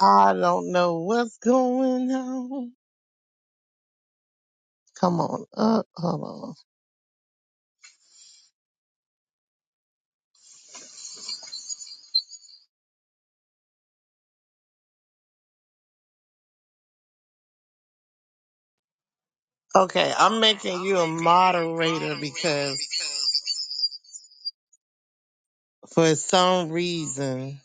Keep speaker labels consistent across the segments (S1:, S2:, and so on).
S1: I don't know what's going on. Come on up. Hold on. Okay, I'm making you a moderator because for some reason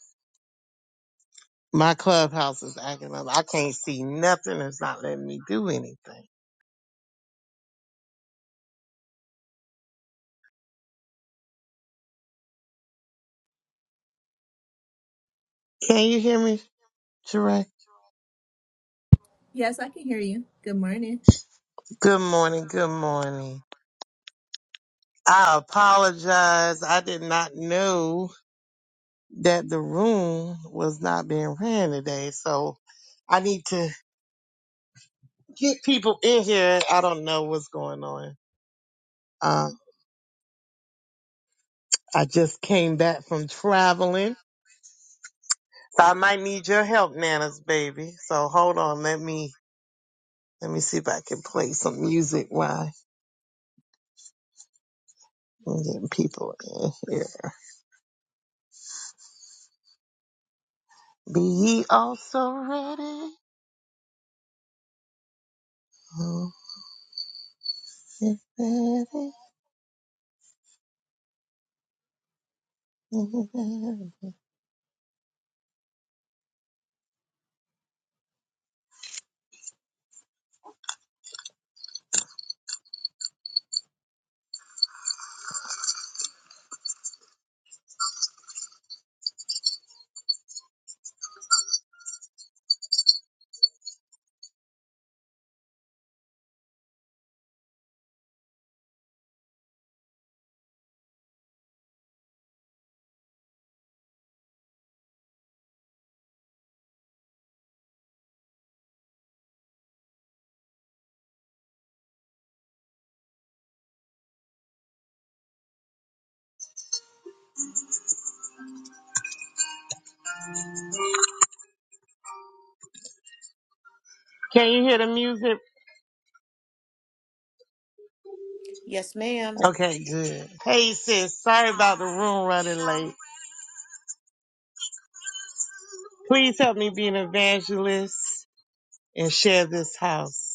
S1: my clubhouse is acting up. I can't see nothing. It's not letting me do anything. Can you hear me, Sheree?
S2: Yes, I can hear you. Good morning.
S1: Good morning. Good morning. I apologize. I did not know that the room was not being ran today, so I need to. get people in here. I don't know what's going on. Um, I just came back from traveling, so I might need your help, Nana's baby. So hold on, let me let me see if I can play some music while I'm getting people in here. Be ye also ready. Oh, be ready. Can you hear the music?
S3: Yes, ma'am.
S1: Okay, good. Hey sis, sorry about the room running late. Please help me be an evangelist and share this house.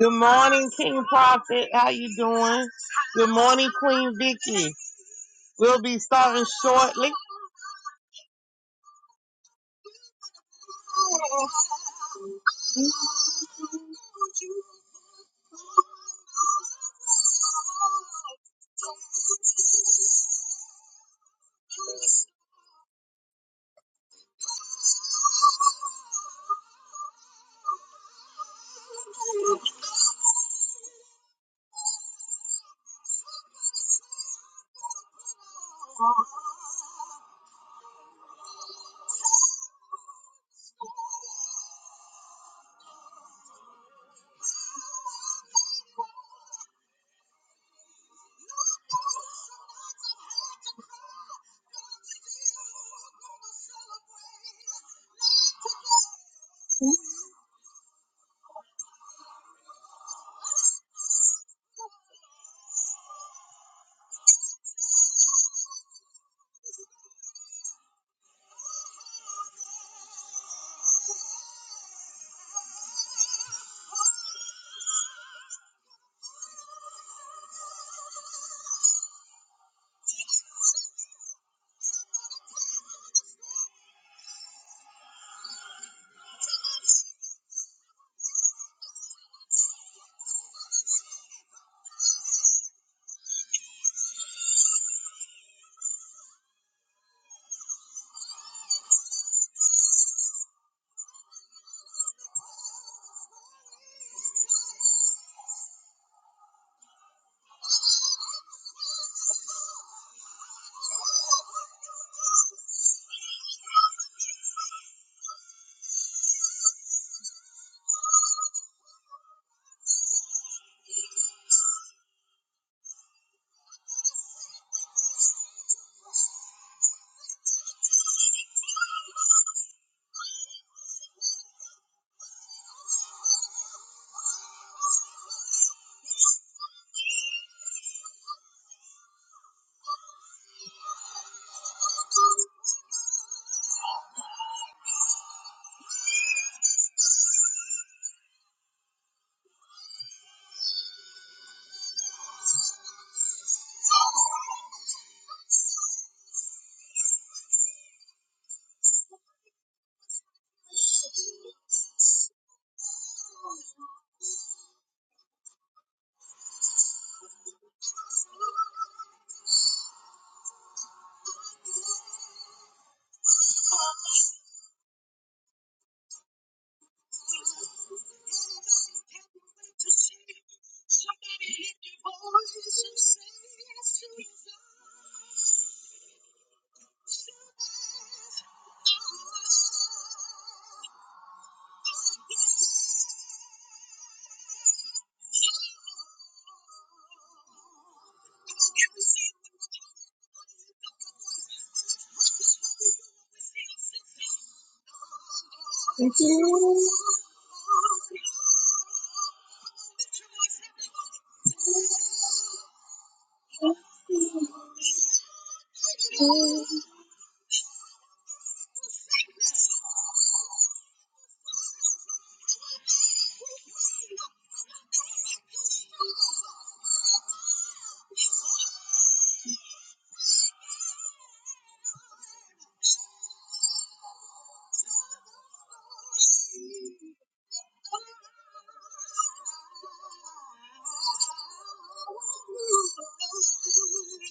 S1: Good morning, King Prophet. How you doing? Good morning, Queen Vicky. We'll be starting shortly.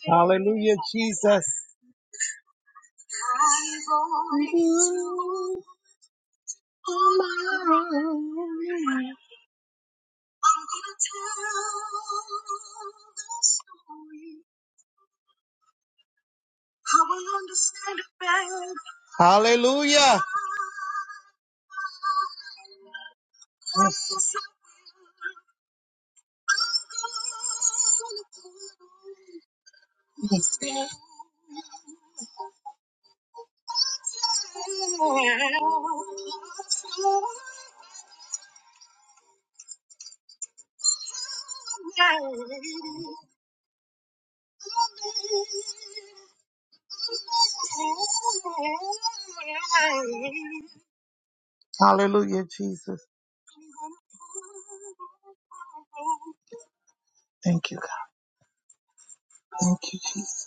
S1: Hallelujah, Jesus. Hallelujah. Hallelujah, Jesus. Thank you, God. Thank you, Jesus.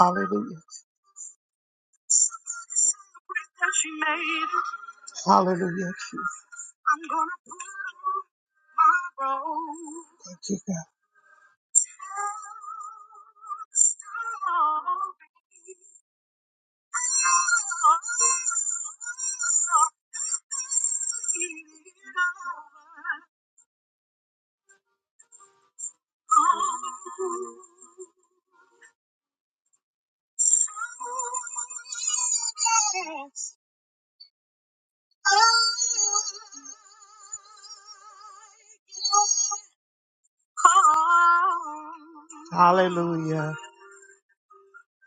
S1: Hallelujah. Hallelujah, Jesus. Thank you, God. Hallelujah.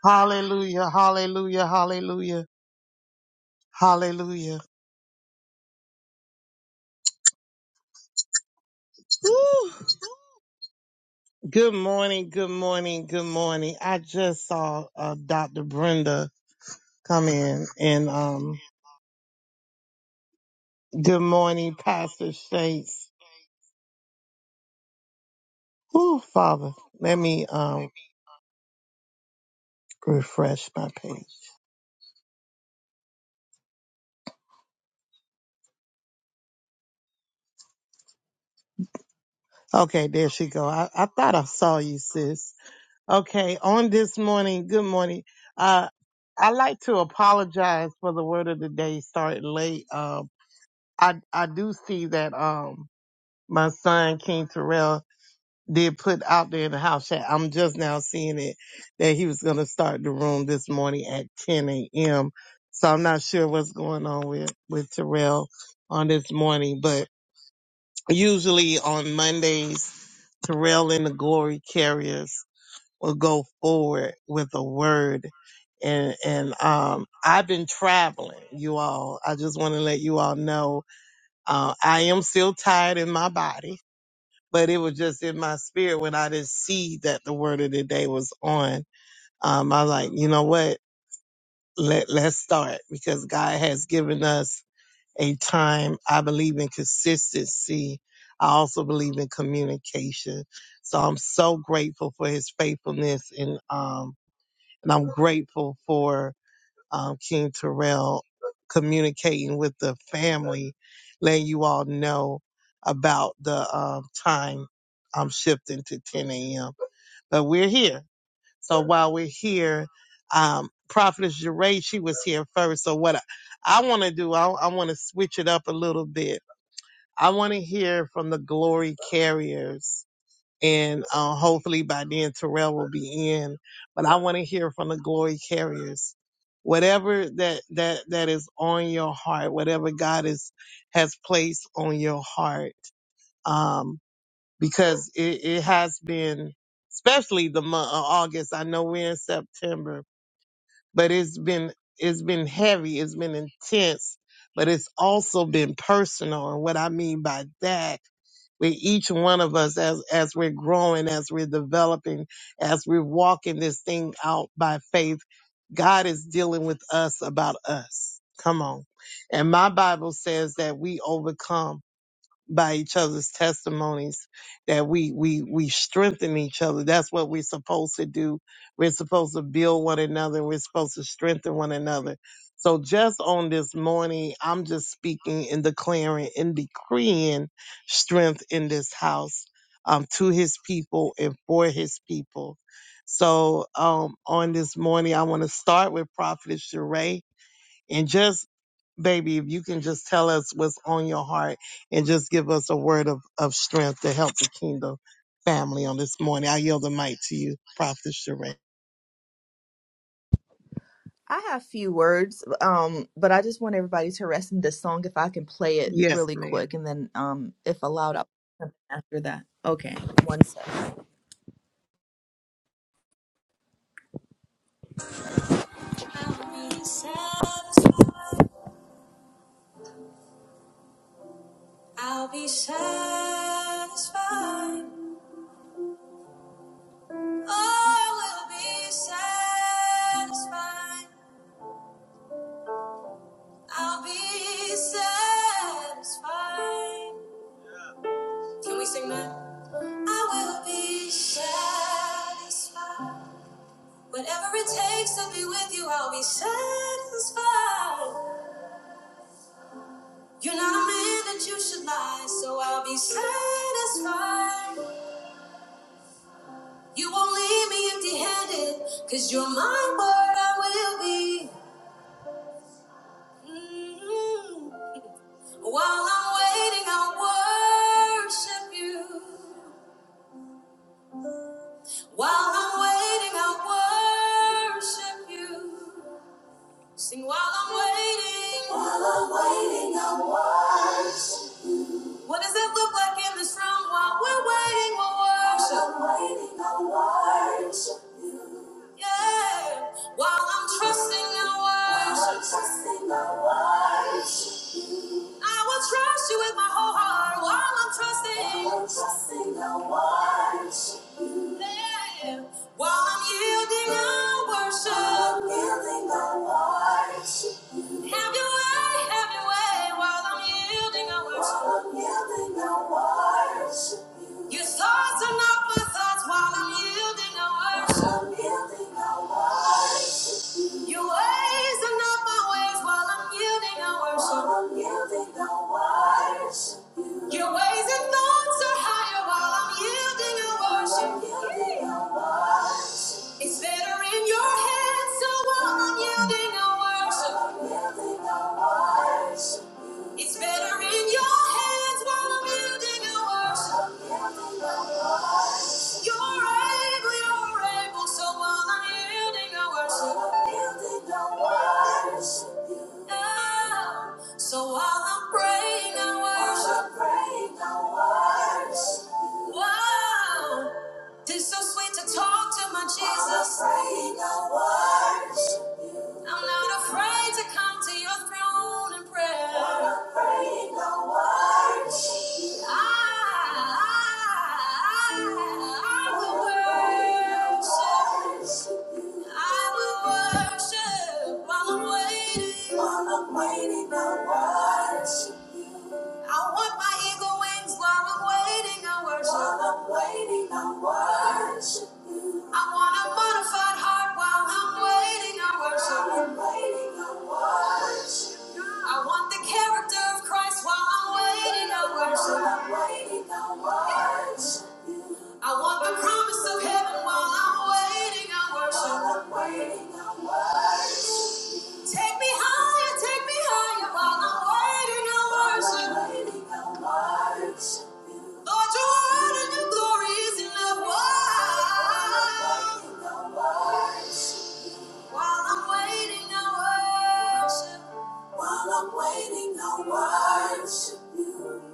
S1: Hallelujah, hallelujah, hallelujah, hallelujah. Woo! Good morning, good morning, good morning. I just saw uh, Dr. Brenda come in and um, good morning, Pastor States. Woo, Father, let me um, refresh my page. Okay, there she go. I, I thought I saw you, sis. Okay, on this morning, good morning. Uh, I like to apologize for the word of the day starting late. Um, I I do see that um my son King Terrell did put out there in the house chat. I'm just now seeing it that he was gonna start the room this morning at 10 a.m. So I'm not sure what's going on with with Terrell on this morning, but usually on Mondays, Terrell and the Glory Carriers will go forward with a word. And and um I've been traveling, you all. I just want to let you all know uh, I am still tired in my body, but it was just in my spirit when I didn't see that the word of the day was on. Um, I was like, you know what? Let, let's start because God has given us a time. I believe in consistency. I also believe in communication. So I'm so grateful for his faithfulness and, um, and I'm grateful for um, King Terrell communicating with the family, letting you all know about the um, time I'm shifting to 10 a.m. But we're here. So while we're here, um, Prophetess Jeray, she was here first. So what I, I want to do, I, I want to switch it up a little bit. I want to hear from the glory carriers and uh, hopefully by then Terrell will be in. But I want to hear from the glory carriers, whatever that that that is on your heart, whatever God is has placed on your heart, um, because it, it has been, especially the month of August. I know we're in September, but it's been it's been heavy, it's been intense, but it's also been personal. And what I mean by that with each one of us as, as we're growing, as we're developing, as we're walking this thing out by faith. God is dealing with us about us. Come on. And my Bible says that we overcome by each other's testimonies that we we we strengthen each other that's what we're supposed to do we're supposed to build one another and we're supposed to strengthen one another so just on this morning i'm just speaking and declaring and decreeing strength in this house um, to his people and for his people so um, on this morning i want to start with prophet Sheree and just, baby, if you can just tell us what's on your heart and just give us a word of, of strength to help the kingdom family on this morning. I yield the mic to you, Prophet Sheree.
S2: I have few words, um, but I just want everybody to rest in this song if I can play it
S1: Yes,
S2: really
S1: ma'am.
S2: quick, and then um, if allowed, I'll play something after that. Okay, one sec. I'll be satisfied. I'll be satisfied. Oh, I will be satisfied. I'll be satisfied. Can we sing that? I will be satisfied. Whatever it takes to be with you, I'll be satisfied. You're not a man that you should lie, so I'll be satisfied. You won't leave me empty handed, cause you're my word, I will be. Mm. While I'm waiting, I'll worship you. While I'm waiting, I'll worship you. Sing while I'm waiting. While I'm waiting, I'll worship you. What does it look like in this room while we're waiting on worship? While I'm waiting on worship. Yeah. While I'm trusting in worship. While I'm trusting in worship. I will trust you with my whole heart while I'm trusting. While I'm trusting in worship. Yeah. While I'm yielding in worship. While I'm yielding in worship. Have your way, have your way while I'm yielding I worship. While I'm yielding I worship you. Your thoughts are not my thoughts while I'm yielding I worship. While I'm yielding I worship. you. Your ways are not my ways while I'm yielding I worship. While I'm yielding I worship. Your ways and thoughts are higher while I'm yielding your worship. Yielding your worship. It's better in your hands, so while I'm yielding your worship. Yielding your worship. It's better in your hands while I'm yielding your worship. You're able, you're able, so while I'm yielding, I worship. Yielding, I worship you. Ah, So while I'm praying, I worship. While I'm praying, I worship. you. Wow, it's so sweet to talk to my Jesus. While I'm praying, I worship. I'm not afraid to come to your throne in prayer. I'm Not afraid, no worries. I, I, I will worship. I will worship while I'm waiting. While I'm waiting, no worship. I want my eagle wings while I'm waiting. I worship. While I'm waiting, I worship you. I want a modified heart while I'm waiting. I worship. While I'm waiting, I worship you. I want the character of Christ while I'm waiting. I worship. While I'm waiting, I worship. I want the promise of heaven while I'm waiting on worship. While I'm waiting on worship. Take me higher, take me higher while I'm waiting on worship. While I'm waiting on worship. Lord, your word and your glory is enough. While I'm waiting on worship. While I'm waiting on worship. While I'm waiting on worship. You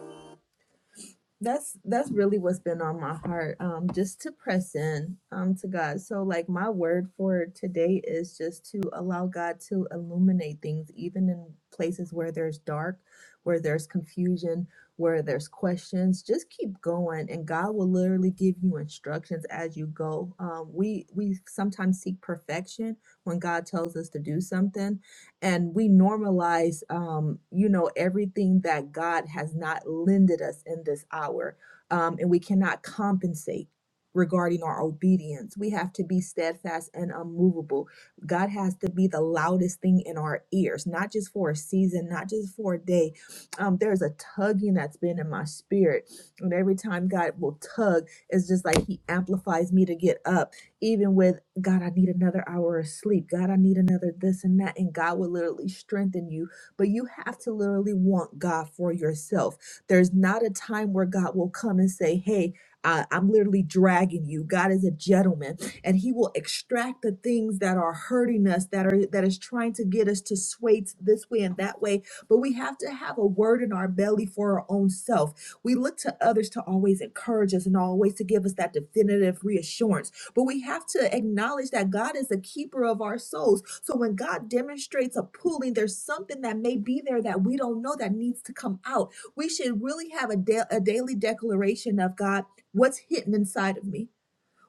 S2: that's that's really what's been on my heart um just to press in um to god so like my word for today is just to allow god to illuminate things even in places where there's dark where there's confusion where there's questions just keep going and god will literally give you instructions as you go um we we sometimes seek perfection when god tells us to do something and we normalize um, you know everything that god has not lended us in this hour um, and we cannot compensate regarding our obedience we have to be steadfast and unmovable god has to be the loudest thing in our ears not just for a season not just for a day um, there's a tugging that's been in my spirit and every time god will tug it's just like he amplifies me to get up even with God, I need another hour of sleep. God, I need another this and that. And God will literally strengthen you. But you have to literally want God for yourself. There's not a time where God will come and say, Hey, I, I'm literally dragging you. God is a gentleman, and He will extract the things that are hurting us, that are that is trying to get us to sway t- this way and that way. But we have to have a word in our belly for our own self. We look to others to always encourage us and always to give us that definitive reassurance but we have to acknowledge that God is the keeper of our souls. So when God demonstrates a pulling, there's something that may be there that we don't know that needs to come out. We should really have a, da- a daily declaration of God, what's hidden inside of me?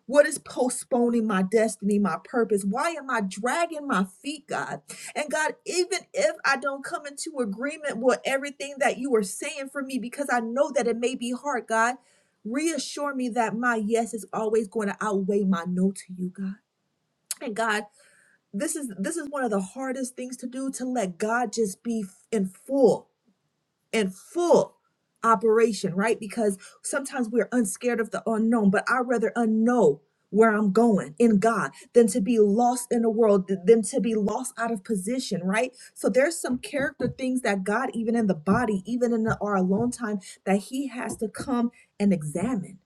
S2: What is postponing my destiny, my purpose? Why am I dragging my feet, God? And God, even if I don't come into agreement with everything that you are saying for me, because I know that it may be hard, God, reassure me that my yes is always going to outweigh my no to you, God. And God, this is this is one of the hardest things to do to let God just be in full and full operation, right? Because sometimes we're unscared of the unknown, but I'd rather unknow where I'm going in God than to be lost in the world, th- than to be lost out of position, right? So there's some character things that God, even in the body, even in the, our alone time, that He has to come and examine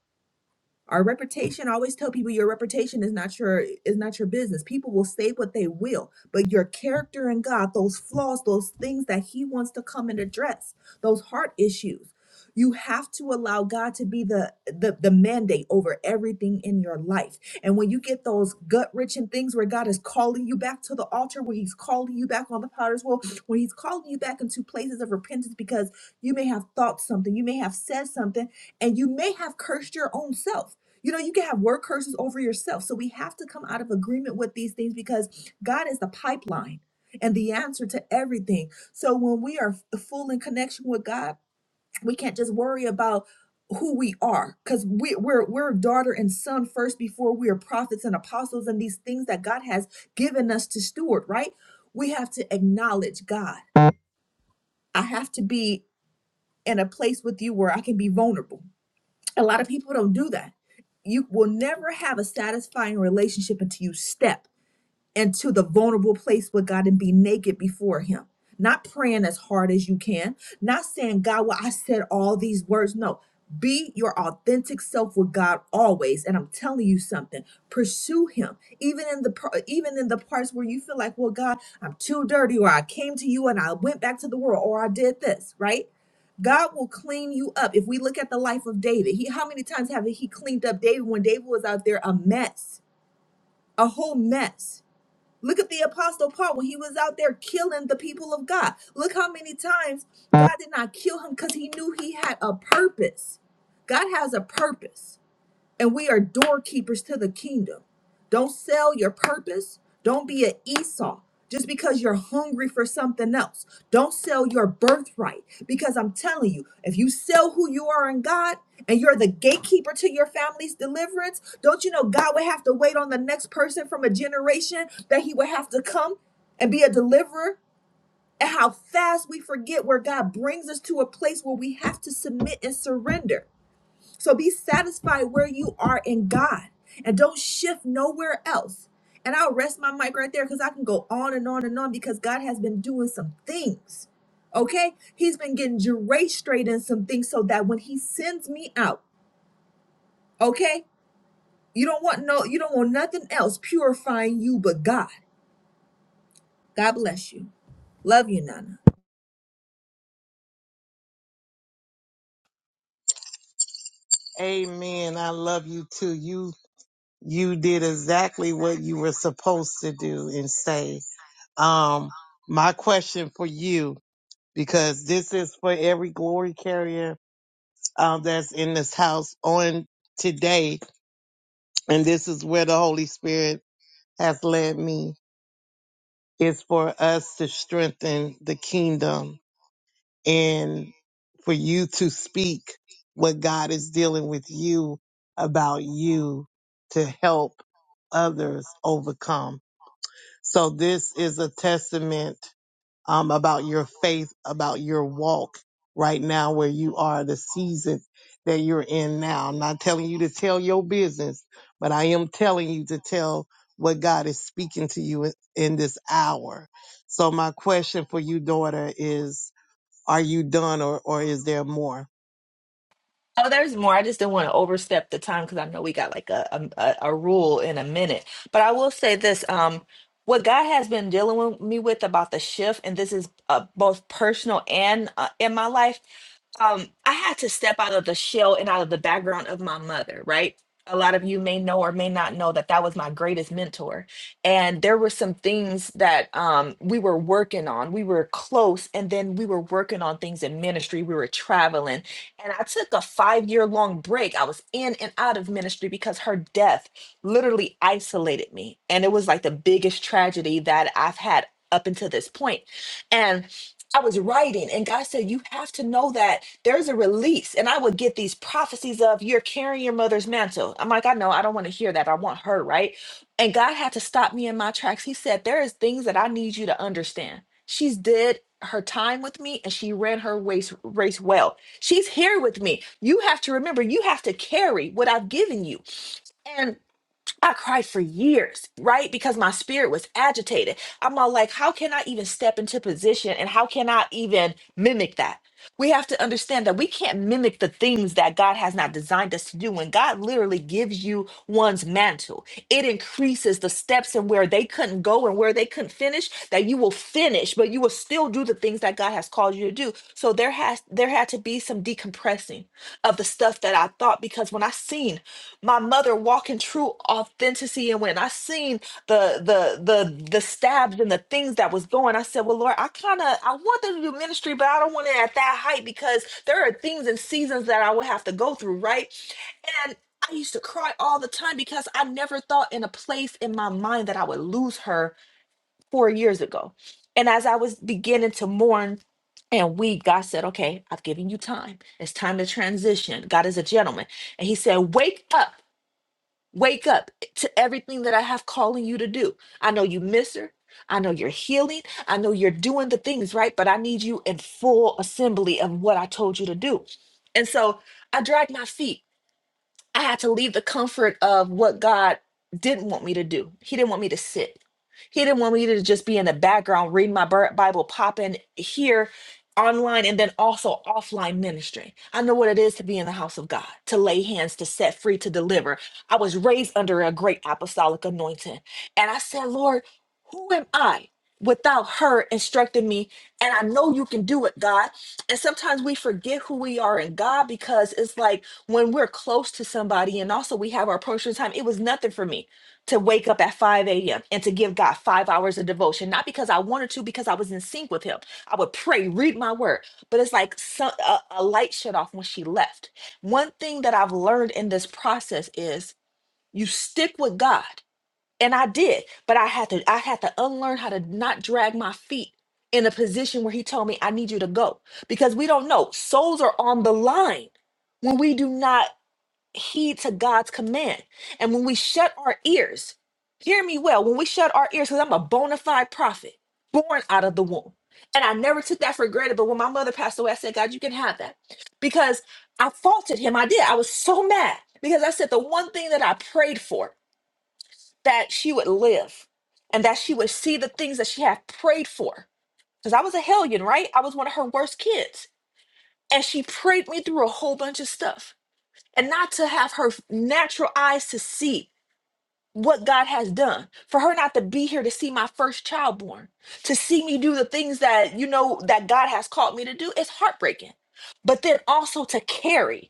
S2: our reputation, I always tell people your reputation is not your is not your business. People will say what they will, but your character and God, those flaws, those things that he wants to come and address, those heart issues. You have to allow God to be the, the the mandate over everything in your life. And when you get those gut wrenching things where God is calling you back to the altar, where he's calling you back on the potter's wheel, where he's calling you back into places of repentance because you may have thought something, you may have said something, and you may have cursed your own self you know, you can have word curses over yourself. So we have to come out of agreement with these things because God is the pipeline and the answer to everything. So when we are f- full in connection with God, we can't just worry about who we are because we, we're we're daughter and son first before we are prophets and apostles and these things that God has given us to steward, right? We have to acknowledge God. I have to be in a place with you where I can be vulnerable. A lot of people don't do that. You will never have a satisfying relationship until you step and to the vulnerable place with God and be naked before Him. Not praying as hard as you can, not saying, God, well, I said all these words. No, be your authentic self with God always. And I'm telling you something, pursue Him. Even in the par- even in the parts where you feel like, well, God, I'm too dirty, or I came to you and I went back to the world, or I did this, right? God will clean you up. If we look at the life of David, he how many times have he cleaned up David when David was out there a mess, a whole mess? Look at the apostle Paul when he was out there killing the people of God. Look how many times God did not kill him because he knew he had a purpose. God has a purpose and we are doorkeepers to the kingdom. Don't sell your purpose. Don't be an Esau just because you're hungry for something else. Don't sell your birthright because I'm telling you, if you sell who you are in God and you're the gatekeeper to your family's deliverance, don't you know God would have to wait on the next person from a generation that he would have to come and be a deliverer? And how fast we forget where God brings us to a place where we have to submit and surrender. So be satisfied where you are in God and don't shift nowhere else. And I'll rest my mic right there because I can go on and on and on because God has been doing some things. Okay? He's been getting Jeray straight in some things so that when he sends me out, okay? You don't want no, you don't want nothing else purifying you but God. God bless you. Love you, Nana.
S1: Amen. I love you too. You, you did exactly what you were supposed to do and say. Um, my question for you, because this is for every glory carrier um, that's in this house on today, and this is where the Holy Spirit has led me is for us to strengthen the kingdom and for you to speak what God is dealing with you about you to help others overcome. So this is a testament um, about your faith, about your walk right now, where you are, the season that you're in now. I'm not telling you to tell your business, but I am telling you to tell what God is speaking to you in in this hour. So my question for you, daughter, is are you done or, or is there more?
S2: Oh, there's more. I just didn't want to overstep the time because I know we got like a, a a a rule in a minute. But I will say this: um, what God has been dealing with me with about the shift, and this is uh, both personal and uh, in my life. Um, I had to step out of the shell and out of the background of my mother. Right. A lot of you may know or may not know that that was my greatest mentor, and there were some things that um, we were working on. We were close, and then we were working on things in ministry. We were traveling and I took a five year long break. I was in and out of ministry because her death literally isolated me. And it was like the biggest tragedy that I've had up until this point. And I was writing, and God said, You have to know that there's a release. And I would get these prophecies of, You're carrying your mother's mantle. I'm like, I know, I don't want to hear that. I want her, right? And God had to stop me in my tracks. He said, There is things that I need you to understand. She's did her time with me and she ran her race race well She's here with me. You have to remember, you have to carry what I've given you. And I cried for years, right? Because my spirit was agitated. I'm all like, how can I even step into position and how can I even mimic that? We have to understand that we can't mimic the things that God has not designed us to do. When God literally gives you one's mantle, it increases the steps and where they couldn't go and where they couldn't finish, that you will finish, but you will still do the things that God has called you to do. So there has there had to be some decompressing blessing of the stuff that I thought because when I seen my mother walk in true authenticity and when I seen the the the the stabs and the things that was going, I said, Well Lord, I kinda I want them to do ministry, but I don't want it at that height because there are things and seasons that I would have to go through, right? And I used to cry all the time because I never thought in a place in my mind that I would lose her four years ago. And as I was beginning to mourn and weep, God said, Okay, I've given you time. It's time to transition. God is a gentleman. And He said, Wake up, wake up to everything that I have calling you to do. I know you miss her. I know you're healing. I know you're doing the things right, but I need you in full assembly of what I told you to do. And so I dragged my feet I had to leave the comfort of what God didn't want me to do. He didn't want me to sit. He didn't want me to just be in the background reading my Bi- Bible, popping here online and then also offline ministry. I know what it is to be in the house of God, to lay hands, to set free, to deliver. I was raised under a great apostolic anointing. And I said, Lord, who am I? Without her instructing me, and I know you can do it, God. And sometimes we forget who we are in God because it's like when we're close to somebody and also we have our personal time, it was nothing for me to wake up at 5 a.m. and to give God five hours of devotion, not because I wanted to, because I was in sync with Him. I would pray, read my word, but it's like some, a, a light shut off when she left. One thing that I've learned in this process is you stick with God. And I did, but I had to I had to unlearn how to not drag my feet in a position where he told me I need you to go because we don't know souls are on the line when we do not heed to God's command. And when we shut our ears, hear me well, when we shut our ears, because I'm a bona fide prophet, born out of the womb. And I never took that for granted. But when my mother passed away, I said, God, you can have that. Because I faulted him. I did. I was so mad because I said the one thing that I prayed for that she would live and that she would see the things that she had prayed for. Because I was a hellion, right? I was one of her worst kids. And she prayed me through a whole bunch of stuff and not to have her natural eyes to see what God has done. For her not to be here to see my first child born, to see me do the things that you know that God has called me to do, it's heartbreaking. But then also to carry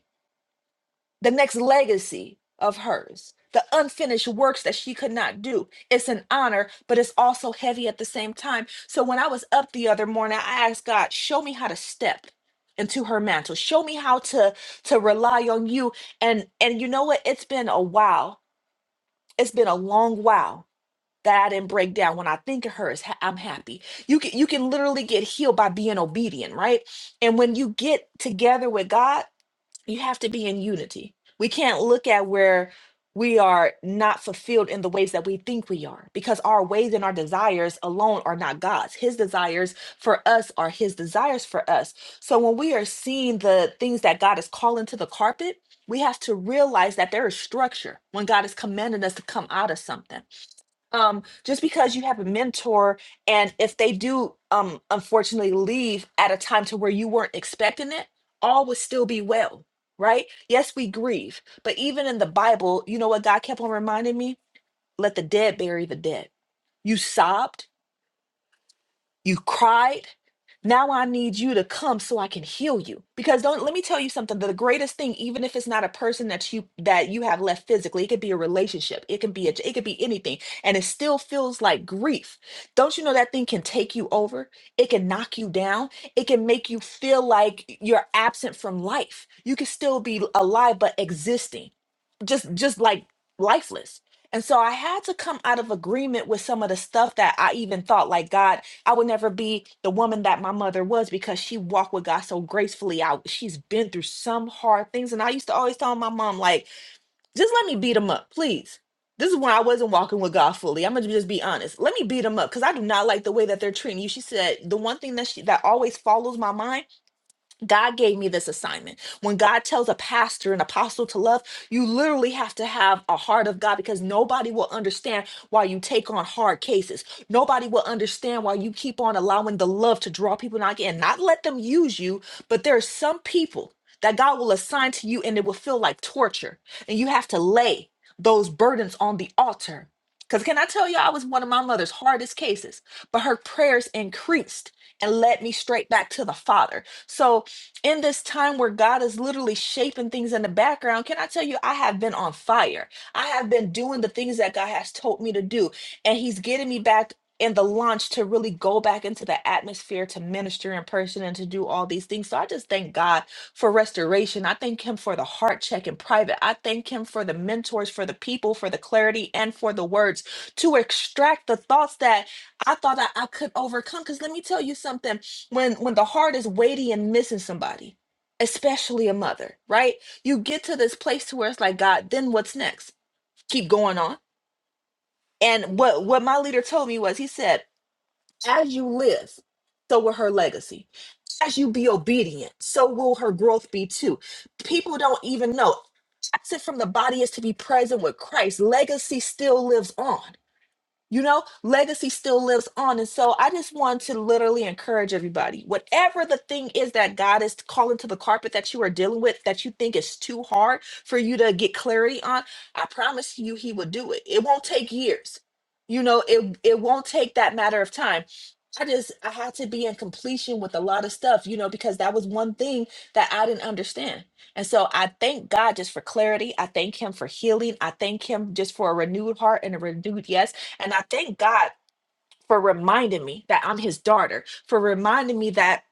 S2: the next legacy of hers, the unfinished works that she could not do. It's an honor, but it's also heavy at the same time. So when I was up the other morning, I asked God, show me how to step into her mantle. Show me how to to rely on you. And and you know what? It's been a while. It's been a long while that I didn't break down. When I think of her, it's ha- I'm happy. You can you can literally get healed by being obedient, right? And when you get together with God, you have to be in unity. We can't look at where we are not fulfilled in the ways that we think we are because our ways and our desires alone are not God's. His desires for us are his desires for us. So when we are seeing the things that God is calling to the carpet, we have to realize that there is structure when God is commanding us to come out of something um just because you have a mentor and if they do um unfortunately leave at a time to where you weren't expecting it all would still be well right yes we grieve but even in the bible you know what god kept on reminding me let the dead bury the dead you sobbed you cried. Now I need you to come so I can heal you. Because don't let me tell you something. The greatest thing, even if it's not a person that you that you have left physically, it could be a relationship, it can be a it could be anything, and it still feels like grief. Don't you know that thing can take you over? It can knock you down. It can make you feel like you're absent from life. You can still be alive but existing, just just like lifeless. And so I had to come out of agreement with some of the stuff that I even thought like God. I would never be the woman that my mother was because she walked with God so gracefully. I she's been through some hard things, and I used to always tell my mom like, "Just let me beat them up, please." This is when I wasn't walking with God fully. I'm gonna just be honest. Let me beat them up because I do not like the way that they're treating you. She said the one thing that she that always follows my mind God gave me this assignment. When God tells a pastor, an apostle to love, you literally have to have a heart of God because nobody will understand why you take on hard cases. Nobody will understand why you keep on allowing the love to draw people not again. Not let them use you, but there are some people that God will assign to you and it will feel like torture. And you have to lay those burdens on the altar. Because can I tell you, I was one of my mother's hardest cases, but her prayers increased and led me straight back to the Father. So in this time where God is literally shaping things in the background, can I tell you, I have been on fire. I have been doing the things that God has told me to do, and He's getting me back in the launch to really go back into the atmosphere to minister in person and to do all these things. So I just thank God for restoration. I thank Him for the heart check in private. I thank Him for the mentors, for the people, for the clarity, and for the words to extract the thoughts that I thought I, I could overcome. Because let me tell you something when when the heart is weighty and missing somebody especially a mother right you get to this place to where it's like god then what's next keep going on and what what my leader told me was he said as you live so will her legacy as you be obedient so will her growth be too people don't even know absent from the body is to be present with christ legacy still lives on you know, legacy still lives on. And so I just want to literally encourage everybody whatever the thing is that God is calling to the carpet that you are dealing with that you think is too hard for you to get clarity on, I promise you, He will do it. It won't take years. You know, it, it won't take that matter of time I just I had to be in completion with a lot of stuff, you know, because that was one thing that I didn't understand. And so I thank God just for clarity. I thank him for healing. I thank him just for a renewed heart and a renewed yes. And I thank God for reminding me that I'm his daughter, for reminding me that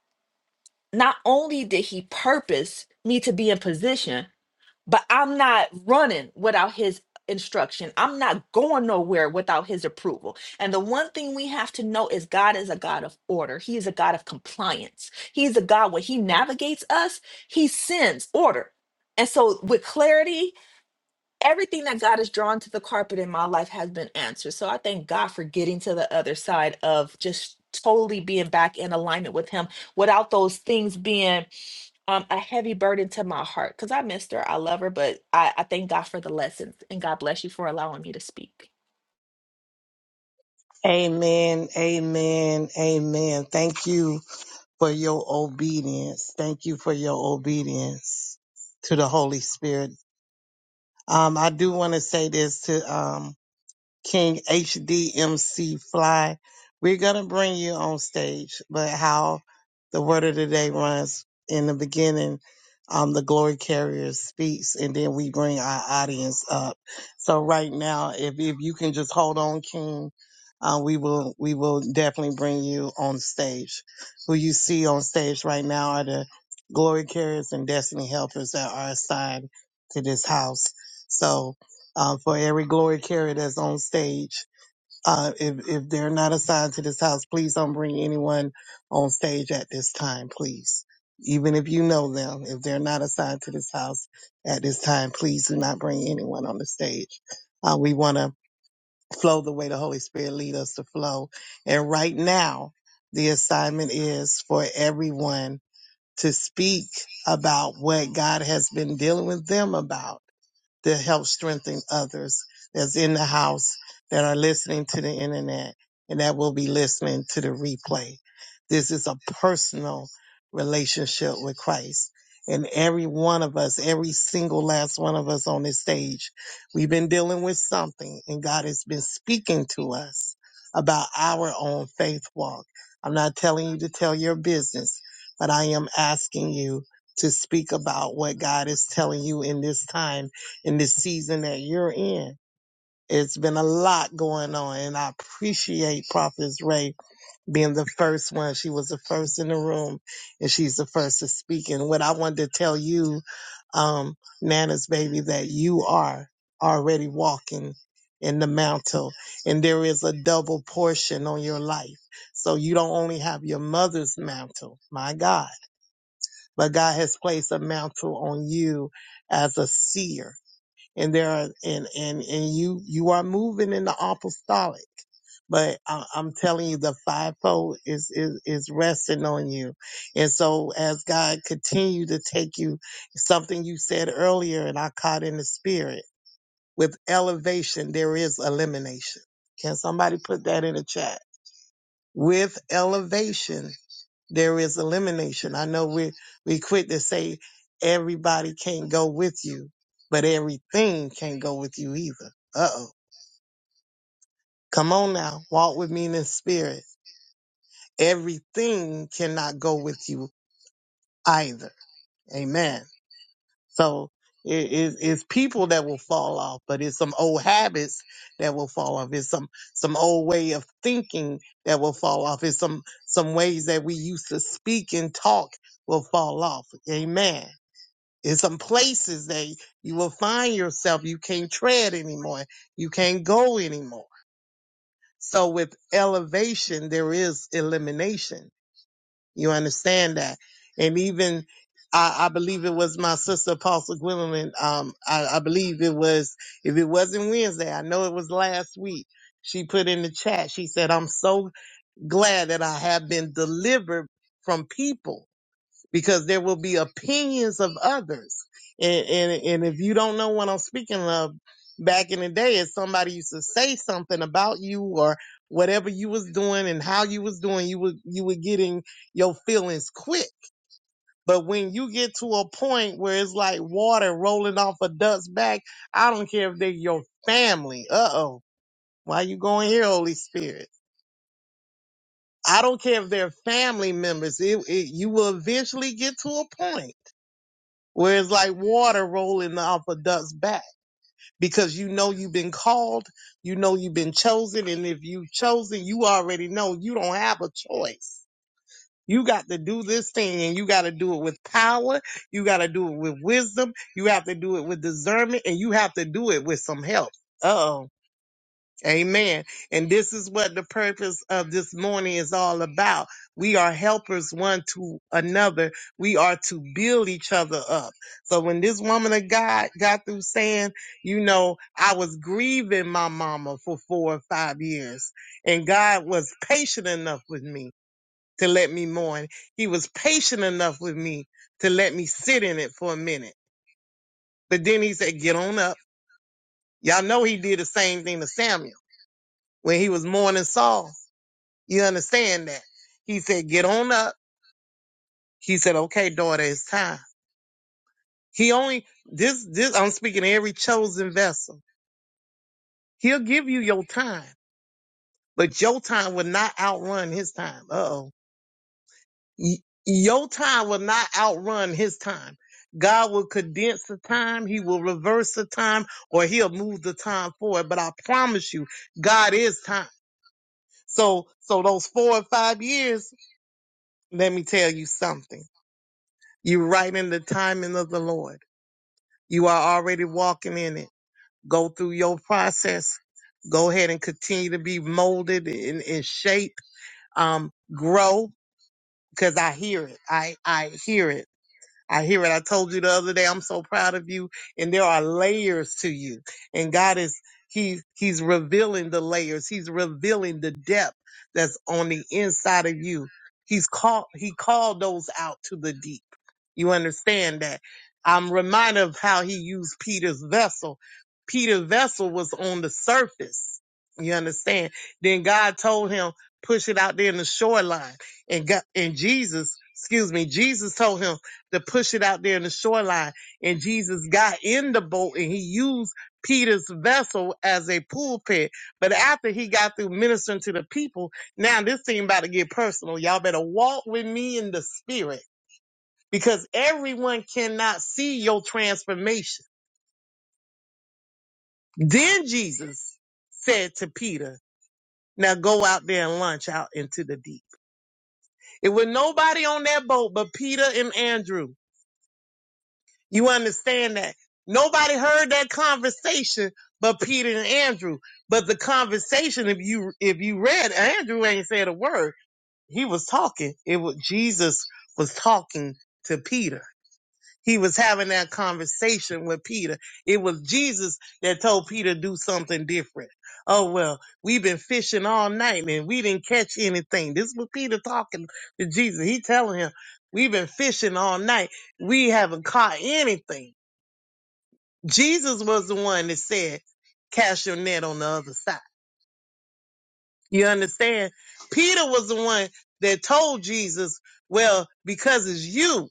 S2: not only did he purpose me to be in position, but I'm not running without his instruction. I'm not going nowhere without his approval. And the one thing we have to know is God is a God of order. He is a God of compliance. He is a God when he navigates us, he sends order. And so with clarity everything that God has drawn to the carpet in my life has been answered. So I thank God for getting to the other side of just totally being back in alignment with Him without those things being um, a heavy burden to my heart. Because I missed her, I love her, but I, I thank God for the lessons. And God bless you for allowing me to speak.
S1: Amen. Amen. Amen. Thank you for your obedience. Thank you for your obedience to the Holy Spirit Um, I do want to say this to um, King HDMC Fly. We're going to bring you on stage, but how the word of the day runs in the beginning, um, the glory carrier speaks, and then we bring our audience up. So right now, if, if you can just hold on, King, uh, we will we will definitely bring you on stage. Who you see on stage right now are the glory carriers and destiny helpers that are assigned to this house. So uh, for every glory carrier that's on stage. Uh, if, if they're not assigned to this house, please don't bring anyone on stage at this time, please. Even if you know them, if they're not assigned to this house at this time, please do not bring anyone on the stage. Uh, we want to flow the way the Holy Spirit lead us to flow. And right now, the assignment is for everyone to speak about what God has been dealing with them about to help strengthen others that's in the house that are listening to the internet and that will be listening to the replay. This is a personal relationship with Christ. And every one of us, every single last one of us on this stage, we've been dealing with something and God has been speaking to us about our own faith walk. I'm not telling you to tell your business, but I am asking you to speak about what God is telling you in this time in this season that you're in. It's been a lot going on, and I appreciate Prophetess Ray being the first one. She was the first in the room, and she's the first to speak. And what I wanted to tell you, um, Nana's baby, that you are already walking in the mantle, and there is a double portion on your life. So you don't only have your mother's mantle, my God, but God has placed a mantle on you as a seer and there are and and and you you are moving in the apostolic but I, I'm telling you, the fivefold is, is is resting on you, and so as God continue to take you, something you said earlier, and I caught in the spirit. With elevation, there is elimination. Can somebody put that in the chat? With elevation, there is elimination. I know we we quit to say everybody can't go with you, but everything can't go with you either. Uh oh. Come on now, walk with me in the spirit. Everything cannot go with you either. Amen. So it, it- it's people that will fall off, but it's some old habits that will fall off. It's some some old way of thinking that will fall off. It's some some ways that we used to speak and talk will fall off. Amen. In some places that you will find yourself, you can't tread anymore. You can't go anymore. So with elevation, there is elimination. You understand that? And even, I, I believe it was my sister Apostle Gwendolyn. Um, I, I believe it was, if it wasn't Wednesday, I know it was last week. She put in the chat, she said, I'm so glad that I have been delivered from people because there will be opinions of others. And, and, and if you don't know what I'm speaking of, back in the day, if somebody used to say something about you or whatever you was doing and how you was doing, you were you were getting your feelings quick. But when you get to a point where it's like water rolling off a duck's back, I don't care if they're your family. Uh oh. Why you going here, Holy Spirit? I don't care if they're family members. It, it, you will eventually get to a point where it's like water rolling off a duck's back because you know you've been called, you know you've been chosen, and if you have chosen, you already know you don't have a choice. You got to do this thing and you got to do it with power. You got to do it with wisdom. You have to do it with discernment and you have to do it with some help. Oh. Amen. And this is what the purpose of this morning is all about. We are helpers one to another. We are to build each other up. So when this woman of God got through saying, you know, I was grieving my mama for four or five years and God was patient enough with me to let me mourn. He was patient enough with me to let me sit in it for a minute. But then he said, get on up. Y'all know he did the same thing to Samuel when he was mourning Saul. You understand that? He said, get on up. He said, okay, daughter, it's time. He only, this, this, I'm speaking to every chosen vessel. He'll give you your time, but your time will not outrun his time. Uh-oh. Y- Your time will not outrun his time. God will condense the time. He will reverse the time or he'll move the time forward. But I promise you, God is time. So, so those four or five years, let me tell you something. You're right in the timing of the Lord. You are already walking in it. Go through your process. Go ahead and continue to be molded and, and shaped. Um, grow because I hear it. I I hear it. I hear it. I told you the other day, I'm so proud of you. And there are layers to you. And God is, he, he's revealing the layers. He's revealing the depth that's on the inside of you. He's called, he called those out to the deep. You understand that? I'm reminded of how he used Peter's vessel. Peter's vessel was on the surface. You understand? Then God told him, push it out there in the shoreline. And God, and Jesus, excuse me, Jesus told him, to push it out there in the shoreline. And Jesus got in the boat and he used Peter's vessel as a pulpit. But after he got through ministering to the people, now this thing about to get personal. Y'all better walk with me in the spirit because everyone cannot see your transformation. Then Jesus said to Peter, now go out there and launch out into the deep. It was nobody on that boat but Peter and Andrew. You understand that? Nobody heard that conversation but Peter and Andrew. But the conversation, if you if you read, Andrew ain't said a word. He was talking. It was Jesus was talking to Peter. He was having that conversation with Peter. It was Jesus that told Peter to do something different. Oh well, we've been fishing all night and we didn't catch anything. This was Peter talking to Jesus. He telling him, We've been fishing all night. We haven't caught anything. Jesus was the one that said, cast your net on the other side. You understand? Peter was the one that told Jesus, well, because it's you,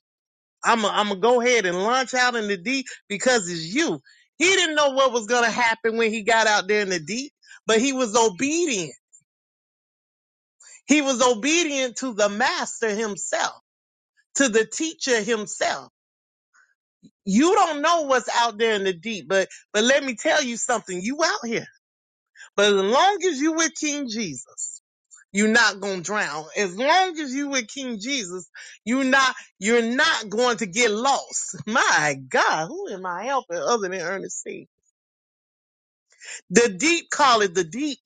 S1: I'm going to go ahead and launch out in the deep because it's you. He didn't know what was going to happen when he got out there in the deep, but he was obedient. He was obedient to the master himself, to the teacher himself. You don't know what's out there in the deep, but, but let me tell you something. You out here. But as long as you with King Jesus, you're not gonna drown. As long as you with King Jesus, you're not you're not going to get lost. My God, who am I helping other than Ernest C? The deep call it the deep,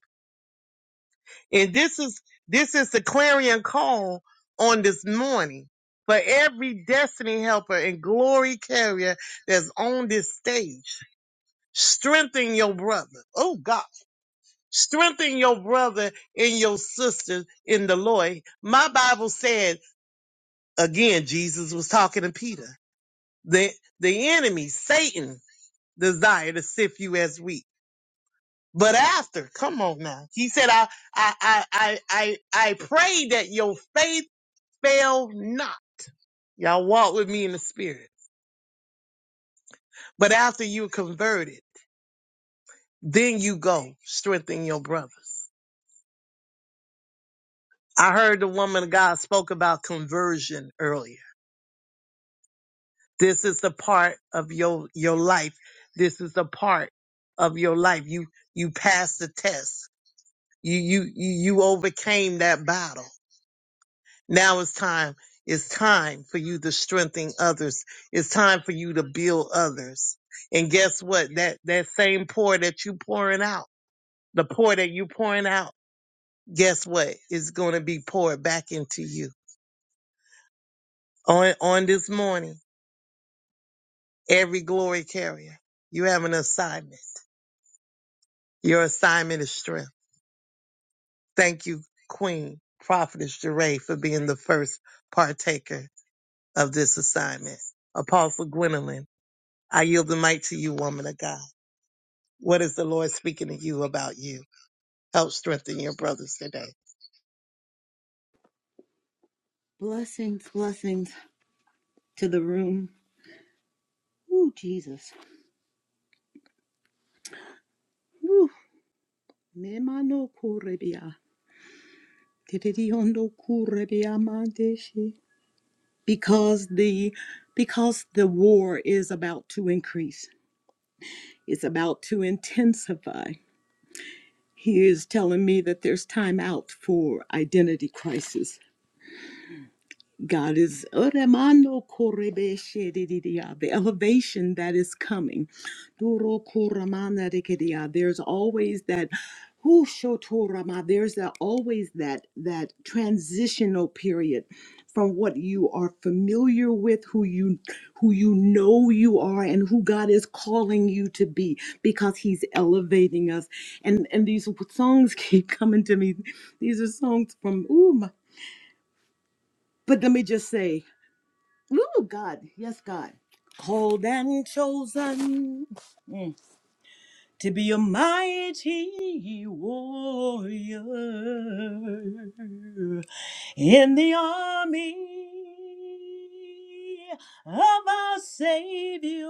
S1: and this is this is the clarion call on this morning for every destiny helper and glory carrier that's on this stage. Strengthen your brother. Oh God. Strengthen your brother and your sister in the Lord. My Bible said, again, Jesus was talking to Peter, that the enemy, Satan, desire to sift you as wheat. But after, come on now. He said, I, I, I, I, I, I pray that your faith fail not. Y'all walk with me in the spirit. But after you converted, then you go strengthen your brothers. I heard the woman of God spoke about conversion earlier This is a part of your your life. This is a part of your life. You you passed the test. You you you you overcame that battle. Now it's time. It's time for you to strengthen others. It's time for you to build others. And guess what? That that same pour that you pouring out, the pour that you pouring out, guess what? It's going to be poured back into you on on this morning. Every glory carrier, you have an assignment. Your assignment is strength. Thank you, Queen Prophetess Jeray, for being the first partaker of this assignment. Apostle Gwendolyn, I yield the mic to you, woman of God. What is the Lord speaking to you about you? Help strengthen your brothers today.
S3: Blessings, blessings to the room. Ooh, Jesus. Ooh. Nemano kurebia. Titidiondo kurebia mandeshi. Because the because the war is about to increase. It's about to intensify. He is telling me that there's time out for identity crisis God is Oremando korebe shedididia, the elevation that is coming. Duro koramana dekedia, There's always that who shotorama, there's that always that that transitional period from what you are familiar with, who you who you know you are and who God is calling you to be because he's elevating us. And and these songs keep coming to me. These are songs from ooh, my, but let me just say Ooh, God. Yes, God. Called and chosen mm, to be a mighty warrior in the army of our Savior.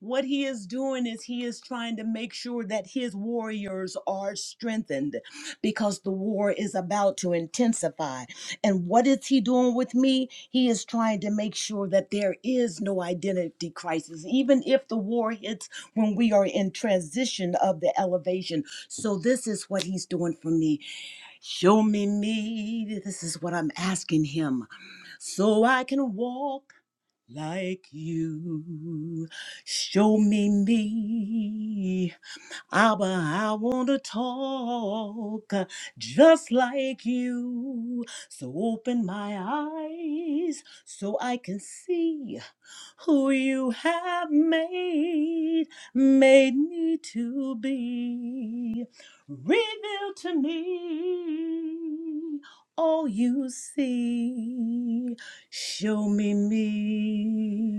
S3: What he is doing is he is trying to make sure that his warriors are strengthened because the war is about to intensify. And what is he doing with me? He is trying to make sure that there is no identity crisis, even if the war hits when we are in transition of the elevation. So, this is what he's doing for me. Show me me. This is what I'm asking him. So I can walk like you. Show me me. Abba, I want to talk just like you. So open my eyes so I can see who you have made, made me to be. Reveal to me all you see. Show me me.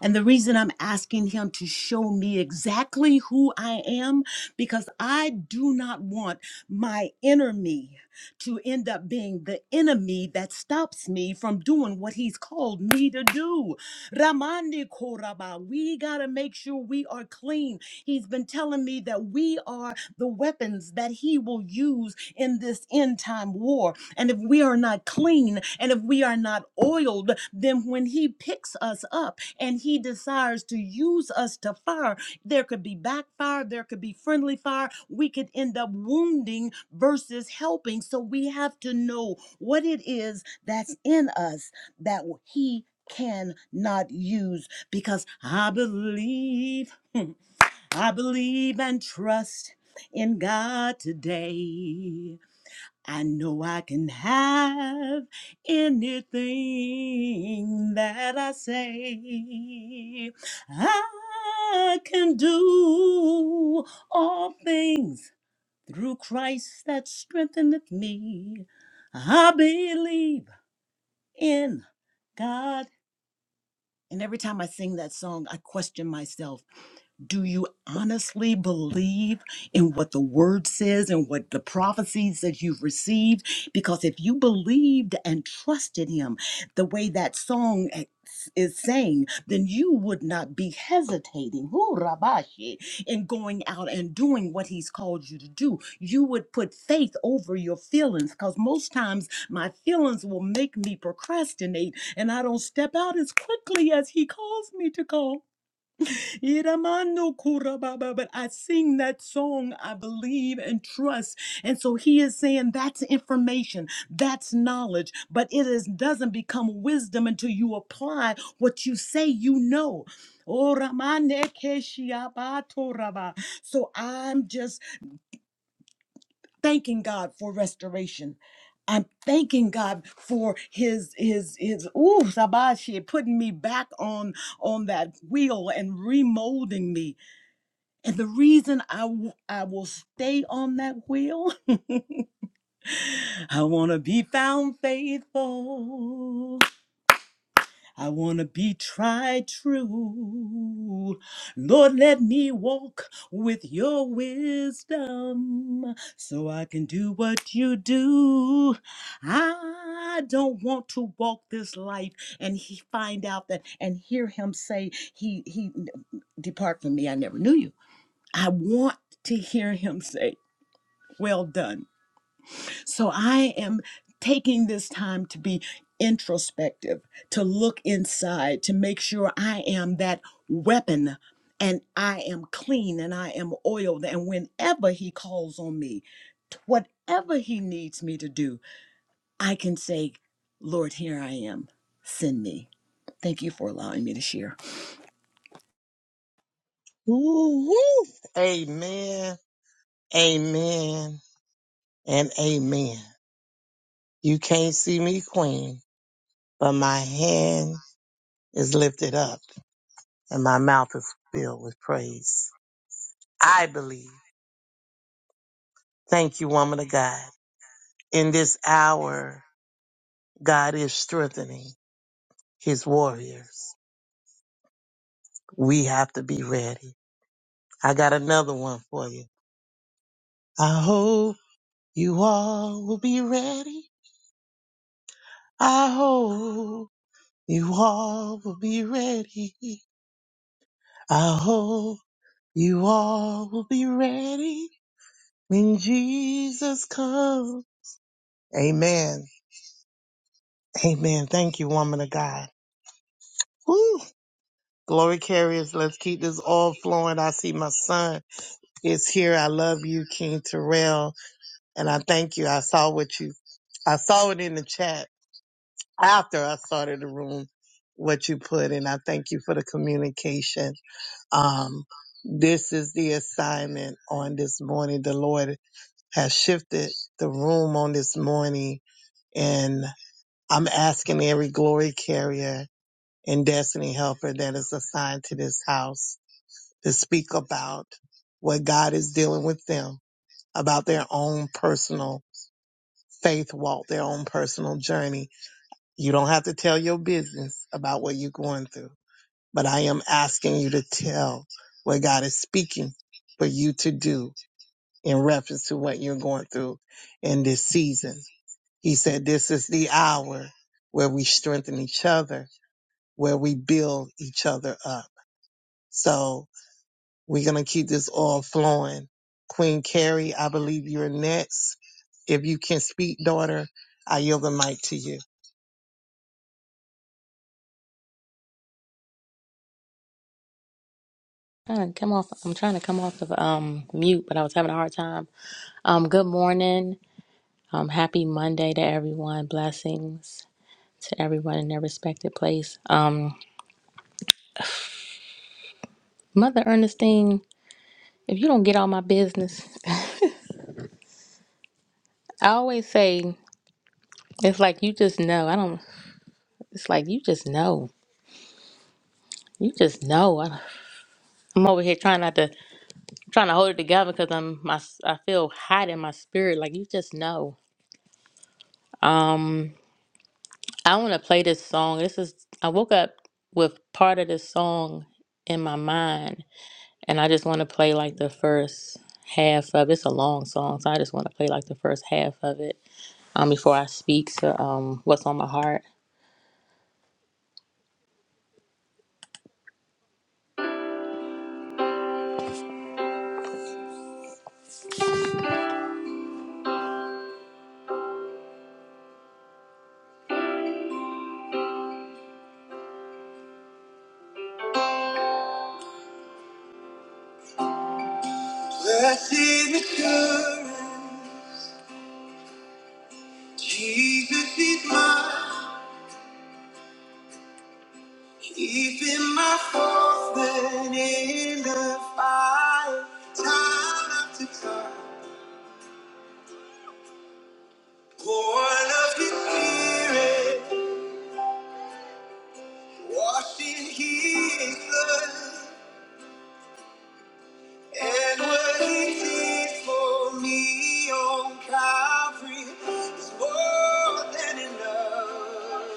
S3: And the reason I'm asking him to show me exactly who I am, because I do not want my inner me to end up being the enemy that stops me from doing what he's called me to do. Ramandi Koraba. We got to make sure we are clean. He's been telling me that we are the weapons that he will use in this end time war. And if we are not clean and if we are not oiled, then when he picks us up and he desires to use us to fire, there could be backfire, there could be friendly fire. We could end up wounding versus helping. So we have to know what it is that's in us that he cannot use because I believe, I believe and trust in God today. I know I can have anything that I say. I can do all things through Christ that strengtheneth me. I believe in God and every time I sing that song, I question myself do you honestly believe in what the word says and what the prophecies that you've received? Because if you believed and trusted him the way that song e, is saying, then you would not be hesitating whoo, rabashi, in going out and doing what he's called you to do. You would put faith over your feelings because most times my feelings will make me procrastinate and I don't step out as quickly as he calls me to go. Iramano kurababa, But I sing that song, I believe and trust. And so he is saying that's information, that's knowledge, but it is, doesn't become wisdom until you apply what you say you know. Oramane keshiaba toraba. So I'm just thanking God for restoration. I'm thanking God for his his his ooh sabashi putting me back on on that wheel and remolding me and the reason I w- I will stay on that wheel, I want to be found faithful. I want to be tried true. Lord, let me walk with your wisdom so I can do what you do. I don't want to walk this life and he find out that and hear him say, he, he, depart from me. I never knew you. I want to hear him say, well done. So I am taking this time to be introspective, to look inside, to make sure I am that weapon and I am clean and I am oiled. And whenever He calls on me, t- whatever He needs me to do, I can say, Lord, here I am. Send me. Thank you for allowing me to share.
S1: Woo-hoo. Amen, amen, and amen. You can't see me, Queen, but my hand is lifted up and my mouth is filled with praise. I believe. Thank you, woman of God. In this hour, God is strengthening his warriors. We have to be ready. I got another one for you. I hope you all will be ready. I hope you all will be ready. I hope you all will be ready when Jesus comes. Amen. Amen. Thank you, woman of God. Woo. Glory carriers, let's keep this all flowing. I see my son is here. I love you, King Terrell, and I thank you. I saw what you, I saw it in the chat after I started the room, what you put, and I thank you for the communication. Um, this is the assignment on this morning. The Lord has shifted the room on this morning, and I'm asking every glory carrier and destiny helper that is assigned to this house to speak about what God is dealing with them, about their own personal faith walk, their own personal journey. You don't have to tell your business about what you're going through, but I am asking you to tell what God is speaking for you to do in reference to what you're going through in this season. He said, this is the hour where we strengthen each other, where we build each other up. So We're going to keep this all flowing. Queen Carrie, I believe you're next. If you can speak, daughter, I yield the mic to you.
S4: Trying to come off. I'm trying to come off of um mute, but I was having a hard time. Um, good morning. Um, happy Monday to everyone. Blessings to everyone in their respected place. Um, Mother Ernestine, if you don't get all my business, I always say it's like you just know. I don't. It's like you just know. You just know. I- I'm over here trying not to, trying to hold it together because I'm my. I feel hot in my spirit. Like you just know. Um. I want to play this song. This is I woke up with part of this song in my mind, and I just want to play like the first half of It's a long song, so I just want to play like the first half of it um, before I speak to um, what's on my heart. Blessed assurance, Jesus is mine. He's been my fourth man in the fire, time after time. Born of His Spirit. Washed in his blood, and what he did for me on Calvary is more than enough.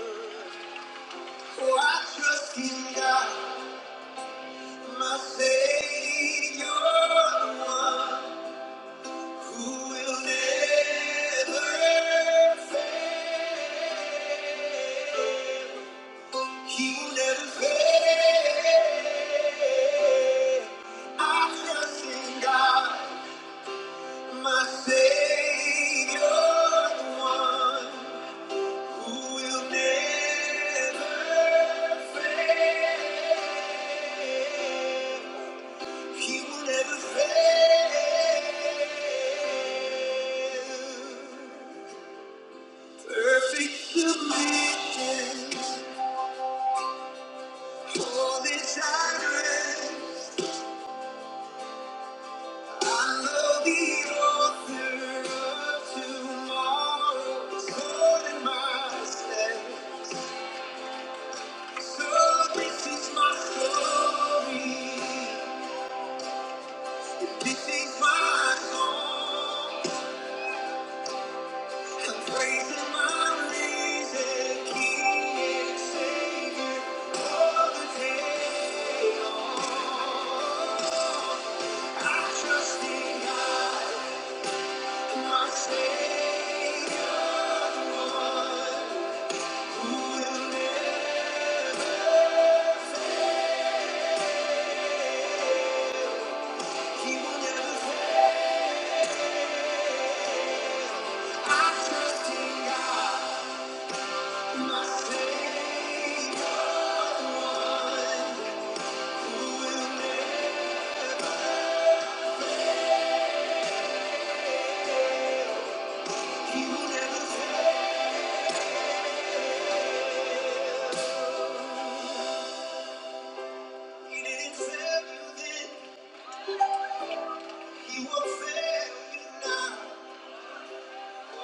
S4: Oh, I trust in God, my Savior, the one who will never fail. He will never fail. I trust in God, my Savior, the one who will never fail. He will never fail. Perfect submission, all is at rest. I know the author of tomorrow's Lord in my stead. So this is my story. This is my song. I'm praising my risen King and Savior all the day I trust in God, my Savior. the one. He will fail you now.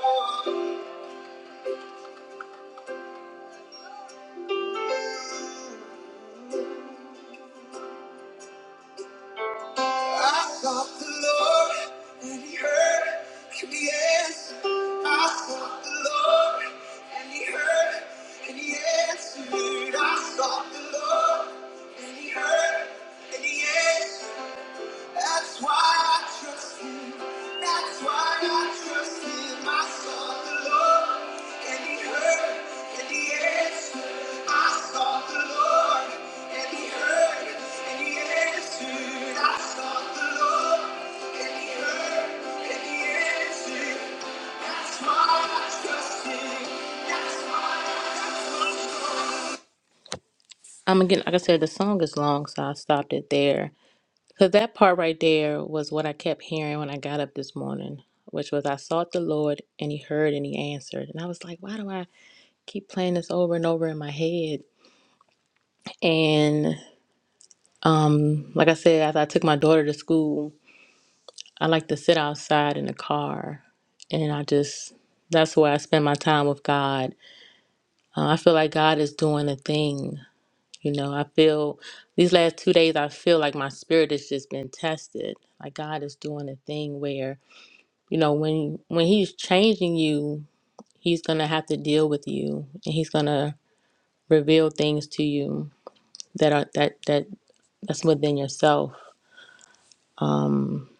S4: Oh. I sought the Lord and he heard and he answered. I sought the Lord and he heard and he answered. I sought the Lord and he heard and he answered. That's why I trust him. That's why I trust him. I sought the Lord, and he heard, and he answered. I sought the Lord, and he heard, and he answered. I sought the Lord, and he heard, and he answered. That's why I trust him. That's why I trust him. Um, again, like I said, the song is long, so I stopped it there. Because that part right there was what I kept hearing when I got up this morning, which was I sought the Lord and he heard and he answered. And I was like, why do I keep playing this over and over in my head? And um, like I said, as I took my daughter to school, I like to sit outside in the car and I just, that's where I spend my time with God. Uh, I feel like God is doing a thing. You know, I feel these last two days, I feel like my spirit has just been tested. Like God is doing a thing where you know when when he's changing you he's gonna have to deal with you and he's gonna reveal things to you that are that that that's within yourself um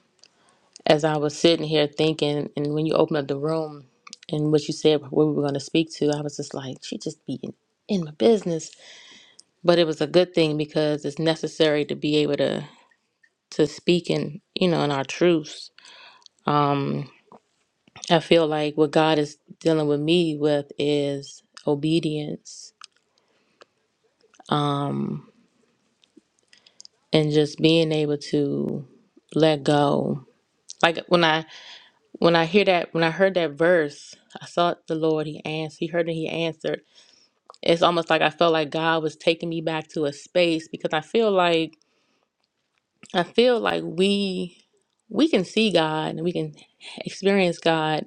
S4: as i was sitting here thinking and when you open up the room and what you said what we were going to speak to i was just like she just be in, in my business but it was a good thing because it's necessary to be able to to speak in you know in our truths um i feel like what god is dealing with me with is obedience um, and just being able to let go. Like when I when I hear that when I heard that verse, I sought the Lord. He answered. He heard and he answered. It's almost like I felt like God was taking me back to a space because I feel like I feel like we we can see God and we can experience God,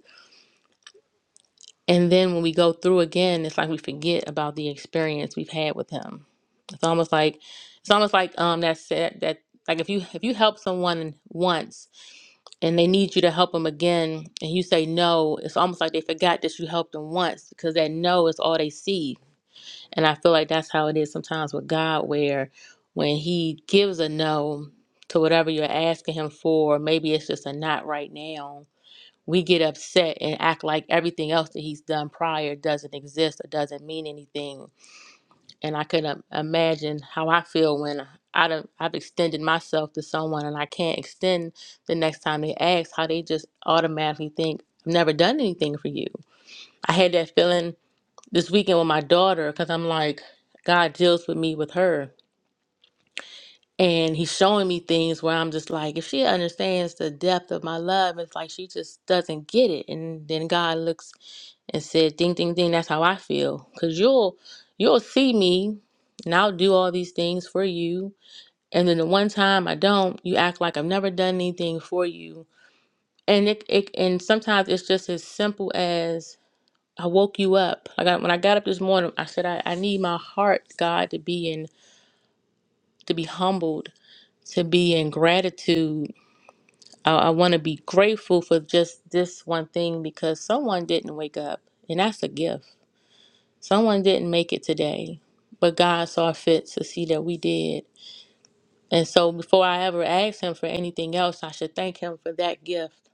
S4: and then when we go through again, it's like we forget about the experience we've had with Him. It's almost like it's almost like um that said that like if you if you help someone once and they need you to help them again and you say no it's almost like they forgot that you helped them once because that no is all they see and i feel like that's how it is sometimes with god where when he gives a no to whatever you're asking him for maybe it's just a not right now we get upset and act like everything else that he's done prior doesn't exist or doesn't mean anything and I could im- imagine how I feel when I'd, um, I've extended myself to someone and I can't extend the next time they ask, how they just automatically think, I've never done anything for you. I had that feeling this weekend with my daughter because I'm like, God deals with me with her. And he's showing me things where I'm just like, if she understands the depth of my love, it's like she just doesn't get it. And then God looks and said, "Ding, ding, ding. That's how I feel." Cause you'll you'll see me, and I'll do all these things for you. And then the one time I don't, you act like I've never done anything for you. And it, it and sometimes it's just as simple as I woke you up. Like I, when I got up this morning, I said I, I need my heart, God, to be in to be humbled, to be in gratitude. I, I want to be grateful for just this one thing because someone didn't wake up, and that's a gift Someone didn't make it today, but God saw fit to see that we did. And so before I ever ask him for anything else, I should thank him for that gift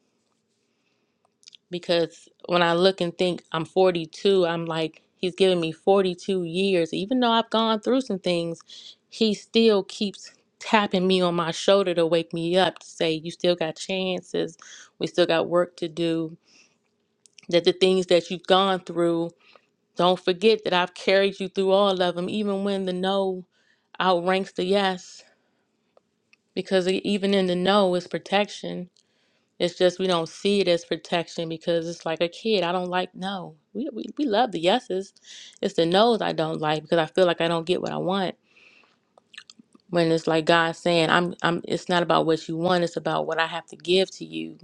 S4: because when I look and think I'm 42, I'm like he's given me 42 years. Even though I've gone through some things, he still keeps tapping me on my shoulder to wake me up to say you still got chances. We still got work to do. That the things that you've gone through Don't forget that I've carried you through all of them, even when the no outranks the yes, because e- even in the no is protection. It's just we don't see it as protection because it's like a kid. I don't like no. We, we, we love the yeses. It's the no's I don't like because I feel like I don't get what I want. When it's like God saying, I'm, I'm, it's not about what you want, it's about what I have to give to you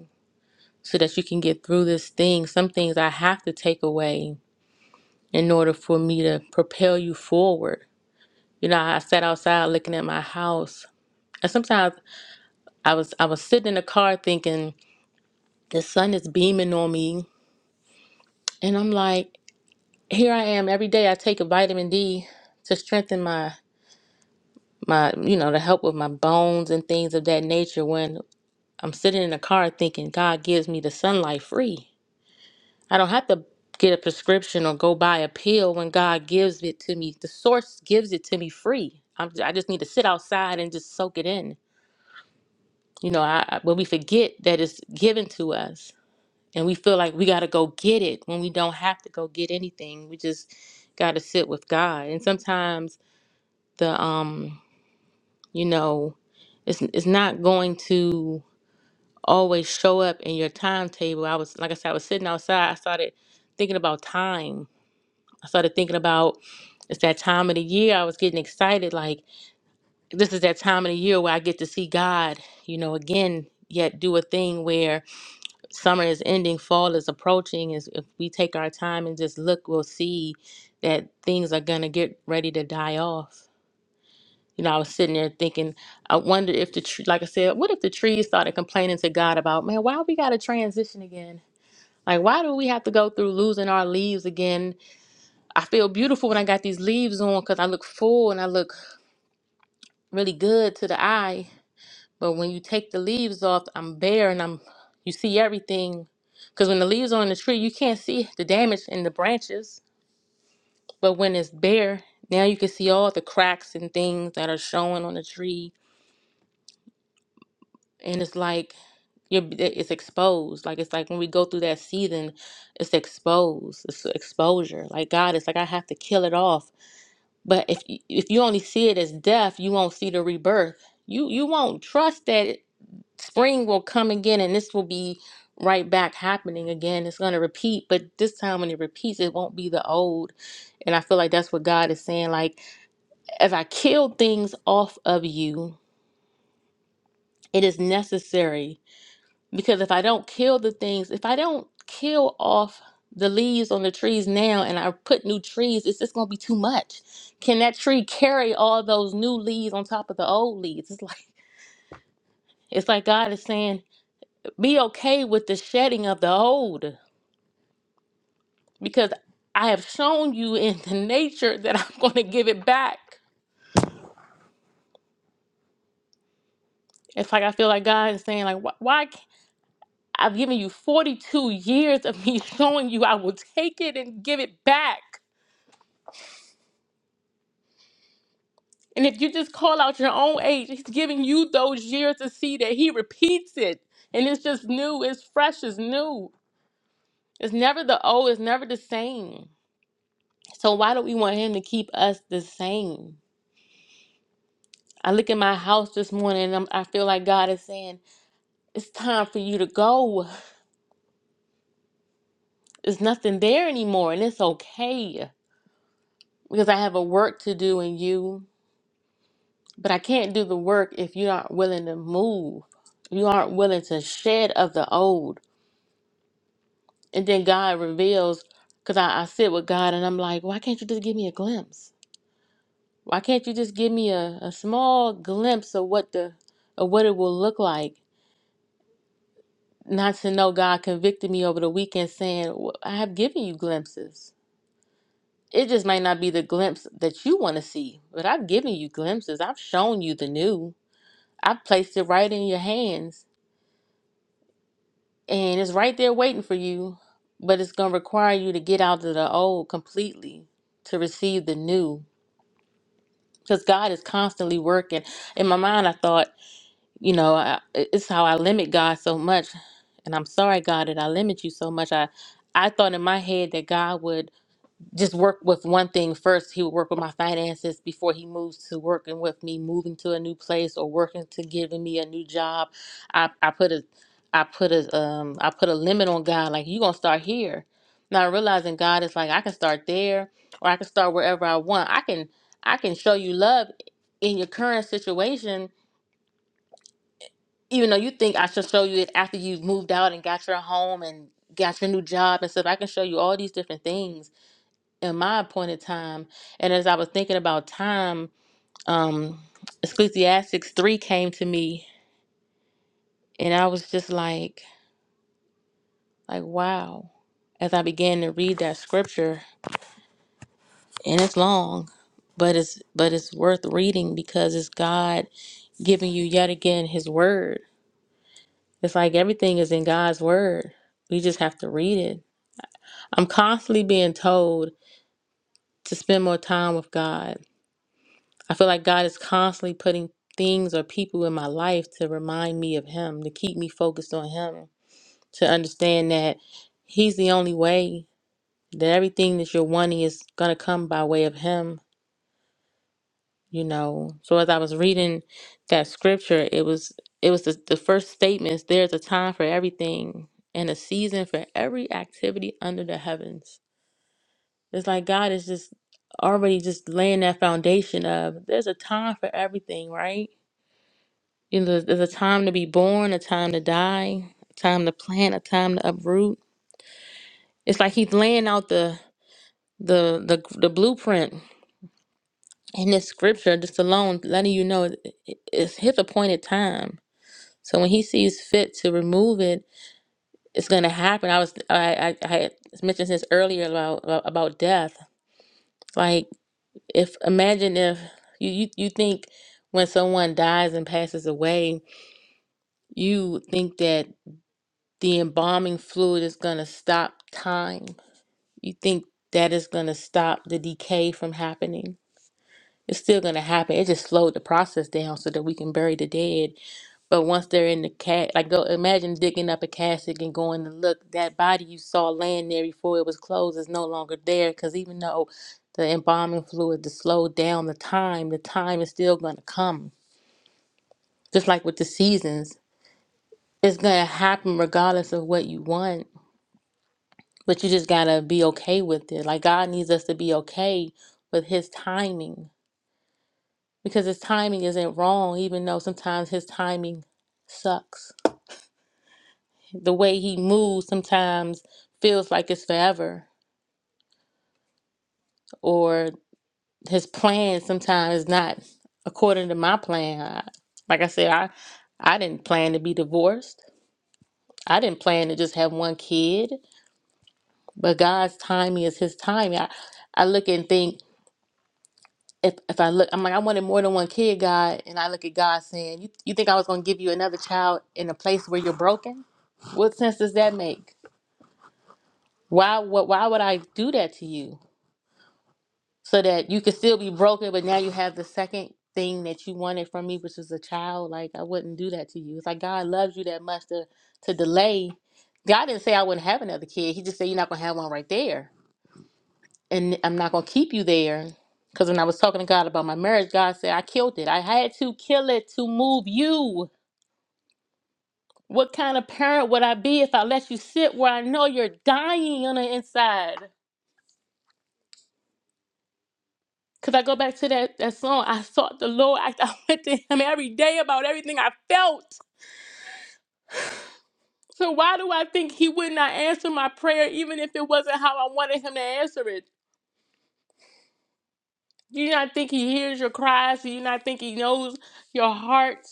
S4: so that you can get through this thing. Some things I have to take away in order for me to propel you forward You know, I sat outside looking at my house. And sometimes I was I was sitting in the car thinking the sun is beaming on me. And I'm like, here I am every day I take a vitamin D to strengthen my my you know, to help with my bones and things of that nature when I'm sitting in the car thinking God gives me the sunlight free. I don't have to get a prescription or go buy a pill when God gives it to me. The source gives it to me free. I'm, I just need to sit outside and just soak it in You know, I, I- when we forget that it's given to us and we feel like we got to go get it when we don't have to go get anything, we just got to sit with God. And sometimes the, um, you know, it's, it's not going to always show up in your timetable. I was, like I said, I was sitting outside. I started thinking about time. I started thinking about it's that time of the year. I was getting excited. Like, this is that time of the year where I get to see God, you know, again, yet do a thing where summer is ending, fall is approaching. Is if we take our time and just look, we'll see that things are gonna get ready to die off. You know, I was sitting there thinking, I wonder if the tree, like I said, what if the trees started complaining to God about, man, why we gotta transition again? Like, why do we have to go through losing our leaves again? I feel beautiful when I got these leaves on because I look full and I look really good to the eye But when you take the leaves off, I'm bare and I'm you see everything. Cause when the leaves are on the tree, you can't see the damage in the branches. But when it's bare, now you can see all the cracks and things that are showing on the tree. And it's like you're it's exposed. Like it's like when we go through that season, it's exposed. It's exposure. Like God, it's like I have to kill it off. But if you- if you only see it as death, you won't see the rebirth. You you won't trust that. spring will come again and this will be right back happening again it's going to repeat but this time when it repeats it won't be the old and i feel like that's what god is saying like as i kill things off of you it is necessary because if i don't kill the things if i don't kill off the leaves on the trees now and i put new trees it's just going to be too much can that tree carry all those new leaves on top of the old leaves it's like it's like god is saying be okay with the shedding of the old because I have shown you in the nature that I'm going to give it back. It's like I feel like God is saying, like, why? why can't- I've given you 42 years of me showing you I will take it and give it back. And if you just call out your own age, He's giving you those years to see that He repeats it. And it's just new, it's fresh, it's new. It's never the old, it's never the same. So why do we want Him to keep us the same? I look at my house this morning and I'm, I feel like God is saying. It's time for you to go. There's nothing there anymore, and it's okay because I have a work to do in you. But I can't do the work if you aren't willing to move. You aren't willing to shed of the old. And then God reveals, because I, I sit with God and I'm like, why can't you just give me a glimpse? Why can't you just give me a, a small glimpse of what the of what it will look like? Not to know God convicted me over the weekend saying, "Well, I have given you glimpses. It just might not be the glimpse that you want to see, but I've given you glimpses. I've shown you the new. I've placed it right in your hands, and it's right there waiting for you. But it's going to require you to get out of the old completely to receive the new. Because God is constantly working. In my mind, I thought, you know, I, it's how I limit God so much. And I'm sorry, God, that I limit you so much. I, I thought in my head that God would just work with one thing first. He would work with my finances before he moves to working with me, moving to a new place or working to giving me a new job. I, I put a I put a um I put a limit on God, like you gonna start here. Not realizing God is like I can start there or I can start wherever I want. I can I can show you love in your current situation, even though you think I should show you it after you've moved out and got your home and got your new job and stuff. I can show you all these different things in my appointed time. And as I was thinking about time, um, Ecclesiastics 3 came to me, and I was just like, like, wow. As I began to read that scripture, and it's long, but it's but it's worth reading because it's God giving you yet again His word. It's like everything is in God's word. We just have to read it. I'm constantly being told to spend more time with God I feel like God is constantly putting things or people in my life to remind me of Him, to keep me focused on Him, to understand that He's the only way, that everything that you're wanting is going to come by way of Him, you know. So as I was reading that scripture, it was it was the, the first statements there's a time for everything and a season for every activity under the heavens. It's like God is just already just laying that foundation of there's a time for everything, right? You know, there's, a time to be born, a time to die, a time to plant, a time to uproot. It's like he's laying out the the the, the blueprint in this scripture just alone, letting you know it- it- it's his appointed time. So when he sees fit to remove it, it's gonna happen. I was I I, I had mentioned this earlier about about death. Like if imagine if you you, you think when someone dies and passes away, you think that. the embalming fluid is going to stop time. You think that is going to stop the decay from happening? It's still going to happen. It just slowed the process down so that we can bury the dead. But once they're in the cat, like go imagine digging up a casket and going to look. That body you saw laying there before it was closed is no longer there because even though the embalming fluid to slow down the time, the time is still going to come. Just like with the seasons, it's going to happen regardless of what you want But you just gotta be okay with it. Like God needs us to be okay with His timing because His timing isn't wrong, even though sometimes His timing sucks. The way He moves sometimes feels like it's forever, or His plan sometimes is not according to my plan. I, like I said, I I didn't plan to be divorced. I didn't plan to just have one kid, but God's timing is His timing. I, I look and think if if I look, I'm like, I wanted more than one kid, God, and I look at God saying, "You you think I was going to give you another child in a place where you're broken? What sense does that make? Why what why would I do that to you so that you could still be broken, but now you have the second thing that you wanted from me, which is a child? Like I wouldn't do that to you. It's like God loves you that much to to delay. God didn't say I wouldn't have another kid. He just said you're not going to have one right there. and I'm not going to keep you there. Because when I was talking to God about my marriage, God said, I killed it. I had to kill it to move you. What kind of parent would I be if I let you sit where I know you're dying on the inside? Because I go back to that, that song, I sought the Lord. I, I went to Him every day about everything I felt. So why do I think He would not answer my prayer, even if it wasn't how I wanted Him to answer it? Do you not think He hears your cries? Do you not think He knows your heart?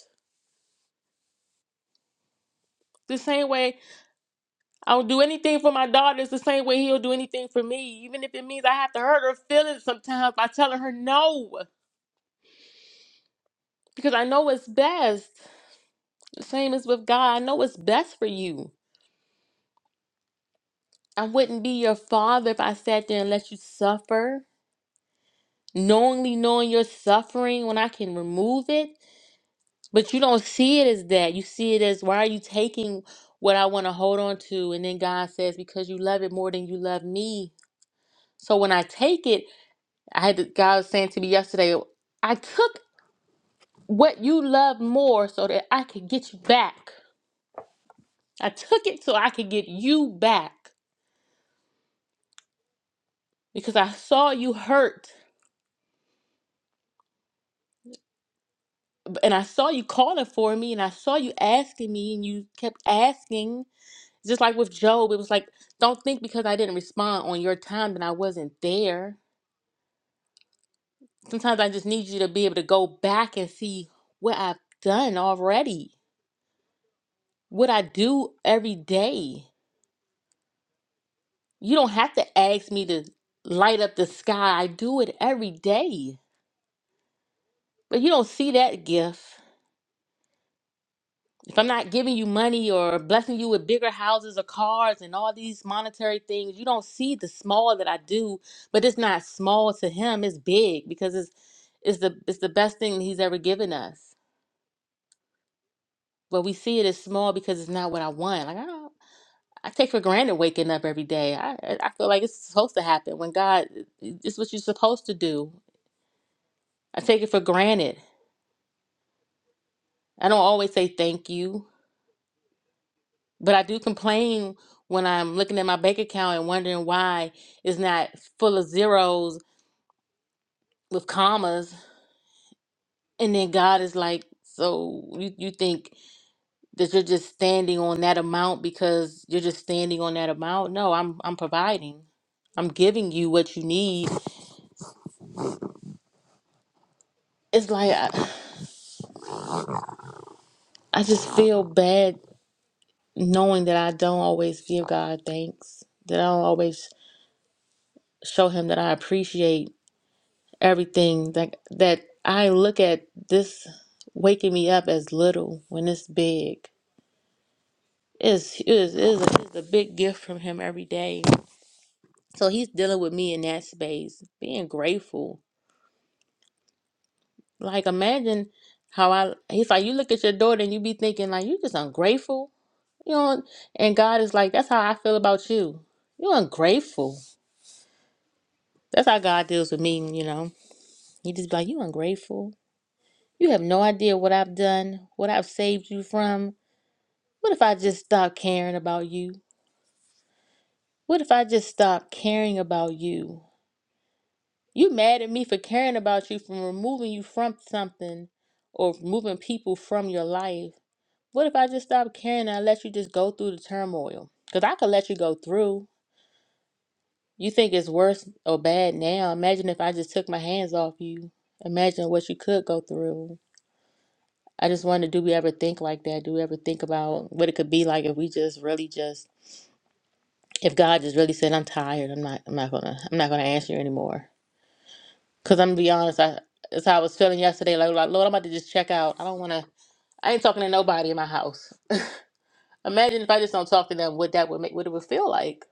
S4: The same way I will do anything for my daughters the same way he'll do anything for me, even if it means I have to hurt her feelings sometimes by telling her no, because I know it's best. The same as with God, I know it's best for you. I wouldn't be your father if I sat there and let you suffer, knowingly knowing you're suffering when I can remove it. But you don't see it as that. You see it as why are you taking what I want to hold on to? And then God says, because you love it more than you love me. So when I take it, I had to, God was saying to me yesterday, I took what you love more so that I could get you back. I took it so I could get you back because I saw you hurt and I saw you calling for me and I saw you asking me and you kept asking. Just like with Job, it was like, don't think because I didn't respond on your time that I wasn't there. Sometimes I just need you to be able to go back and see what I've done already, what I do every day. You don't have to ask me to light up the sky. I do it every day. But you don't see that gift. If I'm not giving you money or blessing you with bigger houses or cars and all these monetary things, you don't see the small that I do. But it's not small to him, it's big because it's it's the it's the best thing he's ever given us. But we see it as small because it's not what I want. Like I don't I take for granted waking up every day. I I I feel like it's supposed to happen when God it's what you're supposed to do. I take it for granted. I don't always say thank you, but I do complain when I'm looking at my bank account and wondering why it's not full of zeros with commas. And then God is like, so you, you think that you're just standing on that amount because you're just standing on that amount? No, I'm I'm providing. I'm giving you what you need. It's like I, I just feel bad knowing that I don't always give God thanks, that I don't always show him that I appreciate everything that that I look at this waking me up as little when it's big. It's is is is a big gift from him every day. So he's dealing with me in that space, being grateful. Like imagine how I he's like you look at your daughter and you be thinking like you just ungrateful. You know, and God is like that's how I feel about you. You ungrateful. That's how God deals with me. You know, he just be like you ungrateful. You have no idea what I've done, what I've saved you from. What if I just stop caring about you? What if I just stop caring about you? You mad at me for caring about you, from removing you from something or moving people from your life. What if I just stop caring and I let you just go through the turmoil? Because I could let you go through. You think it's worse or bad now. Imagine if I just took my hands off you. Imagine what you could go through. I just wonder do we ever think like that? Do we ever think about what it could be like if we just really just if God just really said, "I'm tired. I'm not. I'm not gonna. I'm not gonna answer you anymore." Cause I'm gonna be honest. I that's how I was feeling yesterday. Like, like Lord, I'm about to just check out. I don't wanna. I ain't talking to nobody in my house. Imagine if I just don't talk to them. What that would make. What it would feel like.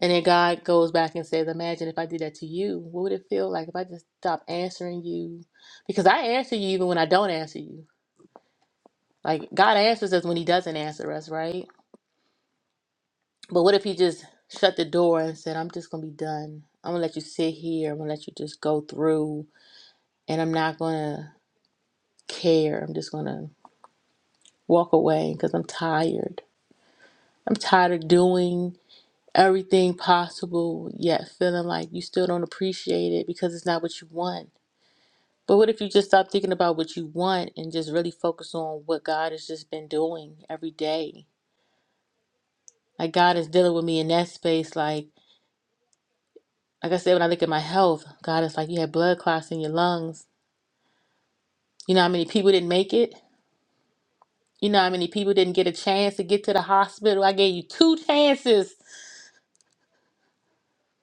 S4: And then God goes back and says, "Imagine if I did that to you. What would it feel like if I just stopped answering you? Because I answer you even when I don't answer you. Like God answers us when He doesn't answer us, right? But what if he just shut the door and said, I'm just going to be done. I'm going to let you sit here. I'm going to let you just go through. And I'm not going to care. I'm just going to walk away because I'm tired. I'm tired of doing everything possible, yet feeling like you still don't appreciate it because it's not what you want. But what if you just stop thinking about what you want and just really focus on what God has just been doing every day? Like, God is dealing with me in that space, like, Like I said, when I look at my health, God, it's like you had blood clots in your lungs. You know how many people didn't make it? You know how many people didn't get a chance to get to the hospital? I gave you two chances.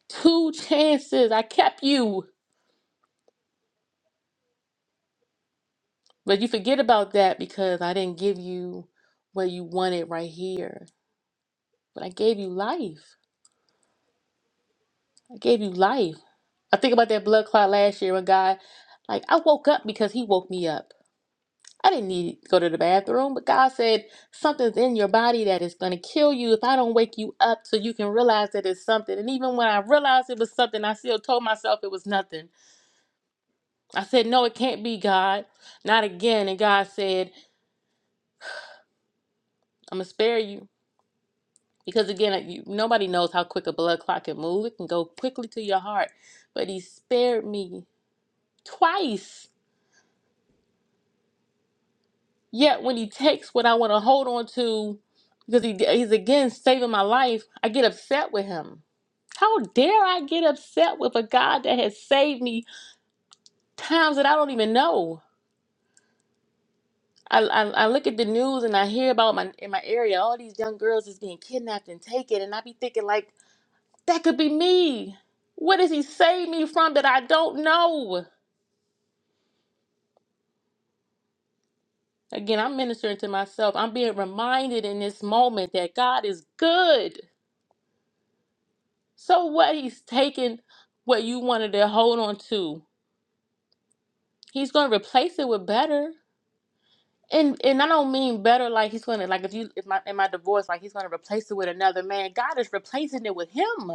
S4: Two chances. I kept you. But you forget about that because I didn't give you what you wanted right here. But I gave you life. I gave you life. I think about that blood clot last year when God, like, I woke up because He woke me up. I didn't need to go to the bathroom, but God said, Something's in your body that is going to kill you if I don't wake you up so you can realize that it's something. And even when I realized it was something, I still told myself it was nothing. I said, No, it can't be God. Not again. And God said, I'm going to spare you. Because again, you, nobody knows how quick a blood clot can move, it can go quickly to your heart. But He spared me twice Yet when he takes what I want to hold on to, because he, he's again saving my life, I get upset with him. How dare I get upset with a God that has saved me times that I don't even know? I, I, I look at the news and I hear about my in my area all these young girls is being kidnapped and taken, and I be thinking like that could be me. What does He save me from that I don't know? Again, I'm ministering to myself. I'm being reminded in this moment that God is good. So what he's taking what you wanted to hold on to, he's gonna replace it with better. And and I don't mean better like he's gonna like if you if my in my divorce, like he's gonna replace it with another man. God is replacing it with him.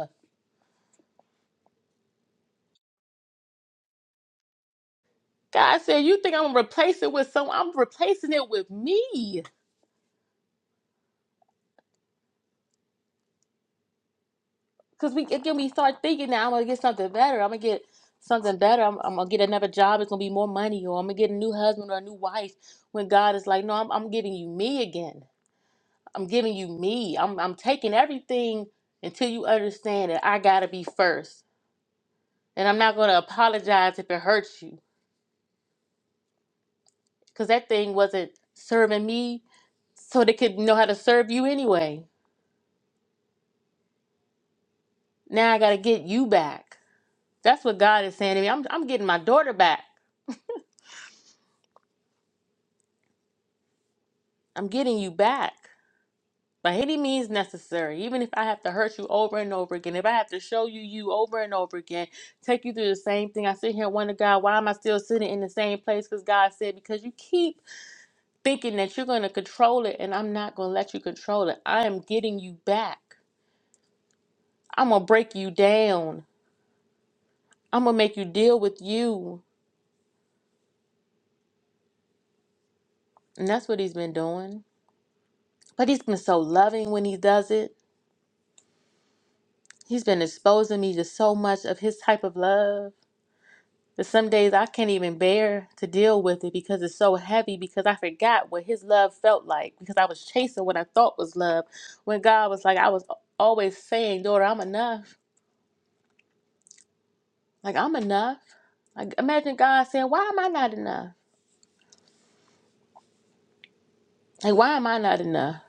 S4: God said, You think I'm gonna replace it with someone? I'm replacing it with me. Cause we again we start thinking now I'm gonna get something better. I'm gonna get something better. I'm, I'm gonna get another job, it's gonna be more money, or I'm gonna get a new husband or a new wife when God is like, No, I'm I'm giving you me again. I'm giving you me. I'm I'm taking everything until you understand that I gotta be first. And I'm not gonna apologize if it hurts you. Cause that thing wasn't serving me so they could know how to serve you anyway. Now I gotta get you back. That's what God is saying to me. I'm I'm getting my daughter back. I'm getting you back. By any means necessary, even if I have to hurt you over and over again, if I have to show you you over and over again, take you through the same thing. I sit here and wonder, God, why am I still sitting in the same place? Because God said, because you keep thinking that you're going to control it and I'm not going to let you control it. I am getting you back. I'm going to break you down. I'm going to make you deal with you. And that's what he's been doing. But he's been so loving when he does it. He's been exposing me to so much of his type of love that some days I can't even bear to deal with it because it's so heavy because I forgot what his love felt like because I was chasing what I thought was love when God was like, I was always saying, daughter, I'm enough. Like, I'm enough. Like imagine God saying, "Why am I not enough? Like why am I not enough?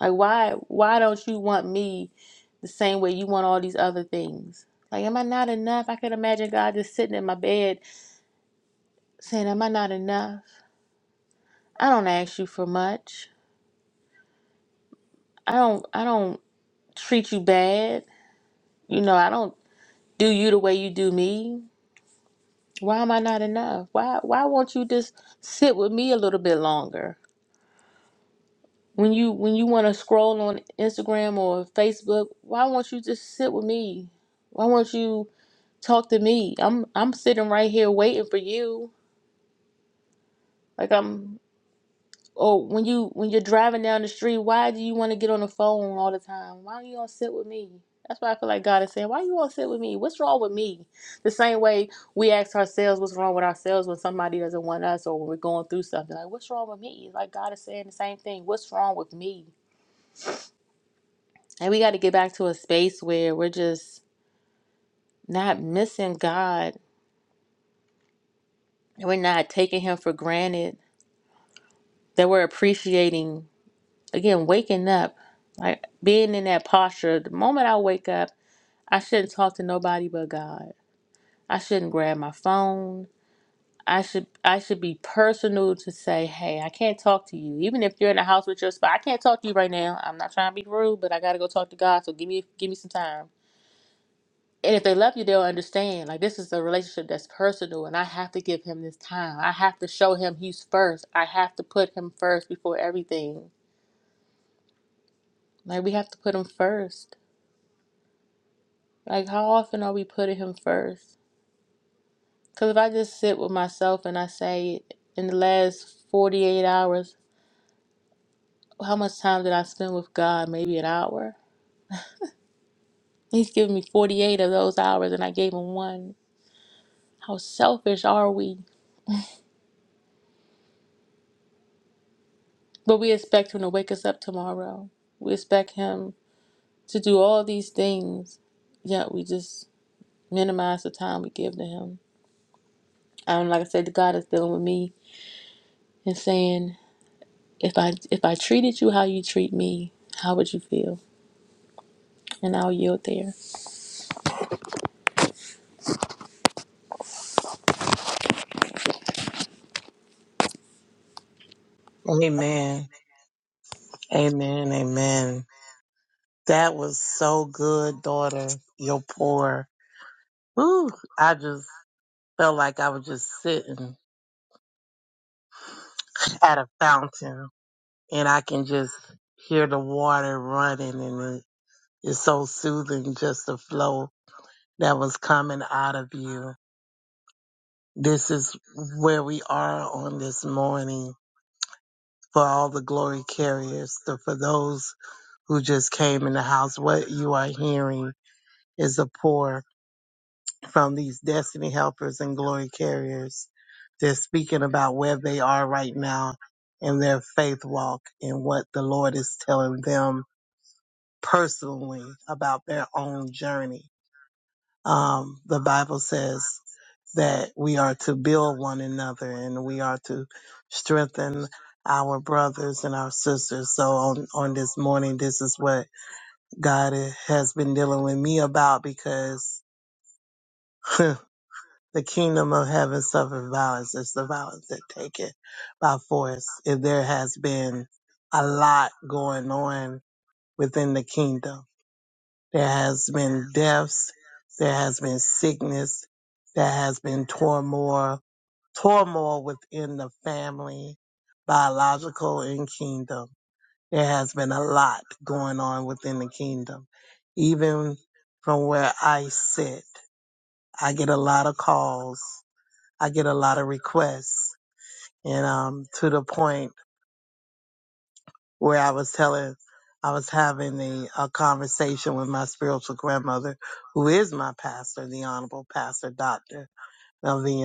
S4: Like why why don't you want me the same way you want all these other things? Like am I not enough? I could imagine God just sitting in my bed saying, "Am I not enough? I don't ask you for much. I don't I don't treat you bad. You know, I don't do you the way you do me. Why am I not enough? Why why won't you just sit with me a little bit longer? When you when you want to scroll on Instagram or Facebook, why won't you just sit with me? Why won't you talk to me? I'm I'm sitting right here waiting for you. Like I'm or when you when you're driving down the street, why do you want to get on the phone all the time? Why don't you all sit with me? That's why I feel like God is saying, Why you all sit with me? What's wrong with me? The same way we ask ourselves what's wrong with ourselves when somebody doesn't want us or when we're going through something. Like, what's wrong with me? Like God is saying the same thing. What's wrong with me? And we got to get back to a space where we're just not missing God and we're not taking Him for granted, that we're appreciating, again, waking up, like being in that posture. The moment I wake up, I shouldn't talk to nobody but God. I shouldn't grab my phone. I should I should be personal to say, hey, I can't talk to you. Even if you're in the house with your spouse, I can't talk to you right now. I'm not trying to be rude, but I gotta go talk to God. So give me give me some time And if they love you, they'll understand. Like this is a relationship that's personal, and I have to give him this time. I have to show him he's first. I have to put him first before everything. Like we have to put him first. Like how often are we putting him first? Because if I just sit with myself and I say, in the last forty-eight hours, how much time did I spend with God? Maybe an hour. He's given me forty-eight of those hours, and I gave him one. How selfish are we? But we expect him to wake us up tomorrow. We expect him. to do all these things, yet we just minimize the time we give to him. And like I said, God is dealing with me and saying, if I if I treated you how you treat me, how would you feel? And I'll yield there.
S1: Amen. Amen. Amen. That was so good, daughter. Your pour. Ooh, I just felt like I was just sitting at a fountain and I can just hear the water running and it- it's so soothing just the flow that was coming out of you. This is where we are on this morning for all the glory carriers. So for those who just came in the house, what you are hearing is a pour from these destiny helpers and glory carriers. They're speaking about where they are right now in their faith walk and what the Lord is telling them personally about their own journey. Um, the Bible says that we are to build one another and we are to strengthen our brothers and our sisters. So on, on this morning, this is what God has been dealing with me about because the kingdom of heaven suffered violence. It's the violence that take it by force. And there has been a lot going on within the kingdom There has been deaths. There has been sickness. There has been turmoil, turmoil within the family, biological and kingdom. There has been a lot going on within the kingdom. Even from where I sit, I get a lot of calls. I get a lot of requests. And um, to the point where I was telling, I was having the a conversation with my spiritual grandmother, who is my pastor, the Honorable Pastor Doctor of the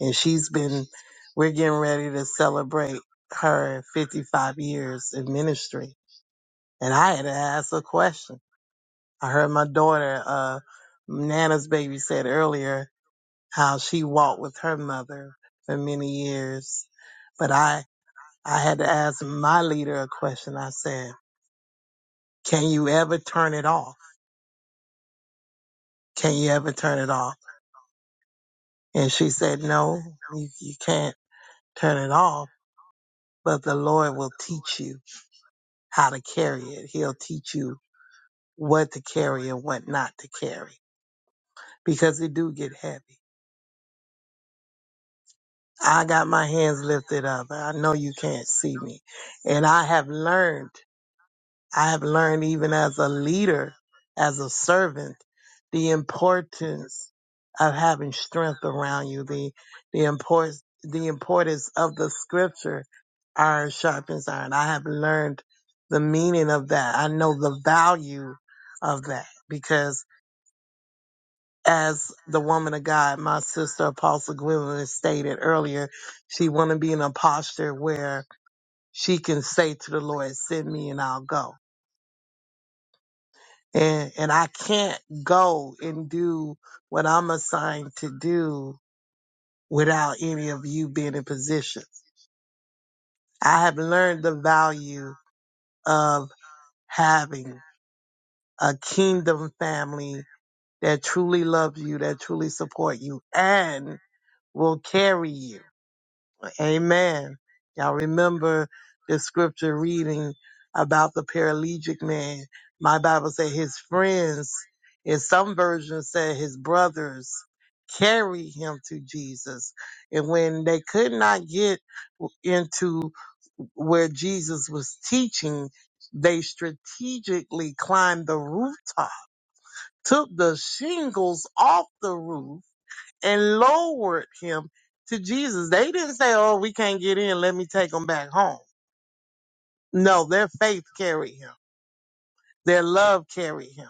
S1: and she's been. We're getting ready to celebrate her 55 years in ministry, and I had to ask a question. I heard my daughter, uh, Nana's baby, said earlier how she walked with her mother for many years, but I I had to ask my leader a question. I said. can you ever turn it off? Can you ever turn it off? And she said, no, you, you can't turn it off, but the Lord will teach you how to carry it. He'll teach you what to carry and what not to carry because it do get heavy. I got my hands lifted up. I know you can't see me and I have learned I have learned even as a leader, as a servant, the importance of having strength around you, the, the importance, the importance of the scripture, iron sharpens iron. I have learned the meaning of that. I know the value of that because as the woman of God, my sister Apostle Gwendolyn stated earlier, she want to be in a posture where she can say to the Lord, send me and I'll go and and I can't go and do what I'm assigned to do without any of you being in position. I have learned the value of having a kingdom family that truly loves you, that truly support you, and will carry you. Amen. Y'all remember the scripture reading about the paralytic man. My Bible said his friends, in some versions said his brothers, carried him to Jesus. And when they could not get into where Jesus was teaching, they strategically climbed the rooftop, took the shingles off the roof, and lowered him to Jesus. They didn't say, Oh, we can't get in. Let me take him back home. No, their faith carried him. Their love carried him.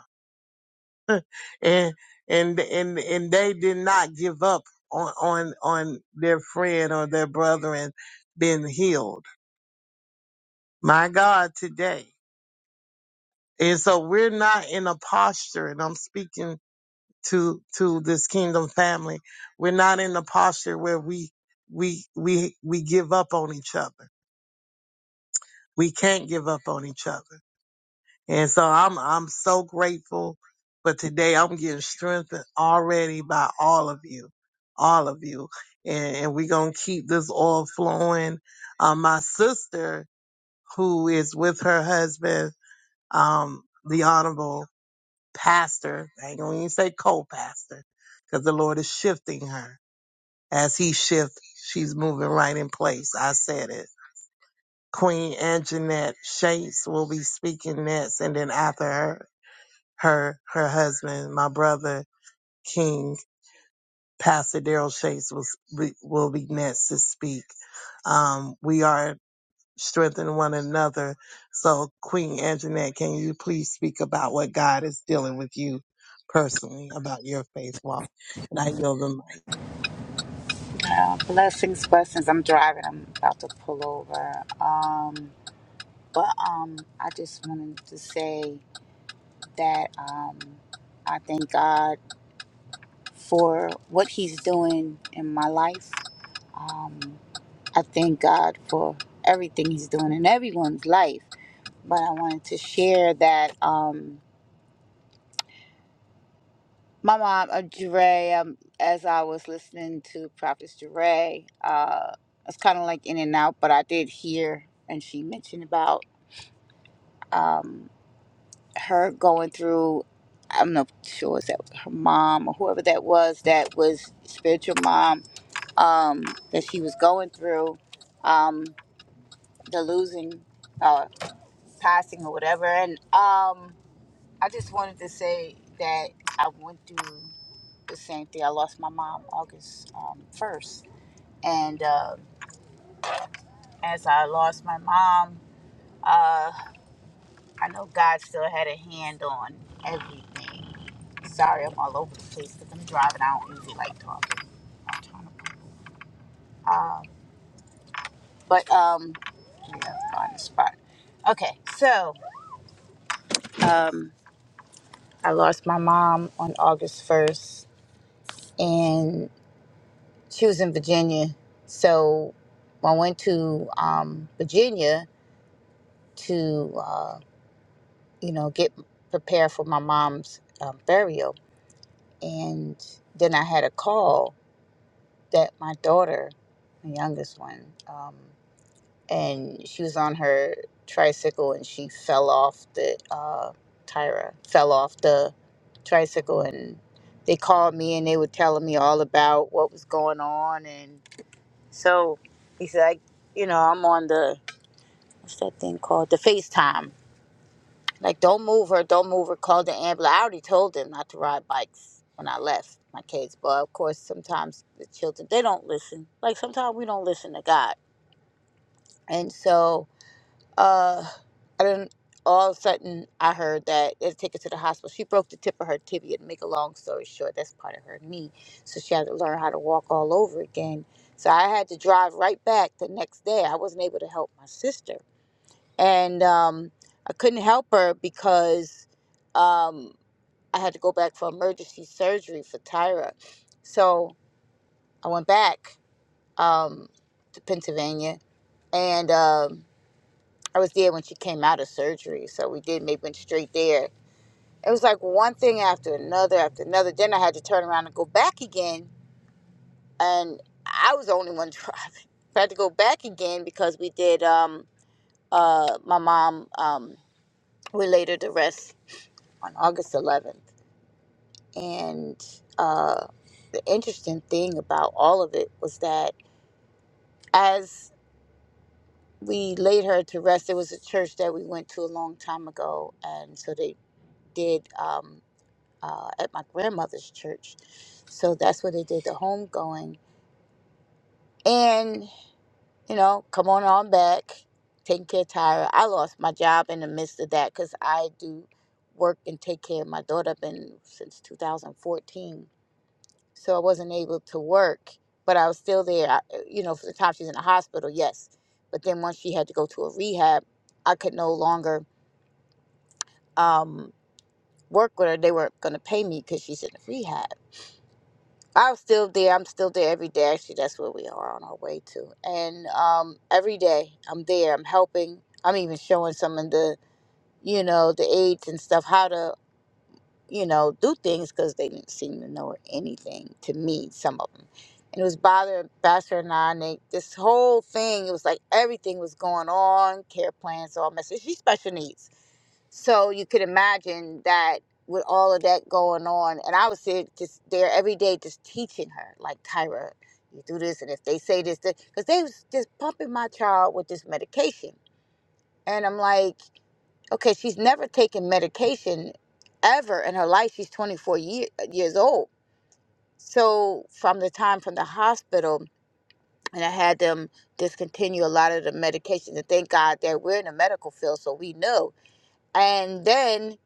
S1: And, and, and, and they did not give up on, on, on their friend or their brother and been healed. My God, today. And so we're not in a posture, and I'm speaking to, to this kingdom family. We're not in a posture where we, we, we, we give up on each other we can't give up on each other. And so I'm I'm so grateful. But today I'm getting strengthened already by all of you, all of you, and, and we're gonna keep this oil flowing. Um, my sister, who is with her husband, um, the honorable pastor, I ain't gonna even say co-pastor, because the Lord is shifting her. As He shifts, she's moving right in place. I said it Queen Anjanette Shakes will be speaking next, and then after her, her, her husband, my brother King Pastor Daryl Shakes will be, will be next to speak. Um, we are strengthening one another. So, Queen Anjanette, can you please speak about what God is dealing with you personally about your faith walk? And I yield the mic.
S5: Uh, blessings, blessings. I'm driving. I'm about to pull over. Um, but um, I just wanted to say that um, I thank God for what He's doing in my life. Um, I thank God for everything He's doing in everyone's life. But I wanted to share that um, my mom, uh, Jure, um, as I was listening to Prophet Jure, uh, it's kind of like in and out, but I did hear, and she mentioned about. um, her going through I'm not sure is that her mom or whoever that was that was spiritual mom um, that she was going through um, the losing uh, passing or whatever and um, I just wanted to say that I went through the same thing I lost my mom August um, 1st and uh, as I lost my mom uh, I know God still had a hand on everything. Sorry, I'm all over the place because I'm driving. I don't usually like talking. I'm trying to, uh, but um, yeah, on the spot. Okay, so um, I lost my mom on August first, and she was in Virginia. So I went to um, Virginia to uh, you know get prepared for my mom's um, burial, and then I had a call that my daughter, my youngest one, um, and she was on her tricycle and she fell off the uh, Tyra fell off the tricycle and they called me and they were telling me all about what was going on and so he said, I, you know, I'm on the what's that thing called the FaceTime like, don't move her, don't move her, call the ambulance. I already told them not to ride bikes when I left my kids. But of course, sometimes the children, they don't listen. Like, sometimes we don't listen to God. And so, uh, I didn't, all of a sudden, I heard that they take her to the hospital. She broke the tip of her tibia. To make a long story short, that's part of her knee. So she had to learn how to walk all over again. So I had to drive right back the next day. I wasn't able to help my sister and um, I couldn't help her because um, I had to go back for emergency surgery for Tyra. So I went back um, to Pennsylvania, and um, I was there when she came out of surgery. So we did maybe went straight there. It was like one thing after another after another. Then I had to turn around and go back again, and I was the only one driving. I had to go back again because we did. Um, uh, my mom um, we laid her to rest on August 11th. And uh, the interesting thing about all of it was that as we laid her to rest, it was a church that we went to a long time ago. And so they did um, uh, at my grandmother's church. So that's where they did the homegoing. And, you know, come on on back, taking care of Tyra. I lost my job in the midst of that because I do work and take care of my daughter. I've been since 2014 so I wasn't able to work, but I was still there. I, uh, you know, for the time she's in the hospital, yes. But then once she had to go to a rehab, I could no longer um, work with her. They weren't going to pay me because she's in rehab. I was still there. I'm still there every day. Actually, that's where we are on our way to. And um, every day I'm there. I'm helping. I'm even showing some of the, you know, the aides and stuff how to you know, do things because they didn't seem to know anything to me, some of them. And it was bothering Pastor and I, and they, this whole thing, it was like everything was going on, care plans, all messages. She's special needs. So you could imagine that with all of that going on, and I was there, just there every day, just teaching her, like Tyra, you do this, and if they say this, because they was just pumping my child with this medication, and I'm like, Okay, she's never taken medication ever in her life. She's 24 year, years old. So from the time from the hospital, and I had them discontinue a lot of the medication. And thank God that we're in the medical field, so we know. And then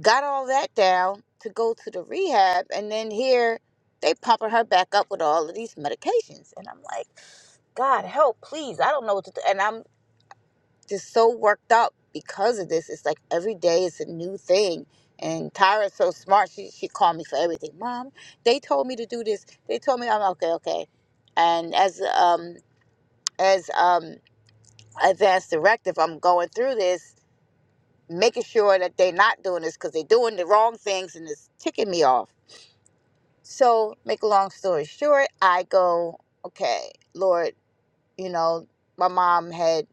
S5: got all that down to go to the rehab, and then here they pumping her back up with all of these medications. And I'm like, God help, please! I don't know what to do. And I'm just so worked up because of this. It's like every day is a new thing. And Tyra's so smart. She she called me for everything. Mom, they told me to do this. They told me I'm like, okay, okay. And as um as um advanced directive, I'm going through this, making sure that they're not doing this because they're doing the wrong things and it's ticking me off. So make a long story short, I go, okay, Lord, you know, my mom had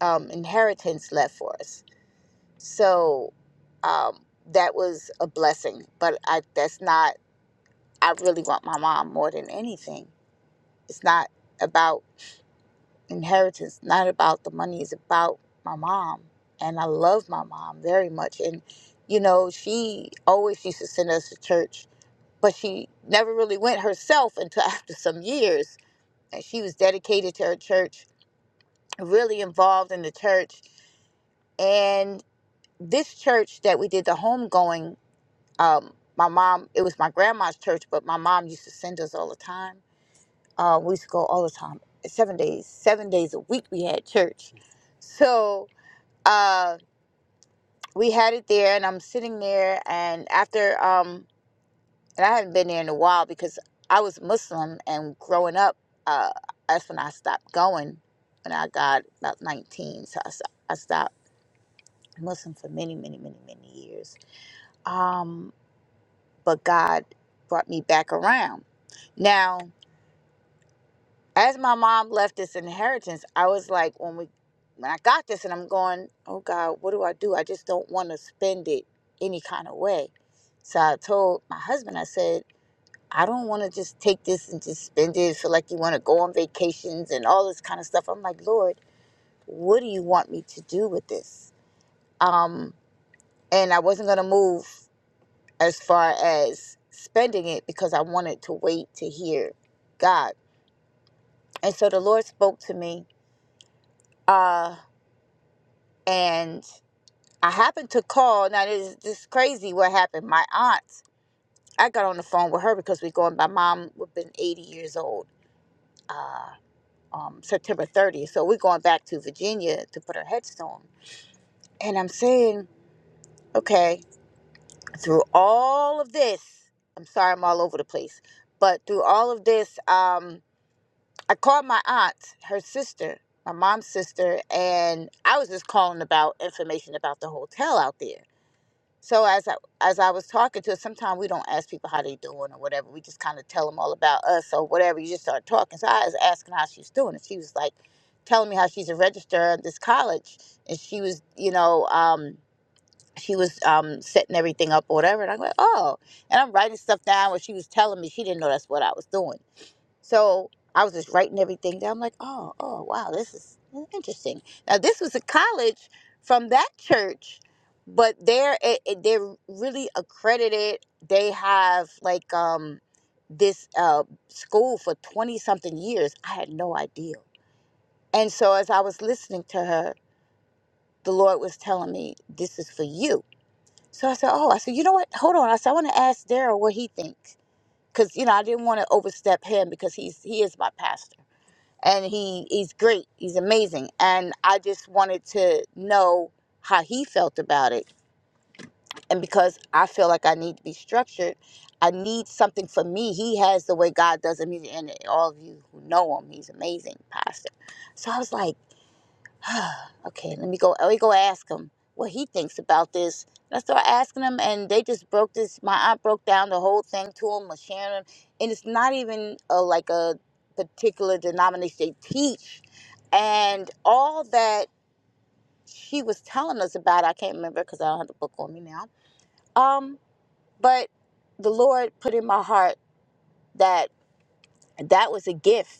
S5: um inheritance left for us So um, that was a blessing. But I that's not. I really want my mom more than anything. It's not about inheritance. Not about the money. It's about my mom, and I love my mom very much. And you know, she always used to send us to church, but she never really went herself until after some years. And she was dedicated to her church, really involved in the church, and this church that we did the homegoing um, my mom, it was my grandma's church, but my mom used to send us all the time. Uh, we used to go all the time, seven days, seven days a week we had church. So uh, we had it there, and I'm sitting there, and after, um, and I haven't been there in a while because I was Muslim, and growing up, uh, that's when I stopped going. When I got about 19, so I, sto- I stopped Muslim for many, many, many, many years. Um, but God brought me back around. Now, as my mom left this inheritance, I was like, when we, when I got this, and I'm going, oh God, what do I do? I just don't want to spend it any kind of way. So I told my husband, I said, I don't want to just take this and just spend it. Feel like you want to go on vacations and all this kind of stuff. I'm like, Lord, what do you want me to do with this? Um, and I wasn't gonna move as far as spending it because I wanted to wait to hear God. And so the Lord spoke to me. Uh, and I happened to call. Now this this is crazy. What happened? My aunt. I got on the phone with her because we're going. My mom would have been eighty years old. Uh, um, September thirtieth. So we're going back to Virginia to put her headstone. And I'm saying, okay, through all of this, I'm sorry, I'm all over the place, but through all of this, um, I called my aunt, her sister, my mom's sister, and I was just calling about information about the hotel out there So as I, as I was talking to her, sometimes we don't ask people how they doing or whatever. We just kind of tell them all about us or whatever. You just start talking. So I was asking how she's doing, and she was like telling me how she's a registrar at this college, and she was, you know, um, she was um, setting everything up or whatever. And I am like, oh, and I'm writing stuff down. What she was telling me, she didn't know that's what I was doing. So I was just writing everything down. I'm like, oh, oh, wow, this is interesting. Now this was a college from that church, but they're it, it- they're really accredited. They have like um this uh school for twenty something years. I had no idea. And so as I was listening to her, the Lord was telling me, this is for you. So I said, oh, I said, you know what? Hold on. I said, I want to ask Daryl what he thinks. Because, you know, I didn't want to overstep him because he's he is my pastor and he he's great. He's amazing. And I just wanted to know how he felt about it. And because I feel like I need to be structured, I need something for me. He has the way God does it. And all of you who know him, he's amazing, Pastor. So I was like, okay, let me go. Let me go ask him what he thinks about this. And I start asking him, and they just broke this. My aunt broke down the whole thing to him, was sharing him, and it's not even a, like a particular denomination they teach, and all that she was telling us about. I can't remember because I don't have the book on me now. Um, but the Lord put in my heart that that was a gift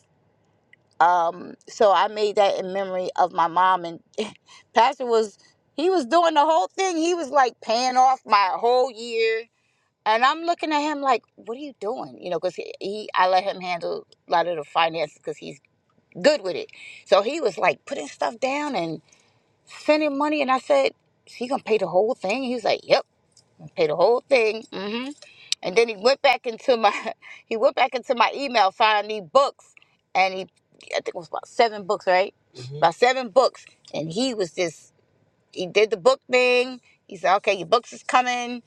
S5: um so i made that in memory of my mom and pastor was he was doing the whole thing he was like paying off my whole year and i'm looking at him like what are you doing you know because he, he i let him handle a lot of the finances because he's good with it so he was like putting stuff down and sending money and i said she gonna pay the whole thing he was like yep Paid the whole thing. hmm And then he went back into my he went back into my email, found the books, and he I think it was about seven books, right? Mhm. About seven books. And he was just he did the book thing. He said, Okay, your books is coming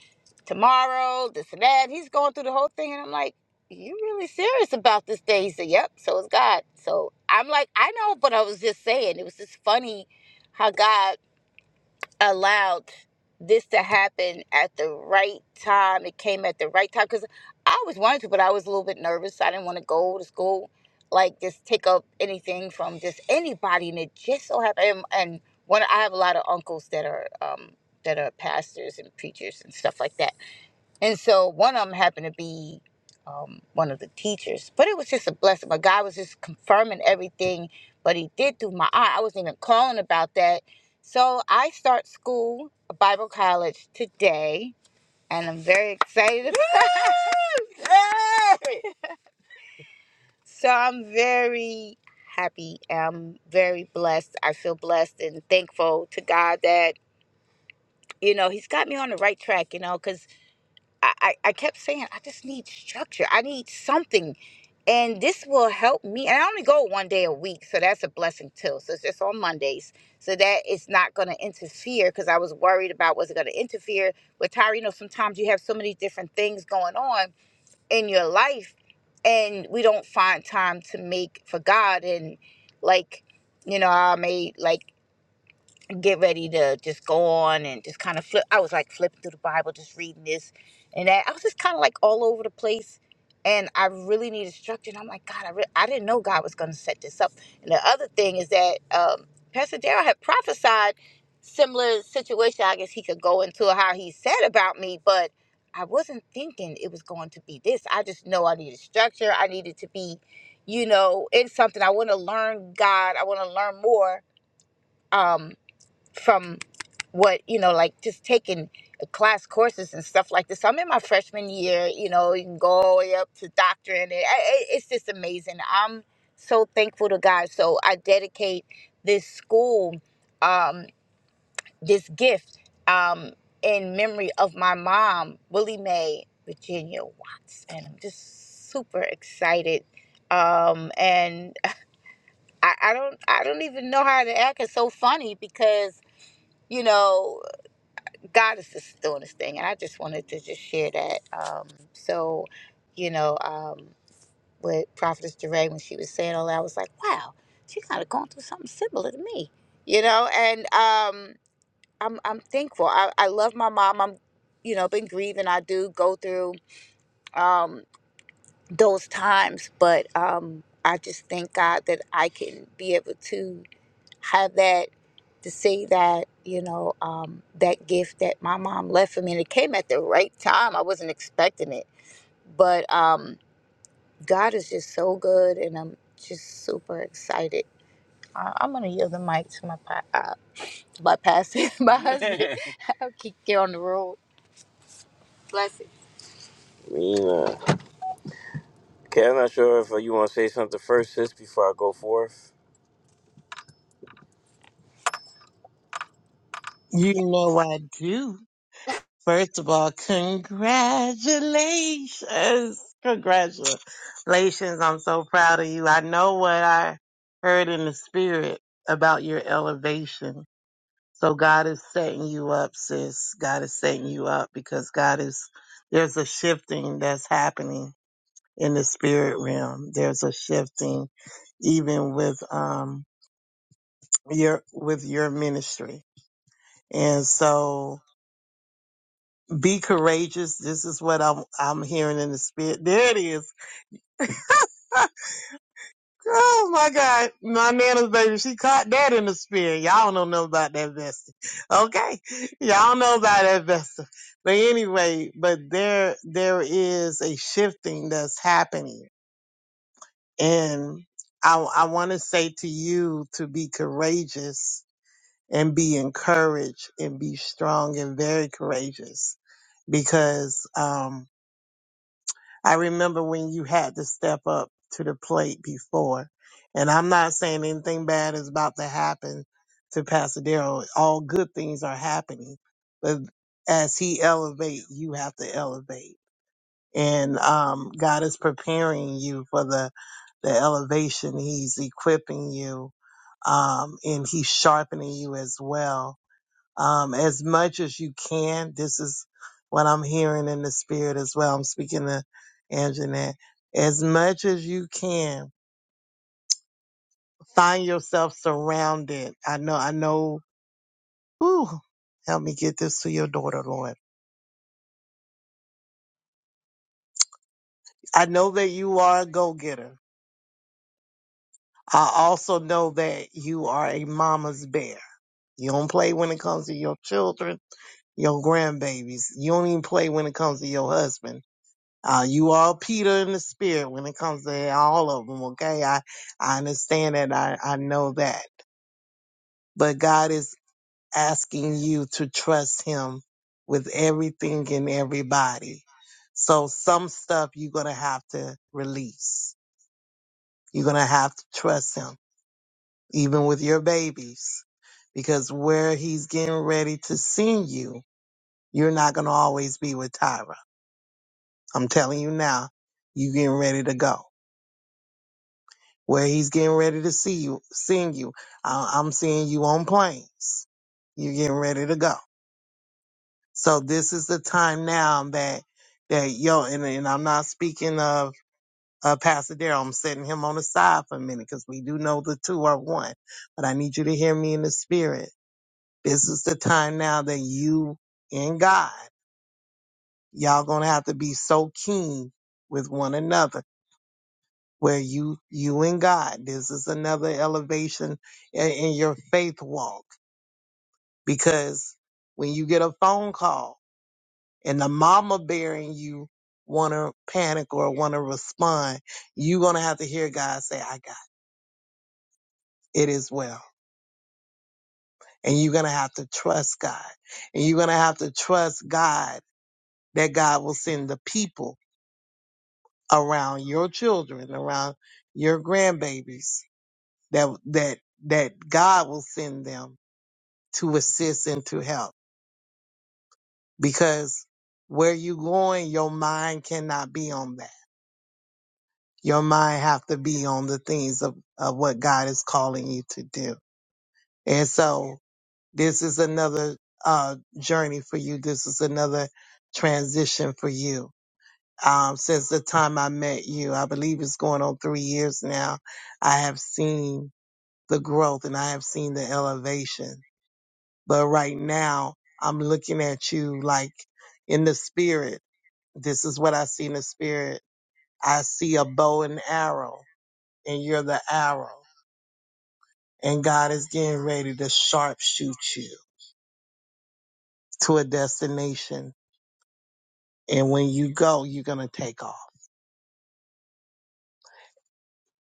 S5: tomorrow, this and that. He's going through the whole thing and I'm like, You really serious about this thing?" He said, Yep, so is God. So I'm like, I know, but I was just saying, it was just funny how God allowed this to happen at the right time. It came at the right time because I always wanted to, but I was a little bit nervous. I didn't want to go to school, like just take up anything from just anybody, and it just so happened. And, and one, I have a lot of uncles that are um, that are pastors and preachers and stuff like that and so one of them happened to be um, one of the teachers, but it was just a blessing. My God was just confirming everything, but He did through my aunt. I wasn't even calling about that. So I start school, Bible college today, and I'm very excited. about- Yay! so I'm very happy. I'm very blessed. I feel blessed and thankful to God that you know He's got me on the right track. You know, because I, I I kept saying, I just need structure. I need something. And this will help me. And I only go one day a week. So that's a blessing too. So it's just on Mondays. So that it's not going to interfere because I was worried about was it going to interfere with Tyra. You know, sometimes you have so many different things going on in your life and we don't find time to make for God. And like, you know, I made like get ready to just go on and just kind of flip. I was like flipping through the Bible, just reading this and that. I was just kind of like all over the place. And I really needed structure. And I'm like, God, I, re- I didn't know God was going to set this up. And the other thing is that um, Pastor Darrell had prophesied similar situation. I guess he could go into how he said about me, but I wasn't thinking it was going to be this. I just know I needed structure. I needed to be, you know, in something. I want to learn God. I want to learn more. Um, from what you know like just taking class courses and stuff like this i'm in my freshman year you know you can go all the way up to doctorate and it, it- it's just amazing i'm so thankful to god so i dedicate this school um, this gift um, in memory of my mom willie mae virginia watts and i'm just super excited um, and I, I don't i don't even know how to act it's so funny because you know God is just doing this thing, and I just wanted to just share that. Um, so, you know, um, with Prophetess Duray, when she was saying all that, I was like, wow, she kind of going through something similar to me, you know. And um, I'm I'm thankful. I, I love my mom. I'm, you know, been grieving. I do go through um, those times, but um, I just thank God that I can be able to have that to see that you know um, that gift that my mom left for me and it came at the right time i wasn't expecting it but um, god is just so good and i'm just super excited I- i'm going to yield the mic to my pa- uh, to my pastor my husband i'll keep you on the road bless it Mina. Okay, I'm not sure if uh, you want to say something first, sis, before I go forth.
S1: You know I do. First of all, congratulations. Congratulations. I'm so proud of you. I know what I heard in the spirit about your elevation. So God is setting you up, sis. God is setting you up because God is, there's a shifting that's happening in the spirit realm. There's a shifting even with, um, your, with your ministry. And so Be courageous. This is what I'm I'm hearing in the spirit. There it is. oh my God. My nana's baby, she caught that in the spirit. Y'all don't know about that vessel. Okay. Y'all know about that vessel. But anyway, but there there is a shifting that's happening. And I I wanna say to you to be courageous and be encouraged and be strong and very courageous because um I remember when you had to step up to the plate before. And I'm not saying anything bad is about to happen to Pasadero. All good things are happening. But as he elevate, you have to elevate. And um, God is preparing you for the, the elevation. He's equipping you um, and he's sharpening you as well um, as much as you can. This is what I'm hearing in the spirit as well. I'm speaking to Anjanette. As much as you can, find yourself surrounded. I know, I know, whew, help me get this to your daughter, Lord. I know that you are a go getter. I also know that you are a mama's bear. You don't play when it comes to your children, your grandbabies. You don't even play when it comes to your husband Uh, you all Peter in the spirit when it comes to all of them, okay? I, I understand that. I, I know that. But God is asking you to trust him with everything and everybody. So some stuff you're going to have to release. You're going to have to trust him, even with your babies, because where he's getting ready to send you, you're not going to always be with Tyra. I'm telling you now, you're getting ready to go. where he's getting ready to see you, send you. I, I'm seeing you on planes. You're getting ready to go. So this is the time now that that yo and, and I'm not speaking of uh, Pastor Darrell. I'm setting him on the side for a minute because we do know the two are one. But I need you to hear me in the spirit. This is the time now that you and God, y'all gonna have to be so keen with one another where you you and God. This is another elevation in, in your faith walk because when you get a phone call and the mama bearing you want to panic or want to respond, you're gonna have to hear God say, "I got it as well," and you're gonna have to trust God, and you're gonna have to trust God that God will send the people around your children, around your grandbabies that that that God will send them to assist and to help because where you going your mind cannot be on that your mind have to be on the things of, of what god is calling you to do and so this is another uh journey for you this is another transition for you um since the time i met you i believe it's going on three years now i have seen the growth and i have seen the elevation but right now i'm looking at you like in the spirit This is what I see in the spirit. I see a bow and arrow, and you're the arrow. And God is getting ready to sharpshoot you to a destination. And when you go, you're going to take off.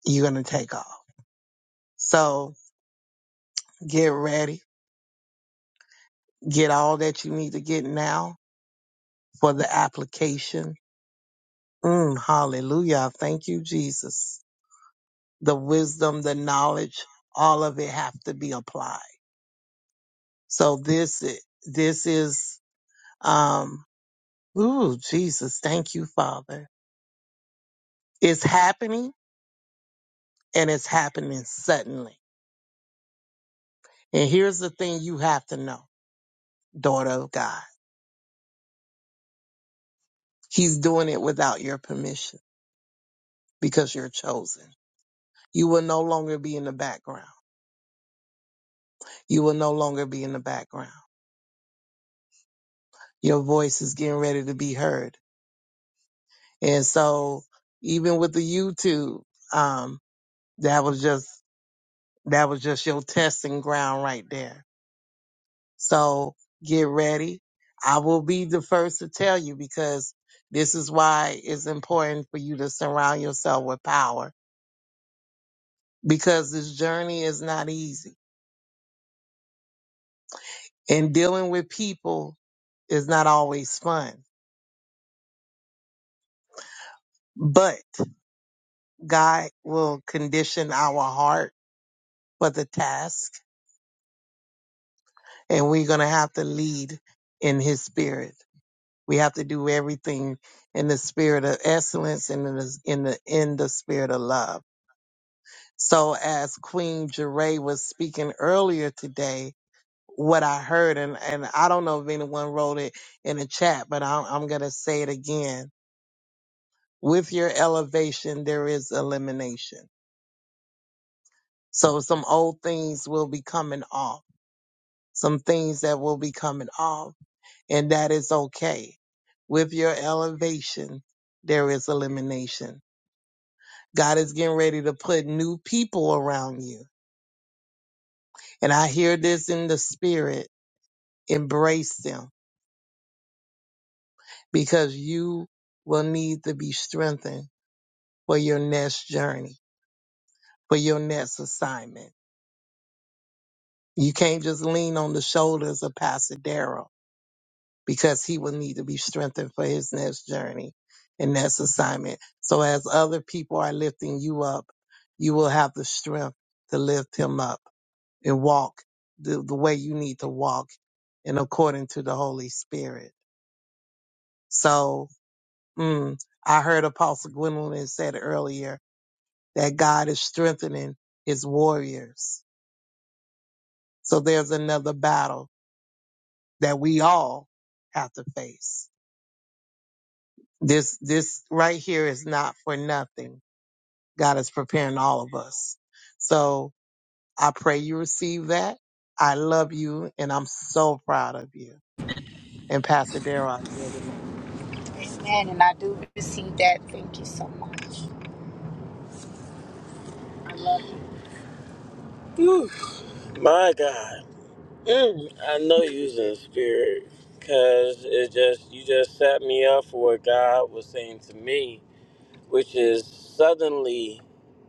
S1: You're going to take off. So get ready. Get all that you need to get now for the application. Mm, hallelujah. Thank you, Jesus. The wisdom, the knowledge, all of it have to be applied. So this, this is, um, Ooh, Jesus, thank you, Father. It's happening and it's happening suddenly. And here's the thing you have to know, daughter of God. He's doing it without your permission because you're chosen. You will no longer be in the background. You will no longer be in the background. Your voice is getting ready to be heard. And so even with the YouTube, um, that was just, that was just your testing ground right there So get ready. I will be the first to tell you because this is why it's important for you to surround yourself with power because this journey is not easy and dealing with people is not always fun. But God will condition our heart for the task and we're going to have to lead in his spirit. We have to do everything in the spirit of excellence and in the, in the, in the spirit of love So as Queen Jeray was speaking earlier today, what I heard, and, and I don't know if anyone wrote it in the chat, but I'm, I'm going to say it again. With your elevation, there is elimination. So some old things will be coming off, some things that will be coming off, and that is okay. With your elevation, there is elimination. God is getting ready to put new people around you. And I hear this in the spirit Embrace them because you will need to be strengthened for your next journey, for your next assignment. You can't just lean on the shoulders of Pastor Darrell because he will need to be strengthened for his next journey and next assignment. So as other people are lifting you up, you will have the strength to lift him up and walk the, the way you need to walk and according to the Holy Spirit. So Mm. I heard Apostle Gwendolyn said earlier that God is strengthening his warriors. So there's another battle that we all have to face. This, this right here is not for nothing. God is preparing all of us. So I pray you receive that. I love you and I'm so proud of you. And Pastor Darrell, you're the man.
S5: amen and i do receive that thank you so much i love you Whew. My God. Mm, I know you was in spirit, cause it just you just set me up for what God was saying to me, which is suddenly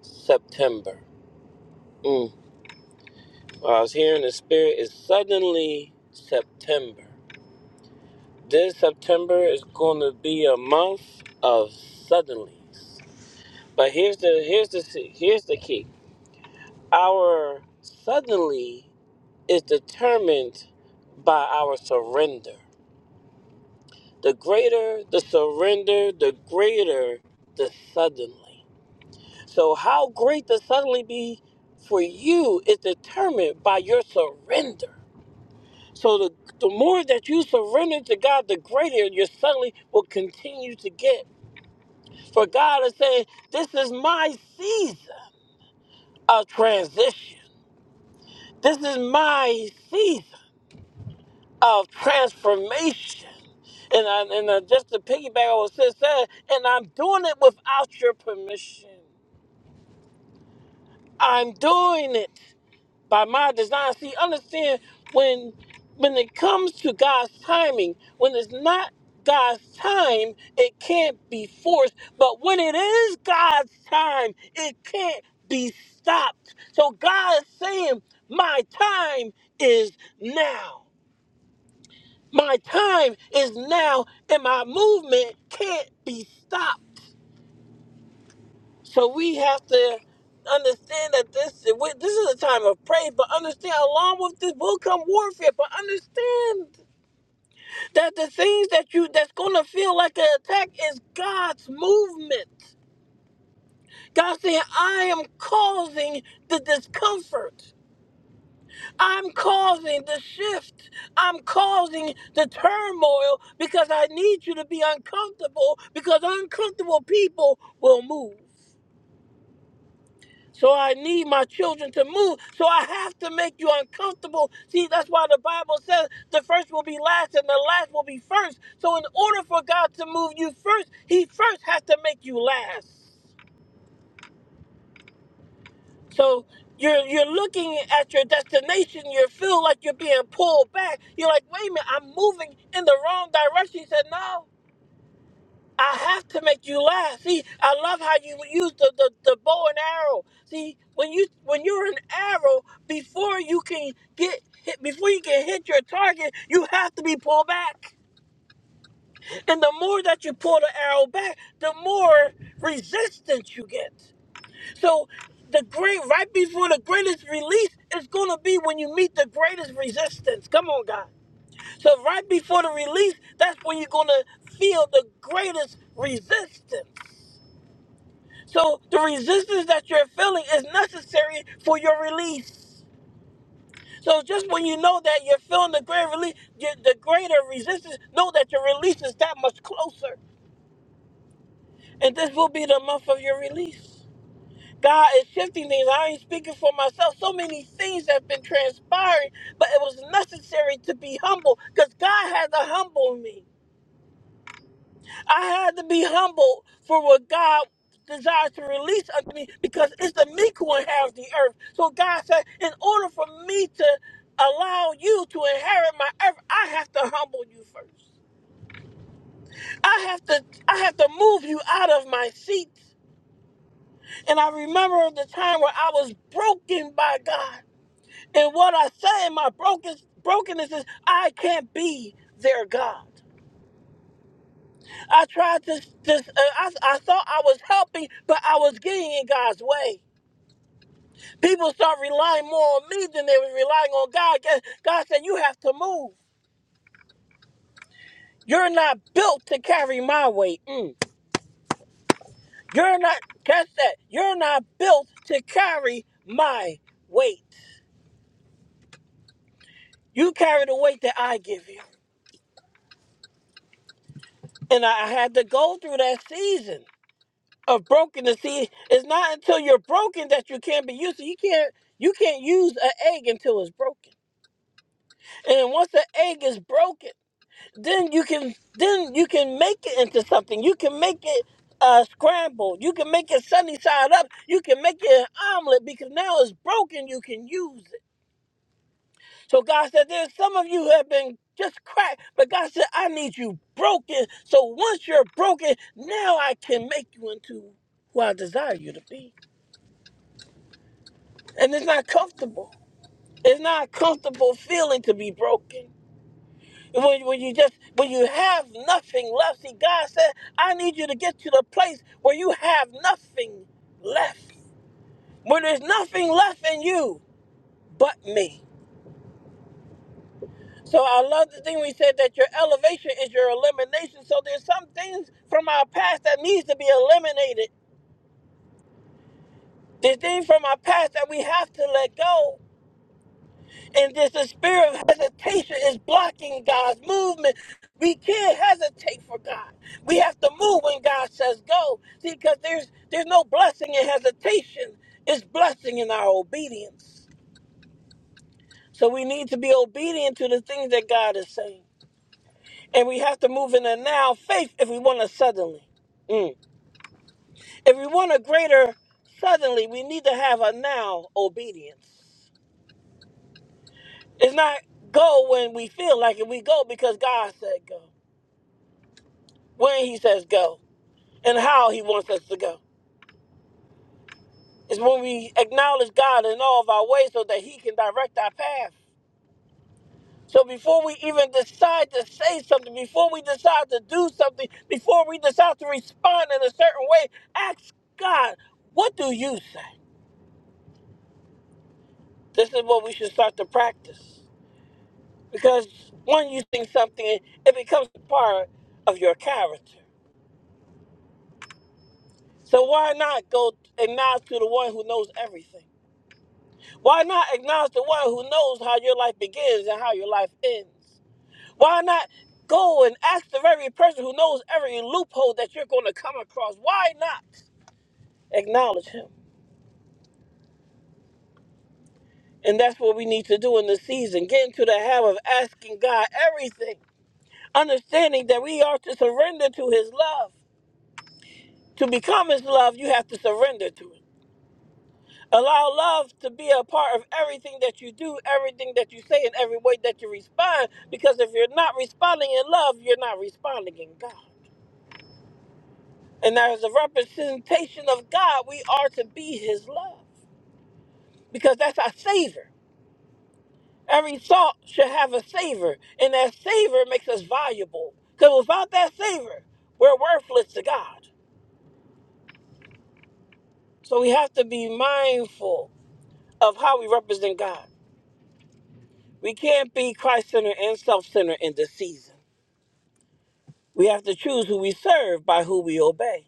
S5: September. Mm. What I was hearing in the spirit is suddenly September. This September is going to be a month of suddenlies. But here's the here's the here's the key. Our suddenly is determined by our surrender. The greater the surrender, the greater the suddenly. So, how great the suddenly be for you is determined by your surrender. So, the, the more that you surrender to God, the greater your suddenly will continue to get. For God is saying, This is my season of transition, this is my season of transformation. And I, and uh, just to piggyback on what Sis said, and I'm doing it without your permission. I'm doing it by my design. See, understand when when it comes to God's timing, when it's not God's time, it can't be forced. But when it is God's time, it can't be stopped. So God is saying, "My time is now. My time is now, and my movement can't be stopped." So we have to understand that this we- this is a time of praise, but understand along with this will come warfare. But understand that the things that you that's gonna feel like an attack is God's movement. God saying, I am causing the discomfort. I'm causing the shift. I'm causing the turmoil because I need you to be uncomfortable because uncomfortable people will move. So I need my children to move. So I have to make you uncomfortable. See, that's why the Bible says the first will be last and the last will be first. So in order for God to move you first, he first has to make you last. So you're you're looking at your destination, you feel like you're being pulled back. You're like, wait a minute, I'm moving in the wrong direction. He said, No. I have to make you laugh. See, I love how you use the, the, the bow and arrow. See, when you when you're an arrow, before you can get hit, before you can hit your target, you have to be pulled back. And the more that you pull the arrow back, the more resistance you get. So the great right before the greatest release is gonna be when you meet the greatest resistance. Come on, God. So right before the release, that's when you're gonna feel the greatest resistance. So the resistance that you're feeling is necessary for your release. So just when you know that you're feeling the greater release, the greater resistance, know that your release is that much closer, and this will be the month of your release. God is shifting things. I ain't speaking for myself. So many things have been transpiring, but it was necessary to be humble because God had to humble me. I had to be humble for what God desires to release unto me because it's the meek who inherits the earth. So God said, in order for me to allow you to inherit my earth, I have to humble you first. I have to I have to move you out of my seat. And I remember the time where I was broken by God. And what I say in my broken brokenness is I can't be their God. I tried to, to uh, I, I thought I was helping, but I was getting in God's way. People start relying more on me than they were relying on God. God God said, You have to move. You're not built to carry my weight. Mm. You're not, catch that. You're not built to carry my weight. You carry the weight that I give you. And I I had to go through that season of brokenness. See, it's not until you're broken that you can't be used. You can't you can't use an egg until it's broken. And once the egg is broken, then you can then you can make it into something. You can make it uh, scrambled. You can make it sunny side up. You can make it an omelet because now it's broken. You can use it. So God said, "There's some of you who have been just cracked, but God said, I need you broken. So once you're broken, now I can make you into who I desire you to be. And it's not comfortable. It's not a comfortable feeling to be broken." when, when you just when you have nothing left see god said i need you to get to the place where you have nothing left when there's nothing left in you but me so i love the thing we said that your elevation is your elimination so there's some things from our past that needs to be eliminated there's things from our past that we have to let go and this the spirit of hesitation is blocking God's movement. We can't hesitate for God. We have to move when God says go. See, because there's there's no blessing in hesitation. It's blessing in our obedience. So we need to be obedient to the things that God is saying. And we have to move in a now faith if we want a suddenly. Mm. If we want a greater suddenly, we need to have a now obedience. It's not go when we feel like it. We go because God said go. when he says go and how he wants us to go. It's when we acknowledge God in all of our ways so that he can direct our path. So before we even decide to say something, before we decide to do something, before we decide to respond in a certain way, ask God, what do you say? This is what we should start to practice. Because when you think something, it becomes a part of your character. So why not go and acknowledge to the one who knows everything? Why not acknowledge the one who knows how your life begins and how your life ends? Why not go and ask the very person who knows every loophole that you're going to come across? Why not acknowledge him? And that's what we need to do in this season. Get into the habit of asking God everything, understanding that we are to surrender to his love. To become his love, you have to surrender to it. Allow love to be a part of everything that you do, everything that you say, and every way that you respond. Because if you're not responding in love, you're not responding in God. And as a representation of God, we are to be His love. Because that's our savor. Every thought should have a savor. And that savor makes us valuable. Because without that savor, we're worthless to God. So we have to be mindful of how we represent God. We can't be Christ centered and self centered in this season We have to choose who we serve by who we obey.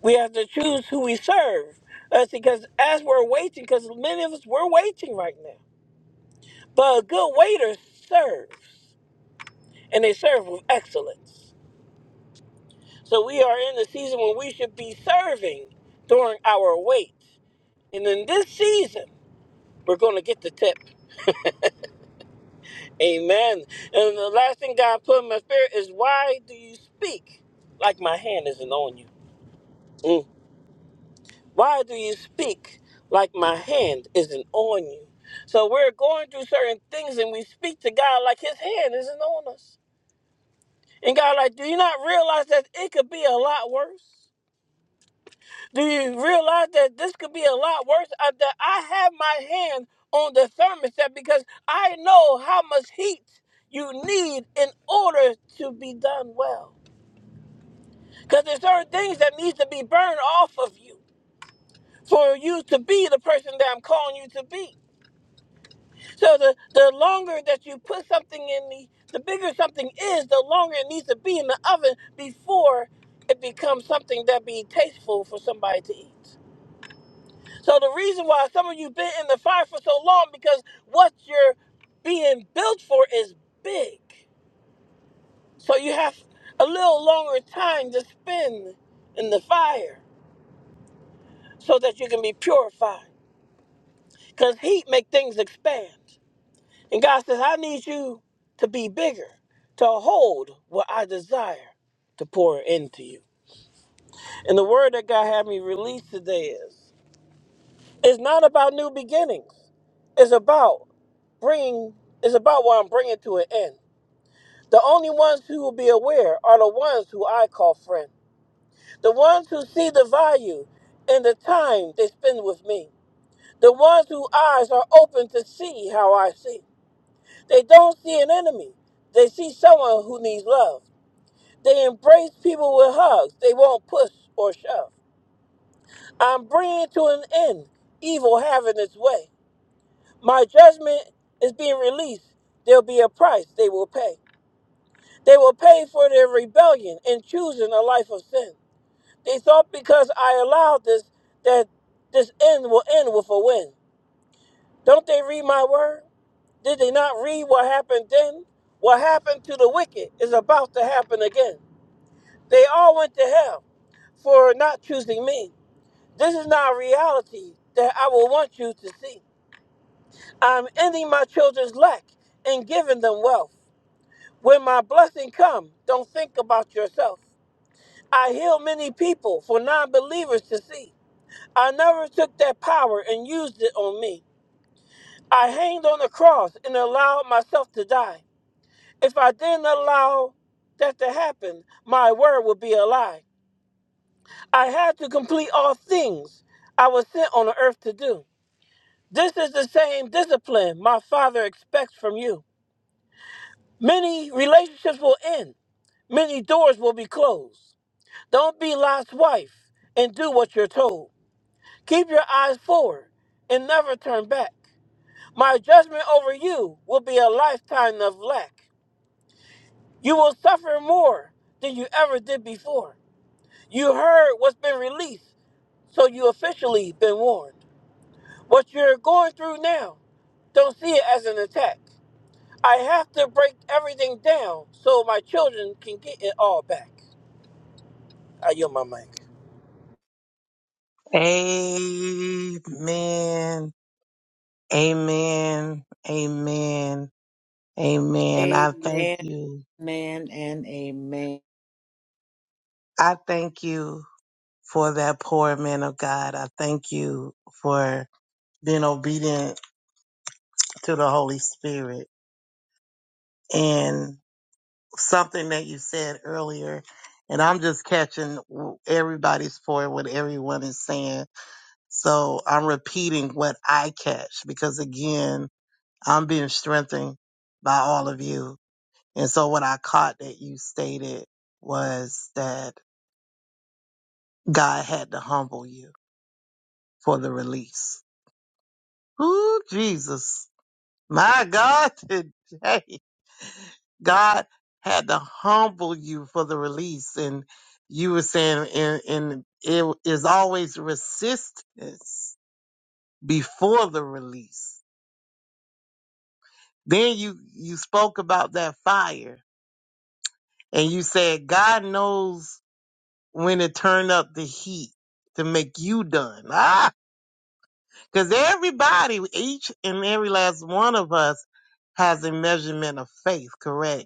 S5: We have to choose who we serve. That's because as we're waiting, because many of us we're waiting right now. But a good waiter serves, and they serve with excellence. So we are in the season when we should be serving during our wait. And in this season, we're going to get the tip. Amen. And the last thing God put in my spirit is, why do you speak like my hand isn't on you? Why do you speak like my hand isn't on you? So we're going through certain things and we speak to God like his hand isn't on us. And God, like, do you not realize that it could be a lot worse? Do you realize that this could be a lot worse? Uh, That I have my hand on the thermostat because I know how much heat you need in order to be done well. Because there's certain things that needs to be burned off of you for you to be the person that I'm calling you to be. So the, the longer that you put something in the, the bigger something is, the longer it needs to be in the oven before it becomes something that be tasteful for somebody to eat. So the reason why some of you been in the fire for so long because what you're being built for is big. So you have a little longer time to spend in the fire so that you can be purified. Because heat make things expand. And God says, I need you to be bigger, to hold what I desire to pour into you. And the word that God had me release today is it's not about new beginnings. It's about bringing, it's about what I'm bringing to an end. The only ones who will be aware are the ones who I call friend. The ones who see the value in the time they spend with me. The ones whose eyes are open to see how I see. They don't see an enemy. They see someone who needs love. They embrace people with hugs. They won't push or shove. I'm bringing to an end evil having its way. My judgment is being released. There'll be a price they will pay. They will pay for their rebellion and choosing a life of sin. They thought because I allowed this that this end will end with a win. Don't they read my word? Did they not read what happened then? What happened to the wicked is about to happen again. They all went to hell for not choosing me. This is not a reality that I will want you to see. I'm ending my children's lack and giving them wealth. When my blessing come, don't think about yourself. I heal many people for non-believers to see. I never took that power and used it on me. I hanged on the cross and allowed myself to die. If I didn't allow that to happen, my word would be a lie. I had to complete all things I was sent on the earth to do. This is the same discipline my Father expects from you. Many relationships will end, many doors will be closed. Don't be Lot's wife and do what you're told. Keep your eyes forward and never turn back. My judgment over you will be a lifetime of lack. You will suffer more than you ever did before. You heard what's been released, so you officially been warned. What you're going through now, don't see it as an attack. I have to break everything down so my children can get it all back. I yield my mic.
S1: Amen. Amen. Amen. Amen. I thank you. I thank you for that poor man of God. I thank you for being obedient to the Holy Spirit and something that you said earlier. And I'm just catching everybody's for what everyone is saying. So I'm repeating what I catch because again, I'm being strengthened by all of you. And so what I caught that you stated was that God had to humble you for the release. Ooh, Jesus. My God, today, God had to humble you for the release. And you were saying, and, and it is always resistance before the release. Then you, you spoke about that fire and you said, God knows when to turn up the heat to make you done. Because everybody, each and every last one of us has a measurement of faith, correct?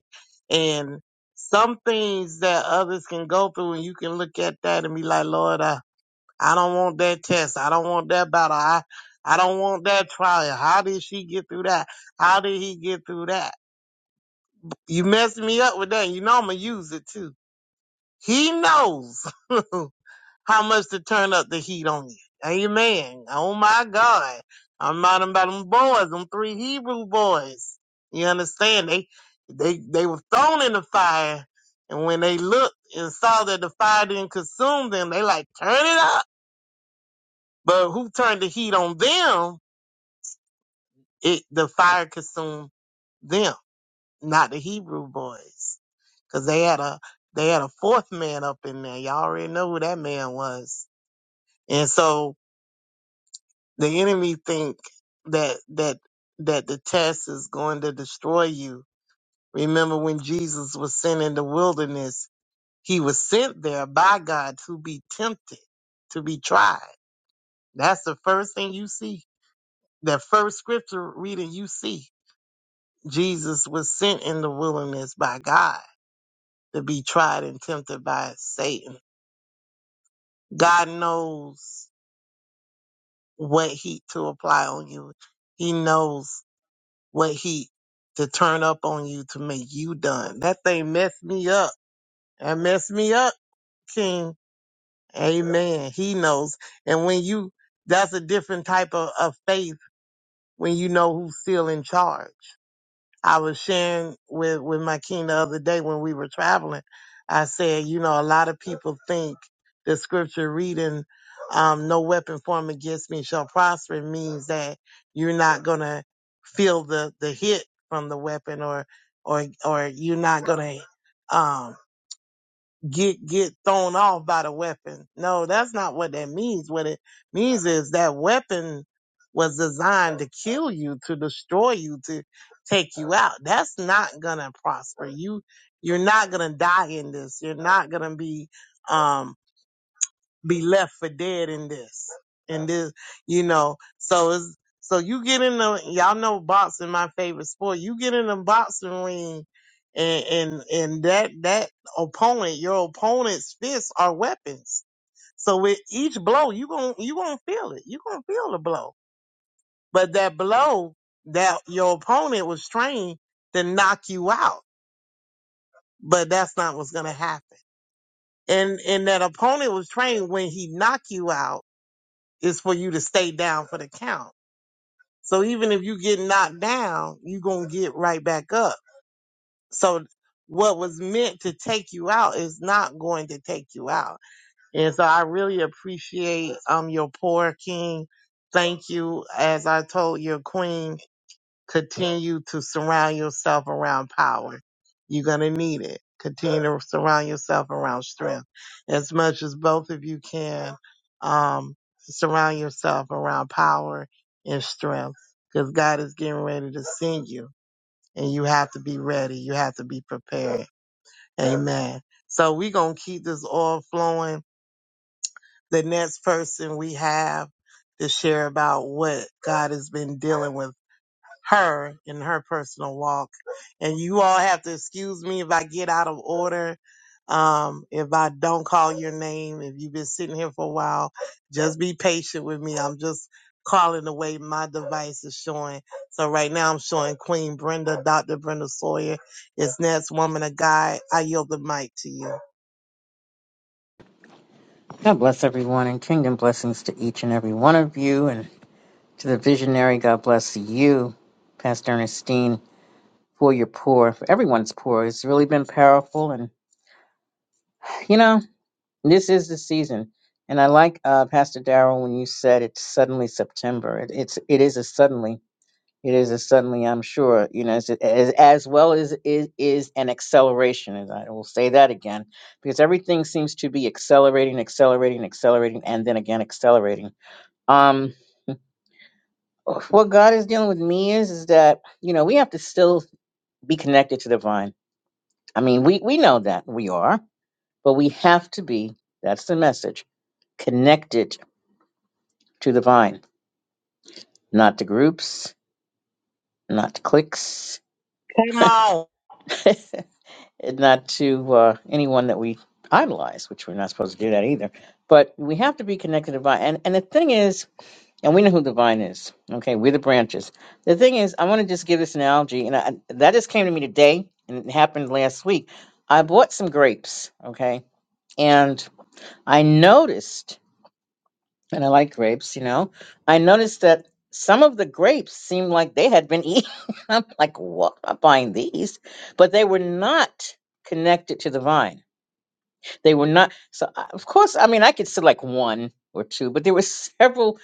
S1: And some things that others can go through, and you can look at that and be like, Lord, I, I don't want that test. I don't want that battle. I, I don't want that trial. How did she get through that? How did he get through that? You messed me up with that. You know I'm going to use it too. He knows how much to turn up the heat on you. Amen. Oh my God. I'm not about them boys, them three Hebrew boys. You understand? They they they were thrown in the fire and when they looked and saw that the fire didn't consume them, they like turn it up. But who turned the heat on them? It the fire consumed them, not the Hebrew boys. Cause they had a they had a fourth man up in there. Y'all already know who that man was. And so The enemy think that that that the test is going to destroy you. Remember when Jesus was sent in the wilderness, he was sent there by God to be tempted, to be tried. That's the first thing you see. That first scripture reading you see. Jesus was sent in the wilderness by God to be tried and tempted by Satan. God knows what heat to apply on you. He knows what he to turn up on you to make you done. That thing messed me up. That messed me up, King. Amen. He knows. And when you, that's a different type of, of faith when you know who's still in charge. I was sharing with, with my king the other day when we were traveling. I said, you know, a lot of people think the scripture reading, um, no weapon formed against me shall prosper means that you're not going to feel the, the hit from the weapon or, or, or you're not going to, get get thrown off by the weapon. No, that's not what that means. What it means is that weapon was designed to kill you, to destroy you, to take you out. That's not gonna prosper. You you're not gonna die in this. You're not gonna be um be left for dead in this. In this, you know, so it's, so you get in the, y'all know boxing my favorite sport. You get in the boxing ring and, and, and that, that opponent, your opponent's fists are weapons. So with each blow, you gon' you gonna feel it. You gonna feel the blow. But that blow that your opponent was trained to knock you out. But that's not what's gonna happen. And, and that opponent was trained when he knock you out is for you to stay down for the count. So even if you get knocked down, you going to get right back up. So what was meant to take you out is not going to take you out. And so I really appreciate um your poor king. Thank you. As I told your queen, Continue to surround yourself around power. You're going to need it. Continue to surround yourself around strength as much as both of you can. Um, surround yourself around power and strength because God is getting ready to send you and you have to be ready. You have to be prepared. Amen. So we're going to keep this all flowing. The next person we have to share about what God has been dealing with her in her personal walk. And you all have to excuse me if I get out of order, um, if I don't call your name, if you've been sitting here for a while, just be patient with me. I'm just calling the way my device is showing. So right now I'm showing Queen Brenda, Dr. Brenda Sawyer is next woman of God. I yield the mic to you.
S6: God bless everyone and kingdom blessings to each and every one of you. And to the visionary, God bless you, Pastor Ernestine, for your pour, for everyone's pour. It's really been powerful. And, you know, this is the season. And I like uh, Pastor Darrell when you said it's suddenly September. It, it's it is a suddenly. It is a suddenly. I'm sure you know as as, as well as is is an acceleration. And I will say that again because everything seems to be accelerating, accelerating, accelerating, and then again accelerating Um, what God is dealing with me is, is that, you know, we have to still be connected to the vine. I mean, we, we know that we are, but we have to be, that's the message, connected to the vine, not to groups, not to cliques,
S1: Come on.
S6: and not to uh, anyone that we idolize, which we're not supposed to do that either. But we have to be connected to the vine. And, and the thing is, And we know who the vine is. Okay, we're the branches. The thing is, I want to just give this analogy, and I, that just came to me today, and it happened last week. I bought some grapes, okay, and I noticed, and I like grapes, you know, I noticed that some of the grapes seemed like they had been eaten. I'm like, what? I'm not buying these, but they were not connected to the vine. They were not. So, I- of course, I mean, I could select one or two, but there were several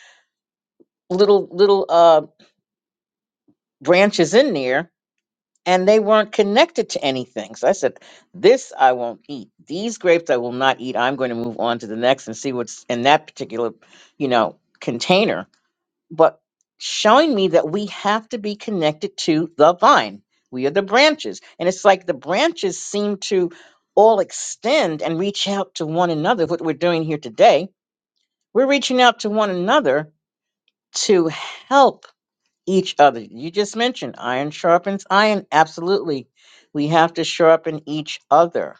S6: little little uh branches in there and they weren't connected to anything. So I said, This I won't eat. These grapes I will not eat. I'm going to move on to the next and see what's in that particular, you know, container. But showing me that we have to be connected to the vine. We are the branches. And it's like the branches seem to all extend and reach out to one another. What we're doing here today, we're reaching out to one another to help each other. You just mentioned iron sharpens iron. Absolutely. We have to sharpen each other.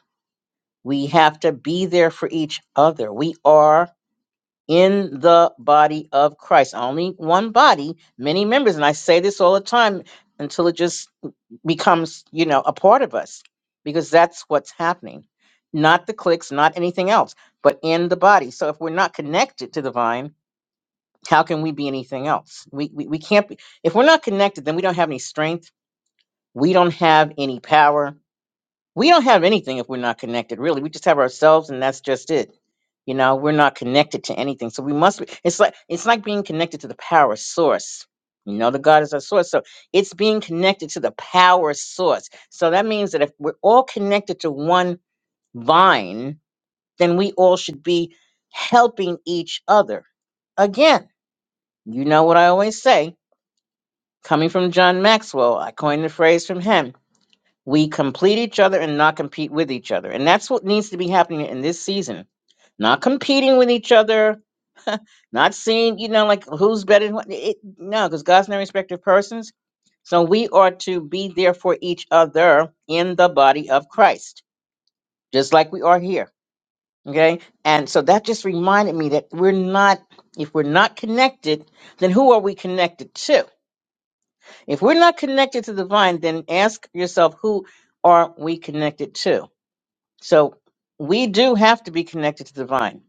S6: We have to be there for each other. We are in the body of Christ. Only one body, many members. And I say this all the time until it just becomes, you know, a part of us because that's what's happening. Not the clicks, not anything else, but in the body. So if we're not connected to the vine, how can we be anything else? We, we, we can't be. If we're not connected, then we don't have any strength we don't have any power. We don't have anything if we're not connected, really. We just have ourselves and that's just it. You know, we're not connected to anything. So we must be it's like it's like being connected to the power source. You know, the God is our source. So it's being connected to the power source. So that means that if we're all connected to one vine, then we all should be helping each other. Again, you know what I always say, coming from John Maxwell, I coined the phrase from him We complete each other and not compete with each other. And that's what needs to be happening in this season. Not competing with each other, not seeing, you know, like who's better than what. It, no, because God's no respecter of persons. So we are to be there for each other in the body of Christ, just like we are here. Okay. And so that just reminded me that we're not, if we're not connected, then who are we connected to? If we're not connected to the vine, then ask yourself, who are we connected to? So we do have to be connected to the vine.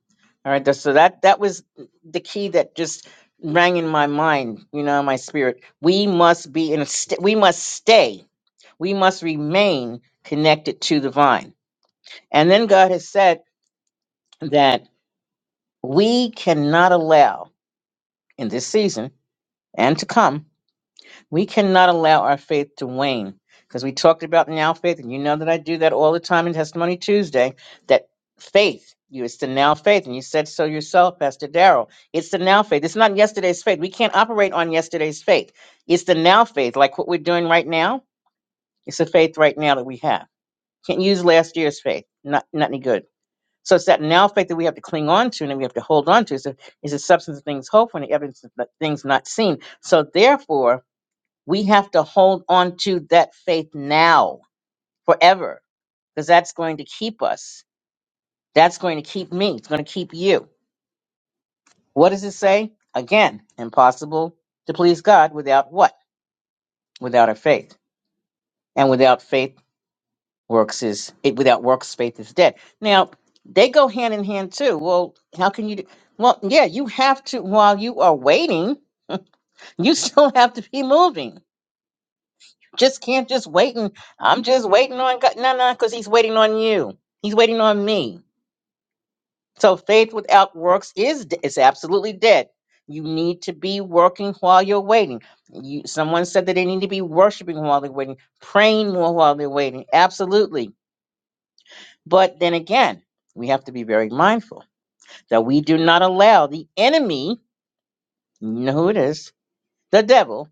S6: All right. that's- So that that was the key that just rang in my mind, you know, my spirit. We must be in a st- we must stay. We must remain connected to the vine. And then God has said that we cannot allow in this season and to come We cannot allow our faith to wane because we talked about now faith, and you know that I do that all the time in Testimony Tuesday. That faith, you it's the now faith, and you said so yourself, Pastor Darrell. It's the now faith. It's not yesterday's faith. We can't operate on yesterday's faith. It's the now faith, like what we're doing right now. It's the faith right now that we have. Can't use last year's faith. Not not any good. So it's that now faith that we have to cling on to and that we have to hold on to. It's a, it's a substance of things hoped for and the evidence of the things not seen. So therefore, we have to hold on to that faith now forever because that's going to keep us that's going to keep me it's going to keep you what does it say again impossible to please god without what without a faith and without faith works is it without works faith is dead now they go hand in hand too well how can you do well yeah you have to while you are waiting you still have to be moving just can't just wait and I'm just waiting on God. No, no, because He's waiting on you. He's waiting on me. So faith without works is d- is absolutely dead. You need to be working while you're waiting. You, someone said that they need to be worshiping while they're waiting, praying more while they're waiting. Absolutely. But then again, we have to be very mindful that we do not allow the enemy, you know who it is, the devil,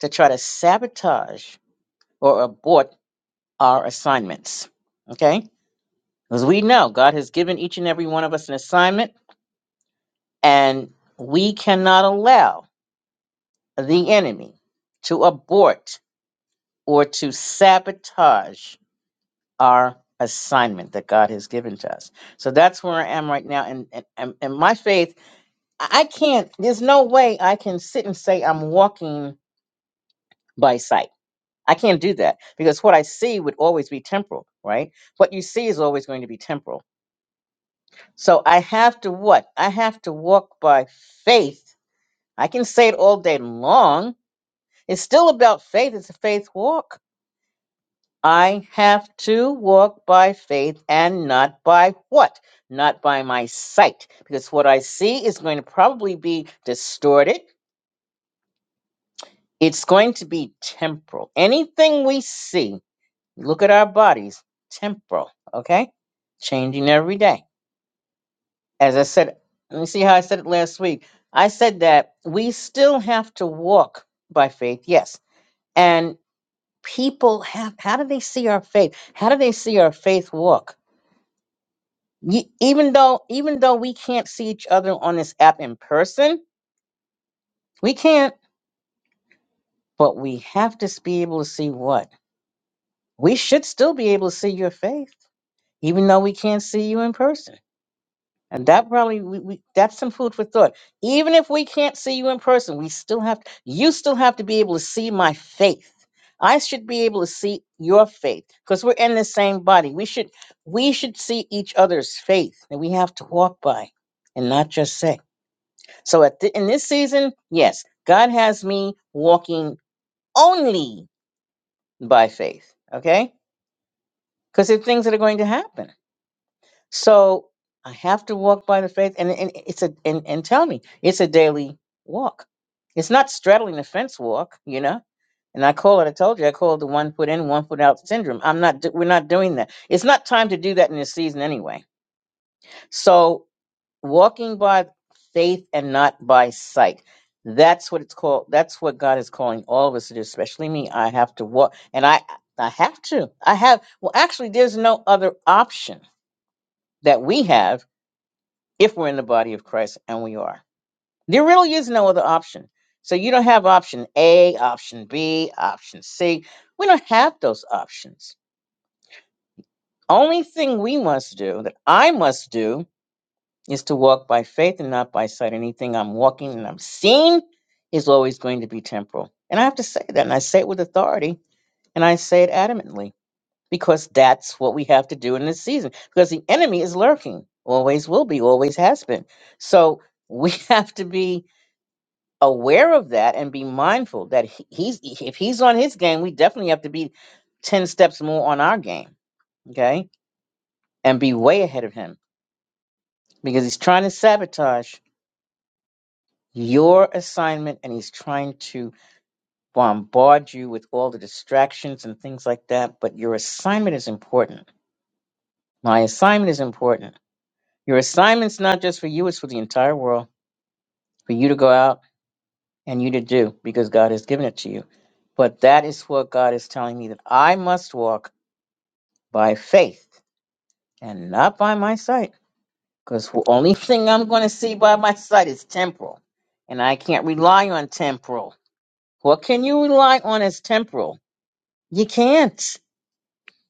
S6: to try to sabotage or abort our assignments. Okay? As we know, God has given each and every one of us an assignment, and we cannot allow the enemy to abort or to sabotage our assignment that God has given to us. So that's where I am right now. And, and, and and my faith, I I can't, there's no way I can sit and say I'm walking by sight. I can't do that because what I see would always be temporal, right? What you see is always going to be temporal. So I have to what? I have to walk by faith I can say it all day long. It's still about faith. It's a faith walk. I have to walk by faith and not by what? Not by my sight. Because what I see is going to probably be distorted. It's going to be temporal. Anything we see, look at our bodies, temporal, okay? Changing every day. As I said, let me see how I said it last week. I said that we still have to walk by faith, yes. and. people have how do they see our faith how do they see our faith walk Ye- even though even though we can't see each other on this app in person we can't but we have to s- be able to see what we should still be able to see your faith even though we can't see you in person And that probably we, we that's some food for thought. Even if we can't see you in person, we still have you still have to be able to see my faith. I should be able to see your faith because we're in the same body. We should we should see each other's faith that we have to walk by and not just say. So at the, in this season, yes, God has me walking only by faith. Okay, because there are things that are going to happen So I have to walk by the faith, and, and it's a and, and tell me it's a daily walk. It's not straddling the fence walk, you know. And I call it. I told you, I call it the one foot in, one foot out syndrome. I'm not. do- We're not doing that. It's not time to do that in this season anyway. So walking by faith and not by sight. That's what it's called. That's what God is calling all of us to do, especially me. I have to walk, and I I have to. I have. Well, actually, there's no other option that we have if we're in the body of Christ, and we are. There really is no other option. So you don't have option A, option B, option C. We don't have those options. Only thing we must do, that I must do, is to walk by faith and not by sight. Anything I'm walking and I'm seeing is always going to be temporal. And I have to say that, and I say it with authority, and I say it adamantly, because that's what we have to do in this season, because the enemy is lurking, always will be, always has been. So we have to be aware of that and be mindful that he- he's if he's on his game, we definitely have to be ten steps more on our game, okay, and be way ahead of him because he's trying to sabotage your assignment and he's trying to bombard you with all the distractions and things like that. But your assignment is important. My assignment is important. Your assignment's not just for you; it's for the entire world, for you to go out and you to do because God has given it to you. But that is what God is telling me that I must walk by faith and not by my sight. Because the only thing I'm going to see by my sight is temporal. And I can't rely on temporal. What can you rely on as temporal? You can't.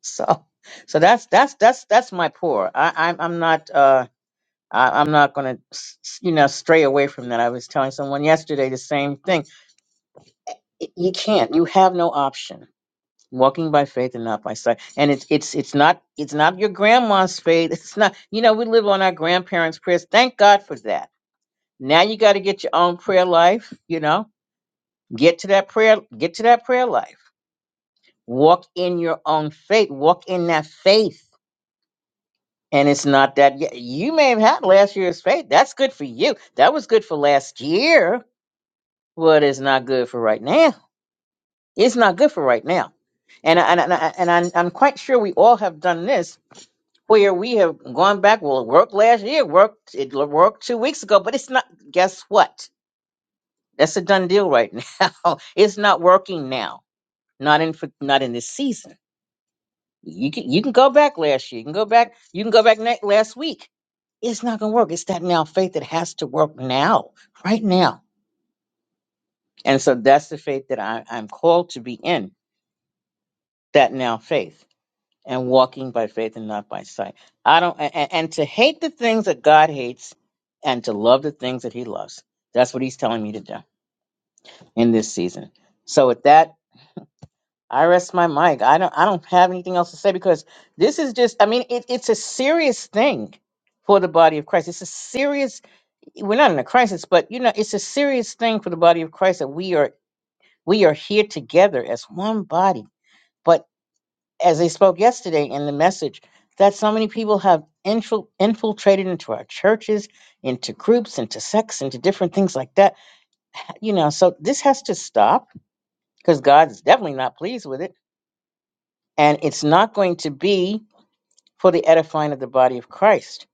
S6: So, so that's, that's, that's, that's my poor. I, I'm, I'm not, uh, I, I'm not going to, you know, stray away from that. I was telling someone yesterday the same thing. Y- You can't, you have no option walking by faith and not by sight and it's it's it's not it's not your grandma's faith it's not you know we live on our grandparents prayers thank god for that now you got to get your own prayer life you know get to that prayer get to that prayer life walk in your own faith walk in that faith and it's not that y- you may have had last year's faith that's good for you that was good for last year but it's not good for right now it's not good for right now and I, and I, and I, and I'm I'm quite sure we all have done this where we have gone back. Well, it worked last year, it worked it l- worked two weeks ago, but it's not. Guess what? That's a done deal right now. it's not working now. Not in for, not in this season. You can you can go back last year. You can go back. You can go back next, last week. It's not going to work. It's that now faith that has to work now, right now. And so that's the faith that I, I'm called to be in. That now faith. and walking by faith and not by sight. I don't and, and and to hate the things that God hates and to love the things that he loves. That's what he's telling me to do in this season. So with that, I rest my mic. I don't I don't have anything else to say because this is just I mean it, it's a serious thing for the body of Christ. It's a serious we're not in a crisis, but you know, it's a serious thing for the body of Christ that we are we are here together as one body. But. as I spoke yesterday in the message, that so many people have infil- infiltrated into our churches, into groups, into sects, into different things like that. You know, so this has to stop because God is definitely not pleased with it. And it's not going to be for the edifying of the body of Christ.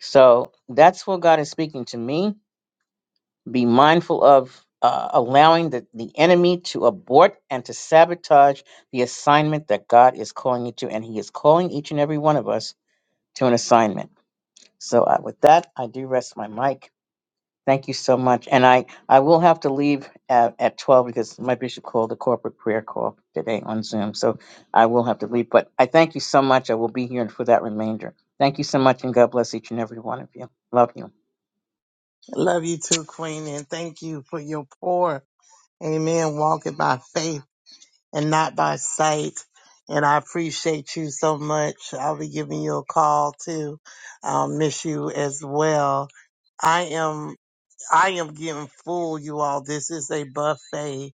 S6: So that's what God is speaking to me. Be mindful of uh, allowing the, the enemy to abort and to sabotage the assignment that God is calling you to. And He is calling each and every one of us to an assignment. So uh, with that, I do rest my mic. Thank you so much. And I, I will have to leave at, at 12 because my bishop called a corporate prayer call today on Zoom. So I will have to leave. But I thank you so much. I will be here for that remainder. Thank you so much and God bless each and every one of you. Love you.
S1: Love you too, Queen, and thank you for your pour. Amen. Walking by faith and not by sight. And I appreciate you so much. I'll be giving you a call too. I'll miss you as well. I am, I am getting full, you all. This is a buffet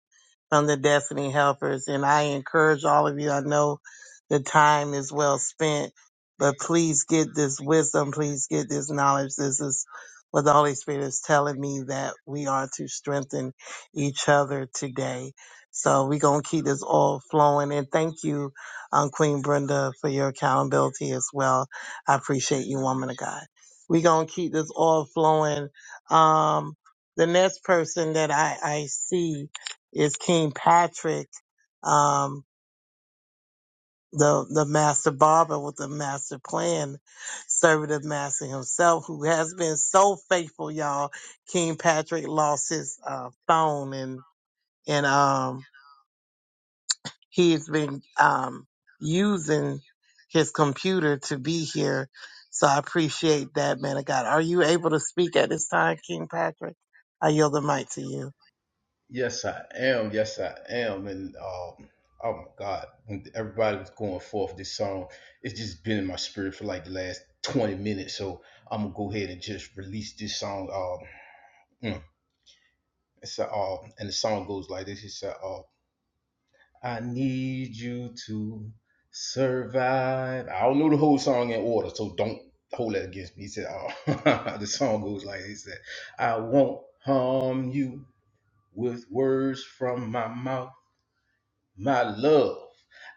S1: from the Destiny Helpers. And I encourage all of you, I know the time is well spent, but please get this wisdom, please get this knowledge. This is what the Holy Spirit is telling me that we are to strengthen each other today. So we're going to keep this all flowing. And thank you, um, Queen Brenda, for your accountability as well. I appreciate you, woman of God. We're going to keep this all flowing. Um, the next person that I, I see, is King Patrick, um, the the master barber with the master plan, servant of master himself, who has been so faithful, y'all. King Patrick lost his uh, phone and and um he's been um using his computer to be here. So I appreciate that, man of God. Are you able to speak at this time, King Patrick? I yield the mic to you.
S7: Yes, I am. Yes, I am. And um, oh my God, when everybody was going forth this song, it's just been in my spirit for like the last 20 minutes. So I'm gonna go ahead and just release this song. Um, mm, it's a, uh, and the song goes like this. It's a, uh, I need you to survive. I don't know the whole song in order, so don't hold that against me. He said, uh, the song goes like this. He said, I won't harm you with words from my mouth. My love,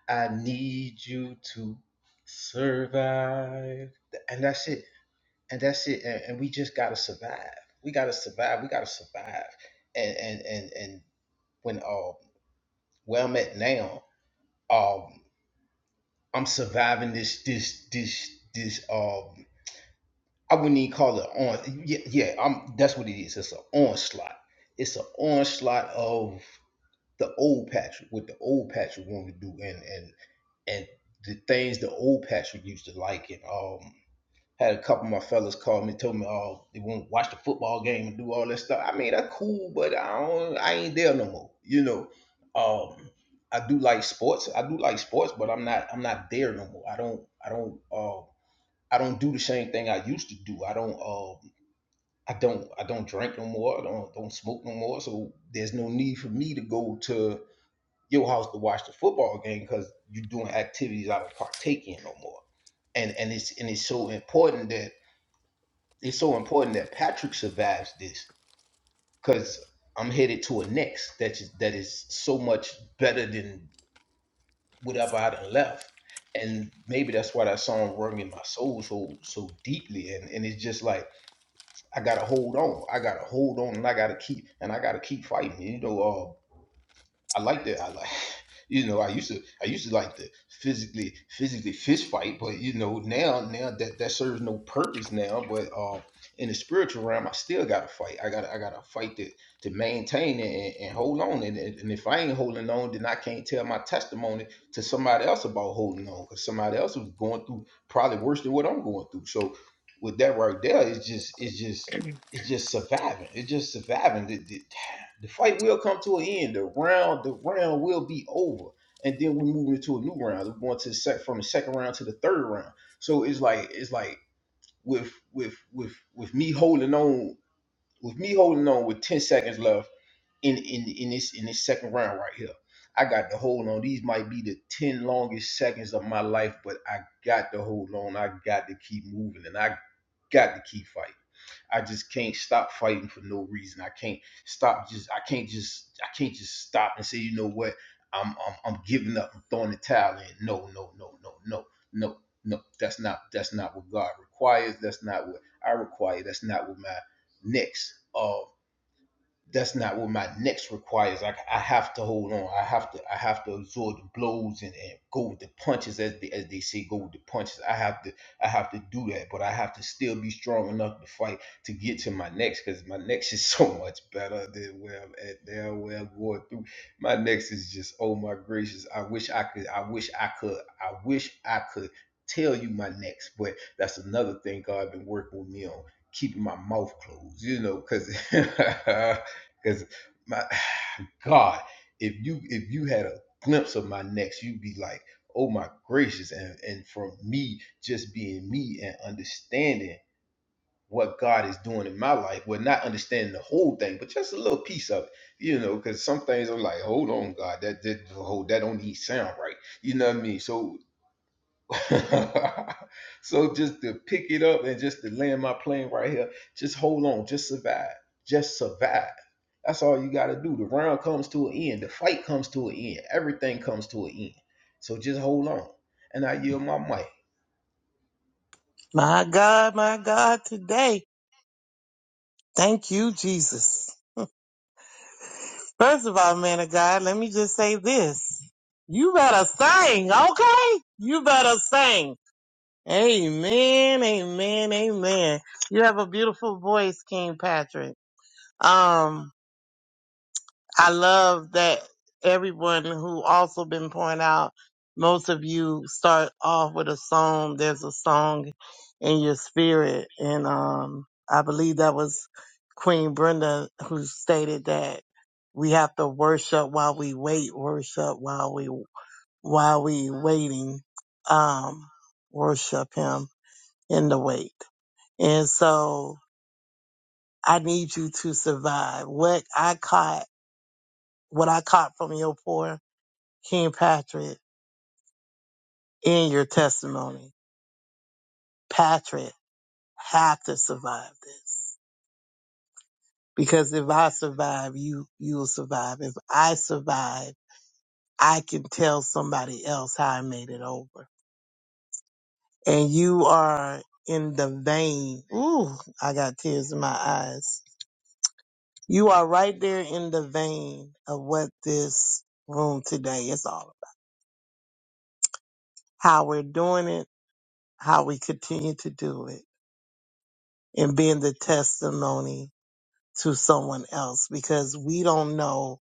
S7: I need you to survive. And that's it. And that's it. And, and we just gotta survive. We gotta survive. We gotta survive. And and and and when uh where I'm at now, um I'm surviving this this this this um I wouldn't even call it on yeah, yeah, I'm that's what it is. It's an onslaught. It's an onslaught of the old Patrick, what the old Patrick wanted to do, and and and the things the old Patrick used to like and um had a couple of my fellas call me, told me, oh, they want to watch the football game and do all that stuff. I mean, that's cool, but I don't, I ain't there no more. You know, um, I do like sports. I do like sports, but I'm not, I'm not there no more. I don't, I don't, uh, I don't do the same thing I used to do. I don't, um, I don't, I don't drink no more. I don't, don't smoke no more. So there's no need for me to go to your house to watch the football game because you're doing activities I don't partake in no more. And and it's and it's so important that it's so important that Patrick survives this because I'm headed to a next that is that is so much better than whatever I done left. And maybe that's why that song rung in my soul so so deeply. And and it's just like I gotta hold on. I gotta hold on and I gotta keep and I gotta keep fighting. You know, uh I like that. I like, you know, I used to, I used to like to physically, physically fist fight, but you know, now, now that that serves no purpose now. But uh, in the spiritual realm, I still got to fight. I got, to I got to fight to to maintain it and, and hold on. And, and and if I ain't holding on, then I can't tell my testimony to somebody else about holding on, because somebody else is going through probably worse than what I'm going through. So with that right there, it's just, it's just. It's just surviving. It's just surviving. The fight will come to an end. The round, the round will be over, and then we move into a new round. We're going to the sec from the second round to the third round. So it's like it's like with with with with me holding on with me holding on with ten seconds left in in in this in this second round right here. I got to hold on. These might be the ten longest seconds of my life, but I got to hold on. I got to keep moving, and I got to keep fighting. I just can't stop fighting for no reason. I can't stop just I can't just I can't just stop and say, you know what, I'm I'm, I'm giving up, I'm throwing the towel in. No, no, no, no, no, no, no. That's not that's not what God requires. That's not what I require. That's not what my next uh that's not what my next requires. Like I have to hold on. I have to I have to absorb the blows and, and go with the punches as they, as they say go with the punches. I have to I have to do that, but I have to still be strong enough to fight to get to my next because my next is so much better than where I'm at now, where I'm going through. My next is just oh my gracious. I wish I could I wish I could I wish I could tell you my next, but that's another thing God been working with me on keeping my mouth closed, you know, because Because my God, if you if you had a glimpse of my next, you'd be like, oh my gracious. And and from me just being me and understanding what God is doing in my life, well, not understanding the whole thing, but just a little piece of it, you know, because some things I'm like, hold on, God, that that hold that don't even sound right. You know what I mean? So so just to pick it up and just to land my plane right here, just hold on, just survive, just survive. That's all you got to do. The round comes to an end, the fight comes to an end, everything comes to an end. So just hold on, and I yield my mic.
S1: My God, my God, today. Thank you, Jesus. First of all, man of God, let me just say this. You better sing, okay? You better sing. Amen, amen, amen. You have a beautiful voice, King Patrick. Um, I love that everyone who also been pointing out, most of you start off with a song. There's a song in your spirit. And um, I believe that was Queen Brenda who stated that we have to worship while we wait, worship while we, while we waiting, um, worship him in the wait. And so I need you to survive. What I caught, what I caught from your pour King Patrick, in your testimony, Patrick have to survive this. Because if I survive, you you will survive. If I survive, I can tell somebody else how I made it over. And you are in the vein. Ooh, I got tears in my eyes. You are right there in the vein of what this room today is all about. How we're doing it, how we continue to do it, and being the testimony to someone else because we don't know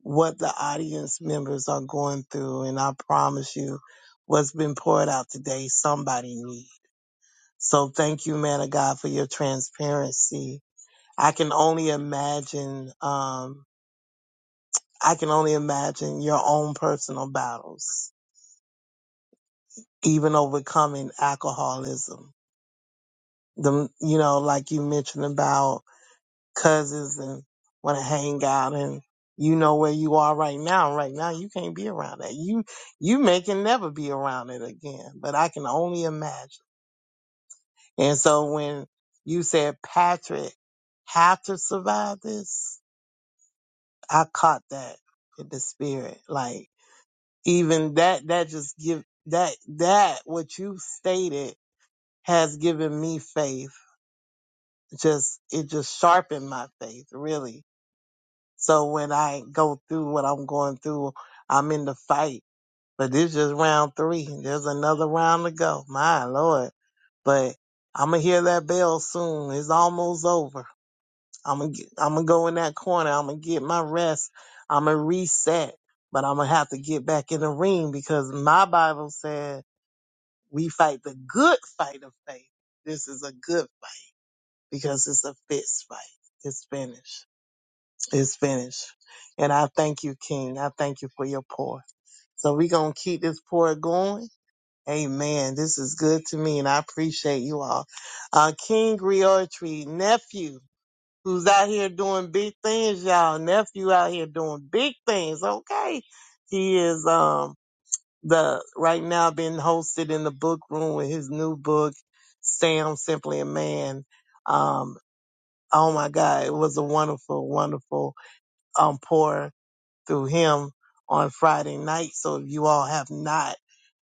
S1: what the audience members are going through. And I promise you, what's been poured out today, somebody needs. So thank you, man of God, for your transparency. I can only imagine, um, I can only imagine your own personal battles, even overcoming alcoholism. The, you know, like you mentioned about cousins and want to hang out and you know where you are right now. Right now you can't be around that. You you may can never be around it again. But I can only imagine. And so when you said Patrick had to survive this, I caught that in the spirit. Like even that that just give that that what you stated has given me faith. Just it just sharpened my faith really So when I go through what I'm going through, I'm in the fight. But this just round three. There's another round to go. My Lord. But I'm going to hear that bell soon. It's almost over. I'm going to I'm going to go in that corner. I'm going to get my rest. I'm going to reset. But I'm going to have to get back in the ring because my Bible said we fight the good fight of faith. This is a good fight because it's a fist fight. It's finished. It's finished. And I thank you, King. I thank you for your pour. So we're going to keep this pour going. Amen. This is good to me, and I appreciate you all. Uh, King Griotry, nephew, who's out here doing big things, y'all. Nephew out here doing big things. Okay. He is um the right now being hosted in the book room with his new book, Sam Simply a Man. Um, oh my God, it was a wonderful, wonderful um pour through him on Friday night. So if you all have not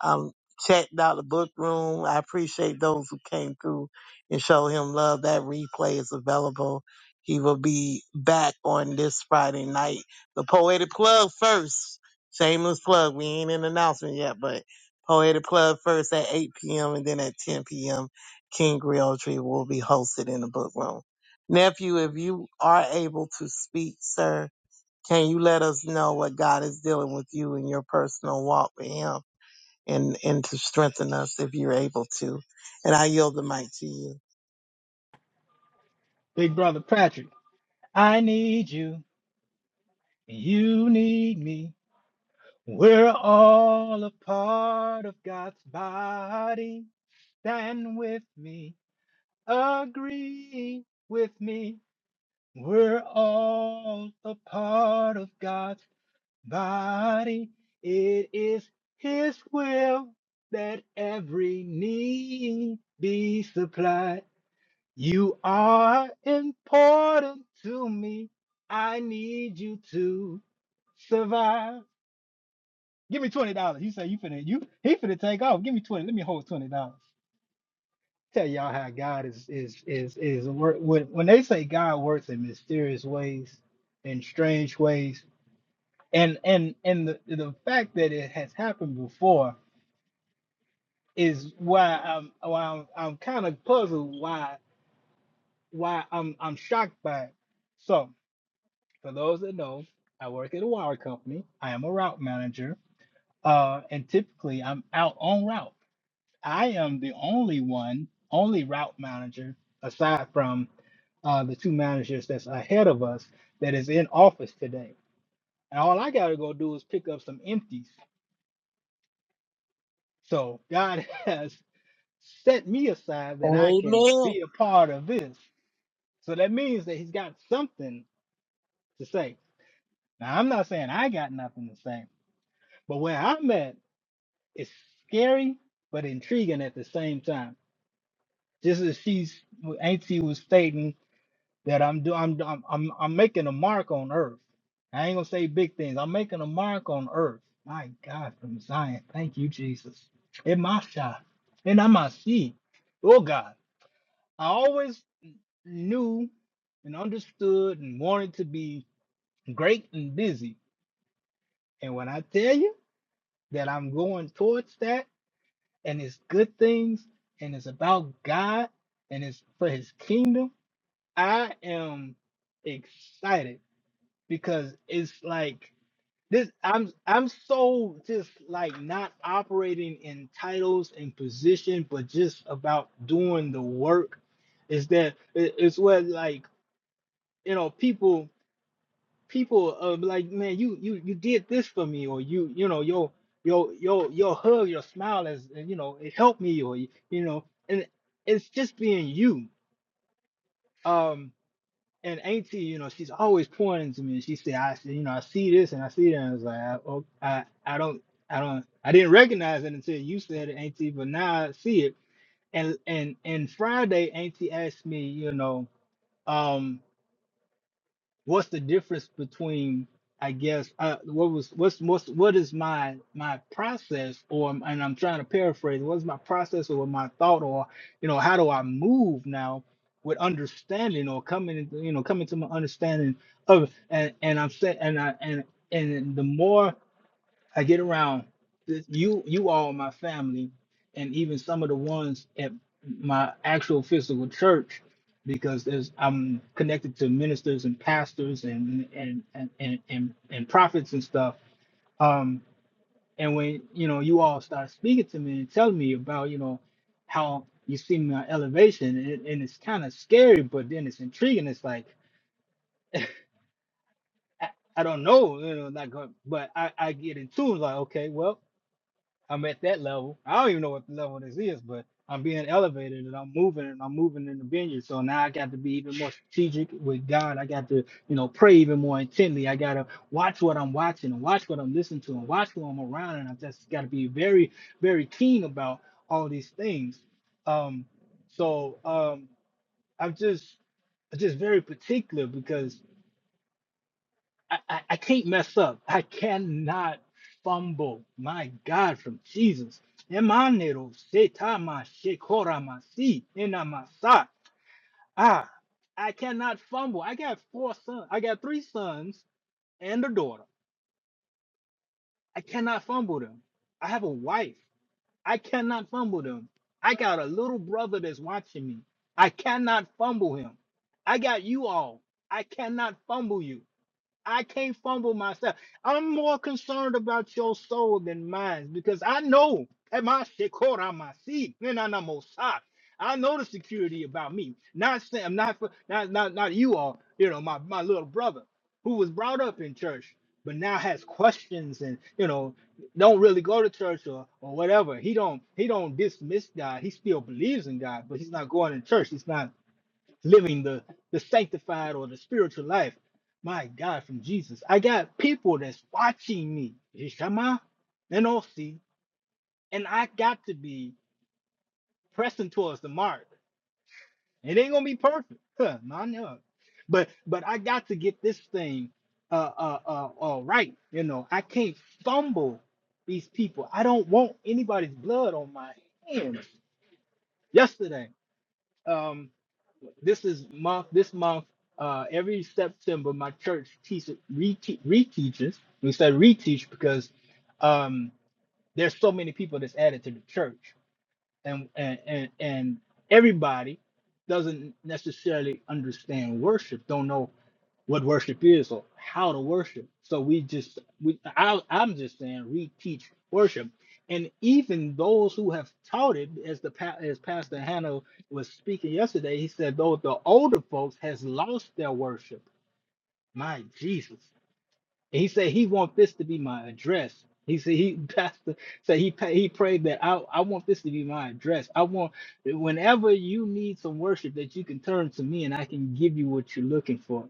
S1: um, checked out the book room, I appreciate those who came through and showed him love. That replay is available. He will be back on this Friday night. The Poetic Plug first. Shameless plug. We ain't in announcement yet, but Poetic Plug first at 8 p.m. and then at 10 p.m. King Realtree will be hosted in the book room. Nephew, if you are able to speak, sir, can you let us know what God is dealing with you in your personal walk with Him and, and to strengthen us if you're able to? And I yield the mic to you.
S8: Big brother Patrick, I need you, and you need me. We're all a part of God's body. Stand with me, agree with me. We're all a part of God's body. It is His will that every need be supplied. You are important to me. I need you to survive. Give me twenty dollars. You say you finna you he finna take off. Give me twenty. Let me hold twenty dollars. Tell y'all how God is is is is work when when they say God works in mysterious ways, in strange ways, and and and the the fact that it has happened before is why I'm why I'm, I'm kind of puzzled why why I'm I'm shocked by it. So. For those that know, I work at a wire company. I am a route manager, uh, and typically I'm out on route. I am the only one, only route manager, aside from uh, the two managers that's ahead of us that is in office today. And all I got to go do is pick up some empties. So God has set me aside that I can
S1: Amen.
S8: be a part of this. So that means that He's got something to say. Now, I'm not saying I got nothing to say, but where I'm at, It's scary but intriguing at the same time. Just as she's Auntie was stating that I'm do I'm I'm I'm, I'm making a mark on Earth. I ain't gonna say big things. I'm making a mark on Earth. My God, from Zion, thank you, Jesus. In my shot, and I might see. Oh God, I always knew and understood and wanted to be great and busy. And when I tell you that I'm going towards that. and it's good things and it's about God and it's for his kingdom, I am excited because it's like this I'm I'm so just like not operating in titles and position but just about doing the work is that it- it's what like you know people people uh be like man you you you did this for me or you you know your your your your hug your smile is uh, you know it helped me or you you know and it's just being you um and auntie you know she's always pointing to me and she said i said you know i see this and i see that and i was like I, oh, I i don't i don't i didn't recognize it until you said it auntie but now i see it and and and friday auntie asked me you know um, what's the difference between I guess uh, what was what's what's what is my my process or and I'm trying to paraphrase what's my process or my thought or you know how do I move now with understanding or coming into- you know coming to my understanding of and and I'm saying and I and and the more I get around this, you, you all, my family, and even some of the ones at my actual physical church, because there's I'm connected to ministers and pastors and and and and and, and prophets and stuff. Um, and when you know you all start speaking to me and telling me about you know how you see my elevation, and, and it's kind of scary, but then it's intriguing. It's like I, I don't know, you know, like, uh, but I I get in tune like okay, well. I'm at that level. I don't even know what the level this is, but I'm being elevated and I'm moving and I'm moving in the vineyard. So now I got to be even more strategic with God. I got to, you know, pray even more intently. I got to watch what I'm watching and watch what I'm listening to and watch who I'm around. And I just got to be very, very keen about all these things. Um, so um, I'm just, just very particular because. I, I, I can't mess up. I cannot fumble. My God, from Jesus. Emanero setama shekoramasi enamasa. Ah, I cannot fumble. I got four sons. I got three sons and a daughter. I cannot fumble them. I have a wife. I cannot fumble them. I got a little brother that's watching me. I cannot fumble him. I got you all. I cannot fumble you. I can't fumble myself. I'm more concerned about your soul than mine because I know at my shit my seat. Then I'm almost shocked. I know the security about me. Not Sam, not for not not not you all, you know, my, my little brother who was brought up in church, but now has questions and you know, don't really go to church or or whatever. He don't he don't dismiss God. He still believes in God, but he's not going to church. He's not living the the sanctified or the spiritual life. My God, from Jesus, I got people that's watching me, Ishama and Osi, and I got to be pressing towards the mark. It ain't gonna be perfect, huh, my God. But but I got to get this thing uh, uh uh uh right. You know, I can't fumble these people. I don't want anybody's blood on my hands. Yesterday, um, this is month this month uh every September my church teaches rete- reteaches we said reteach because um there's so many people that's added to the church and and and, and everybody doesn't necessarily understand worship don't know what worship is or how to worship so we just we I, i'm just saying reteach worship and even those who have taught it as the pa- as pastor hannah was speaking yesterday he said though the older folks has lost their worship my jesus and he said he want this to be my address. He said he pastor said he pa- he prayed that I I want this to be my address. I want whenever you need some worship that you can turn to me and I can give you what you're looking for.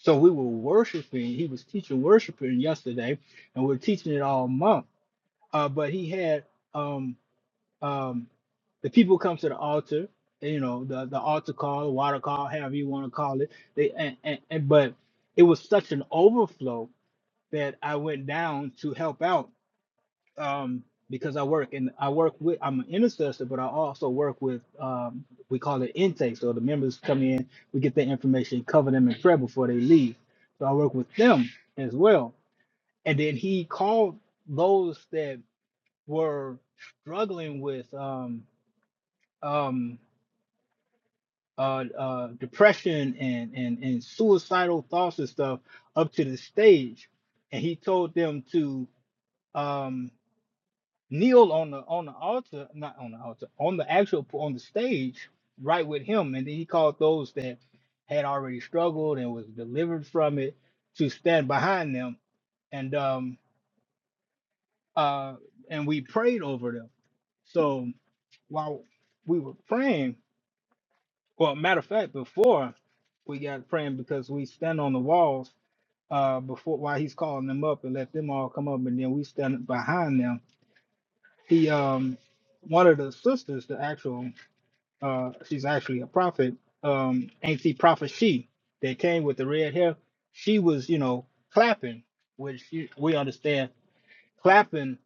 S8: So we were worshiping. He was teaching worshiping yesterday, and we are teaching it all month. Uh, but he had um um the people come to the altar. You know the the altar call, the water call, however you want to call it. They and, and, and but it was such an overflow that I went down to help out um, because I work and I work with I'm an intercessor, but I also work with um, we call it intake. So the members come in, we get their information, cover them in prayer before they leave. So I work with them as well. And then he called those that were struggling with um, um, uh, uh, depression and, and and suicidal thoughts and stuff up to the stage, and he told them to. Um, kneel on the on the altar, not on the altar, on the actual on the stage, right with him, and then he called those that had already struggled and was delivered from it to stand behind them, and um uh and we prayed over them. So while we were praying, well, matter of fact, before we got praying because we stand on the walls uh before while he's calling them up and let them all come up, and then we stand behind them. The um one of the sisters, the actual uh she's actually a prophet um ancient prophet she that came with the red hair she was you know clapping which you- we understand clapping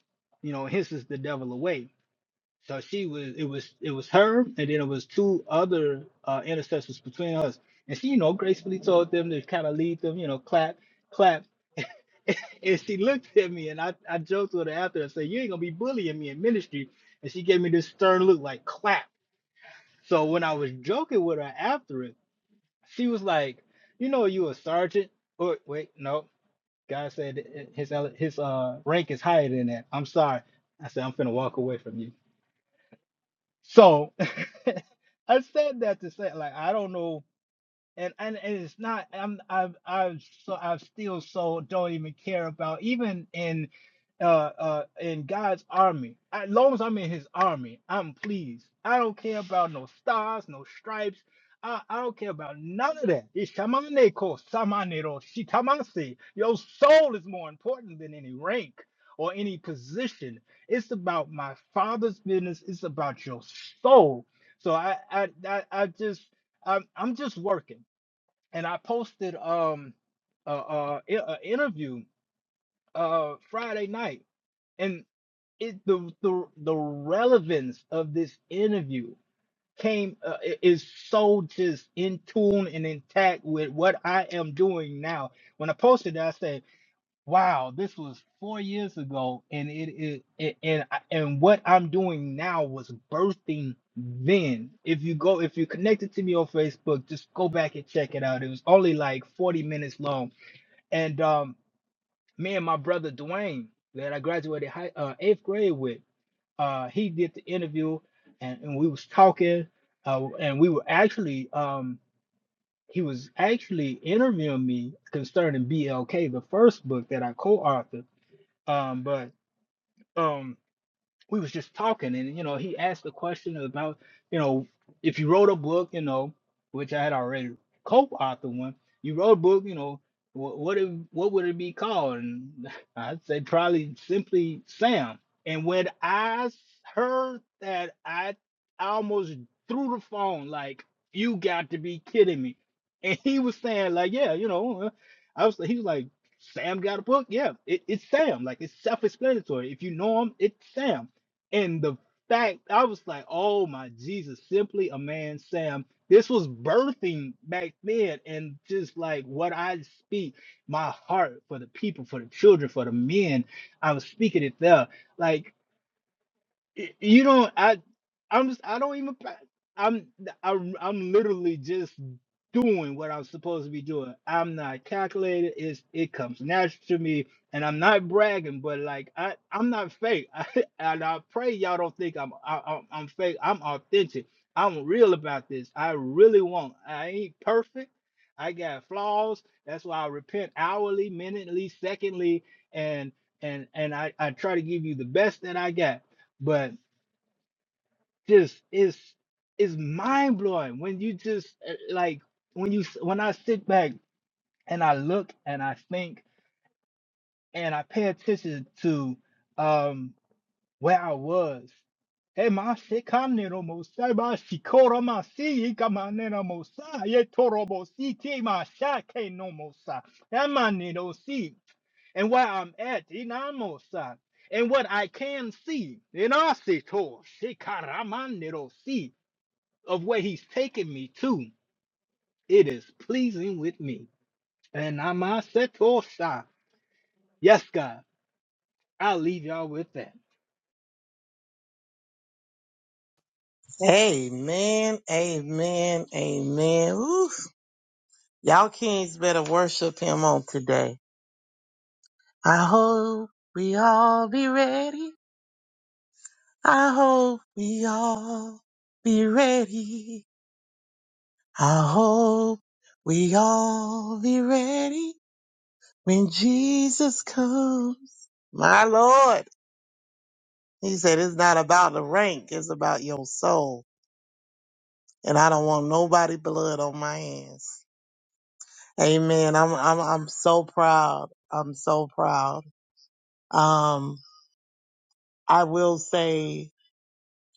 S8: you know hisses the devil away so she was it was it was her and then it was two other uh intercessors between us and she you know gracefully told them to kind of lead them you know clap clap and she looked at me and I, I joked with her after and said you ain't gonna be bullying me in ministry and she gave me this stern look like clap so when I was joking with her after it, she was like, "You know, you a sergeant?" Or wait, no. God said it- it- his ele- his uh rank is higher than that. I'm sorry. I said I'm finna walk away from you. So I said that to say like I don't know and and and it's not i'm i've i've so i've still so don't even care about even in uh uh in god's army I- as long as i'm in his army i'm pleased i don't care about no stars no stripes I, I don't care about none of that. Ishamaneko samanero shitamase. Your soul is more important than any rank or any position. It's about my father's business. It's about your soul. So I I I, I just I'm I'm just working and I posted um a, a, a interview uh Friday night, and it the the the relevance of this interview came uh, i- is so just in tune and intact with what I am doing now. When I posted that, I said wow, this was four years ago, and it, it, it and I- and what I'm doing now was birthing then. If you go, if you're connected to me on Facebook, just go back and check it out. It was only like 40 minutes long, and um, me and my brother Dwayne, that I graduated high, uh, eighth grade with, uh, he did the interview, and, and we was talking, uh, and we were actually um. He was actually interviewing me concerning BLK, the first book that I co-authored um, but um, we was just talking and you know he asked a question about you know if you wrote a book you know which i had already co-authored one you wrote a book you know what what, it, what would it be called and i'd say probably simply sam and when i s- heard that i almost threw the phone like you got to be kidding me and he was saying like yeah you know uh, i was he was like Sam got a book. Yeah, it, it's Sam. Like it's self-explanatory. If you know him, it's Sam and the fact I was like, oh my Jesus, simply a man, Sam. This was birthing back then, and just like what I speak, my heart for the people, for the children, for the men, I was speaking it there. Like Y- You don't. I. I'm. s- I don't even. pa- I'm. I'm. I'm literally just doing what I'm supposed to be doing. I'm not calculated. It's. It comes natural to me, and I'm not bragging. But like, I. I'm not fake. I, and I pray y'all don't think I'm. I, I'm I'm fake. I'm authentic. I'm real about this. I really won't. I ain't perfect. I got flaws. That's why I repent hourly, minutely, secondly, and and and I, I try to give you the best that I got but just it's it's mind blowing when you just uh, like when you s- when I sit back and I look and I think and I pay attention to um where I was. Hey, my sikanero mosai ba shikora ma si ikamanero mosai ye torobo si te ma shake no mosai. Emanero si and where I'm at, inamosa, and what I can see, in Asitor, Shikaramanero of where he's taken me to, it is pleasing with me. And I'm all set to all side. Yes, God. I'll leave y'all with that.
S1: Amen. Amen. Amen. Ooh, y'all kings better worship Him on today. I hope we all be ready. I hope we all be ready. I hope we all be ready. When Jesus comes, my Lord, he said, it's not about the rank, it's about your soul. And I don't want nobody blood on my hands. Amen. I'm, I'm, I'm so proud. I'm so proud. Um, I will say,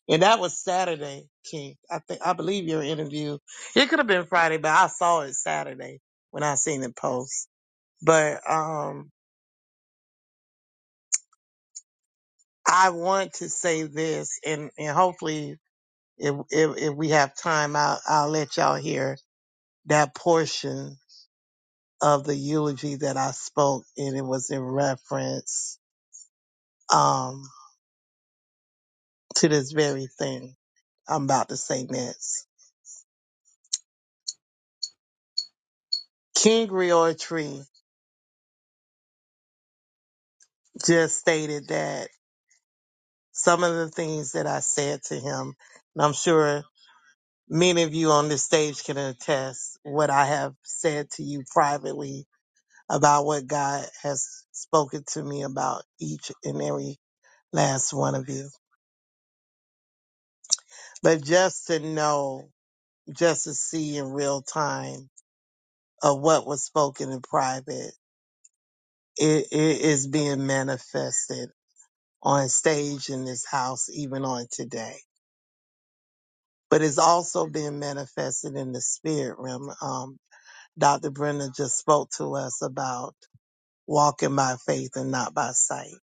S1: and that was Saturday, King. I think, I believe your interview. It could have been Friday, but I saw it Saturday when I seen it post. But, um, I want to say this and, and hopefully if if, if we have time, I'll, I'll let y'all hear that portion of the eulogy that I spoke, and it was in reference um, to this very thing I'm about to say next. King Riortree just stated that some of the things that I said to him, and I'm sure many of you on this stage can attest what I have said to you privately about what God has spoken to me about each and every last one of you. But just to know, just to see in real time of what was spoken in private, it, it is being manifested on stage in this house, even on today. But it's also being manifested in the spirit realm. Um, Dr. Brenda just spoke to us about walking by faith and not by sight.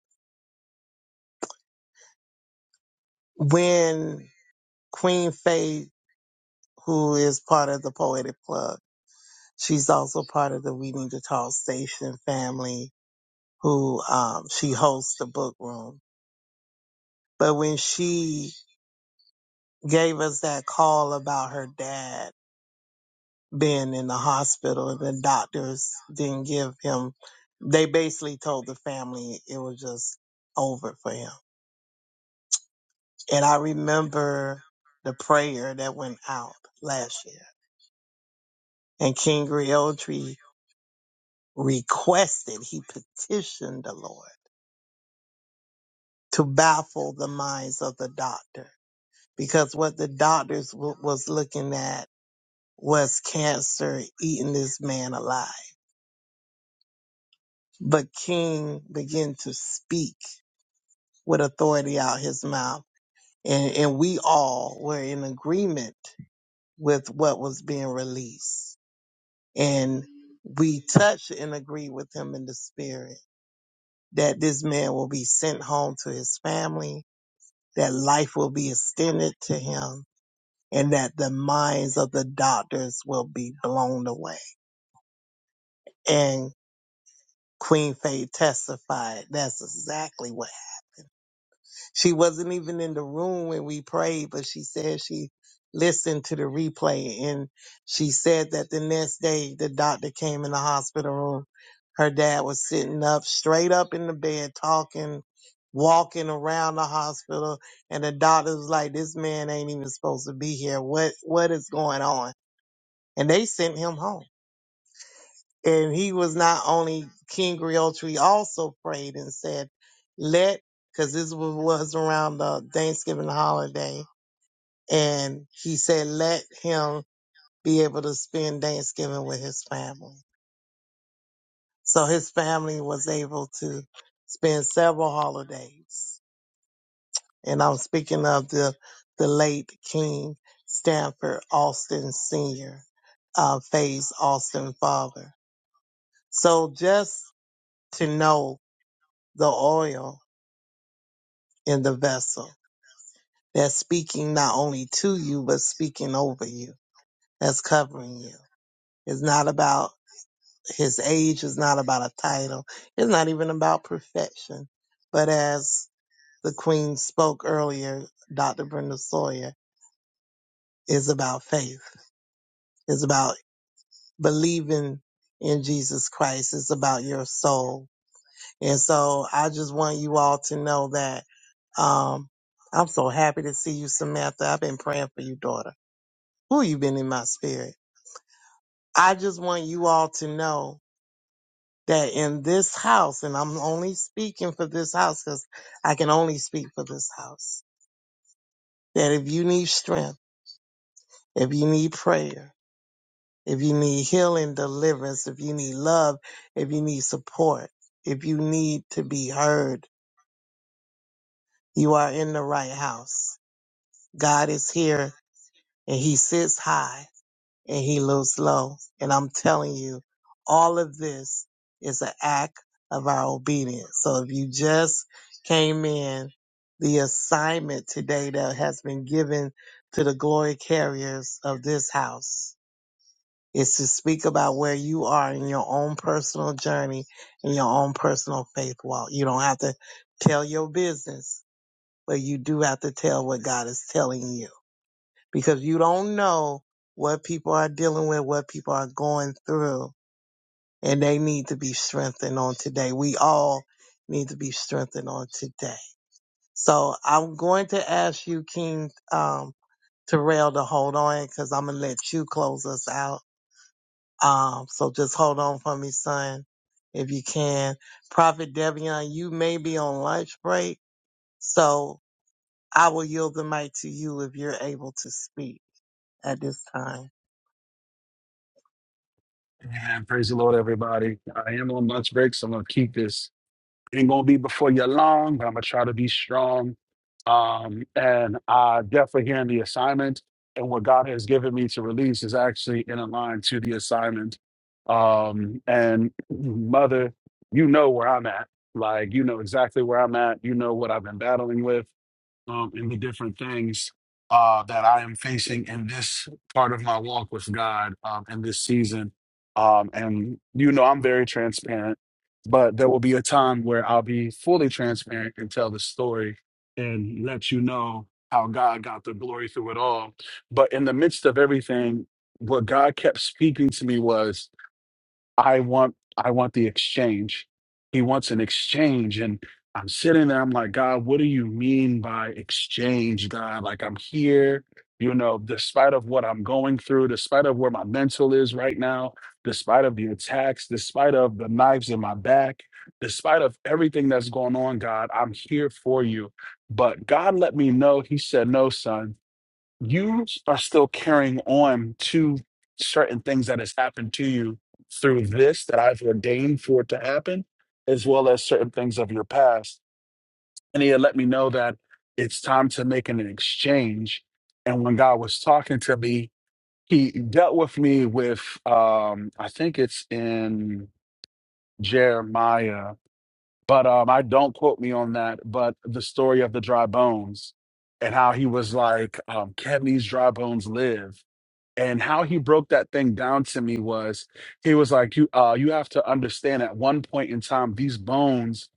S1: When Queen Faith, who is part of the Poetic Club, She's also part of the We Need to Talk Station family who um, she hosts the book room. But when she gave us that call about her dad being in the hospital and the doctors didn't give him, they basically told the family it was just over for him. And I remember the prayer that went out last year and King Realtree requested, he petitioned the Lord to baffle the minds of the doctor because what the doctors w- was looking at was cancer eating this man alive. But King began to speak with authority out his mouth, and, and we all were in agreement with what was being released. And we touched and agreed with him in the spirit that this man will be sent home to his family, that life will be extended to him, and that the minds of the doctors will be blown away. And Queen Faye testified that's exactly what happened. She wasn't even in the room when we prayed, but she said she listened to the replay and she said that the next day the doctor came in the hospital room. Her dad was sitting up straight up in the bed talking, walking around the hospital and the doctor was like, This man ain't even supposed to be here. What what is going on? and they sent him home. And he was not only King Griotri also prayed and said, "Let," because this was was around the Thanksgiving holiday, and he said, "Let him be able to spend Thanksgiving with his family." So his family was able to spend several holidays, and I'm speaking of the the late King Stanford Austin Senior, uh, Faye's Austin father. So just to know the oil in the vessel that's speaking not only to you, but speaking over you, that's covering you. It's not about his age, it's not about a title, it's not even about perfection. But as the Queen spoke earlier, Dr. Brenda Sawyer, is about faith, it's about believing in Jesus Christ, it's about your soul. And so I just want you all to know that Um, I'm so happy to see you, Samantha. I've been praying for you, daughter. Who you been in my spirit? I just want you all to know that in this house, and I'm only speaking for this house because I can only speak for this house, that if you need strength, if you need prayer, if you need healing, deliverance, if you need love, if you need support, if you need to be heard, you are in the right house. God is here and he sits high and he looks low. And I'm telling you, all of this is an act of our obedience. So if you just came in, the assignment today that has been given to the glory carriers of this house is to speak about where you are in your own personal journey and your own personal faith walk. You don't have to tell your business, but you do have to tell what God is telling you because you don't know what people are dealing with, what people are going through, and they need to be strengthened on today. We all need to be strengthened on today. So I'm going to ask you, King um, Terrell, to hold on because I'm gonna let you close us out. Um, so just hold on for me, son, if you can. Prophet Devion, you may be on lunch break, so I will yield the mic to you if you're able to speak at this time.
S9: Man, praise the Lord, everybody. I am on lunch break, so I'm gonna keep this. Ain't gonna be before you long, but I'm gonna try to be strong. Um, and I definitely hearing the assignment and what God has given me to release is actually in line to the assignment. Um, and mother, you know where I'm at. Like you know exactly where I'm at. You know what I've been battling with um, and the different things uh, that I am facing in this part of my walk with God um, in this season. Um, and you know, I'm very transparent, but there will be a time where I'll be fully transparent and tell the story and let you know how God got the glory through it all. But in the midst of everything, what God kept speaking to me was I want I want the exchange. He wants an exchange. And I'm sitting there, I'm like, God, what do you mean by exchange, God? Like I'm here, you know, despite of what I'm going through, despite of where my mental is right now, despite of the attacks, despite of the knives in my back, despite of everything that's going on, God, I'm here for you. But God let me know, He said, No, son you are still carrying on to certain things that has happened to you through this that I've ordained for it to happen, as well as certain things of your past. And he had let me know that it's time to make an exchange. And when God was talking to me, he dealt with me with um, I think it's in Jeremiah, but um, I don't quote me on that, but the story of the dry bones and how he was like, um, can these dry bones live? and how he broke that thing down to me was he was like you uh you have to understand at one point in time these bones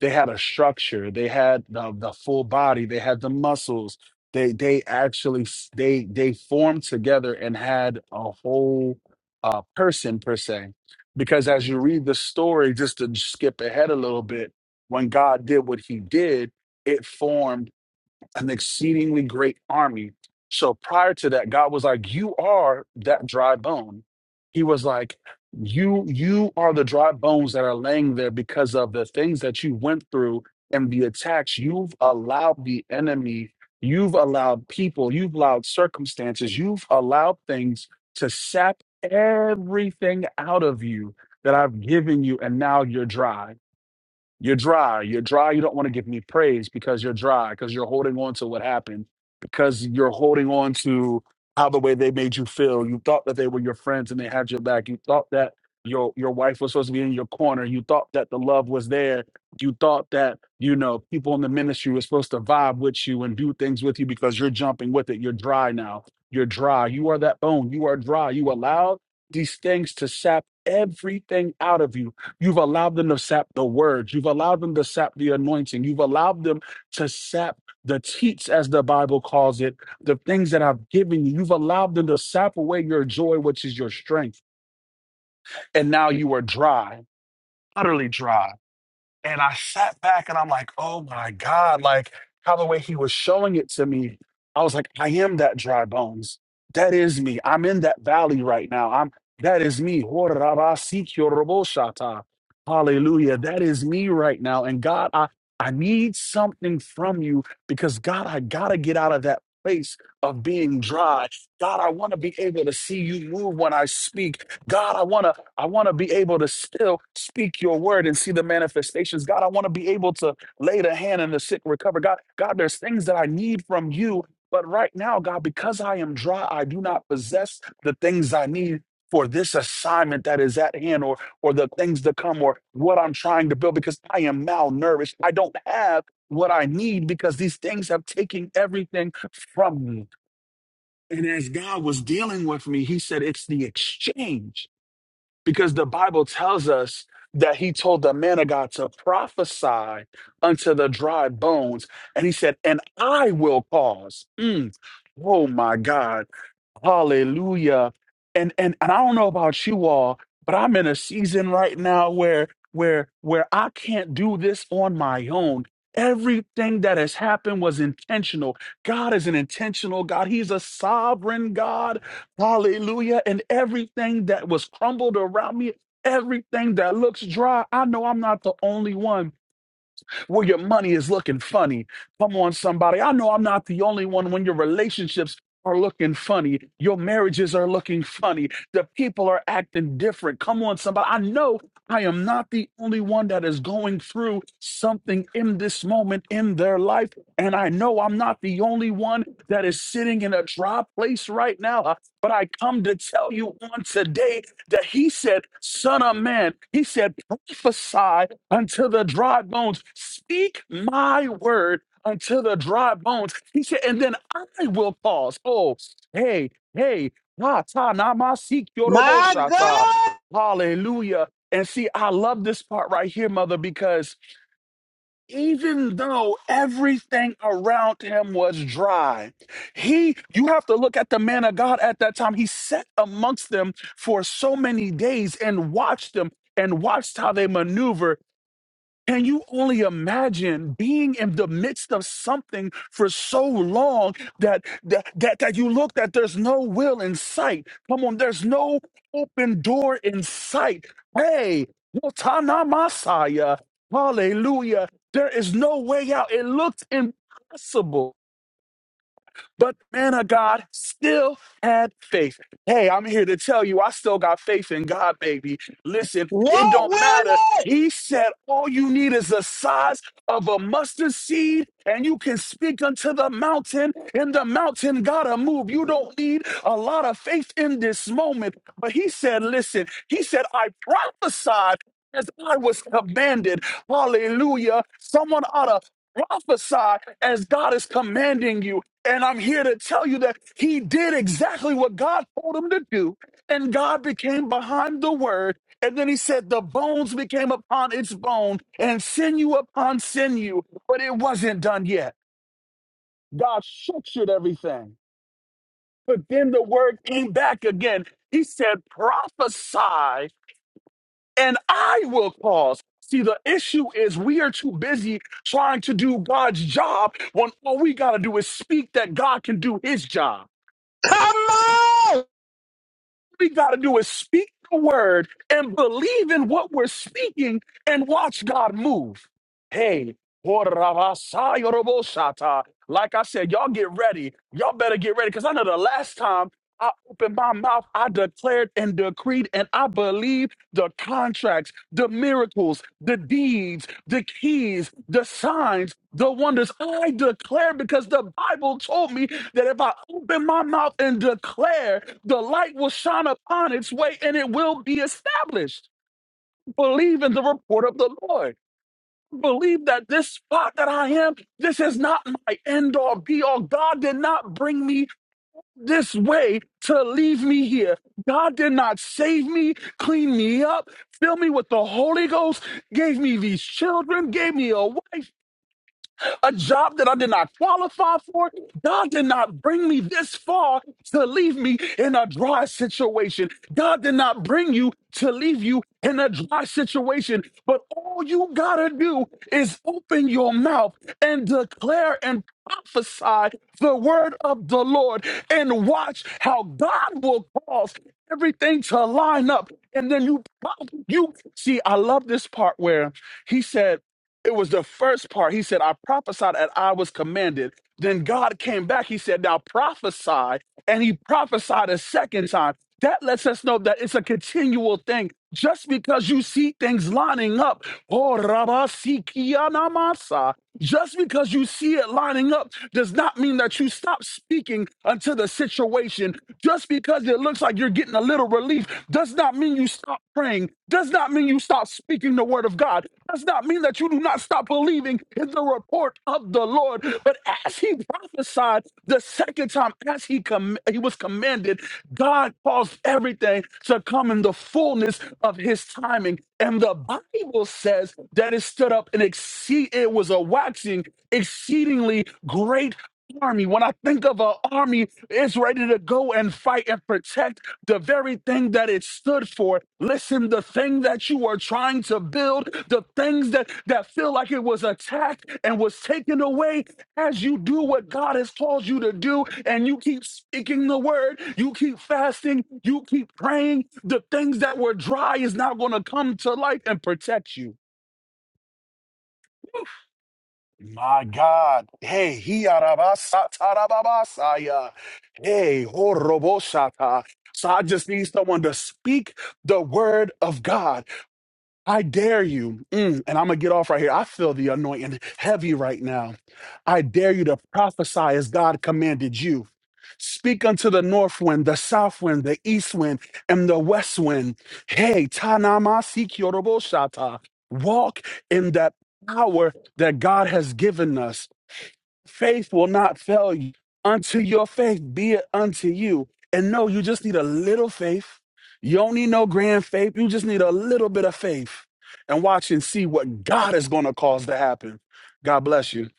S9: they had a structure they had the, the full body they had the muscles they they actually s- they they formed together and had a whole uh person per se because as you read the story just to skip ahead a little bit when god did what he did it formed an exceedingly great army. So prior to that, God was like, You are that dry bone. He was like, You, you are the dry bones that are laying there because of the things that you went through and the attacks. You've allowed the enemy, you've allowed people, you've allowed circumstances, you've allowed things to sap everything out of you that I've given you, and now you're dry. You're dry. You're dry. You don't want to give me praise because you're dry, because you're holding on to what happened, because you're holding on to how the way they made you feel. You thought that they were your friends and they had your back. You thought that your your wife was supposed to be in your corner. You thought that the love was there. You thought that, you know, people in the ministry were supposed to vibe with you and do things with you because you're jumping with it. You're dry now. You're dry. You are that bone. You are dry. You allowed these things to sap everything out of you You've allowed them to sap the words. You've allowed them to sap the anointing. You've allowed them to sap the teats, as the Bible calls it, the things that I've given you. You've allowed them to sap away your joy, which is your strength. And now you are dry, utterly dry. And I sat back and I'm like, oh my God, like how the way he was showing it to me, I was like, I am that dry bones. That is me. I'm in that valley right now. I'm that is me. Hallelujah. That is me right now. And God, I I need something from you because God, I gotta get out of that place of being dry. God, I want to be able to see you move when I speak. God, I want to I want to be able to still speak your word and see the manifestations. God, I want to be able to lay the hand and the sick recover. God, God, there's things that I need from you. But right now, God, because I am dry, I do not possess the things I need for this assignment that is at hand or or the things to come or what I'm trying to build because I am malnourished. I don't have what I need because these things have taken everything from me. And as God was dealing with me, he said, it's the exchange because the Bible tells us that he told the man of God to prophesy unto the dry bones. And he said, And I will cause. Mm. Oh my God Hallelujah. And and and I don't know about you all, but I'm in a season right now where where where I can't do this on my own. Everything that has happened was intentional. God is an intentional God. He's a sovereign God. Hallelujah. And everything that was crumbled around me, everything that looks dry, I know I'm not the only one where your money is looking funny. Come on, somebody. I know I'm not the only one when your relationships are looking funny. Your marriages are looking funny. The people are acting different. Come on, somebody. I know I am not the only one that is going through something in this moment in their life. And I know I'm not the only one that is sitting in a dry place right now. uh, But I come to tell you on today that he said, Son of man, he said, prophesy unto the dry bones. Speak my word unto the dry bones. He said, and then I will pause. Oh, hey, hey, ah, ta, na, ma, si, kyorobo,
S1: My
S9: shata,
S1: God,
S9: hallelujah. And see, I love this part right here, mother, because even though everything around him was dry, he, you have to look at the man of God at that time. He sat amongst them for so many days and watched them and watched how they maneuver can you only imagine being in the midst of something for so long that that that, that you look that there's no will in sight? Come on, there's no open door in sight. Hey, Wotana Masaya, hallelujah. There is no way out. It looks impossible. But the man of God still had faith. Hey, I'm here to tell you, I still got faith in God, baby. Listen, it
S1: what
S9: don't
S1: will
S9: matter. He said, all you need is the size of a mustard seed, and you can speak unto the mountain, and the mountain gotta move. You don't need a lot of faith in this moment. But he said, listen, he said, I prophesied as I was commanded. Hallelujah. Someone ought to prophesy as God is commanding you. And I'm here to tell you that he did exactly what God told him to do. And God became behind the word. And then he said, the bones became upon its bone and sinew upon sinew. But it wasn't done yet. God structured everything. But then the word came back again. He said, prophesy and I will cause. See, the issue is we are too busy trying to do God's job when all we got to do is speak that God can do his job.
S1: come on?
S9: we got to do is speak the word and believe in what we're speaking and watch God move. Hey, Horabasayarobosata. like I said, y'all get ready. Y'all better get ready because I know the last time I opened my mouth, I declared and decreed, and I believe the contracts, the miracles, the deeds, the keys, the signs, the wonders. I declare because the Bible told me that if I open my mouth and declare, the light will shine upon its way and it will be established. Believe in the report of the Lord. Believe that this spot that I am, this is not my end all be all. God did not bring me this way to leave me here. God did not save me, clean me up, fill me with the Holy Ghost, gave me these children, gave me a wife a job that I did not qualify for. God did not bring me this far to leave me in a dry situation. God did not bring you to leave you in a dry situation. But all you gotta do is open your mouth and declare and prophesy the word of the Lord and watch how God will cause everything to line up. And then you, you see, I love this part where he said, it was the first part. He said, I prophesied and I was commanded. Then God came back. He said, Now prophesy. And he prophesied a second time. That lets us know that it's a continual thing. Just because you see things lining up, oh, Rabba Sikianamasa, just because you see it lining up does not mean that you stop speaking until the situation just because it looks like you're getting a little relief does not mean you stop praying, does not mean you stop speaking the word of God, does not mean that you do not stop believing in the report of the Lord. But as he prophesied the second time, as he, com- he was commanded, God caused everything to come in the fullness of his timing. And the Bible says that it stood up and exceed it was a waxing exceedingly great army. When I think of an army, is ready to go and fight and protect the very thing that it stood for. Listen, the thing that you are trying to build, the things that, that feel like it was attacked and was taken away, as you do what God has called you to do, and you keep speaking the word, you keep fasting, you keep praying, the things that were dry is now going to come to life and protect you. My God. Hey, he arabasa tarababasaya. Hey, horobosata. So I just need someone to speak the word of God. I dare you. Mm, and I'm going to get off right here. I feel the anointing heavy right now. I dare you to prophesy as God commanded you. Speak unto the north wind, the south wind, the east wind, and the west wind. Hey, tanamasi kioroboshata. Walk in that power that God has given us faith will not fail you. Unto your faith be it unto you. And no, you just need a little faith. You don't need no grand faith. You just need a little bit of faith and watch and see what God is going to cause to happen. God bless you.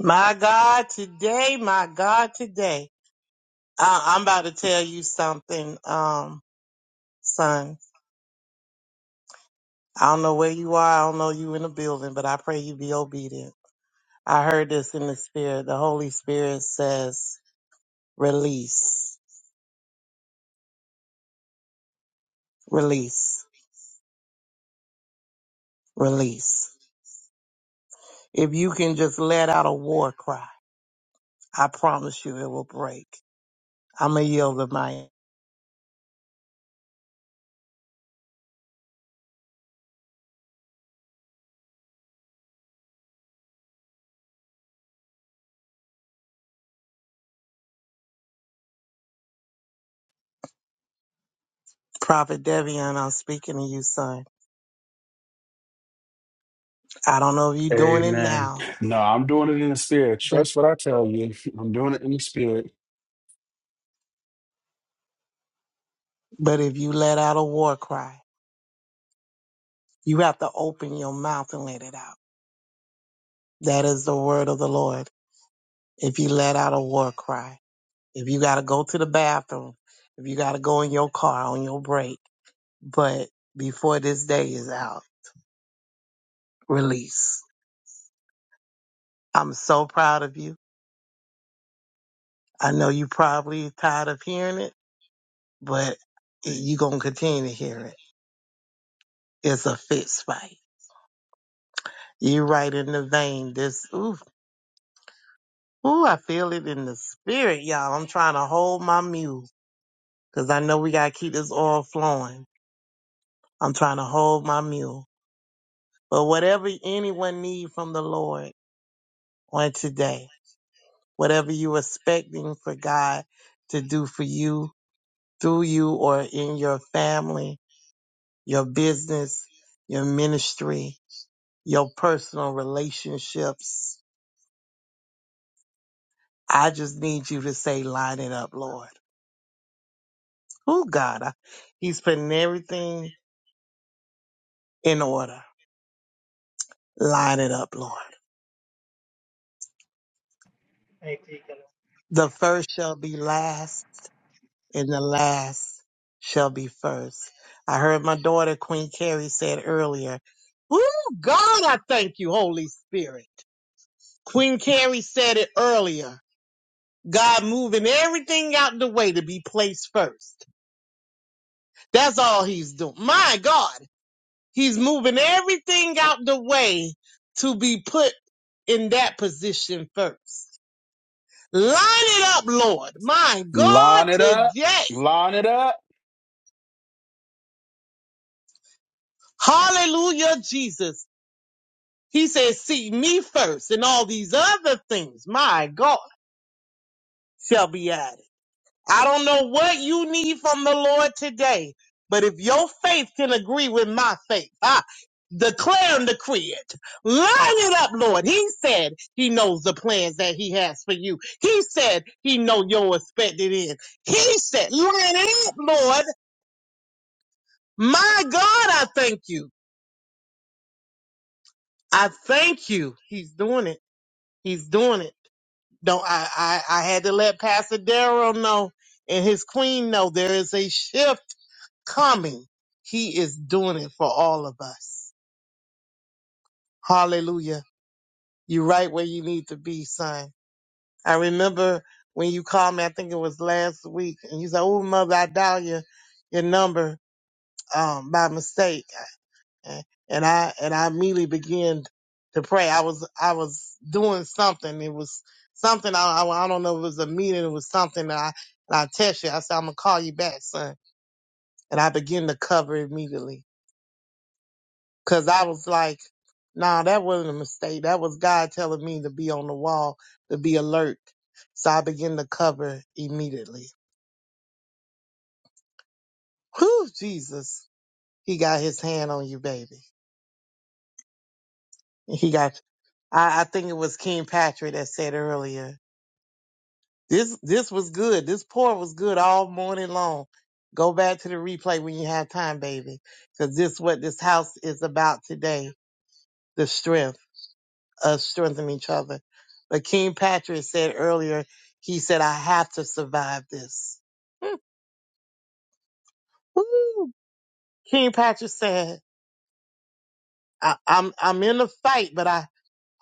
S1: My God, today, my God, today. I, I'm about to tell you something, um, son. I don't know where you are. I don't know you in the building, but I pray you be obedient. I heard this in the spirit. The Holy Spirit says, release, release, release. If you can just let out a war cry, I promise you it will break. I'm going to yield the mic. Prophet Devian, I'm speaking to you, son. I don't know if you're doing it
S9: Amen.
S1: now,
S9: No, I'm doing it in the spirit.
S1: but
S9: Trust what I tell you. I'm doing it in the spirit.
S1: but if you let out a war cry, you have to open your mouth and let it out. That is the word of the Lord. If you let out a war cry, if you got to go to the bathroom, if you got to go in your car on your break, but before this day is out, release. I'm so proud of you. I know you probably tired of hearing it, but you going to continue to hear it. It's a fist fight. You are right in the vein. This, oof Ooh, I feel it in the spirit, y'all. I'm trying to hold my mule because I know we got to keep this oil flowing. I'm trying to hold my mule. But whatever anyone need from the Lord on today, whatever you expecting for God to do for you, through you, or in your family, your business, your ministry, your personal relationships, I just need you to say, line it up, Lord. Oh, God, I- He's putting everything in order. Line it up, Lord. The first shall be last, and the last shall be first. I heard my daughter, Queen Carrie, said earlier, Oh, God, I thank you, Holy Spirit. Queen Carrie said it earlier. God moving everything out the way to be placed first. That's all he's doing. My God, he's moving everything out the way to be put in that position first. Line it up, Lord. My God,
S9: Line it up.
S1: today.
S9: Line it up.
S1: Hallelujah, Jesus. He says, seek me first and all these other things, my God, shall be added. I don't know what you need from the Lord today, but if your faith can agree with my faith, I declare and decree it. Line it up, Lord. He said he knows the plans that he has for you. He said he know your expected end. He said, line it up, Lord. My God, I thank you. I thank you. He's doing it. He's doing it. No, I, I, I had to let Pastor Darrell know and his queen know there is a shift coming. He is doing it for all of us. Hallelujah. You're right where you need to be, son. I remember when you called me, I think it was last week, and you said, Oh, mother, I dialed your, your number um, by mistake. and I and I immediately began to pray. I was I was doing something. It was something I I, I don't know. If It was a meeting. It was something. That I and I text you. I said I'm gonna call you back, son. And I began to cover immediately because I was like, Nah, that wasn't a mistake. That was God telling me to be on the wall, to be alert. So I began to cover immediately. Whew, Jesus, He got His hand on you, baby. He got. I, I think it was King Patrick that said earlier. This this was good. This pour was good all morning long. Go back to the replay when you have time, baby, because this what this house is about today: the strength, us strengthening each other. But King Patrick said earlier, he said, "I have to survive this." Woo! King Patrick said, I, "I'm I'm in the fight, but I."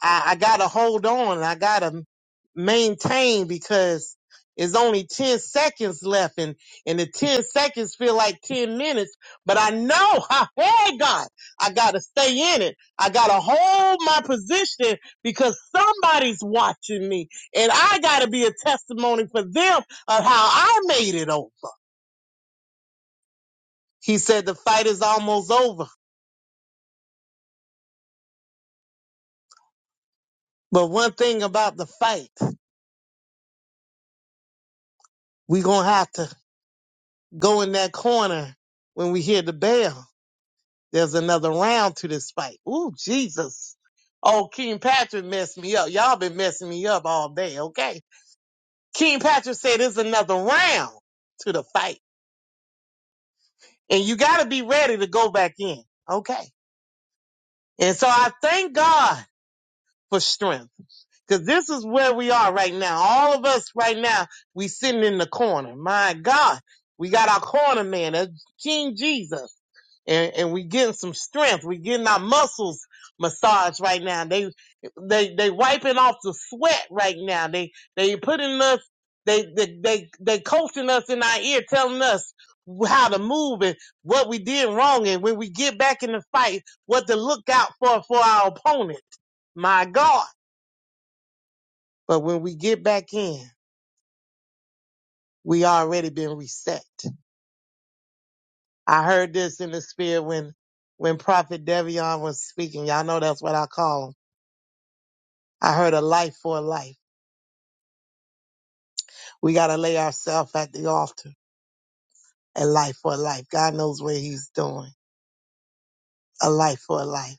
S1: I, I gotta hold on. I gotta maintain because it's only 10 seconds left and, and the 10 seconds feel like 10 minutes, but I know, hey God, I gotta stay in it. I gotta hold my position because somebody's watching me and I gotta be a testimony for them of how I made it over. He said the fight is almost over. But one thing about the fight, we gonna have to go in that corner when we hear the bell There's another round to this fight. Ooh, Jesus. Oh, King Patrick messed me up. Y'all been messing me up all day, okay? King Patrick said there's another round to the fight. And you gotta be ready to go back in. Okay. And so I thank God for strength. Cause this is where we are right now. All of us right now, we sitting in the corner. My God. We got our corner man, that's King Jesus. and, and we getting some strength. We getting our muscles massaged right now. They they they wiping off the sweat right now. They they putting us they they they, they coaching us in our ear, telling us how to move and what we did wrong, and when we get back in the fight, what to look out for for our opponent. My God! But when we get back in, we already been reset. I heard this in the spirit when when Prophet Devion was speaking. Y'all know that's what I call him I heard a life for a life. We got to lay ourselves at the altar A life for a life. God knows what he's doing. A life for a life.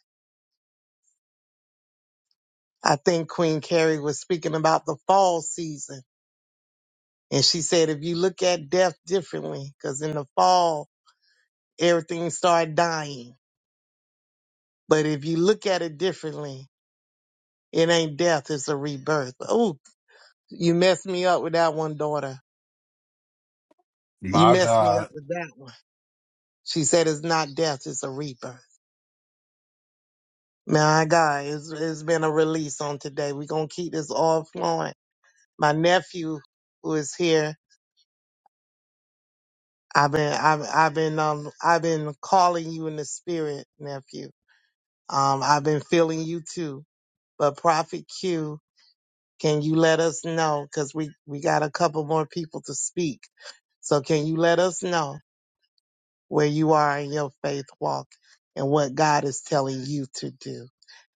S1: I think Queen Carrie was speaking about the fall season. And she said, if you look at death differently, because in the fall, everything started dying. But if you look at it differently, it ain't death, it's a rebirth. Oh, you messed me up with that one, daughter. You
S9: My
S1: messed me
S9: God.
S1: up with that one. She said, it's not death, it's a rebirth. My God, it's, it's been a release on today. We're gonna keep this all flowing. My nephew who is here, I've been I've I've been um I've been calling you in the spirit, nephew. Um I've been feeling you too. But Prophet Q, can you let us know? Because we, we got a couple more people to speak. So can you let us know where you are in your faith walk and what God is telling you to do?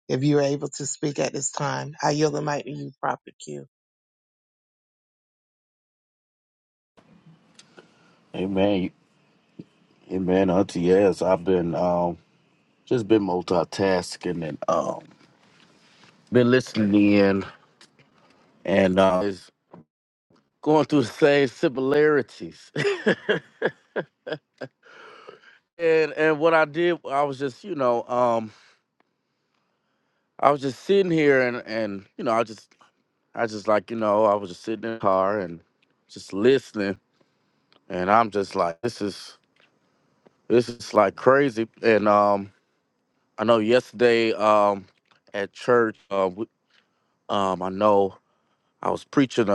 S1: If you're able to speak at this time, I yield the mic to you, Prophet Q.
S10: Amen. Amen. Auntie, yes, I've been um just been multitasking and um been listening in and uh is going through the same similarities. and and what I did I was just, you know, um I was just sitting here and and you know, I just I just like, you know, I was just sitting in the car and just listening and I'm just like this is this is like crazy and um I know yesterday um at church uh, we, um I know I was preaching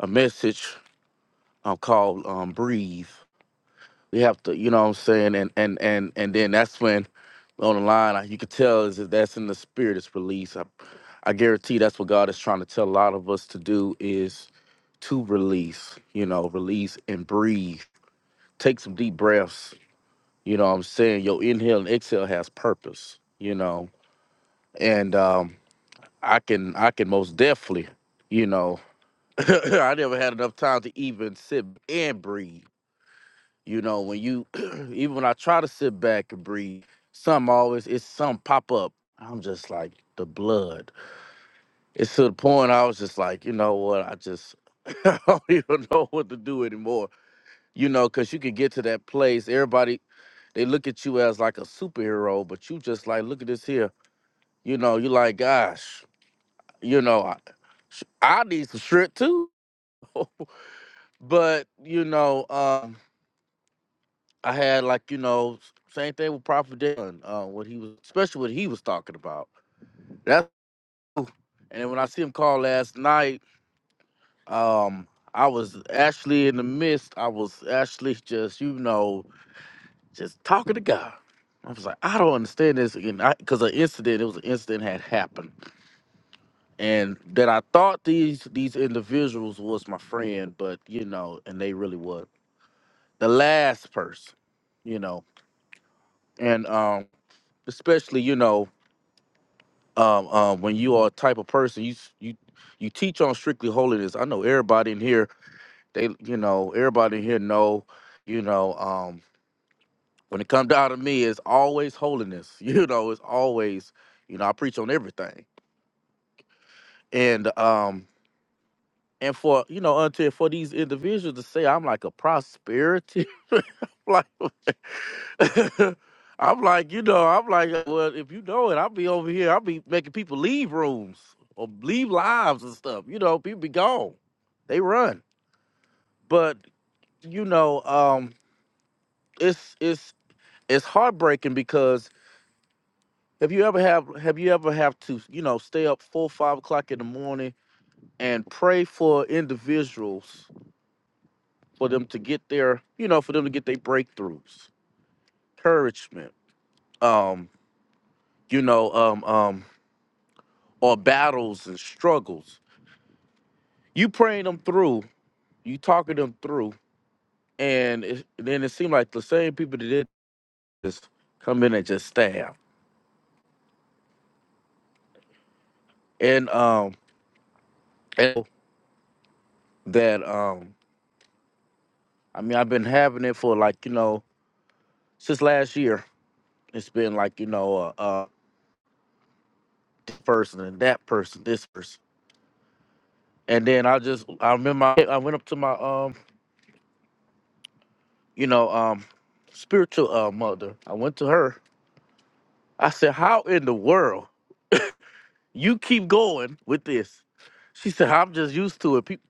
S10: a message um, called um, "Breathe." We have to, you know, what I'm saying, and and and and then that's when on the line I- you could tell is that that's in the spirit It's release. I, I guarantee that's what God is trying to tell a lot of us to do is to release, you know, release and breathe. Take some deep breaths. You know what I'm saying? Your inhale and exhale has purpose, you know. And um I can I can most definitely, you know, I never had enough time to even sit and breathe. You know, when you even when I try to sit back and breathe, something always it's something pop up. I'm just like the blood. It's to the point I was just like, you know what? I just I don't even know what to do anymore. You know, cause you can get to that place. Everybody they look at you as like a superhero, but you just like, look at this here. You know, you like, gosh, you know, I, sh- I need some shit too. but you know, um I had like you know s- same thing with Prophet Dylan, uh, what he was especially what he was talking about. That's cool. and then when I see him call last night, um, I was actually in the midst. I was actually just you know just talking to God. I was like, I don't understand this, and because an incident, it was an incident had happened, and that I thought these these individuals was my friend, but you know, and they really was the last person, you know, and um, especially you know um, um, when you are a type of person, you s- you you teach on strictly holiness. I know everybody in here, they you know everybody in here know, you know, um, when it comes down to me, it's always holiness. You know, it's always you know I preach on everything, and um, and for you know until for these individuals to say I'm like a prosperity, like. I'm like, you know, I'm like, well, if you know it, I'll be over here. I'll be making people leave rooms or leave lives and stuff. You know, people be gone. They run. But, you know, um, it's it's it's heartbreaking because have you ever have have you ever have to, you know, stay up four, five o'clock in the morning and pray for individuals for them to get their, you know, for them to get their breakthroughs, encouragement. Um, you know, um, um, or battles and struggles. You praying them through, you talking them through, and it, then it seemed like the same people that did this come in and just stab. And um, and that um, I mean, I've been having it for like you know since last year. It's been like you know, uh, uh this person and that person, this person, and then I just I remember I, I went up to my um, you know um, spiritual uh mother. I went to her. I said, "How in the world?" You keep going with this. She said, I'm just used to it. People,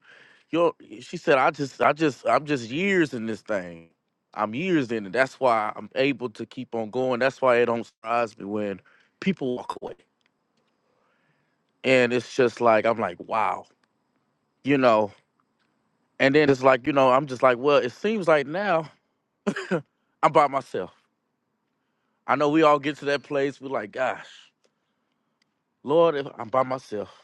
S10: yo, she said, I just, I just, I'm just years in this thing. I'm years in it. That's why I'm able to keep on going. That's why it don't surprise me when people walk away. And it's just like, I'm like, wow, you know. And then it's like, you know, I'm just like, well, it seems like now I'm by myself. I know we all get to that place. We're like, gosh, Lord, if I'm by myself.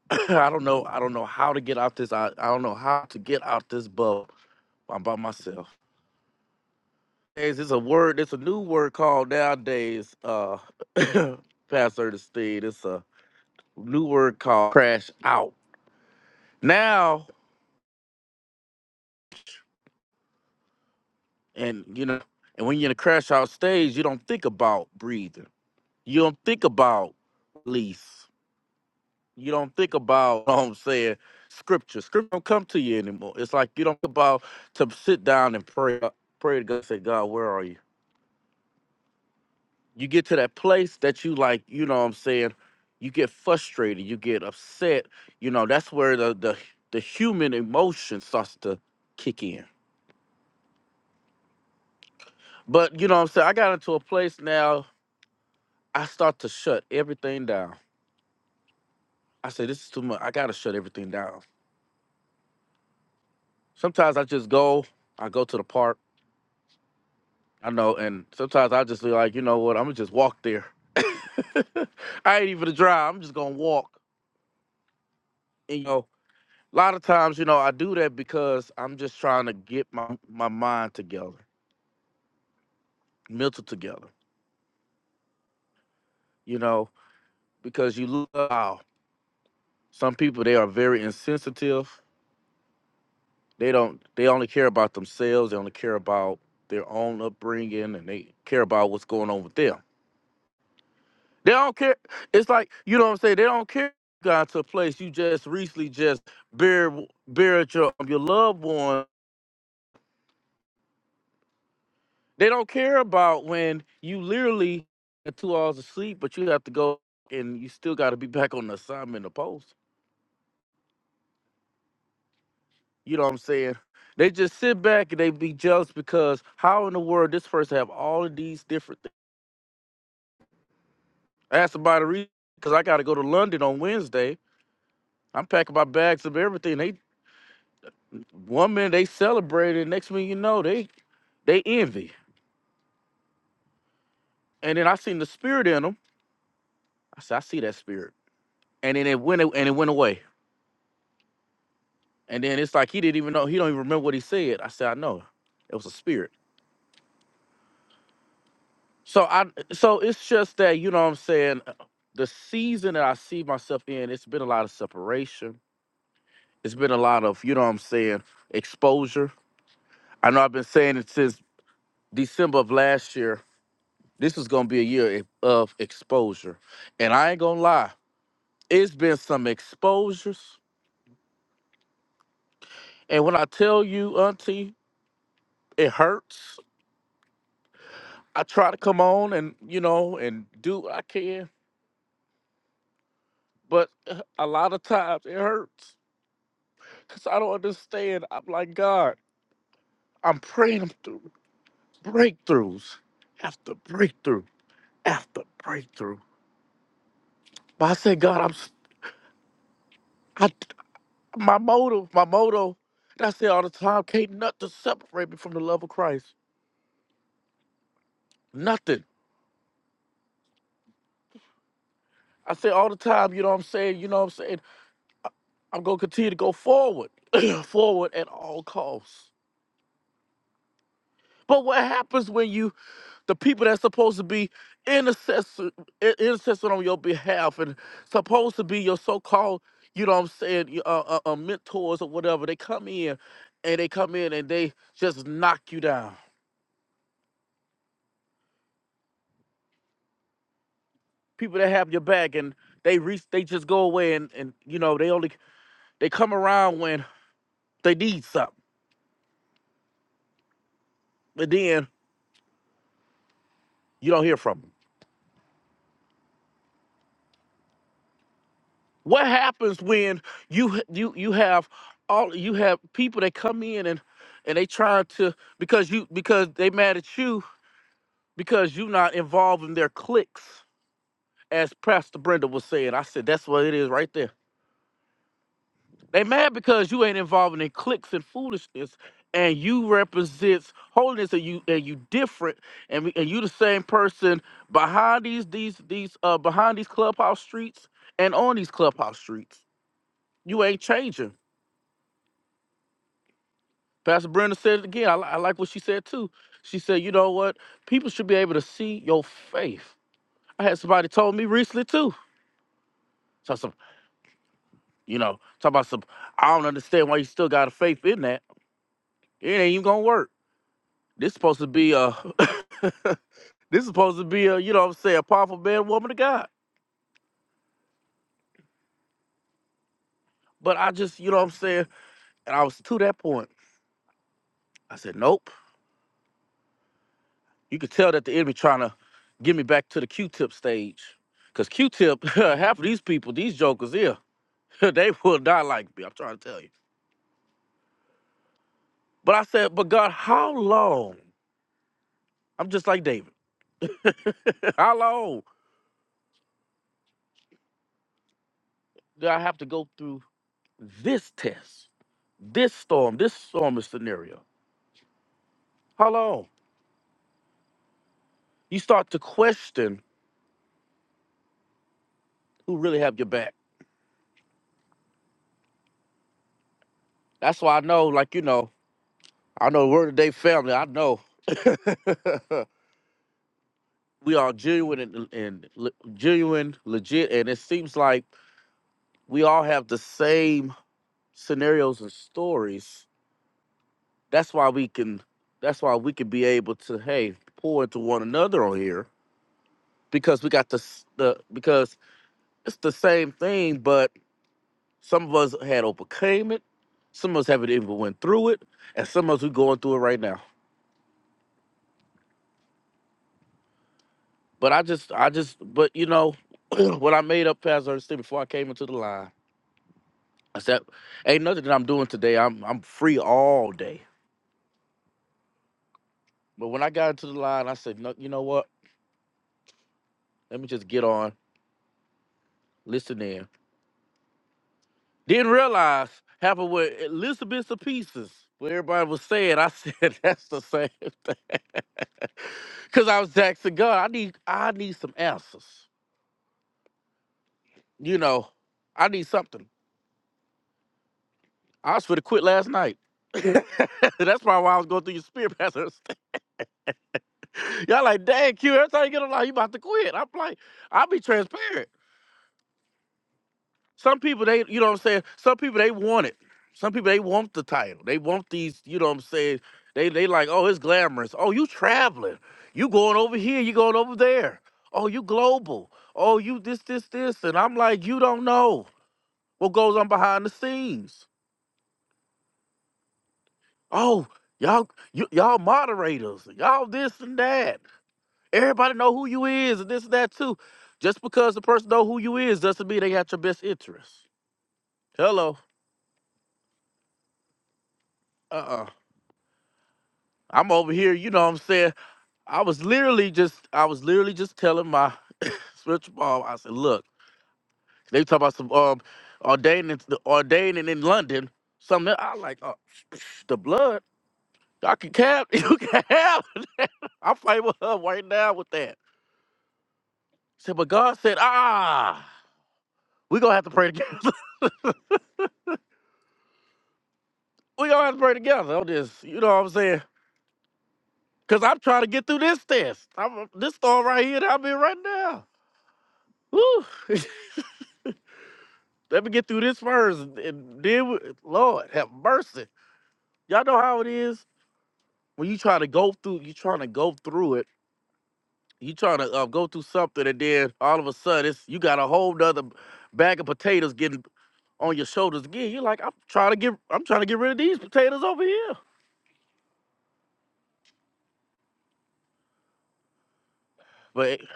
S10: I don't know. I don't know how to get out this. I, I don't know how to get out this bubble I'm by myself. There's it's a word. It's a new word called nowadays. Uh, Pastor Ernestine. It's a new word called crash out. Now, and you know, and when you're in a crash out stage, you don't think about breathing. You don't think about release. You don't think about. You know what I'm saying scripture. Scripture don't come to you anymore. It's like you don't think about to sit down and pray. uh, Pray to God. Say, God, where are you? you get to that place that you like, you know what I'm saying, you get frustrated, you get upset, you know, that's where the the, the human emotion starts to kick in. But you know what I'm saying, I got into a place now, I start to shut everything down. I say this is too much. I gotta shut everything down. Sometimes I just go, I go to the park, I know, and sometimes I just be like, you know what, I'm gonna just walk there. I ain't even a drive, I'm just gonna walk. and you know, a lot of times, you know, I do that because I'm just trying to get my, my mind together, mental together, you know, because you look wow, some people they are very insensitive. They don't they only care about themselves, they only care about their own upbringing and they care about what's going on with them. They don't care. It's like, you know what I'm saying? They don't care you got to a place you just recently just buried buried your your loved one They don't care about when you literally get two hours of sleep, but you have to go and you still got to be back on the assignment or post. You know what I'm saying? They just sit back and they be jealous because how in the world this person have all of these different things? I asked about the reason because I got to go to London on Wednesday. I'm packing my bags of everything. They one minute they celebrated, next minute you know they they envy. And then I seen the spirit in them. I said I see that spirit. And then it went and it went away. And then it's like he didn't even know he don't even remember what he said. I said, I know. It was a spirit. So I so it's just that, you know what I'm saying, uh, the season that I see myself in, it's been a lot of separation. It's been a lot of, you know what I'm saying, exposure. I know I've been saying it since December of last year. This is gonna be a year e, of exposure. And I ain't gonna lie, it's been some exposures. And when I tell you, Auntie, it hurts. I try to come on and, you know, and do what I can but a lot of times it hurts because I don't understand. I'm like, God, I'm praying through breakthroughs after breakthrough after breakthrough. But I said, God, I'm s- I, my motto, my motto, and I say all the time, can't nothing separate me from the love of Christ. Nothing. I say all the time, you know what I'm saying? You know what I'm saying? I- I'm going to continue to go forward, forward at all costs. But what happens when you the people that's supposed to be intercessor, i- intercessor on your behalf and supposed to be your so-called, you know what I'm saying, y- uh, uh, uh, mentors or whatever, they come in and they come in and they just knock you down. People that have your back and they reach, they just go away and, and you know, they only, they come around when they need something, but then you don't hear from 'em. What happens when you you you have all you have people that come in and and they try to because you because they mad at you because you not involved in their cliques as Pastor Brenda was saying. I said that's what it is right there. They mad because you ain't involved in cliques and foolishness and you represents holiness and you and you different and we- and you the same person behind these these these uh behind these clubhouse streets and on these clubhouse streets. You ain't changing Pastor Brenda said it again. I, li- I like what she said too. She said, you know what? People should be able to see your faith. I had somebody told me recently too. So some, you know, talk about some. I don't understand why you still got a faith in that. It ain't even gonna work. This supposed to be a. this supposed to be a, you know, what I'm saying, a powerful man, woman of God. But I just, you know, what I'm saying, and I was to that point. I said, nope. You could tell that the enemy trying to get me back to the Q-tip stage, cause Q-tip, half of these people, these jokers here. they will not like me. I'm trying to tell you. But I said, but God, how long? I'm just like David. how long do I have to go through this test, this storm, this storm of scenario? How long? You start to question who really have your back. That's why I know, like you know, I know we're the day family. I know we are genuine and, and le- genuine, legit, and it seems like we all have the same scenarios and stories That's why we can. That's why we can be able to hey pour into one another on here because we got the s- the because it's the same thing, but some of us had overcame it, some of us haven't even went through it, and some of us we going through it right now. But I just I just but you know what I made up Pastor Ernestine before I came into the line. I said ain't nothing that I'm doing today. I'm I'm free all day. But when I got into the line, I said no, you know what? Let me just get on, listen in Didn't realize happened with Elizabeth of Pieces, where everybody was saying, I said that's the same thing. Cause I was asking God, I need I need some answers. You know, I need something. I was for to quit last night. that's probably why I was going through your spirit pastors. Y'all like, dang, Q, every time you get a lie, you about to quit. I'm like, I'll be transparent. Some people they you know what I'm saying. Some people they want it. Some people they want the title. They want these. You know what I'm saying. They they like oh it's glamorous. Oh you traveling. You going over here. You going over there. Oh you global. Oh you this this this. And I'm like you don't know what goes on behind the scenes. Oh y'all you, y'all moderators. Y'all this and that. Everybody know who you is and this and that too. Just because the person know who you is doesn't mean they got your best interest. Hello. Uh. Uh. I'm over here, you know what I'm saying? I was literally just I was literally just telling my spiritual mom, I said, look, they talk about some um ordaining the ordaining in London, something that I like, oh, the blood. I can cap, you can have. it." I'm fighting with her right now with that. said, but God said, ah, we gonna have to pray together. we gonna have to pray together on this. You know what I'm saying? Cause I'm trying to get through this test. I'm this storm right here that I'm in right now. Woo. Let me get through this first, and then we- Lord have mercy. Y'all know how it is when you trying to go through. You trying to go through it. You trying to uh, go through something, and then all of a sudden, it's, you got a whole nother bag of potatoes getting on your shoulders again. You're like, I'm trying to get, I'm trying to get rid of these potatoes over here. But, hey,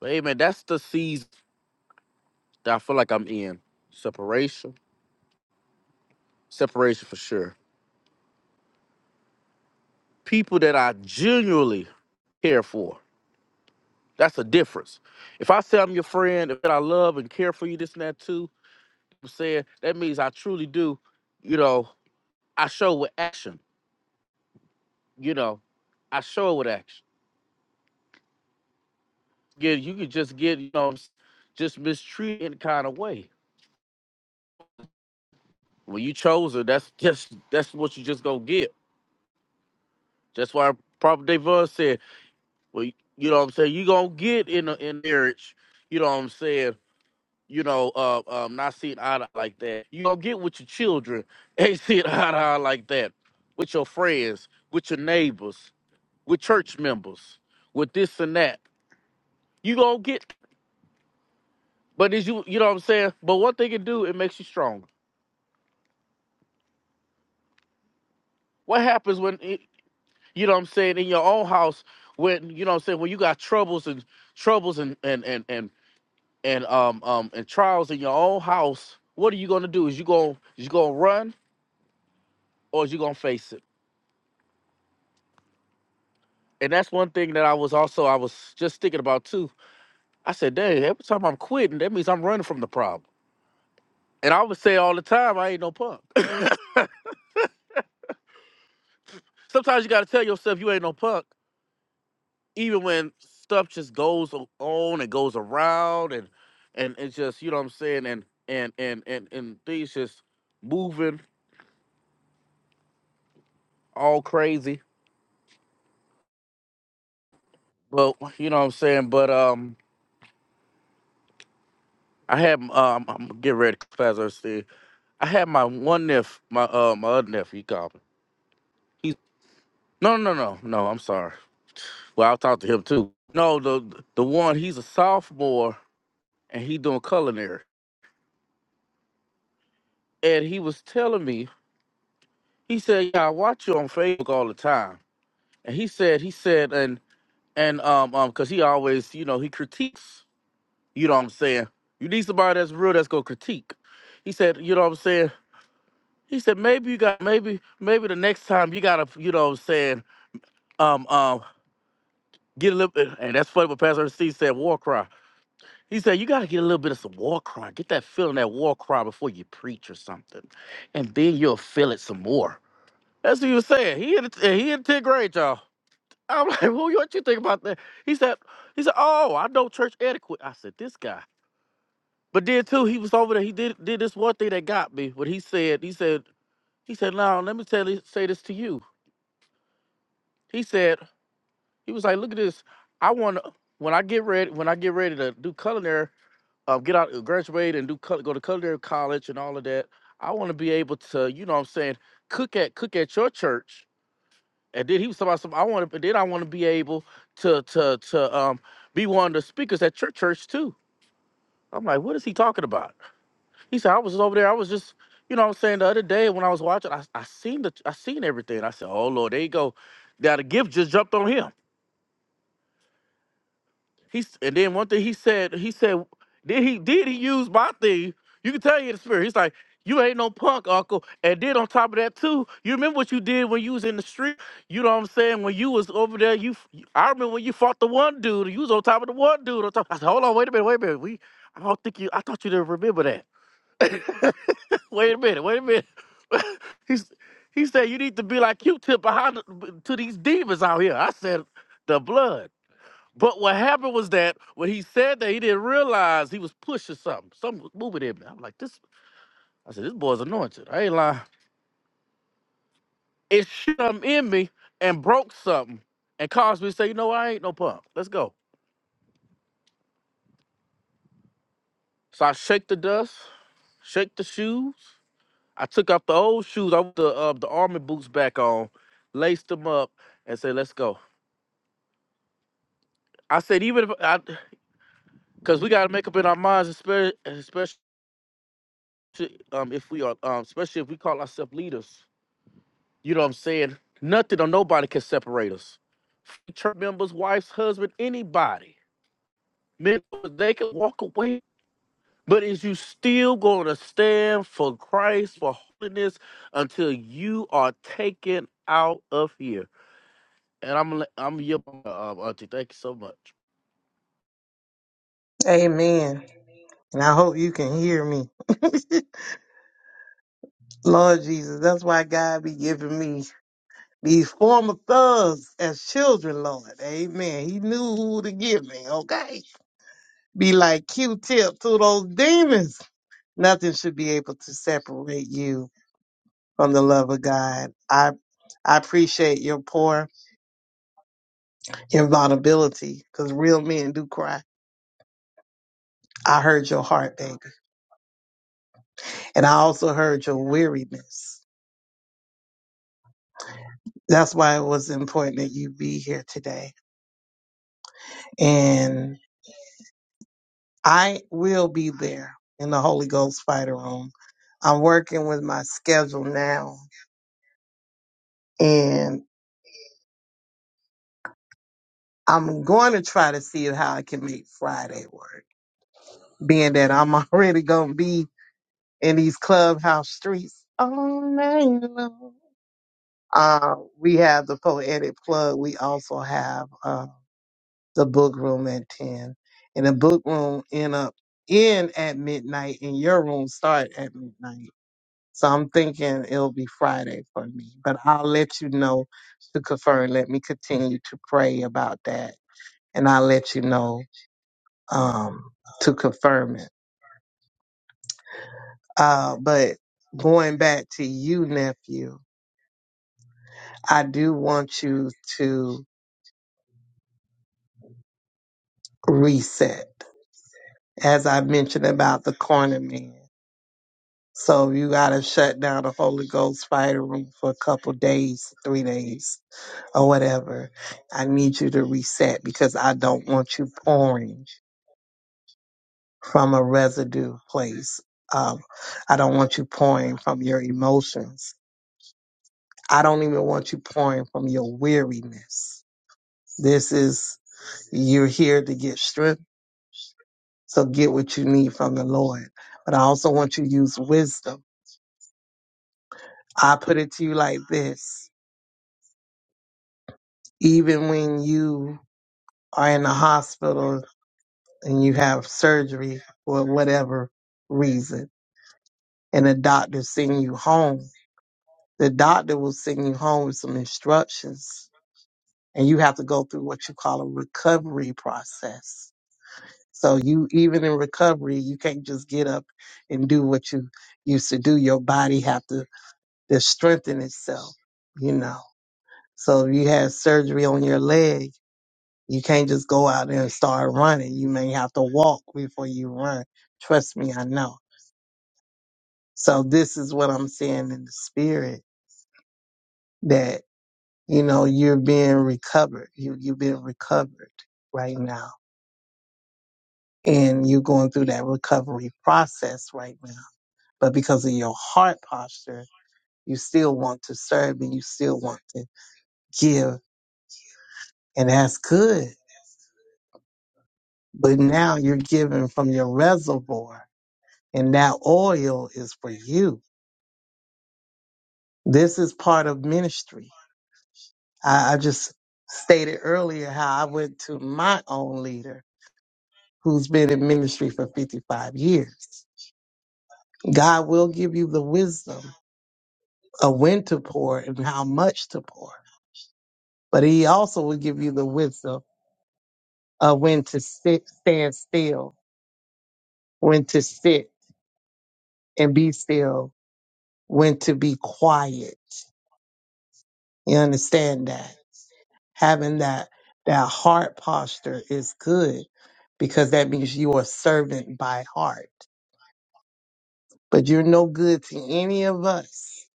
S10: but hey, man, that's the season that I feel like I'm in. Separation, separation for sure. People that I genuinely care for That's a difference. If I say I'm your friend, that I love and care for you, this and that too, I'm saying that means I truly do, you know, I show with action, you know, I show with action. Yeah, you could just get, you know, just mistreated in kind of way. When you chose her, that's just that's what you just gonna get. That's why Prophet Devon said, well, you know what I'm saying, you gonna get in a, in marriage, you know what I'm saying, you know, uh, um, not seeing eye to eye like that. You don't get with your children, ain't seeing eye to eye like that. With your friends, with your neighbors, with church members, with this and that. You gonna get, but is you, you know what I'm saying? But one thing it do, it makes you stronger. What happens when, it, you know what I'm saying, in your own house, when, you know what I'm saying, when you got troubles and troubles and, and, and, and, and, um, um, and trials in your own house, what are you gonna do? Is you gonna, is you gonna run or is you gonna face it? and that's one thing that I was also I was just thinking about too. I said, "Dang, every time I'm quitting, that means I'm running from the problem." And I would say all the time, "I ain't no punk." Sometimes you got to tell yourself you ain't no punk, even when stuff just goes on and goes around, and and it's just you know what I'm saying, and and and and and things just moving all crazy. But you know what I'm saying. But um, I had um, I'm getting ready to class. I said, I had my one nephew, my uh, my other nephew, he called me. He No, no, no, no. I'm sorry. Well, I talked to him too. No, the the one he's a sophomore and he doing culinary, and he was telling me. He said, "Yeah, I watch you on Facebook all the time." And he said, he said, and and um um, cause he always, you know, he critiques. You know what I'm saying? You need somebody that's real that's gonna critique. He said, you know what I'm saying? He said maybe you got maybe maybe the next time you gotta, you know what I'm saying? Um um, get a little, bit, and that's funny. But Pastor C said war cry. He said, You got to get a little bit of some war cry. Get that feeling, that war cry before you preach or something. And then you'll feel it some more. That's what he was saying. He in, the- he in 10th grade, y'all. I'm like, well, what you think about that? He said, he said, oh, I know church etiquette. I said, this guy. But then too, he was over there. He did did this one thing that got me. What he said, he said, he said, now let me tell you, say this to you. He said, he was like, look at this. I want to when I get ready, when I get ready to do culinary, um, get out, graduate, and do cul- go to culinary college and all of that. I want to be able to, you know, what I'm saying, cook at cook at your church. And then he was talking about some. I want to, then I want to be able to to to um be one of the speakers at your church too. I'm like, what is he talking about? He said, I was over there. I was just, you know, what I'm saying the other day when I was watching, I, I seen the I seen everything. I said, oh Lord, there you go. Now the gift just jumped on him. He's and then one thing he said, he said, did he did he use my thing? You can tell he in the spirit. He's like, you ain't no punk, Uncle. And then on top of that too, you remember what you did when you was in the street. You know what I'm saying? When you was over there, you f- I remember when you fought the one dude. You was on top of the one dude. On top. I said, hold on, wait a minute, wait a minute. We I don't think you. I thought you didn't remember that. wait a minute, wait a minute. He's he said you need to be like Q-tip behind the- to these demons out here. I said the blood. But what happened was that when he said that, he didn't realize he was pushing something. Something was moving in me. I'm like, this. I said, this boy's anointed. I ain't lying. It shut something in me and broke something and caused me to say, you know, I ain't no punk. Let's go. So I shake the dust, shake the shoes. I took off the old shoes. I put the uh, the army boots back on, laced them up, and said, let's go. I said, even if I, because we got to make up in our minds, especially, especially um, if we are, um, especially if we call ourselves leaders You know what I'm saying? Nothing or nobody can separate us. Church members, wives, husband, anybody. Men, they can walk away. But is you still going to stand for Christ, for holiness, until you are taken out of here? And I'm, I'm your um, auntie. Thank you so much.
S11: Amen. And I hope you can hear me. Lord Jesus, that's why God be giving me these former thugs as children, Lord. Amen. He knew who to give me, okay? Be like Q-tip to those demons. Nothing should be able to separate you from the love of God. I I appreciate your poor invulnerability because real men do cry. I heard your heart, baby. And I also heard your weariness. That's why it was important that you be here today. And I will be there in the Holy Ghost Fighter Room. I'm working with my schedule now, and I'm going to try to see how I can make Friday work, being that I'm already going to be in these clubhouse streets all night long. Uh, we have the Poetic Plug. We also have uh, the book room at 10 and the book room end up in at midnight and your room start at midnight so i'm thinking it'll be friday for me but i'll let you know to confirm let me continue to pray about that and i'll let you know um to confirm it uh but going back to you nephew i do want you to reset as i mentioned about the corner man So you gotta shut down the Holy Ghost fire room for a couple days, three days, or whatever. I need you to reset because I don't want you pouring from a residue place. Um, I don't want you pouring from your emotions. I don't even want you pouring from your weariness. This is you're here to get strength, so get what you need from the Lord. But I also want you to use wisdom. I put it to you like this: even when you are in the hospital and you have surgery for whatever reason, and the doctor send you home, the doctor will send you home with some instructions, and you have to go through what you call a recovery process. So you even in recovery, you can't just get up and do what you used to do. Your body have to, to strengthen itself, you know. So if you had surgery on your leg You can't just go out there and start running. You may have to walk before you run. Trust me, I know. So this is what I'm saying in the spirit that, you know, you're being recovered. You, you've been recovered right now and you're going through that recovery process right now. But because of your heart posture, you still want to serve and you still want to give. And that's good. But now you're giving from your reservoir and that oil is for you This is part of ministry. I, I just stated earlier how I went to my own leader who's been in ministry for 55 years. God will give you the wisdom of when to pour and how much to pour, but He also will give you the wisdom of when to sit, stand still, when to sit and be still, when to be quiet. You understand that? having that that heart posture is good because that means you are servant by heart. But you're no good to any of us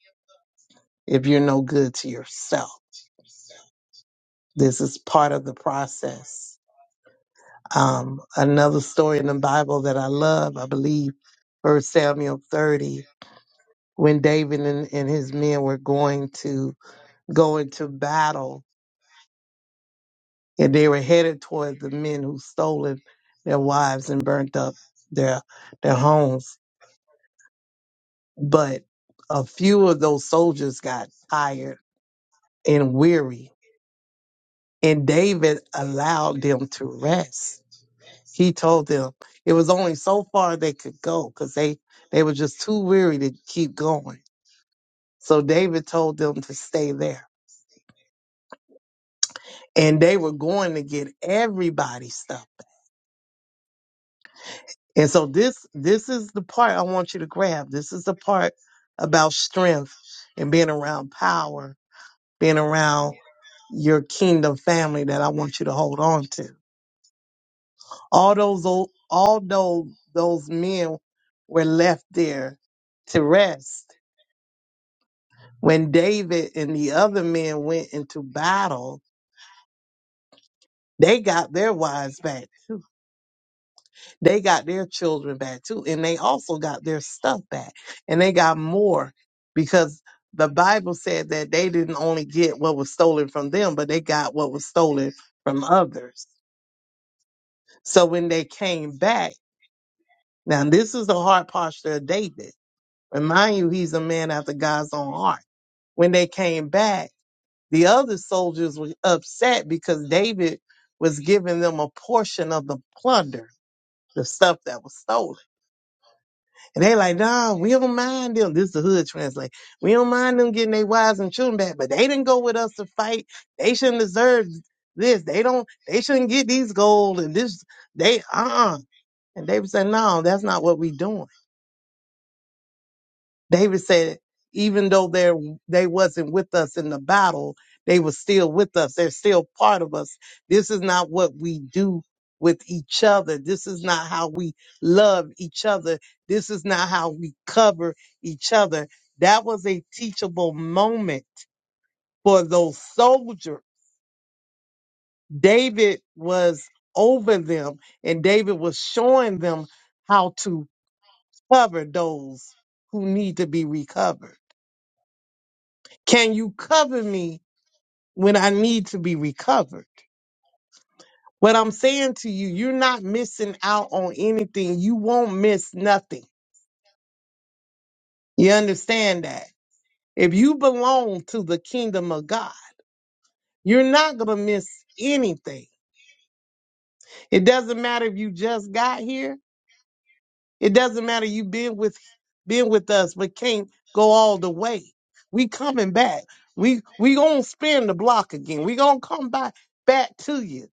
S11: if you're no good to yourself. This is part of the process. Um, another story in the Bible that I love, I believe, First Samuel 30, when David and, and his men were going to go into battle and they were headed toward the men who stolen their wives and burnt up their their homes. But a few of those soldiers got tired and weary, and David allowed them to rest. He told them it was only so far they could go because they they were just too weary to keep going. So David told them to stay there, and they were going to get everybody's stuff And so this this is the part I want you to grab. This is the part about strength and being around power, being around your kingdom family that I want you to hold on to. All those old, although those men were left there to rest when David and the other men went into battle, they got their wives back. They got their children back too, and they also got their stuff back, and they got more because the Bible said that they didn't only get what was stolen from them, but they got what was stolen from others. So when they came back, now this is the heart posture of David. Remind you, he's a man after God's own heart. When they came back, the other soldiers were upset because David was giving them a portion of the plunder, the stuff that was stolen. And they like, nah, we don't mind them. This is the hood translate. We don't mind them getting their wives and children back, but they didn't go with us to fight. They shouldn't deserve this. They don't. They shouldn't get these gold and this. They uh uh And they would say, no, that's not what we doing. David said, even though they they wasn't with us in the battle, they were still with us. They're still part of us. This is not what we do with each other. This is not how we love each other. This is not how we cover each other. That was a teachable moment for those soldiers. David was over them and David was showing them how to cover those who need to be recovered. Can you cover me when I need to be recovered. What I'm saying to you, you're not missing out on anything. You won't miss nothing. You understand that? If you belong to the kingdom of God, you're not going to miss anything. It doesn't matter if you just got here. It doesn't matter you been with been with us but can't go all the way. We coming back. We we going to spin the block again. We going to come back back to you.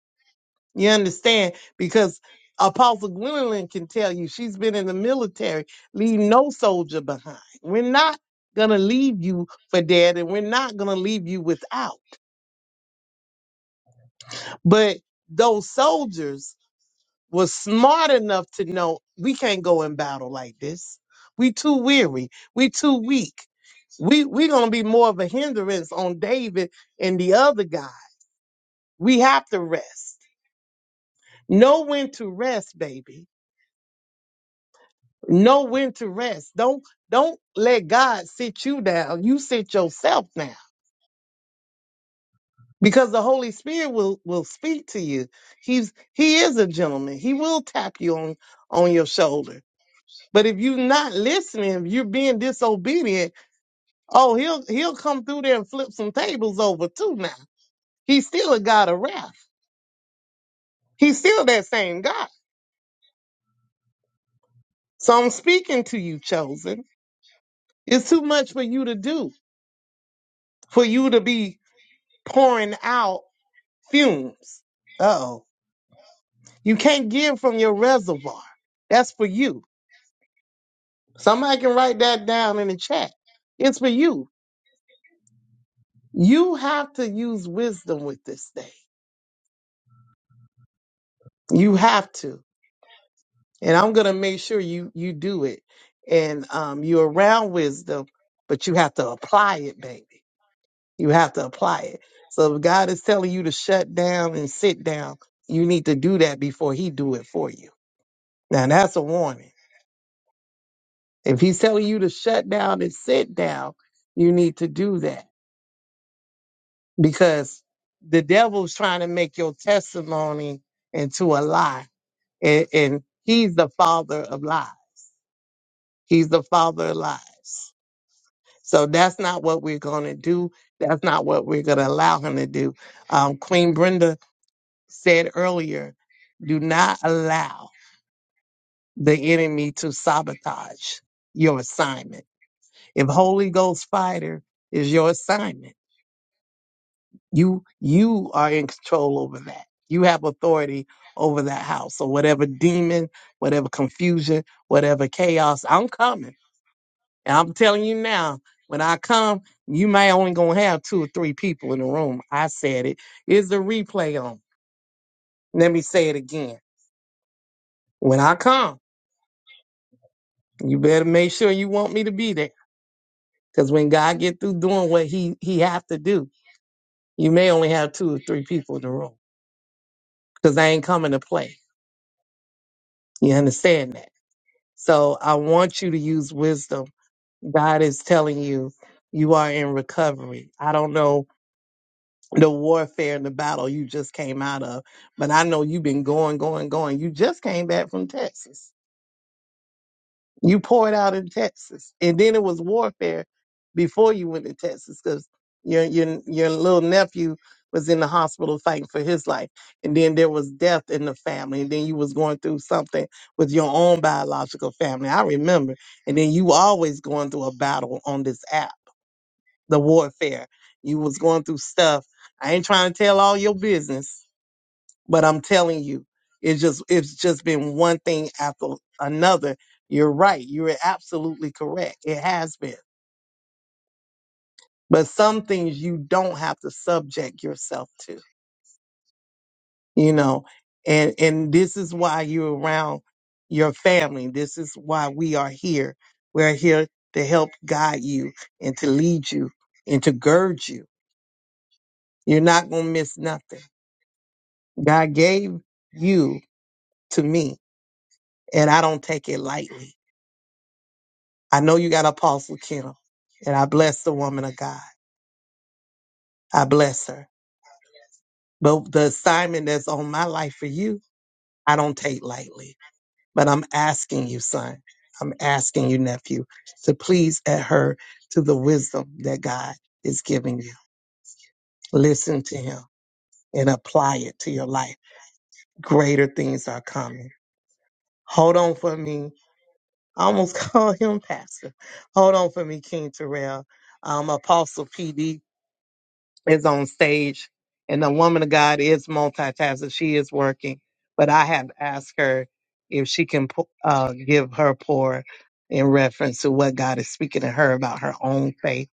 S11: You understand? Because Apostle Gwendolyn can tell you she's been in the military, leave no soldier behind. We're not gonna leave you for dead, and we're not gonna leave you without. But those soldiers were smart enough to know we can't go in battle like this. We too weary. We too weak. We we're gonna be more of a hindrance on David and the other guy. We have to rest. Know when to rest, baby Know when to rest. Don't don't let God sit you down. You sit yourself down. Because the Holy Spirit will will speak to you. He's he is a gentleman. He will tap you on on your shoulder. But if you're not listening, if you're being disobedient, oh, he'll he'll come through there and flip some tables over too now. He's still a God of wrath. He's still that same God. So I'm speaking to you, chosen. It's too much for you to do, for you to be pouring out fumes. Oh, you can't give from your reservoir. That's for you. Somebody can write that down in the chat. It's for you. You have to use wisdom with this thing. You have to, and I'm gonna make sure you you do it. And um, you're around wisdom, but you have to apply it, baby. You have to apply it. So if God is telling you to shut down and sit down, you need to do that before He do it for you. Now that's a warning If he's telling you to shut down and sit down, you need to do that because the devil's trying to make your testimony into a lie. And, and he's the father of lies. He's the father of lies. So that's not what we're going to do. That's not what we're going to allow him to do. Um, Queen Brenda said earlier, do not allow the enemy to sabotage your assignment. If Holy Ghost fighter is your assignment, You you are in control over that. You have authority over that house. So whatever demon, whatever confusion, whatever chaos, I'm coming. And I'm telling you now, when I come, you may only gonna have two or three people in the room. I said it. Is the replay on? Let me say it again. When I come, you better make sure you want me to be there. Because when God get through doing what he he have to do, you may only have two or three people in the room. Because I ain't coming to play. You understand that? So I want you to use wisdom. God is telling you, you are in recovery. I don't know the warfare and the battle you just came out of, but I know you've been going, going, going. You just came back from Texas. You poured out in Texas, and then it was warfare before you went to Texas because your your your little nephew was in the hospital fighting for his life, and then there was death in the family, and then you was going through something with your own biological family. I remember, and then you always going through a battle on this app, the warfare. You was going through stuff. I ain't trying to tell all your business, but I'm telling you, it's just it's just been one thing after another. You're right. You're absolutely correct. It has been. But some things you don't have to subject yourself to, you know. And and this is why you're around your family. This is why we are here. We're here to help guide you and to lead you and to gird you. You're not gonna miss nothing. God gave you to me, and I don't take it lightly. I know you got Apostle Kittle, and I bless the woman of God. I bless her. But the assignment that's on my life for you, I don't take lightly. But I'm asking you, son, I'm asking you, nephew, to please adhere to the wisdom that God is giving you. Listen to him and apply it to your life. Greater things are coming. Hold on for me. I almost call him pastor. Hold on for me, King Terrell. Um, Apostle PD. is on stage and the woman of God is multitasking. She is working, but I have asked her if she can po- uh, give her pour in reference to what God is speaking to her about her own faith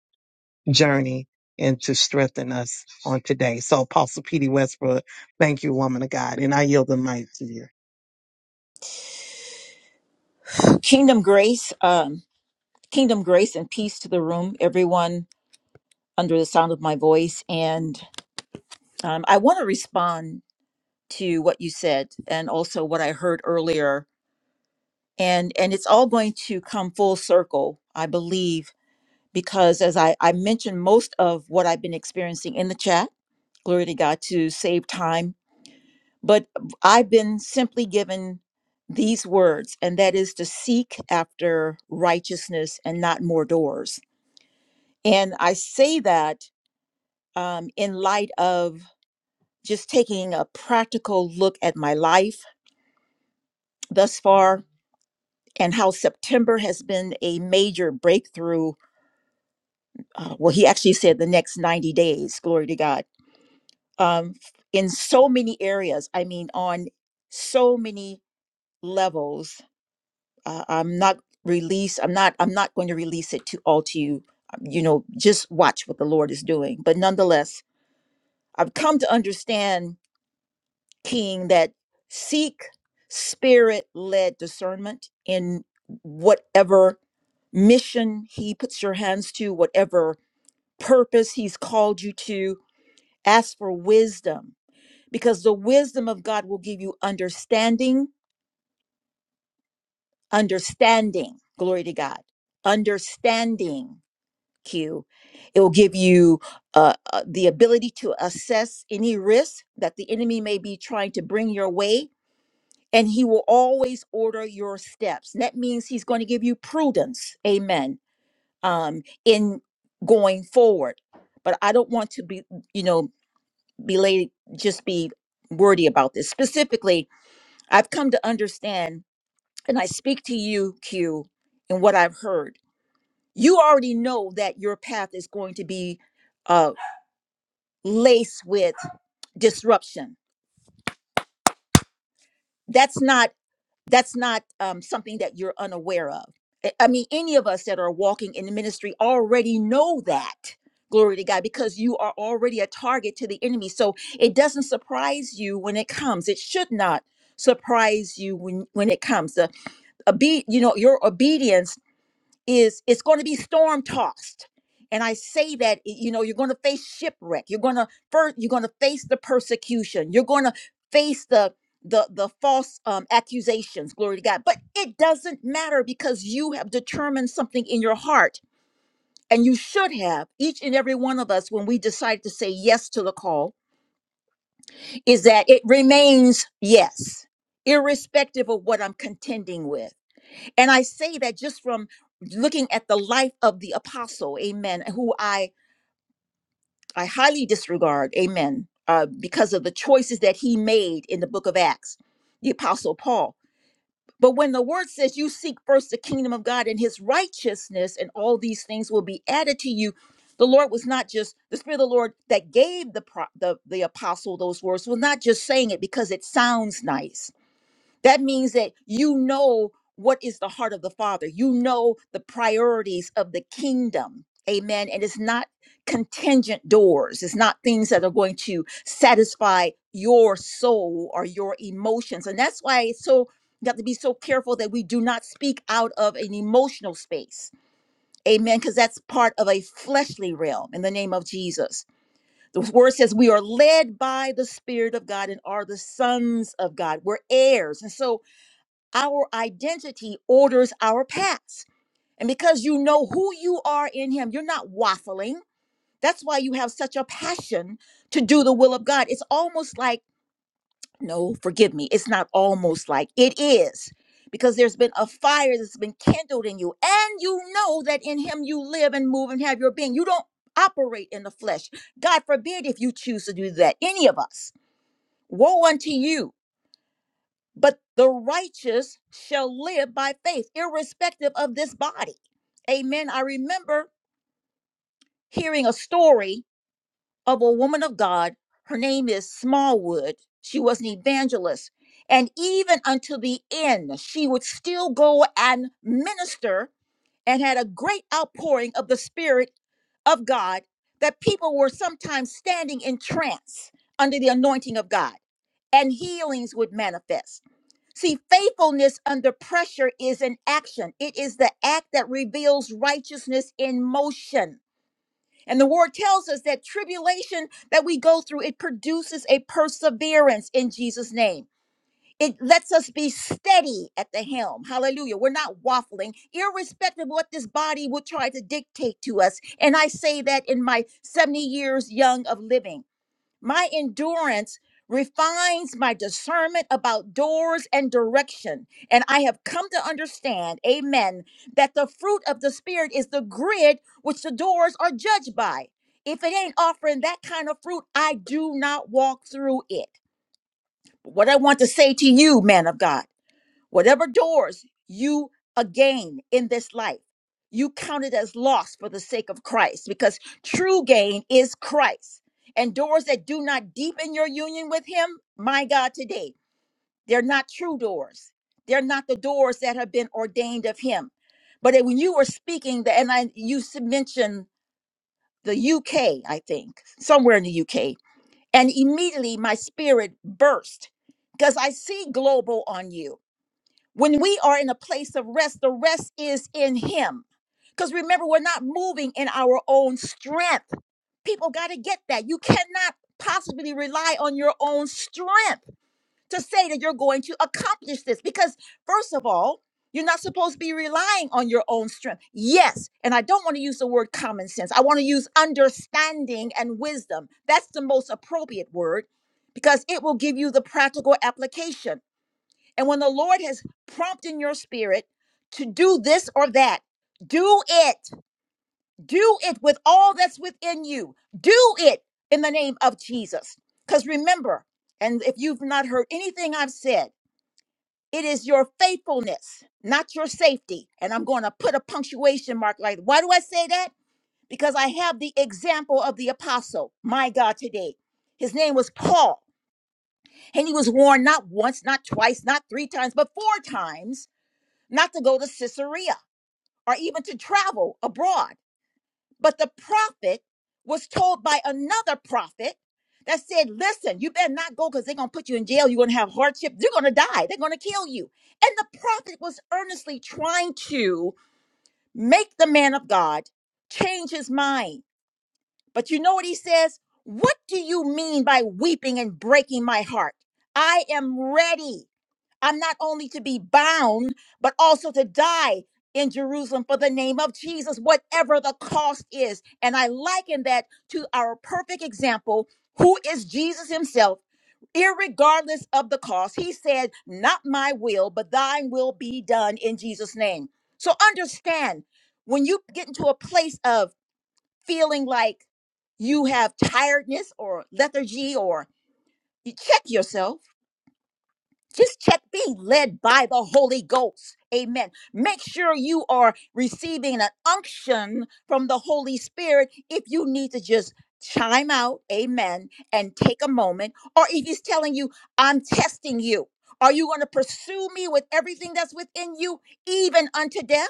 S11: journey and to strengthen us on today. So Apostle P.D. Westbrook, thank you, woman of God. And I yield the mic to you.
S12: Kingdom grace, um, kingdom grace and peace to the room, everyone under the sound of my voice. And um, I want to respond to what you said and also what I heard earlier. And, and it's all going to come full circle, I believe, because as I, I mentioned, most of what I've been experiencing in the chat, glory to God, to save time. But I've been simply given these words, and that is to seek after righteousness and not more doors And I say that um, in light of just taking a practical look at my life thus far and how September has been a major breakthrough. Uh, well, he actually said the next 90 days, glory to God, um, in so many areas. I mean, on so many levels. Uh, I'm not release i'm not i'm not going to release it to all to you Um, you know just watch what the lord is doing but nonetheless i've come to understand king that seek spirit led discernment in whatever mission he puts your hands to, whatever purpose he's called you to. Ask for wisdom because the wisdom of God will give you understanding, understanding. Glory to God. Understanding, Q. It will give you uh, uh, the ability to assess any risk that the enemy may be trying to bring your way and he will always order your steps. That means he's going to give you prudence, amen, um, in going forward. But I don't want to be, you know, be late, just be wordy about this. Specifically, I've come to understand, and I speak to you, Q, and what I've heard. You already know that your path is going to be uh, laced with disruption. That's not that's not um, something that you're unaware of. I I mean, any of us that are walking in the ministry already know that. Glory to God, because you are already a target to the enemy. So it doesn't surprise you when it comes. It should not surprise you when when it comes. The obe- you know, your obedience is it's going to be storm tossed and i say that you know you're going to face shipwreck you're going to first you're going to face the persecution you're going to face the the the false um, accusations glory to god but it doesn't matter because you have determined something in your heart and you should have each and every one of us when we decide to say yes to the call is that it remains yes irrespective of what i'm contending with and I say that just from looking at the life of the apostle, amen, who I, I highly disregard, amen, uh, because of the choices that he made in the book of Acts, the apostle Paul. But when the word says you seek first the kingdom of God and his righteousness, and all these things will be added to you, the Lord was not just the Spirit of the Lord that gave the, pro- the the apostle those words was not just saying it because it sounds nice that means that you know what is the heart of the Father. You know the priorities of the kingdom. Amen. And it's not contingent doors, it's not things that are going to satisfy your soul or your emotions. And that's why it's so, you have to be so careful that we do not speak out of an emotional space. Amen. Because that's part of a fleshly realm in the name of Jesus. The word says we are led by the Spirit of God and are the sons of God. We're heirs. And so, our identity orders our paths. And because you know who you are in Him, you're not waffling. That's why you have such a passion to do the will of God. It's almost like, no, forgive me, it's not almost like, it is. Because there's been a fire that's been kindled in you, and you know that in Him you live and move and have your being. You don't operate in the flesh. God forbid if you choose to do that, any of us. Woe unto you but the righteous shall live by faith, irrespective of this body. Amen. I remember hearing a story of a woman of God. Her name is Smallwood. She was an evangelist. And even until the end, she would still go and minister and had a great outpouring of the Spirit of God that people were sometimes standing in trance under the anointing of God and healings would manifest. See, faithfulness under pressure is an action. It is the act that reveals righteousness in motion. And the word tells us that tribulation that we go through, it produces a perseverance in Jesus' name. It lets us be steady at the helm. Hallelujah. We're not waffling, irrespective of what this body will try to dictate to us. And I say that in my 70 years young of living. My endurance refines my discernment about doors and direction. And I have come to understand, amen, that the fruit of the Spirit is the grid which the doors are judged by. If it ain't offering that kind of fruit, I do not walk through it. What I want to say to you, man of God. Whatever doors you uh, gain in this life, you count it as loss for the sake of Christ, because true gain is Christ. And doors that do not deepen your union with Him, my God, today, they're not true doors. They're not the doors that have been ordained of Him. But when you were speaking, the- and I, you s- mentioned the UK, I think, somewhere in the UK, and immediately my spirit burst because I see global on you. When we are in a place of rest, the rest is in Him. Because remember, we're not moving in our own strength. People got to get that. You cannot possibly rely on your own strength to say that you're going to accomplish this. Because, first of all, you're not supposed to be relying on your own strength. Yes, and I don't want to use the word common sense. I want to use understanding and wisdom. That's the most appropriate word because it will give you the practical application and when the Lord has prompted your spirit to do this or that, do it. Do it with all that's within you. Do it in the name of Jesus. Because remember, and if you've not heard anything I've said, it is your faithfulness, not your safety. And I'm going to put a punctuation mark like, why do I say that? Because I have the example of the apostle, my God, today. His name was Paul, and he was warned not once, not twice, not three times, but four times not to go to Caesarea or even to travel abroad. But the prophet was told by another prophet that said, Listen, you better not go because they're going to put you in jail. You're going to have hardship. You're going to die. They're going to kill you. And the prophet was earnestly trying to make the man of God change his mind. But you know what he says? What do you mean by weeping and breaking my heart? I am ready. I'm not only to be bound, but also to die in Jerusalem for the name of Jesus, whatever the cost is. And I liken that to our perfect example, who is Jesus himself, irregardless of the cost. He said, Not my will, but thine will be done in Jesus' name. So understand when you get into a place of feeling like you have tiredness or lethargy, or you check yourself just check being led by the Holy Ghost. Amen. Make sure you are receiving an unction from the Holy Spirit if you need to just chime out, amen, and take a moment. Or if He's telling you, I'm testing you. Are you going to pursue me with everything that's within you, even unto death?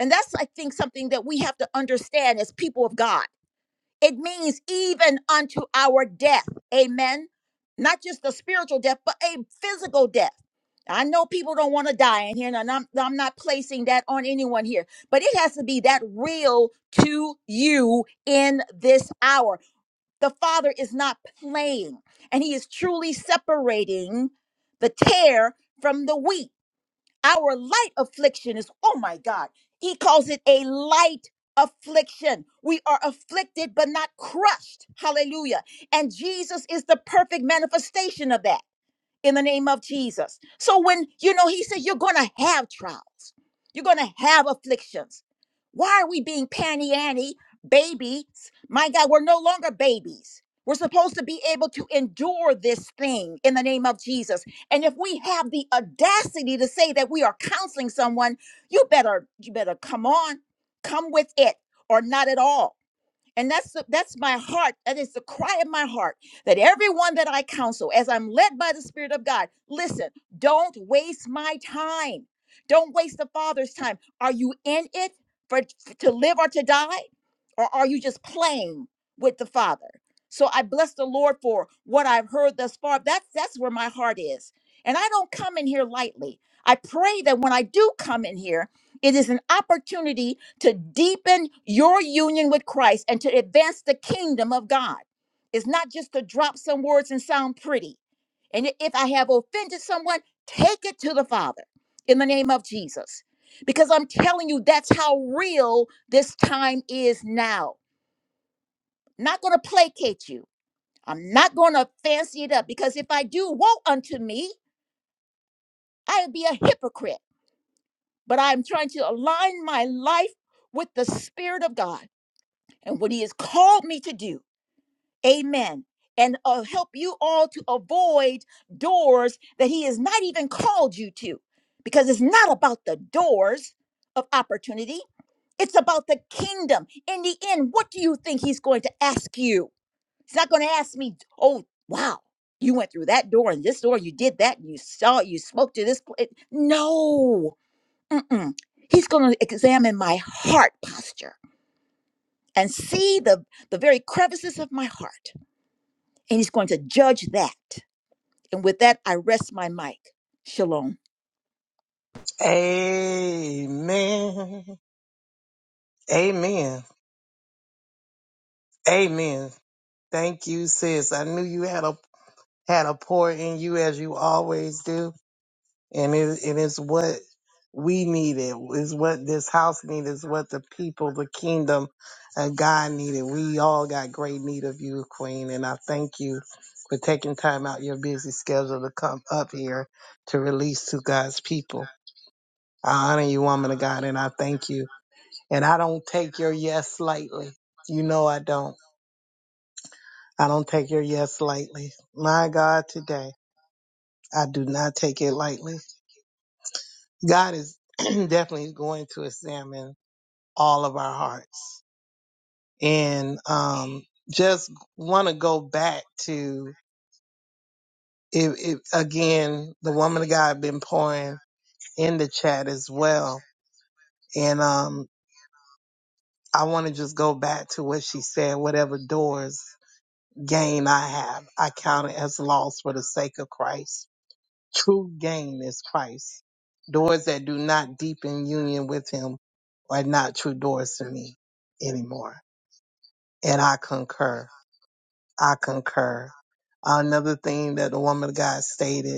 S12: And that's, I think, something that we have to understand as people of God. It means even unto our death. Amen. Not just the spiritual death, but a physical death I know people don't want to die in here, and I'm, I'm not placing that on anyone here, but it has to be that real to you in this hour. The Father is not playing, and He is truly separating the tear from the wheat. Our light affliction is, oh my God, He calls it a light affliction. We are afflicted, but not crushed. Hallelujah. And Jesus is the perfect manifestation of that in the name of Jesus. So when you know he said you're going to have trials. You're going to have afflictions. Why are we being panny anny babies? My God, we're no longer babies. We're supposed to be able to endure this thing in the name of Jesus. And if we have the audacity to say that we are counseling someone, you better you better come on, come with it or not at all. And that's the- that's my heart. That is the cry of my heart. That everyone that I counsel, as I'm led by the Spirit of God, listen. Don't waste my time. Don't waste the Father's time. Are you in it for to live or to die, or are you just playing with the Father? So I bless the Lord for what I've heard thus far. That's that's where my heart is, and I don't come in here lightly. I pray that when I do come in here, it is an opportunity to deepen your union with Christ and to advance the kingdom of God. It's not just to drop some words and sound pretty. And i- if I have offended someone, take it to the Father in the name of Jesus. Because I'm telling you, that's how real this time is now. Not going to placate you. I'm not going to fancy it up because if I do, woe unto me, I would be a hypocrite. But I'm trying to align my life with the Spirit of God and what He has called me to do Amen. And uh, help you all to avoid doors that He has not even called you to, because it's not about the doors of opportunity. It's about the kingdom. In the end, what do you think He's going to ask you? He's not going to ask me, oh, wow, you went through that door and this door, you did that, and you saw, you spoke to this place. No. Mm-mm. He's going to examine my heart posture and see the, the very crevices of my heart and he's going to judge that. And with that, I rest my mic. Shalom.
S1: Amen. Amen. Amen. Thank you, sis. I knew you had a had a pour in you as you always do. And it, it is what we needed, is what this house needed, is what the people, the kingdom of God needed. We all got great need of you, Queen. And I thank you for taking time out your busy schedule to come up here to release to God's people. I honor you, woman of God, and I thank you. And I don't take your yes lightly. You know I don't. I don't take your yes lightly. My God, today, I do not take it lightly. God is definitely going to examine all of our hearts. And um, just want to go back to, it, it, again, the woman of God been pouring in the chat as well. And um, I want to just go back to what she said, whatever doors gain I have, I count it as loss for the sake of Christ. True gain is Christ. Doors that do not deepen union with Him are not true doors to me anymore. And I concur. I concur. Another thing that the woman of God stated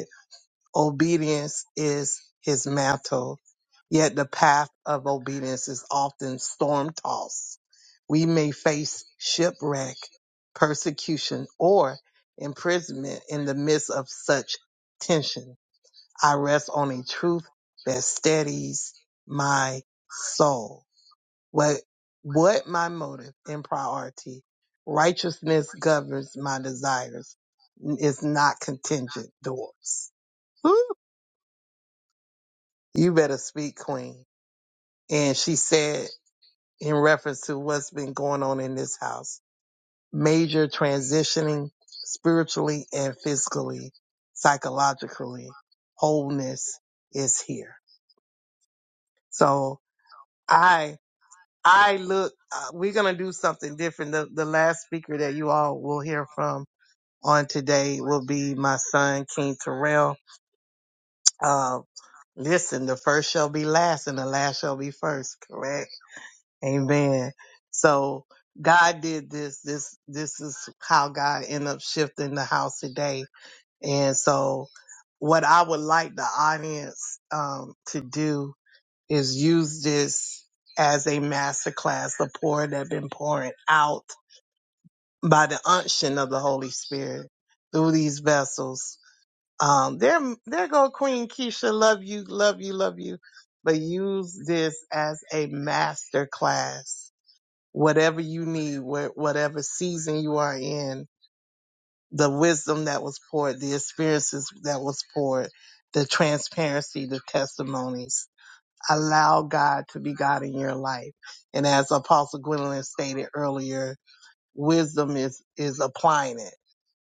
S1: Obedience is his mantle, yet the path of obedience is often storm tossed. We may face shipwreck, persecution, or imprisonment in the midst of such tension. I rest on a truth that steadies my soul. What, what my motive and priority? Righteousness governs my desires. It's not contingent doors. You better speak, Queen. And she said, in reference to what's been going on in this house, major transitioning spiritually and physically, psychologically, wholeness is here. So I, I look, uh, we're going to do something different. The, the last speaker that you all will hear from on today will be my son, King Terrell. Uh, listen, the first shall be last and the last shall be first, correct? Amen. So God did this. This this is how God ended up shifting the house today. And so what I would like the audience um, to do is use this as a masterclass. the pour that been pouring out by the unction of the Holy Spirit through these vessels. Um, there, there go Queen Keisha. Love you, love you, love you. But use this as a masterclass whatever you need, wh- whatever season you are in, the wisdom that was poured, the experiences that was poured, the transparency, the testimonies. Allow God to be God in your life. And as Apostle Gwendolyn stated earlier, wisdom is, is applying it.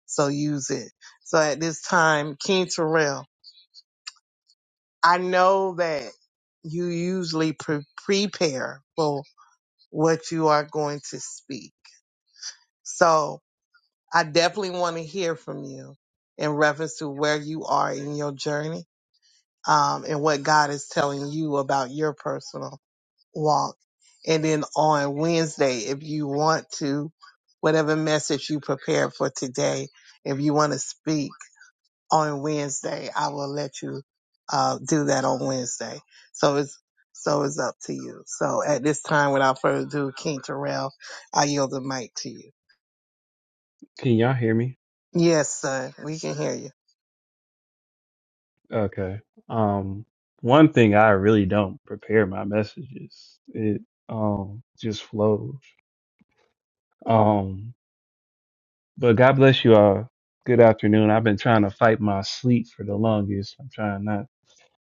S1: So use it. So at this time, King Terrell, I know that you usually pre- prepare for what you are going to speak. So I definitely want to hear from you in reference to where you are in your journey um, and what God is telling you about your personal walk. And then on Wednesday, if you want to, whatever message you prepared for today, if you want to speak on Wednesday, I will let you uh, do that on Wednesday. So it's so it's up to you. So at this time, without further ado, King Terrell, I yield the mic to you.
S13: Can y'all hear me?
S1: Yes, son, we can hear you.
S13: Okay. Um, one thing I really don't prepare my messages. It um just flows. Um, but God bless you all. Good afternoon. I've been trying to fight my sleep for the longest. I'm trying not.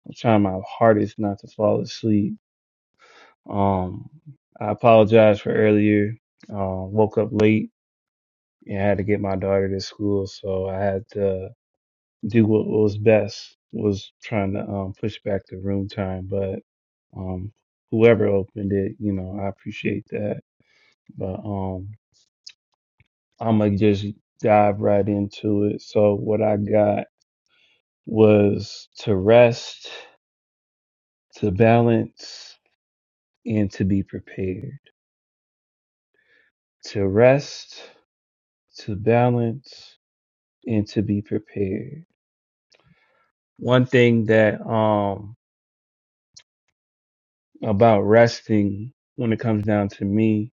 S13: I'm trying my hardest not to fall asleep. Um, I apologize for earlier. Um, woke up late and had to get my daughter to school, so I had to. do what was best was trying to um, push back the room time, but um, whoever opened it, you know, I appreciate that. But um, I'm gonna just dive right into it. So what I got was to rest, to balance, and to be prepared. To rest, to balance, and to be prepared. One thing that um about resting when it comes down to me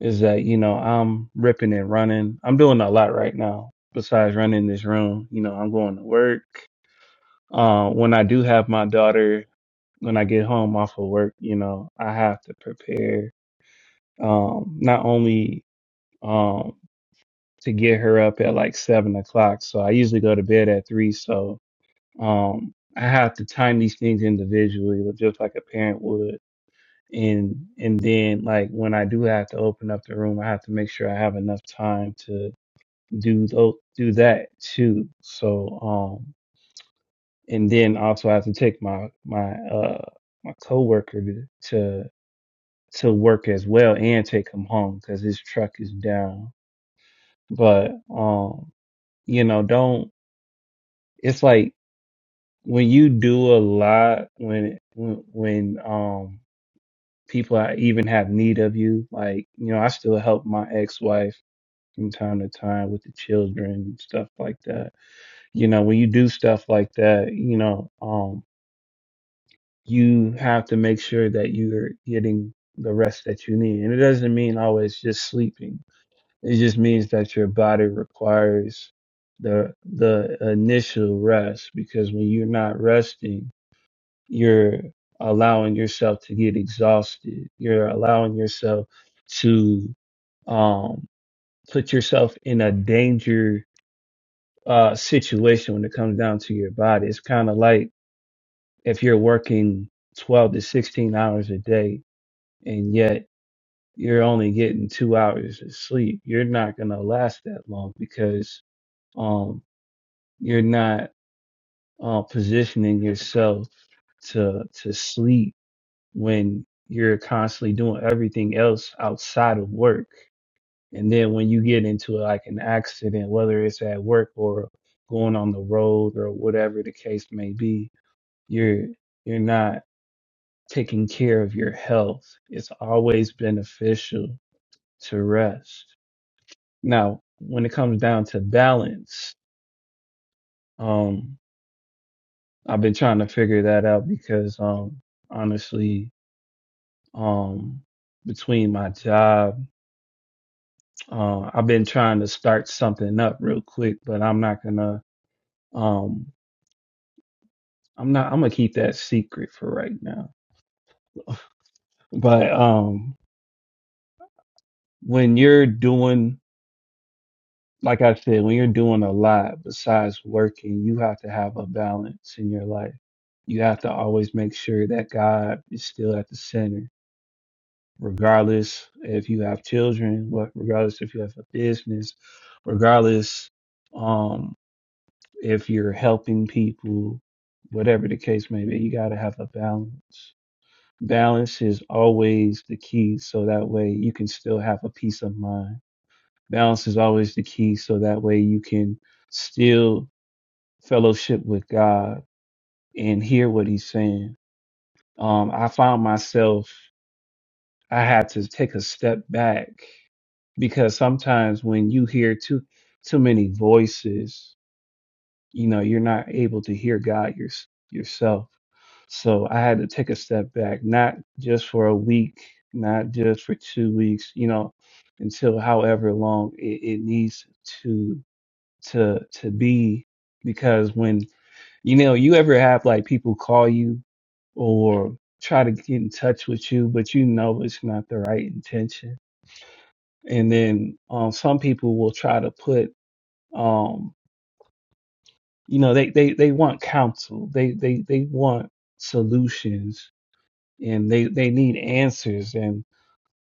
S13: is that you know I'm ripping and running. I'm doing a lot right now besides running this room. You know, I'm going to work. Uh, when I do have my daughter, when I get home off of work, you know, I have to prepare um, not only um, to get her up at like seven o'clock. So I usually go to bed at three. So um, I have to time these things individually, like, just like a parent would. And and then like when I do have to open up the room, I have to make sure I have enough time to. do those, do that too. So, um, and then also I have to take my my uh my coworker to to, to work as well and take him home because his truck is down. But um, you know, don't. It's like when you do a lot when when when um people I even have need of you. Like you know, I still help my ex wife from time to time with the children and stuff like that you know when you do stuff like that you know um you have to make sure that you're getting the rest that you need and it doesn't mean always just sleeping it just means that your body requires the the initial rest because when you're not resting you're allowing yourself to get exhausted you're allowing yourself to um put yourself in a danger uh situation when it comes down to your body it's kind of like if you're working 12 to 16 hours a day and yet you're only getting two hours of sleep, you're not going to last that long because um, you're not uh, positioning yourself to to sleep when you're constantly doing everything else outside of work. And then when you get into like an accident, whether it's at work or going on the road or whatever the case may be, you're you're not taking care of your health. It's always beneficial to rest. Now, when it comes down to balance, um, I've been trying to figure that out because, um, honestly, um, between my job, uh, I've been trying to start something up real quick, but I'm not gonna, um, I'm not, I'm gonna keep that secret for right now. But, um, when you're doing like I said, when you're doing a lot besides working, you have to have a balance in your life. You have to always make sure that God is still at the center, regardless if you have children, what regardless if you have a business, regardless um if you're helping people, whatever the case may be, you gotta have a balance. Balance is always the key, so that way you can still have a peace of mind Balance is always the key, so that way you can still fellowship with God and hear what He's saying. Um, I found myself, I had to take a step back because sometimes when you hear too too many voices, you know, you're not able to hear God your, yourself. So I had to take a step back, not just for a week, not just for two weeks, you know, until however long it, it needs to. to to be because when you know you ever have like people call you or try to get in touch with you but you know it's not the right intention and then um some people will try to put um you know they they they want counsel they they they want solutions and they they need answers and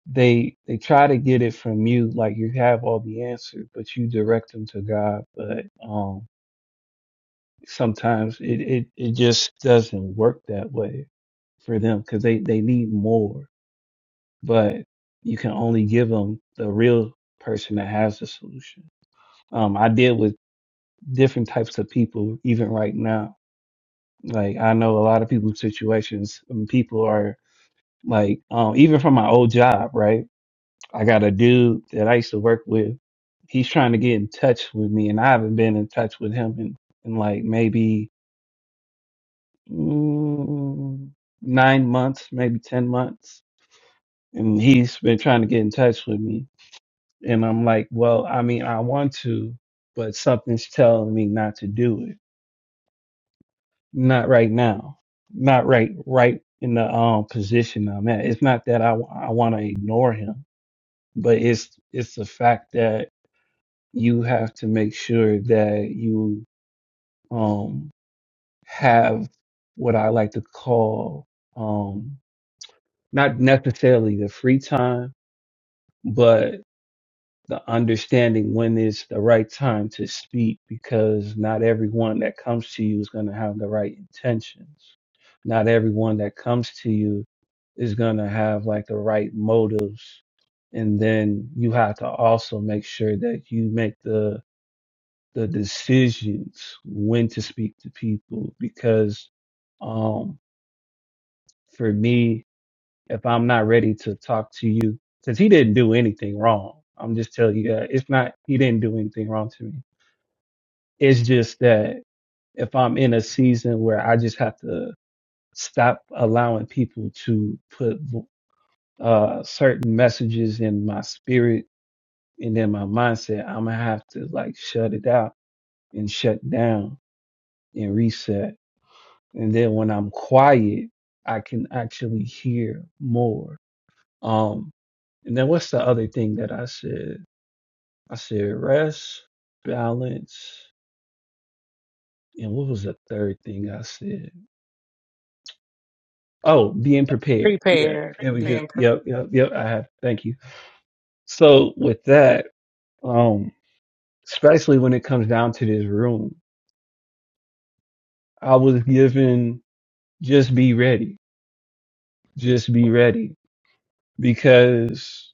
S13: they they try to get it from you like you have all the answers but you direct them to God but um, sometimes it, it, it just doesn't work that way for them because they, they need more, but you can only give them the real person that has the solution. Um, I deal with different types of people even right now. Like I know a lot of people's situations and people are like, um, even from my old job, right? I got a dude that I used to work with. He's trying to get in touch with me and I haven't been in touch with him in, in like maybe mm, nine months, maybe 10 months. And he's been trying to get in touch with me. And I'm like, well, I mean, I want to, but something's telling me not to do it. Not right now. Not right, right in the um, position I'm at. It's not that I, I want to ignore him, but it's, it's the fact that you have to make sure that you, um, have what I like to call, um, not necessarily the free time, but the understanding when is the right time to speak because not everyone that comes to you is going to have the right intentions. Not everyone that comes to you is going to have like the right motives. And then you have to also make sure that you make the the decisions when to speak to people because um for me if I'm not ready to talk to you because he didn't do anything wrong. I'm just telling you that it's not, he didn't do anything wrong to me. It's just that if I'm in a season where I just have to stop allowing people to put uh, certain messages in my spirit and in my mindset, I'm going to have to like shut it out and shut down and reset. And then when I'm quiet, I can actually hear more Um, and then what's the other thing that I said? I said rest, balance, and what was the third thing I said? Oh, being prepared. Yeah,
S11: Prepare.
S13: there we
S11: be
S13: go.
S11: in
S13: Yep, yep, yep. I have. Thank you. So with that, um, especially when it comes down to this room, I was given just be ready, just be ready, because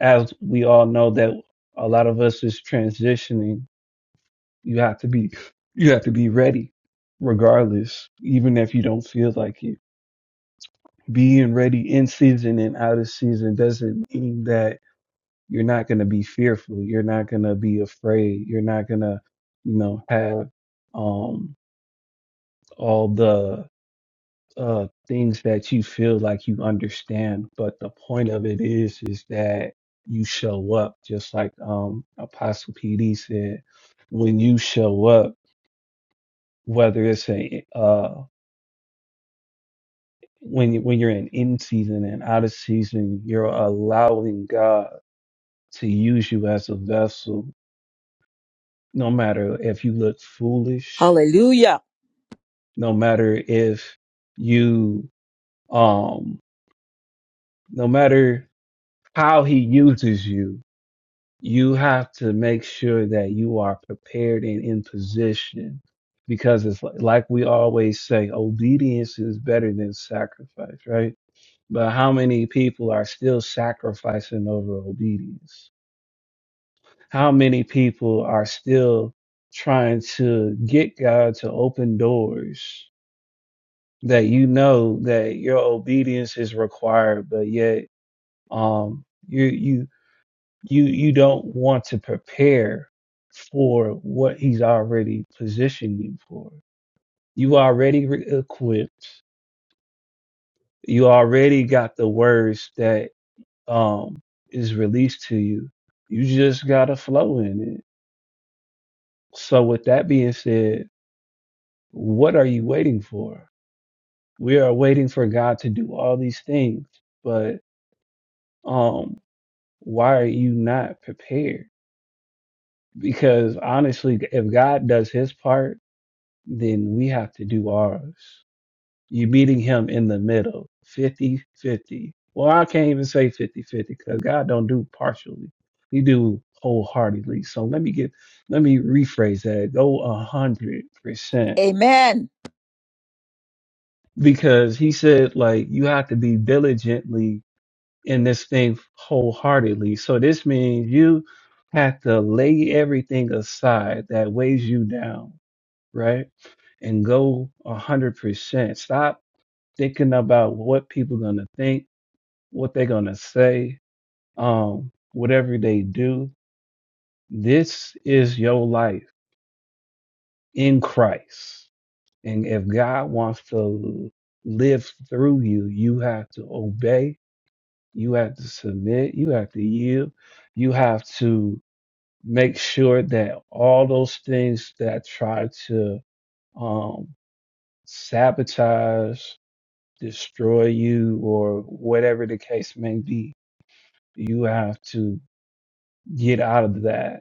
S13: as we all know that a lot of us is transitioning You have to be you have to be ready regardless, even if you don't feel like it. Being ready in season and out of season doesn't mean that you're not gonna be fearful. You're not gonna be afraid. You're not gonna, you know, have um all the uh things that you feel like you understand. But the point of it is is that you show up just like um Apostle PD said. When you show up, whether it's a uh when you, when you're in in season and out of season, you're allowing God to use you as a vessel. No matter if you look foolish,
S12: Hallelujah.
S13: no matter if you um, no matter how He uses you, you have to make sure that you are prepared and in position. Because it's like, like we always say, obedience is better than sacrifice, right? But how many people are still sacrificing over obedience? How many people are still trying to get God to open doors that you know that your obedience is required, but yet um you you you you don't want to prepare for what he's already positioned you for. You already re- equipped. You already got the words that um is released to you. You just gotta flow in it. So with that being said, What are you waiting for? We are waiting for God to do all these things, but um, why are you not prepared? Because honestly, if God does his part, then we have to do ours. You're meeting him in the middle, fifty-fifty. Well, I can't even say fifty-fifty because God don't do partially. He do wholeheartedly. So let me get, let me rephrase that. Go a hundred percent
S12: Amen.
S13: because he said like you have to be diligently in this thing wholeheartedly. So this means you have to lay everything aside that weighs you down, right? And go a hundred percent. Stop thinking about what people gonna think, what they're gonna say, um, whatever they do. This is your life in Christ. And if God wants to live through you, you have to obey, you have to submit, you have to yield, you have to make sure that all those things that try to um, sabotage, destroy you, or whatever the case may be, you have to get out of that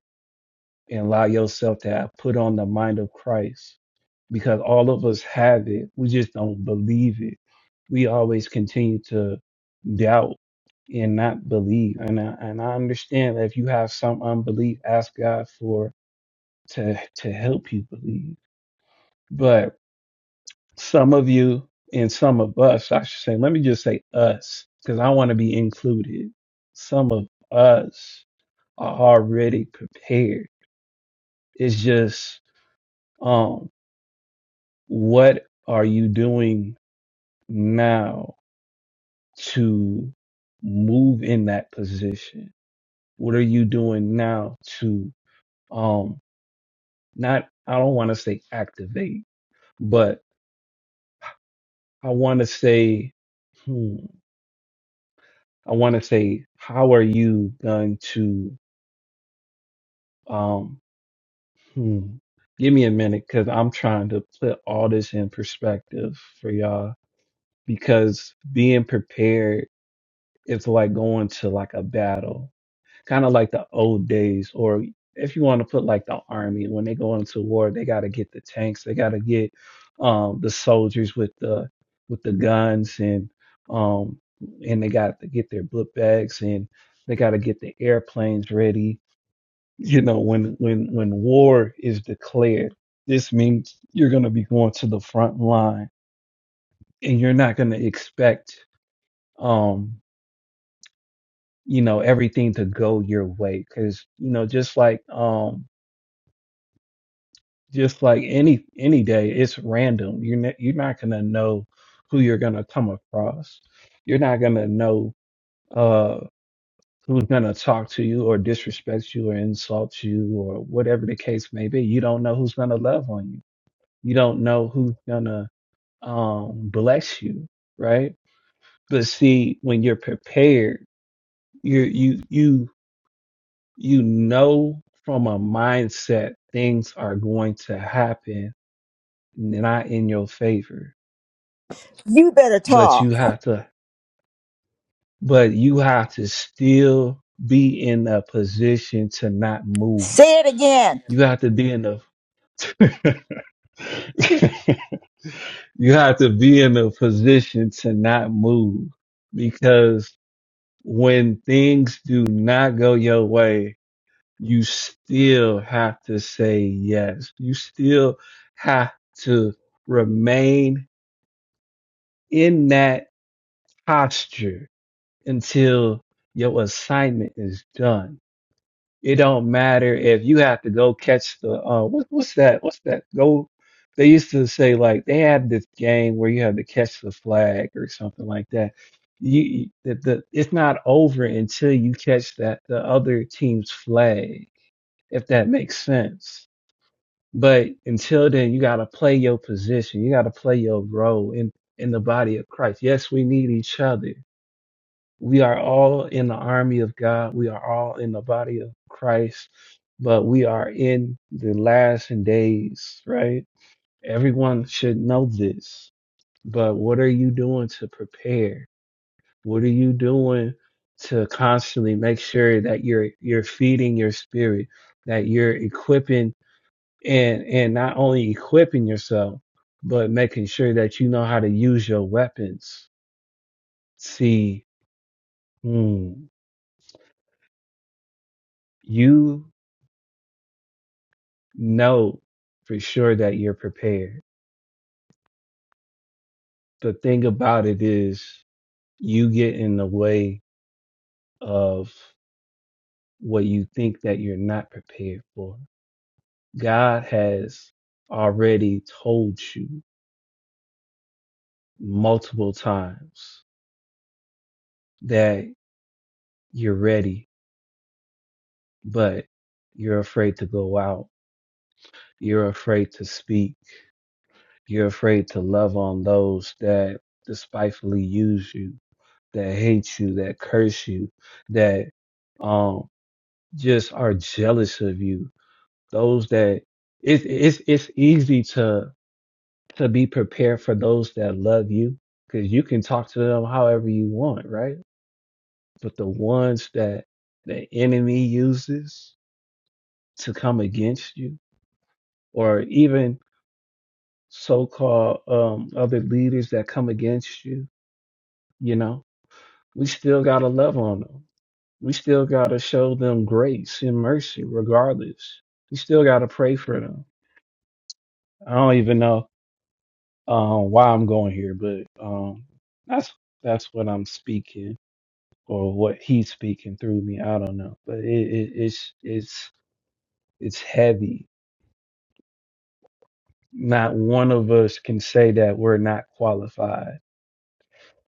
S13: and allow yourself to have put on the mind of Christ because all of us have it. We just don't believe it. We always continue to doubt and not believe. And I, and I understand that if you have some unbelief, ask God for to to help you believe But some of you and some of us, I should say, let me just say us, because I want to be included. Some of us are already prepared. It's just, um, what are you doing now to move in that position? What are you doing now to, um, not, I don't want to say activate, but I want to say, hmm, I want to say, how are you going to, um, hmm, give me a minute because I'm trying to put all this in perspective for y'all because being prepared is like going to like a battle kind of like the old days, or if you want to put like the army, when they go into war, they got to get the tanks, they got to get um, the soldiers with the with the guns, and um, and they got to get their book bags, and they got to get the airplanes ready. You know, when when when war is declared, this means you're going to be going to the front line, and you're not going to expect um you know everything to go your way because you know just like um just like any any day it's random you're not, you're not gonna know who you're gonna come across you're not gonna know uh who's gonna talk to you or disrespect you or insult you or whatever the case may be you don't know who's gonna love on you you don't know who's gonna um bless you right but see when you're prepared you you you you know from a mindset things are going to happen not in your favor
S12: You better
S13: but you
S12: talk.
S13: have to but you have to still be in a position to not move
S12: Say it again.
S13: you have to be in a you have to be in a position to not move because when things do not go your way you still have to say yes you still have to remain in that posture until your assignment is done It don't matter if you have to go catch the uh what, what's that? What's that? Go. They used to say like they had this game where you have to catch the flag or something like that. You you- the, the it's not over until you catch that the other team's flag, if that makes sense. But until then, you gotta play your position. You gotta play your role in in the body of Christ. Yes, we need each other we are all in the army of God. We are all in the body of Christ, but we are in the last days, right? Everyone should know this, but what are you doing to prepare? What are you doing to constantly make sure that you're you're feeding your spirit, that you're equipping and and not only equipping yourself, but making sure that you know how to use your weapons. See, hmm, you know for sure that you're prepared. The thing about it is you get in the way of what you think that you're not prepared for. God has already told you multiple times that you're ready, but you're afraid to go out. You're afraid to speak. You're afraid to love on those that despitefully use you, that hate you, that curse you, that um. just are jealous of you. Those that it's it's it's easy to to be prepared for those that love you because you can talk to them however you want, right? But the ones that the enemy uses to come against you, or even so-called um, other leaders that come against you, you know, we still gotta love on them. We still gotta show them grace and mercy, regardless. We still gotta pray for them. I don't even know uh, why I'm going here, but um, that's that's what I'm speaking or what he's speaking through me. I don't know, but it, it, it's it's it's heavy. Not one of us can say that we're not qualified.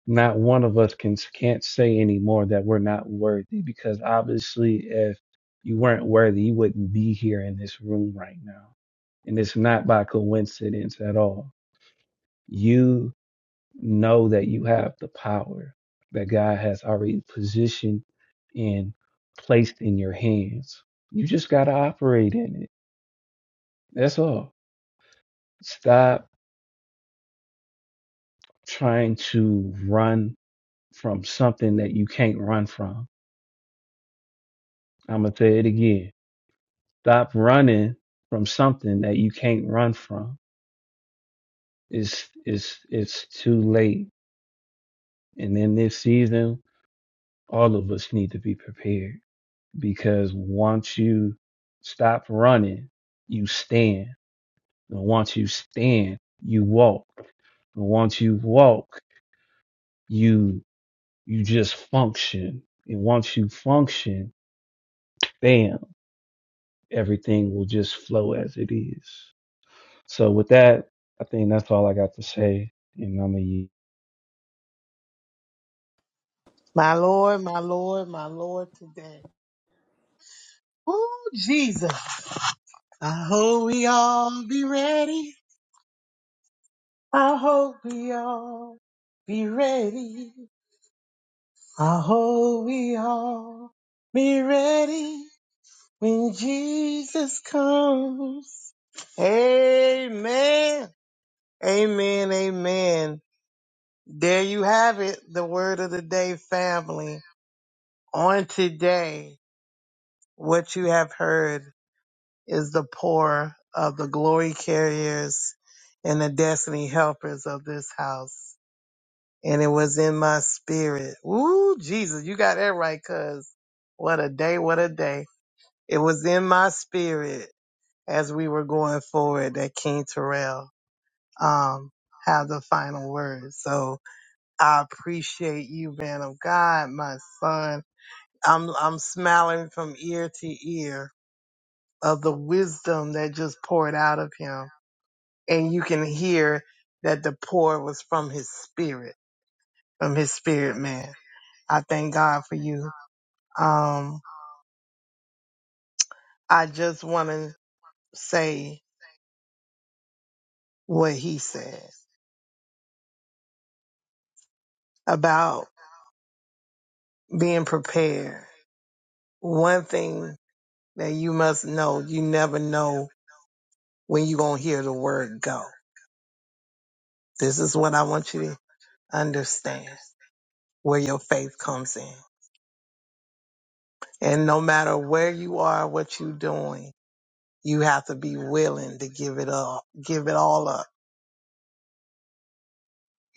S13: Not one of us can can't say anymore that we're not worthy because obviously, if you weren't worthy, you wouldn't be here in this room right now, and it's not by coincidence at all. You know that you have the power that God has already positioned and placed in your hands. You just got to operate in it. That's all. Stop trying to run from something that you can't run from. I'm going to say it again. Stop running from something that you can't run from. It's, it's, it's too late. And in this season, all of us need to be prepared because once you stop running, you stand. And once you stand, you walk. And once you walk, you you just function. And once you function, bam, everything will just flow as it is. So with that, I think that's all I got to say. And I'm a
S1: My Lord, my Lord, my Lord today. Oh, Jesus. I hope we all be ready. I hope we all be ready. I hope we all be ready when Jesus comes. Amen. Amen. Amen. There you have it. The word of the day, family. On today, what you have heard. is the poor of the glory carriers and the destiny helpers of this house. And it was in my spirit. Ooh, Jesus, you got that right, cuz. What a day, what a day. It was in my spirit as we were going forward that King Terrell um have the final word. So I appreciate you, man of God, my son. I'm I'm smiling from ear to ear of the wisdom that just poured out of him and you can hear that the pour was from his spirit, from his spirit man. I thank God for you. Um, I just want to say what he said about being prepared. One thing that you must know, you never know when you're going to hear the word go. This is what I want you to understand where your faith comes in. And no matter where you are, what you're doing, You have to be willing to give it up, give it all up.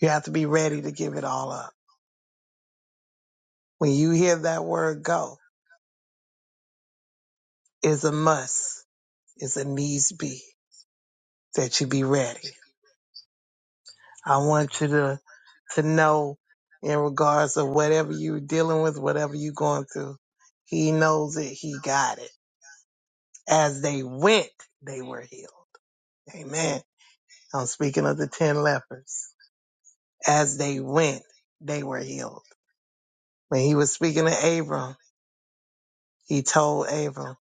S1: You have to be ready to give it all up. When you hear that word go, it's a must. It's a needs be that you be ready. I want you to, to know in regards to whatever you're dealing with, whatever you're going through, he knows it. He got it. As they went, they were healed. Amen. I'm speaking of the 10 lepers. As they went, they were healed. When he was speaking to Abram, He told Abram,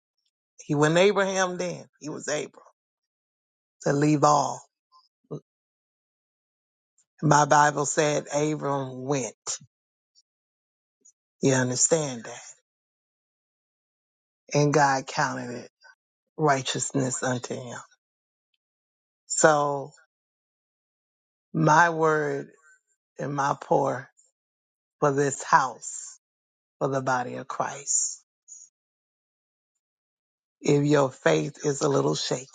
S1: he wasn't Abraham then, he was Abram, to leave all. My Bible said Abram went. You understand that? And God counted it righteousness unto him. So my word and my pour for this house, for the body of Christ. If your faith is a little shaky,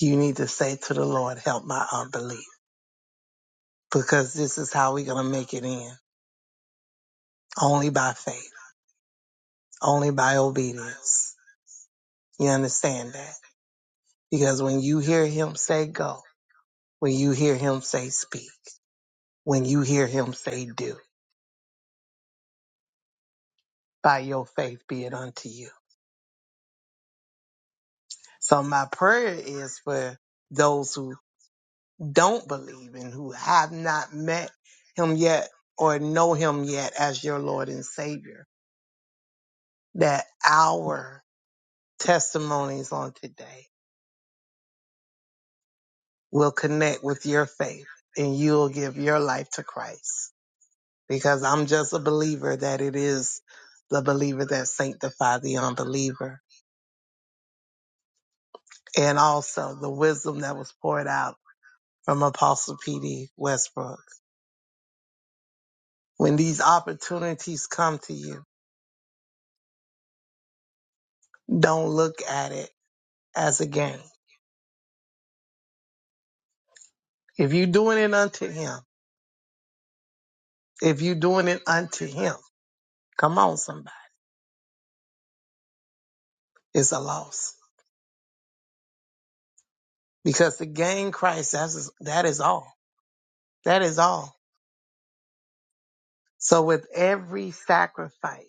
S1: you need to say to the Lord, help my unbelief, because this is how we're going to make it in. Only by faith, only by obedience. You understand that? Because when you hear him say go, when you hear him say speak, when you hear him say do, by your faith be it unto you. So my prayer is for those who don't believe and who have not met him yet or know him yet as your Lord and Savior, that our testimonies on today will connect with your faith and you'll give your life to Christ because I'm just a believer that it is the believer that sanctified the unbeliever. And also the wisdom that was poured out from Apostle P.D. Westbrook. When these opportunities come to you, don't look at it as a game. If you're doing it unto Him, if you're doing it unto Him, come on, somebody, it's a loss. Because to gain Christ, that's, that is all. That is all. So with every sacrifice,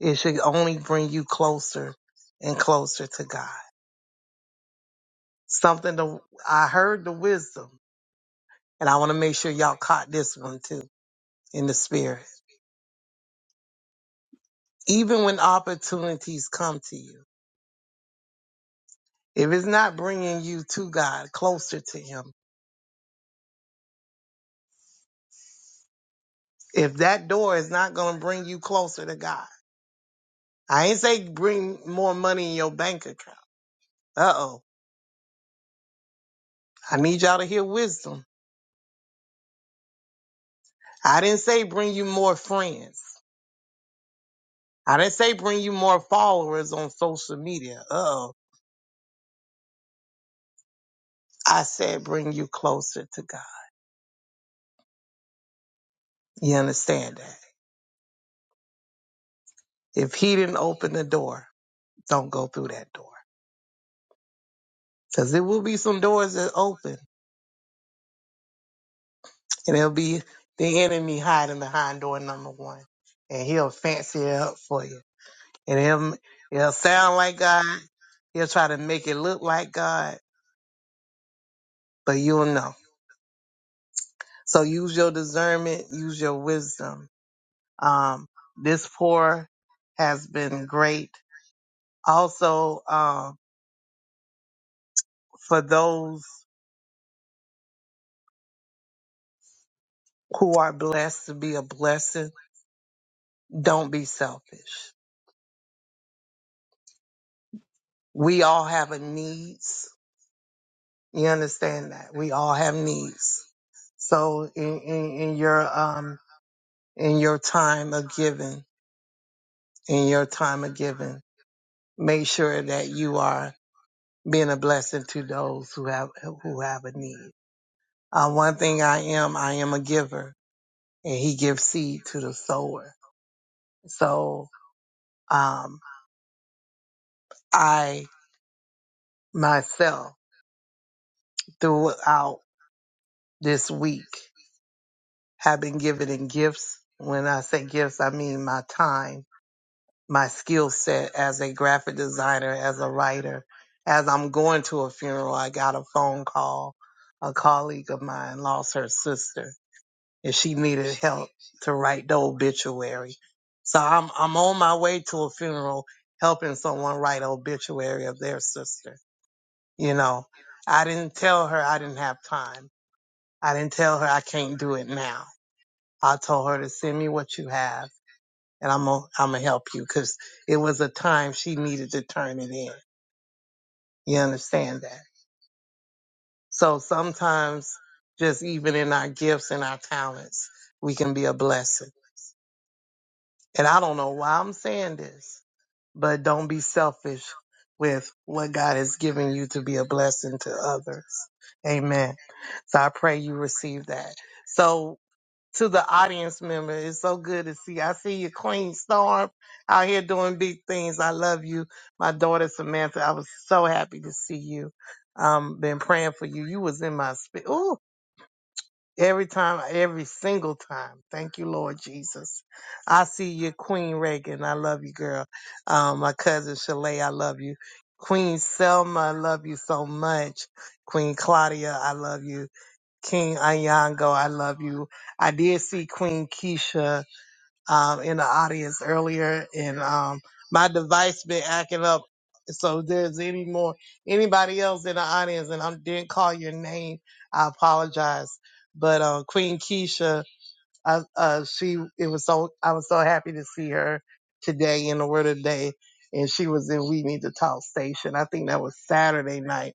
S1: It should only bring you closer and closer to God. Something to, I heard the wisdom, and I want to make sure y'all caught this one too in the spirit. Even when opportunities come to you, if it's not bringing you to God, closer to Him, if that door is not going to bring you closer to God, I ain't say bring more money in your bank account. Uh oh. I need y'all to hear wisdom. I didn't say bring you more friends. I didn't say bring you more followers on social media. Uh oh. I said, bring you closer to God. You understand that? If he didn't open the door, don't go through that door. Cause there will be some doors that open and it'll be the enemy hiding behind door number one and he'll fancy it up for you. And he'll, he'll sound like God. He'll try to make it look like God, but you'll know. So use your discernment, use your wisdom. Um, this pour has been great. Also, um, for those who are blessed to be a blessing, don't be selfish. We all have a needs. You understand that? We all have needs. So in, in, in your um in your time of giving, in your time of giving, make sure that you are being a blessing to those who have who have a need. Uh, one thing I am, I am a giver, and He gives seed to the sower. So um, I myself throughout. this week have been given in gifts. When I say gifts, I mean my time, my skill set as a graphic designer, as a writer. As I'm going to a funeral, I got a phone call. A colleague of mine lost her sister and she needed help to write the obituary. So I'm, I'm on my way to a funeral helping someone write an obituary of their sister. You know, I didn't tell her I didn't have time. I didn't tell her I can't do it now. I told her to send me what you have and I'm gonna, I'm gonna help you because it was a time she needed to turn it in. You understand that? So sometimes just even in our gifts and our talents, we can be a blessing. And I don't know why I'm saying this, but don't be selfish with what God has given you to be a blessing to others. Amen. So I pray you receive that. So to the audience member. It's so good to see. I see you, Queen Storm, out here doing big things. I love you. My daughter Samantha, I was so happy to see you. Um, been praying for you. You was in my spirit. Ooh, every time, every single time. Thank you, Lord Jesus. I see you, Queen Reagan. I love you, girl. Um, my cousin Shalay, I love you. Queen Selma, I love you so much. Queen Claudia, I love you. King Ayango, I love you. I did see Queen Keisha um, in the audience earlier, and um, my device been acting up. So if there's any more anybody else in the audience, and I didn't call your name, I apologize. But uh, Queen Keisha, I, uh, she it was so I was so happy to see her today in the Word of the Day, and she was in We Need to Talk Station. I think that was Saturday night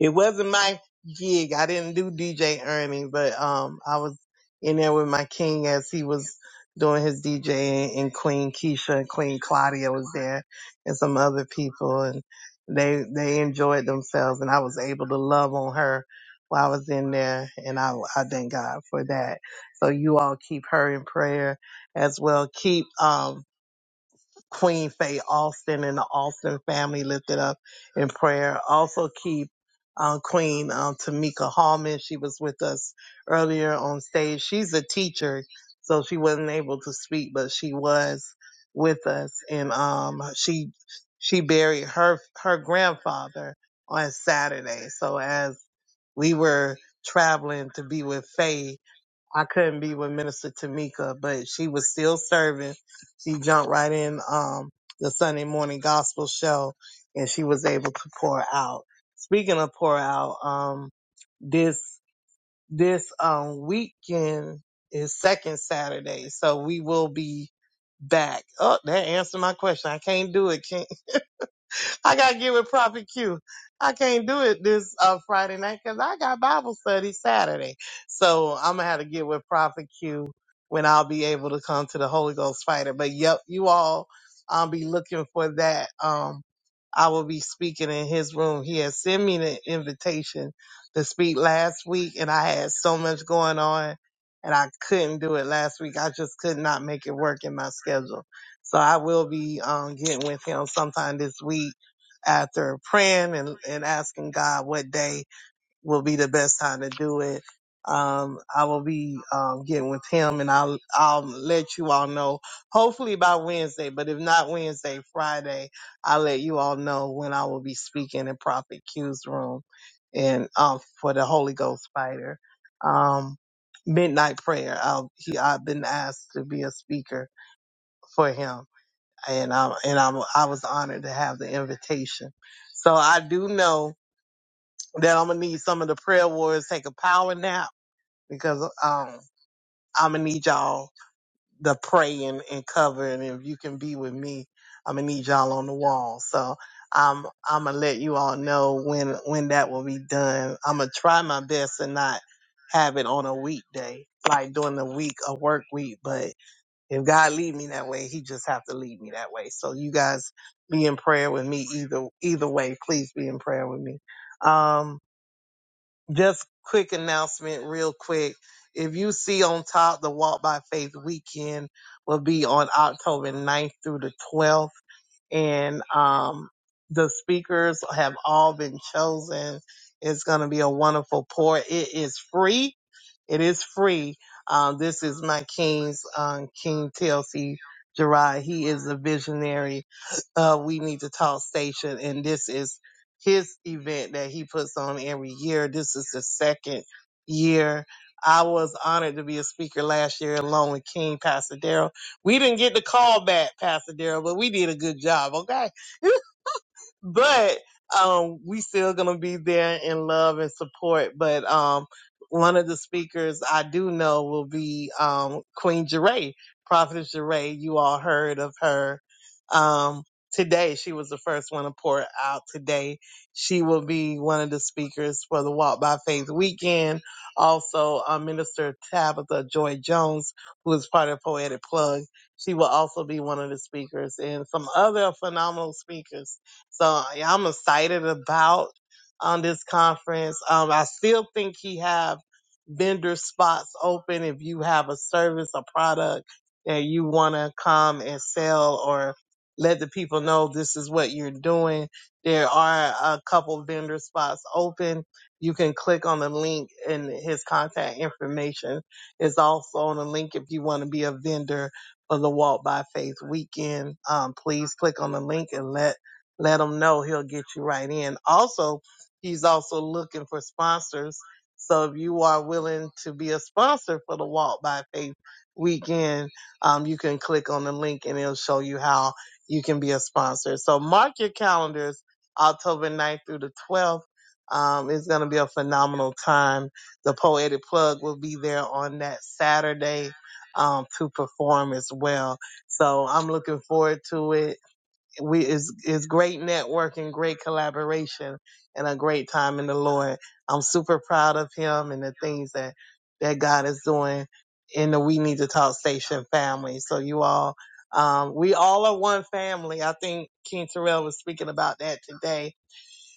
S1: it wasn't my gig. I didn't do DJ Ernie, but um, I was in there with my king as he was doing his DJing, and Queen Keisha and Queen Claudia was there, and some other people, and they they enjoyed themselves, and I was able to love on her while I was in there, and I I thank God for that. So you all keep her in prayer as well. Keep um Queen Faye Austin and the Austin family lifted up in prayer. Also keep uh, Queen um, Tamika Hallman. She was with us earlier on stage. She's a teacher, so she wasn't able to speak, but she was with us, and um, she she buried her her grandfather on Saturday. So as we were traveling to be with Faye. I couldn't be with Minister Tamika, but she was still serving. She jumped right in um the Sunday morning gospel show and she was able to pour out. Speaking of pour out, um this this um weekend is second Saturday, so we will be back. Oh, that answered my question. I can't do it. I gotta get with Prophet Q. I can't do it this uh, Friday night 'cause I got Bible study Saturday. So I'm gonna have to get with Prophet Q when I'll be able to come to the Holy Ghost Fighter. But yep, you all, I'll be looking for that. Um, I will be speaking in his room. He had sent me the invitation to speak last week, and I had so much going on, and I couldn't do it last week. I just could not make it work in my schedule. So I will be um, getting with him sometime this week after praying and, and asking God what day will be the best time to do it. Um, I will be um, getting with him and I'll I'll let you all know hopefully by Wednesday, but if not Wednesday, Friday, I'll let you all know when I will be speaking in Prophet Q's room and um for the Holy Ghost fighter. Um midnight prayer. I'll, he, I've been asked to be a speaker for him and I and I'm I was honored to have the invitation. So I do know that I'm gonna need some of the prayer warriors to take a power nap because um I'm gonna need y'all to pray and, and cover and if you can be with me, I'm gonna need y'all on the wall. So I'm I'm gonna let you all know when when that will be done. I'm gonna try my best and not have it on a weekday, like during the week, a work week, but. If God lead me that way, He just have to lead me that way. So you guys be in prayer with me either either way. Please be in prayer with me. Um, just quick announcement, real quick. If you see on top, the Walk by Faith weekend will be on October ninth through the 12th, and um, the speakers have all been chosen. It's going to be a wonderful pour. It is free it is free. Um, this is my King's um, King TLC Gerard. He is a visionary. Uh, we need to talk station, and this is his event that he puts on every year. This is the second year. I was honored to be a speaker last year along with King Pastor Darrell. We didn't get the call back, Pastor Darrell, but we did a good job, okay? but um, we still gonna be there in love and support. But um, one of the speakers I do know will be um, Queen Jeray, Prophetess Jeray. You all heard of her um, today. She was the first one to pour out today. She will be one of the speakers for the Walk by Faith weekend. Also, uh, Minister Tabitha Joy Jones, who is part of Poetic Plug, she will also be one of the speakers, and some other phenomenal speakers so yeah, I'm excited about um, this conference. Um, I still think he have vendor spots open if you have a service a product that you want to come and sell or let the people know this is what you're doing. There are a couple vendor spots open. You can click on the link and his contact information is also on the link if you want to be a vendor for the Walk by Faith weekend. Um, please click on the link and let let him know he'll get you right in also he's also looking for sponsors so if you are willing to be a sponsor for the walk by faith weekend um, you can click on the link and it'll show you how you can be a sponsor so mark your calendars october ninth through the 12th um, it's going to be a phenomenal time the poetic plug will be there on that saturday um, to perform as well so i'm looking forward to it we is is great networking, great collaboration, and a great time in the Lord. I'm super proud of him and the things that that God is doing in the We Need to Talk Station family. So you all, um, we all are one family. I think King Terrell was speaking about that today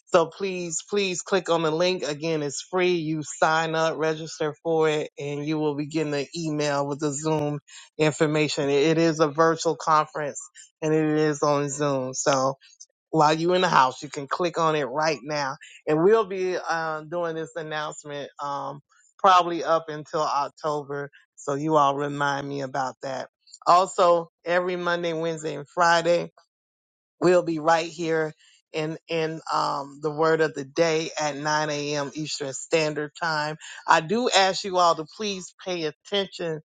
S1: so please, please click on the link. Again, it's free. You sign up, register for it, and you will be getting the email with the Zoom information. It is a virtual conference and it is on Zoom. So while you're in the house, you can click on it right now. And we'll be uh, doing this announcement um, probably up until October. So you all remind me about that. Also, every Monday, Wednesday, and Friday, We'll be right here in in um, the word of the day at 9 a.m. Eastern Standard Time. I do ask you all to please pay attention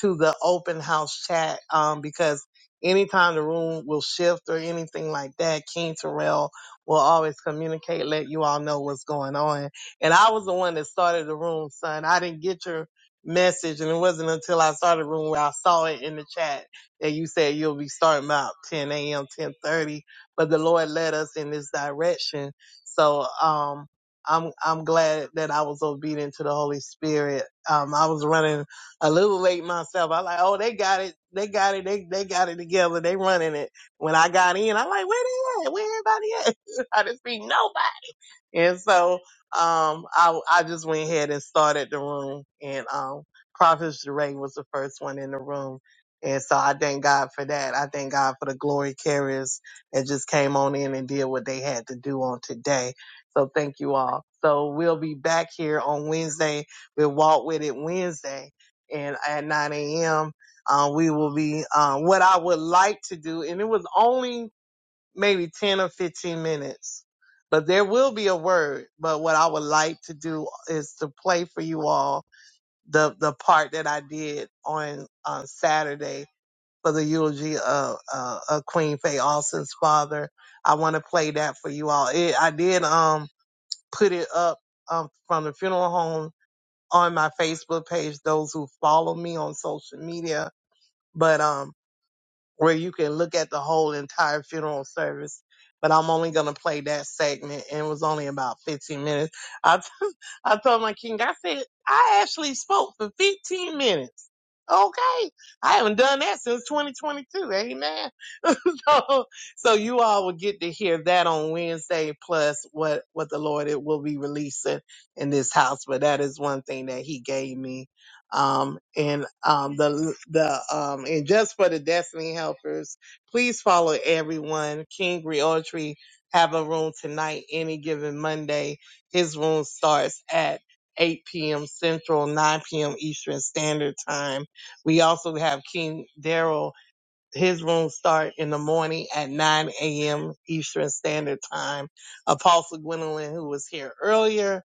S1: to the open house chat um, because anytime the room will shift or anything like that, King Terrell will always communicate, let you all know what's going on. And I was the one that started the room, son. I didn't get your message, and it wasn't until I started the room where I saw it in the chat that you said you'll be starting about 10 a.m., 10:30, but the Lord led us in this direction. So, um, I'm, I'm glad that I was obedient to the Holy Spirit. Um, I was running a little late myself. I like, oh, they got it. They got it. They, they got it together. They running it. When I got in, I'm like, where they at? Where everybody at? I just see nobody. And so um, I, I just went ahead and started the room, and um, Prophet Jeray was the first one in the room. And so I thank God for that. I thank God for the glory carriers that just came on in and did what they had to do on today. So thank you all. So we'll be back here on Wednesday. We'll walk with it Wednesday and at 9 a.m. Um, we will be, um, what I would like to do, and it was only maybe 10 or 15 minutes. But there will be a word. But what I would like to do is to play for you all the, the part that I did on, on Saturday for the eulogy of, uh, of Queen Faye Austin's father. I want to play that for you all. It, I did, um, put it up, um, from the funeral home on my Facebook page, those who follow me on social media. But, um where you can look at the whole entire funeral service. But I'm only gonna play that segment, and it was only about 15 minutes. I t- I told my king, I said I actually spoke for 15 minutes. Okay, I haven't done that since 2022. Amen. so, so you all will get to hear that on Wednesday, plus what what the Lord it will be releasing in this house. But that is one thing that He gave me um, and um, the the um, and just for the Destiny Helpers, please follow everyone. King Realtree have a room tonight, any given Monday. His room starts at 8 p.m. Central, 9 p.m. Eastern Standard Time. We also have King Daryl. His room start in the morning at 9 a.m. Eastern Standard Time. Apostle Gwendolyn, who was here earlier,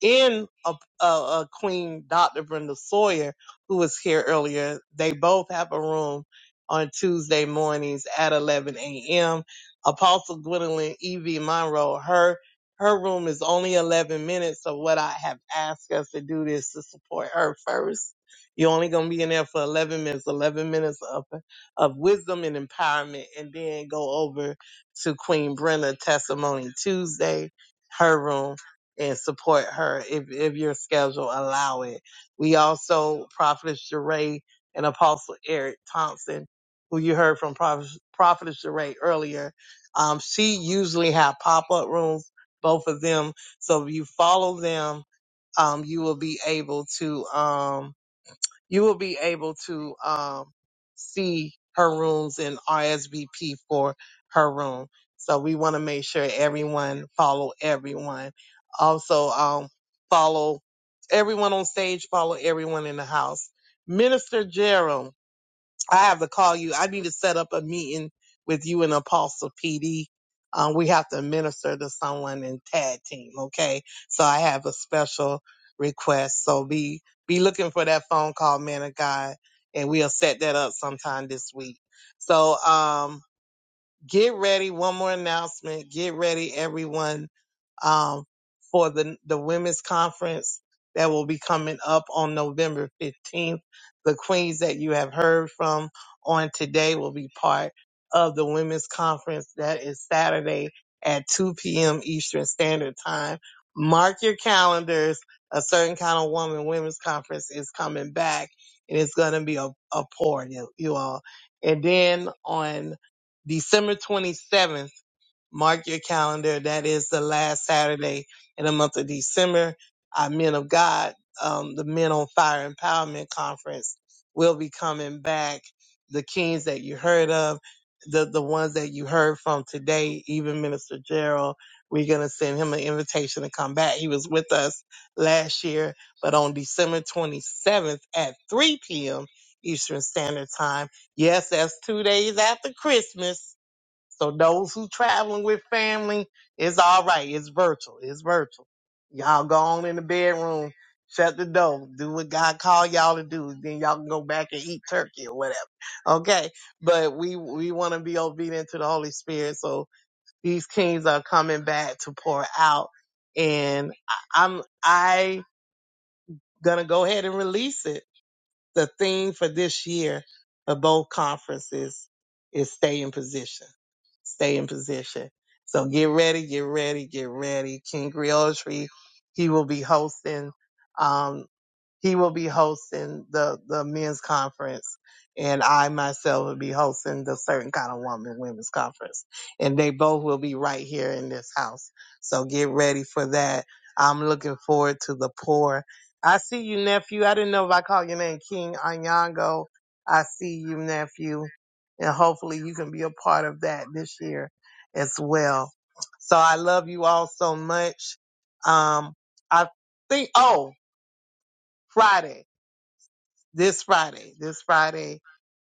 S1: in a, a, a Queen Dr. Brenda Sawyer, who was here earlier. They both have a room on Tuesday mornings at 11 a.m. Apostle Gwendolyn E.V. Monroe, her her room is only 11 minutes. So what I have asked us to do is to support her first. You're only going to be in there for 11 minutes, 11 minutes of, of wisdom and empowerment, and then go over to Queen Brenda Testimony Tuesday, her room and support her if, if your schedule allow it. We also, Prophetess Jeray and Apostle Eric Thompson, who you heard from Prophet, Prophetess Jeray earlier, um, she usually have pop-up rooms, both of them. So if you follow them, um, you will be able to, um, you will be able to um, see her rooms and RSVP for her room. So we want to make sure everyone follow everyone. Also, um, follow everyone on stage, follow everyone in the house. Minister Gerald. I have to call you. I need to set up a meeting with you and Apostle PD. Um, we have to minister to someone in tag team. Okay. So I have a special request. So be, be looking for that phone call, man of God, and we'll set that up sometime this week. So, um, get ready. One more announcement. Get ready, everyone, um, for the, the women's conference that will be coming up on November 15th. The queens that you have heard from on today will be part of the women's conference that is Saturday at 2 p.m. Eastern Standard Time. Mark your calendars. A certain kind of woman women's conference is coming back and it's going to be a, a pour, you, you all. And then on December 27th. Mark your calendar. That is the last Saturday in the month of December. Our Men of God, um, the Men on Fire Empowerment Conference will be coming back. The kings that you heard of, the, the ones that you heard from today, even Minister Gerald, we're going to send him an invitation to come back. He was with us last year, but on December 27th at 3 p.m. Eastern Standard Time. Yes, that's two days after Christmas so those who traveling with family, it's all right. It's virtual. It's virtual. Y'all go on in the bedroom, shut the door, do what God called y'all to do. Then y'all can go back and eat turkey or whatever. Okay. But we, we want to be obedient to the Holy Spirit. So these kings are coming back to pour out and I, I'm, I gonna go ahead and release it the theme for this year of both conferences is stay in position. Stay in position. So get ready, get ready, get ready. King Griotry, he will be hosting. um, he will be hosting the, the men's conference and I myself will be hosting the certain kind of woman women's conference. And they both will be right here in this house. So get ready for that. I'm looking forward to the poor. I see you, nephew. I didn't know if I called your name King Anyango. I see you, nephew. And hopefully you can be a part of that this year as well. So I love you all so much. Um, I think, oh, Friday this Friday. This Friday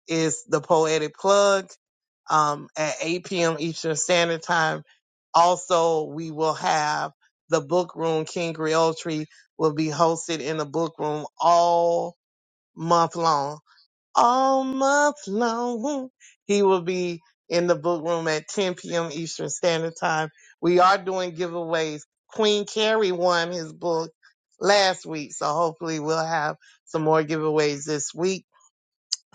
S1: is the Poetic Plug um, at 8 p.m. Eastern Standard Time. Also, we will have the book room. King Griotri will be hosted in the book room all month long. All month long. He will be in the book room at 10 p.m. Eastern Standard Time. We are doing giveaways. Queen Carrie won his book last week, so hopefully we'll have some more giveaways this week.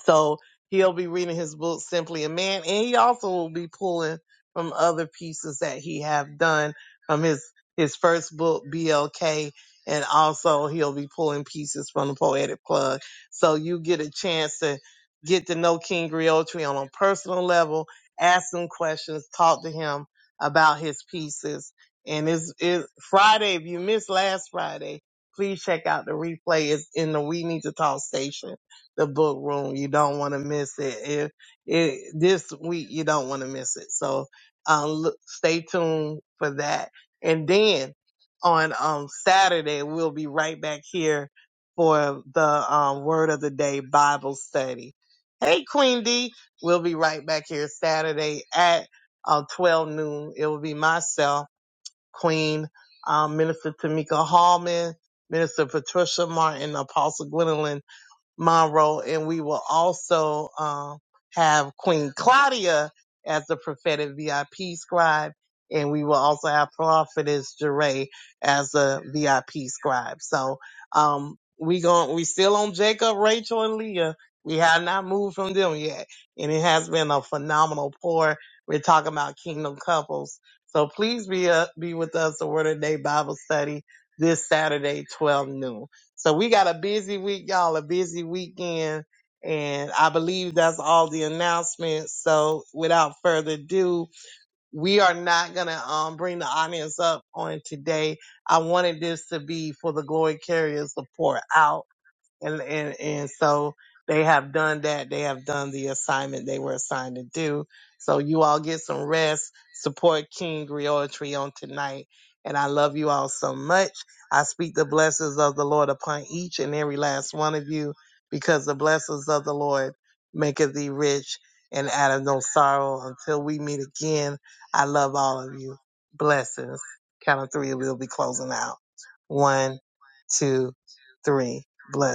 S1: So he'll be reading his book, Simply a Man, and he also will be pulling from other pieces that he have done from his his first book, BLK, and also he'll be pulling pieces from the Poetic Plug. So you get a chance to get to know King Griotri on a personal level, ask him questions, talk to him about his pieces. And it's, it's Friday. If you missed last Friday, please check out the replay. It's in the We Need to Talk station the book room. You don't want to miss it. If it this week, you don't want to miss it. So um, look, stay tuned for that. And then on um Saturday, we'll be right back here for the um Word of the Day Bible study. Hey, Queen D, we'll be right back here Saturday at uh, 12 noon. It will be myself, Queen, um, Minister Tamika Hallman, Minister Patricia Martin, Apostle Gwendolyn Monroe, and we will also um, have Queen Claudia as the prophetic VIP scribe, and we will also have Prophetess Jeray as a VIP scribe. So um, we gon' we still on Jacob, Rachel, and Leah. We have not moved from them yet, and it has been a phenomenal pour. We're talking about kingdom couples, so please be uh, be with us the Word of the Day Bible study this Saturday, twelve noon. So we got a busy week, y'all, a busy weekend. And I believe that's all the announcements. So without further ado, we are not going to um, bring the audience up on today. I wanted this to be for the Glory Carriers to pour out and and and so they have done that. They have done the assignment they were assigned to do. So you all get some rest. Support King Griotry on tonight. And I love you all so much. I speak the blessings of the Lord upon each and every last one of you, because the blessings of the Lord maketh thee rich and out of no sorrow. Until we meet again, I love all of you. Blessings. Count of three, we'll be closing out. One, two, three. Blessings.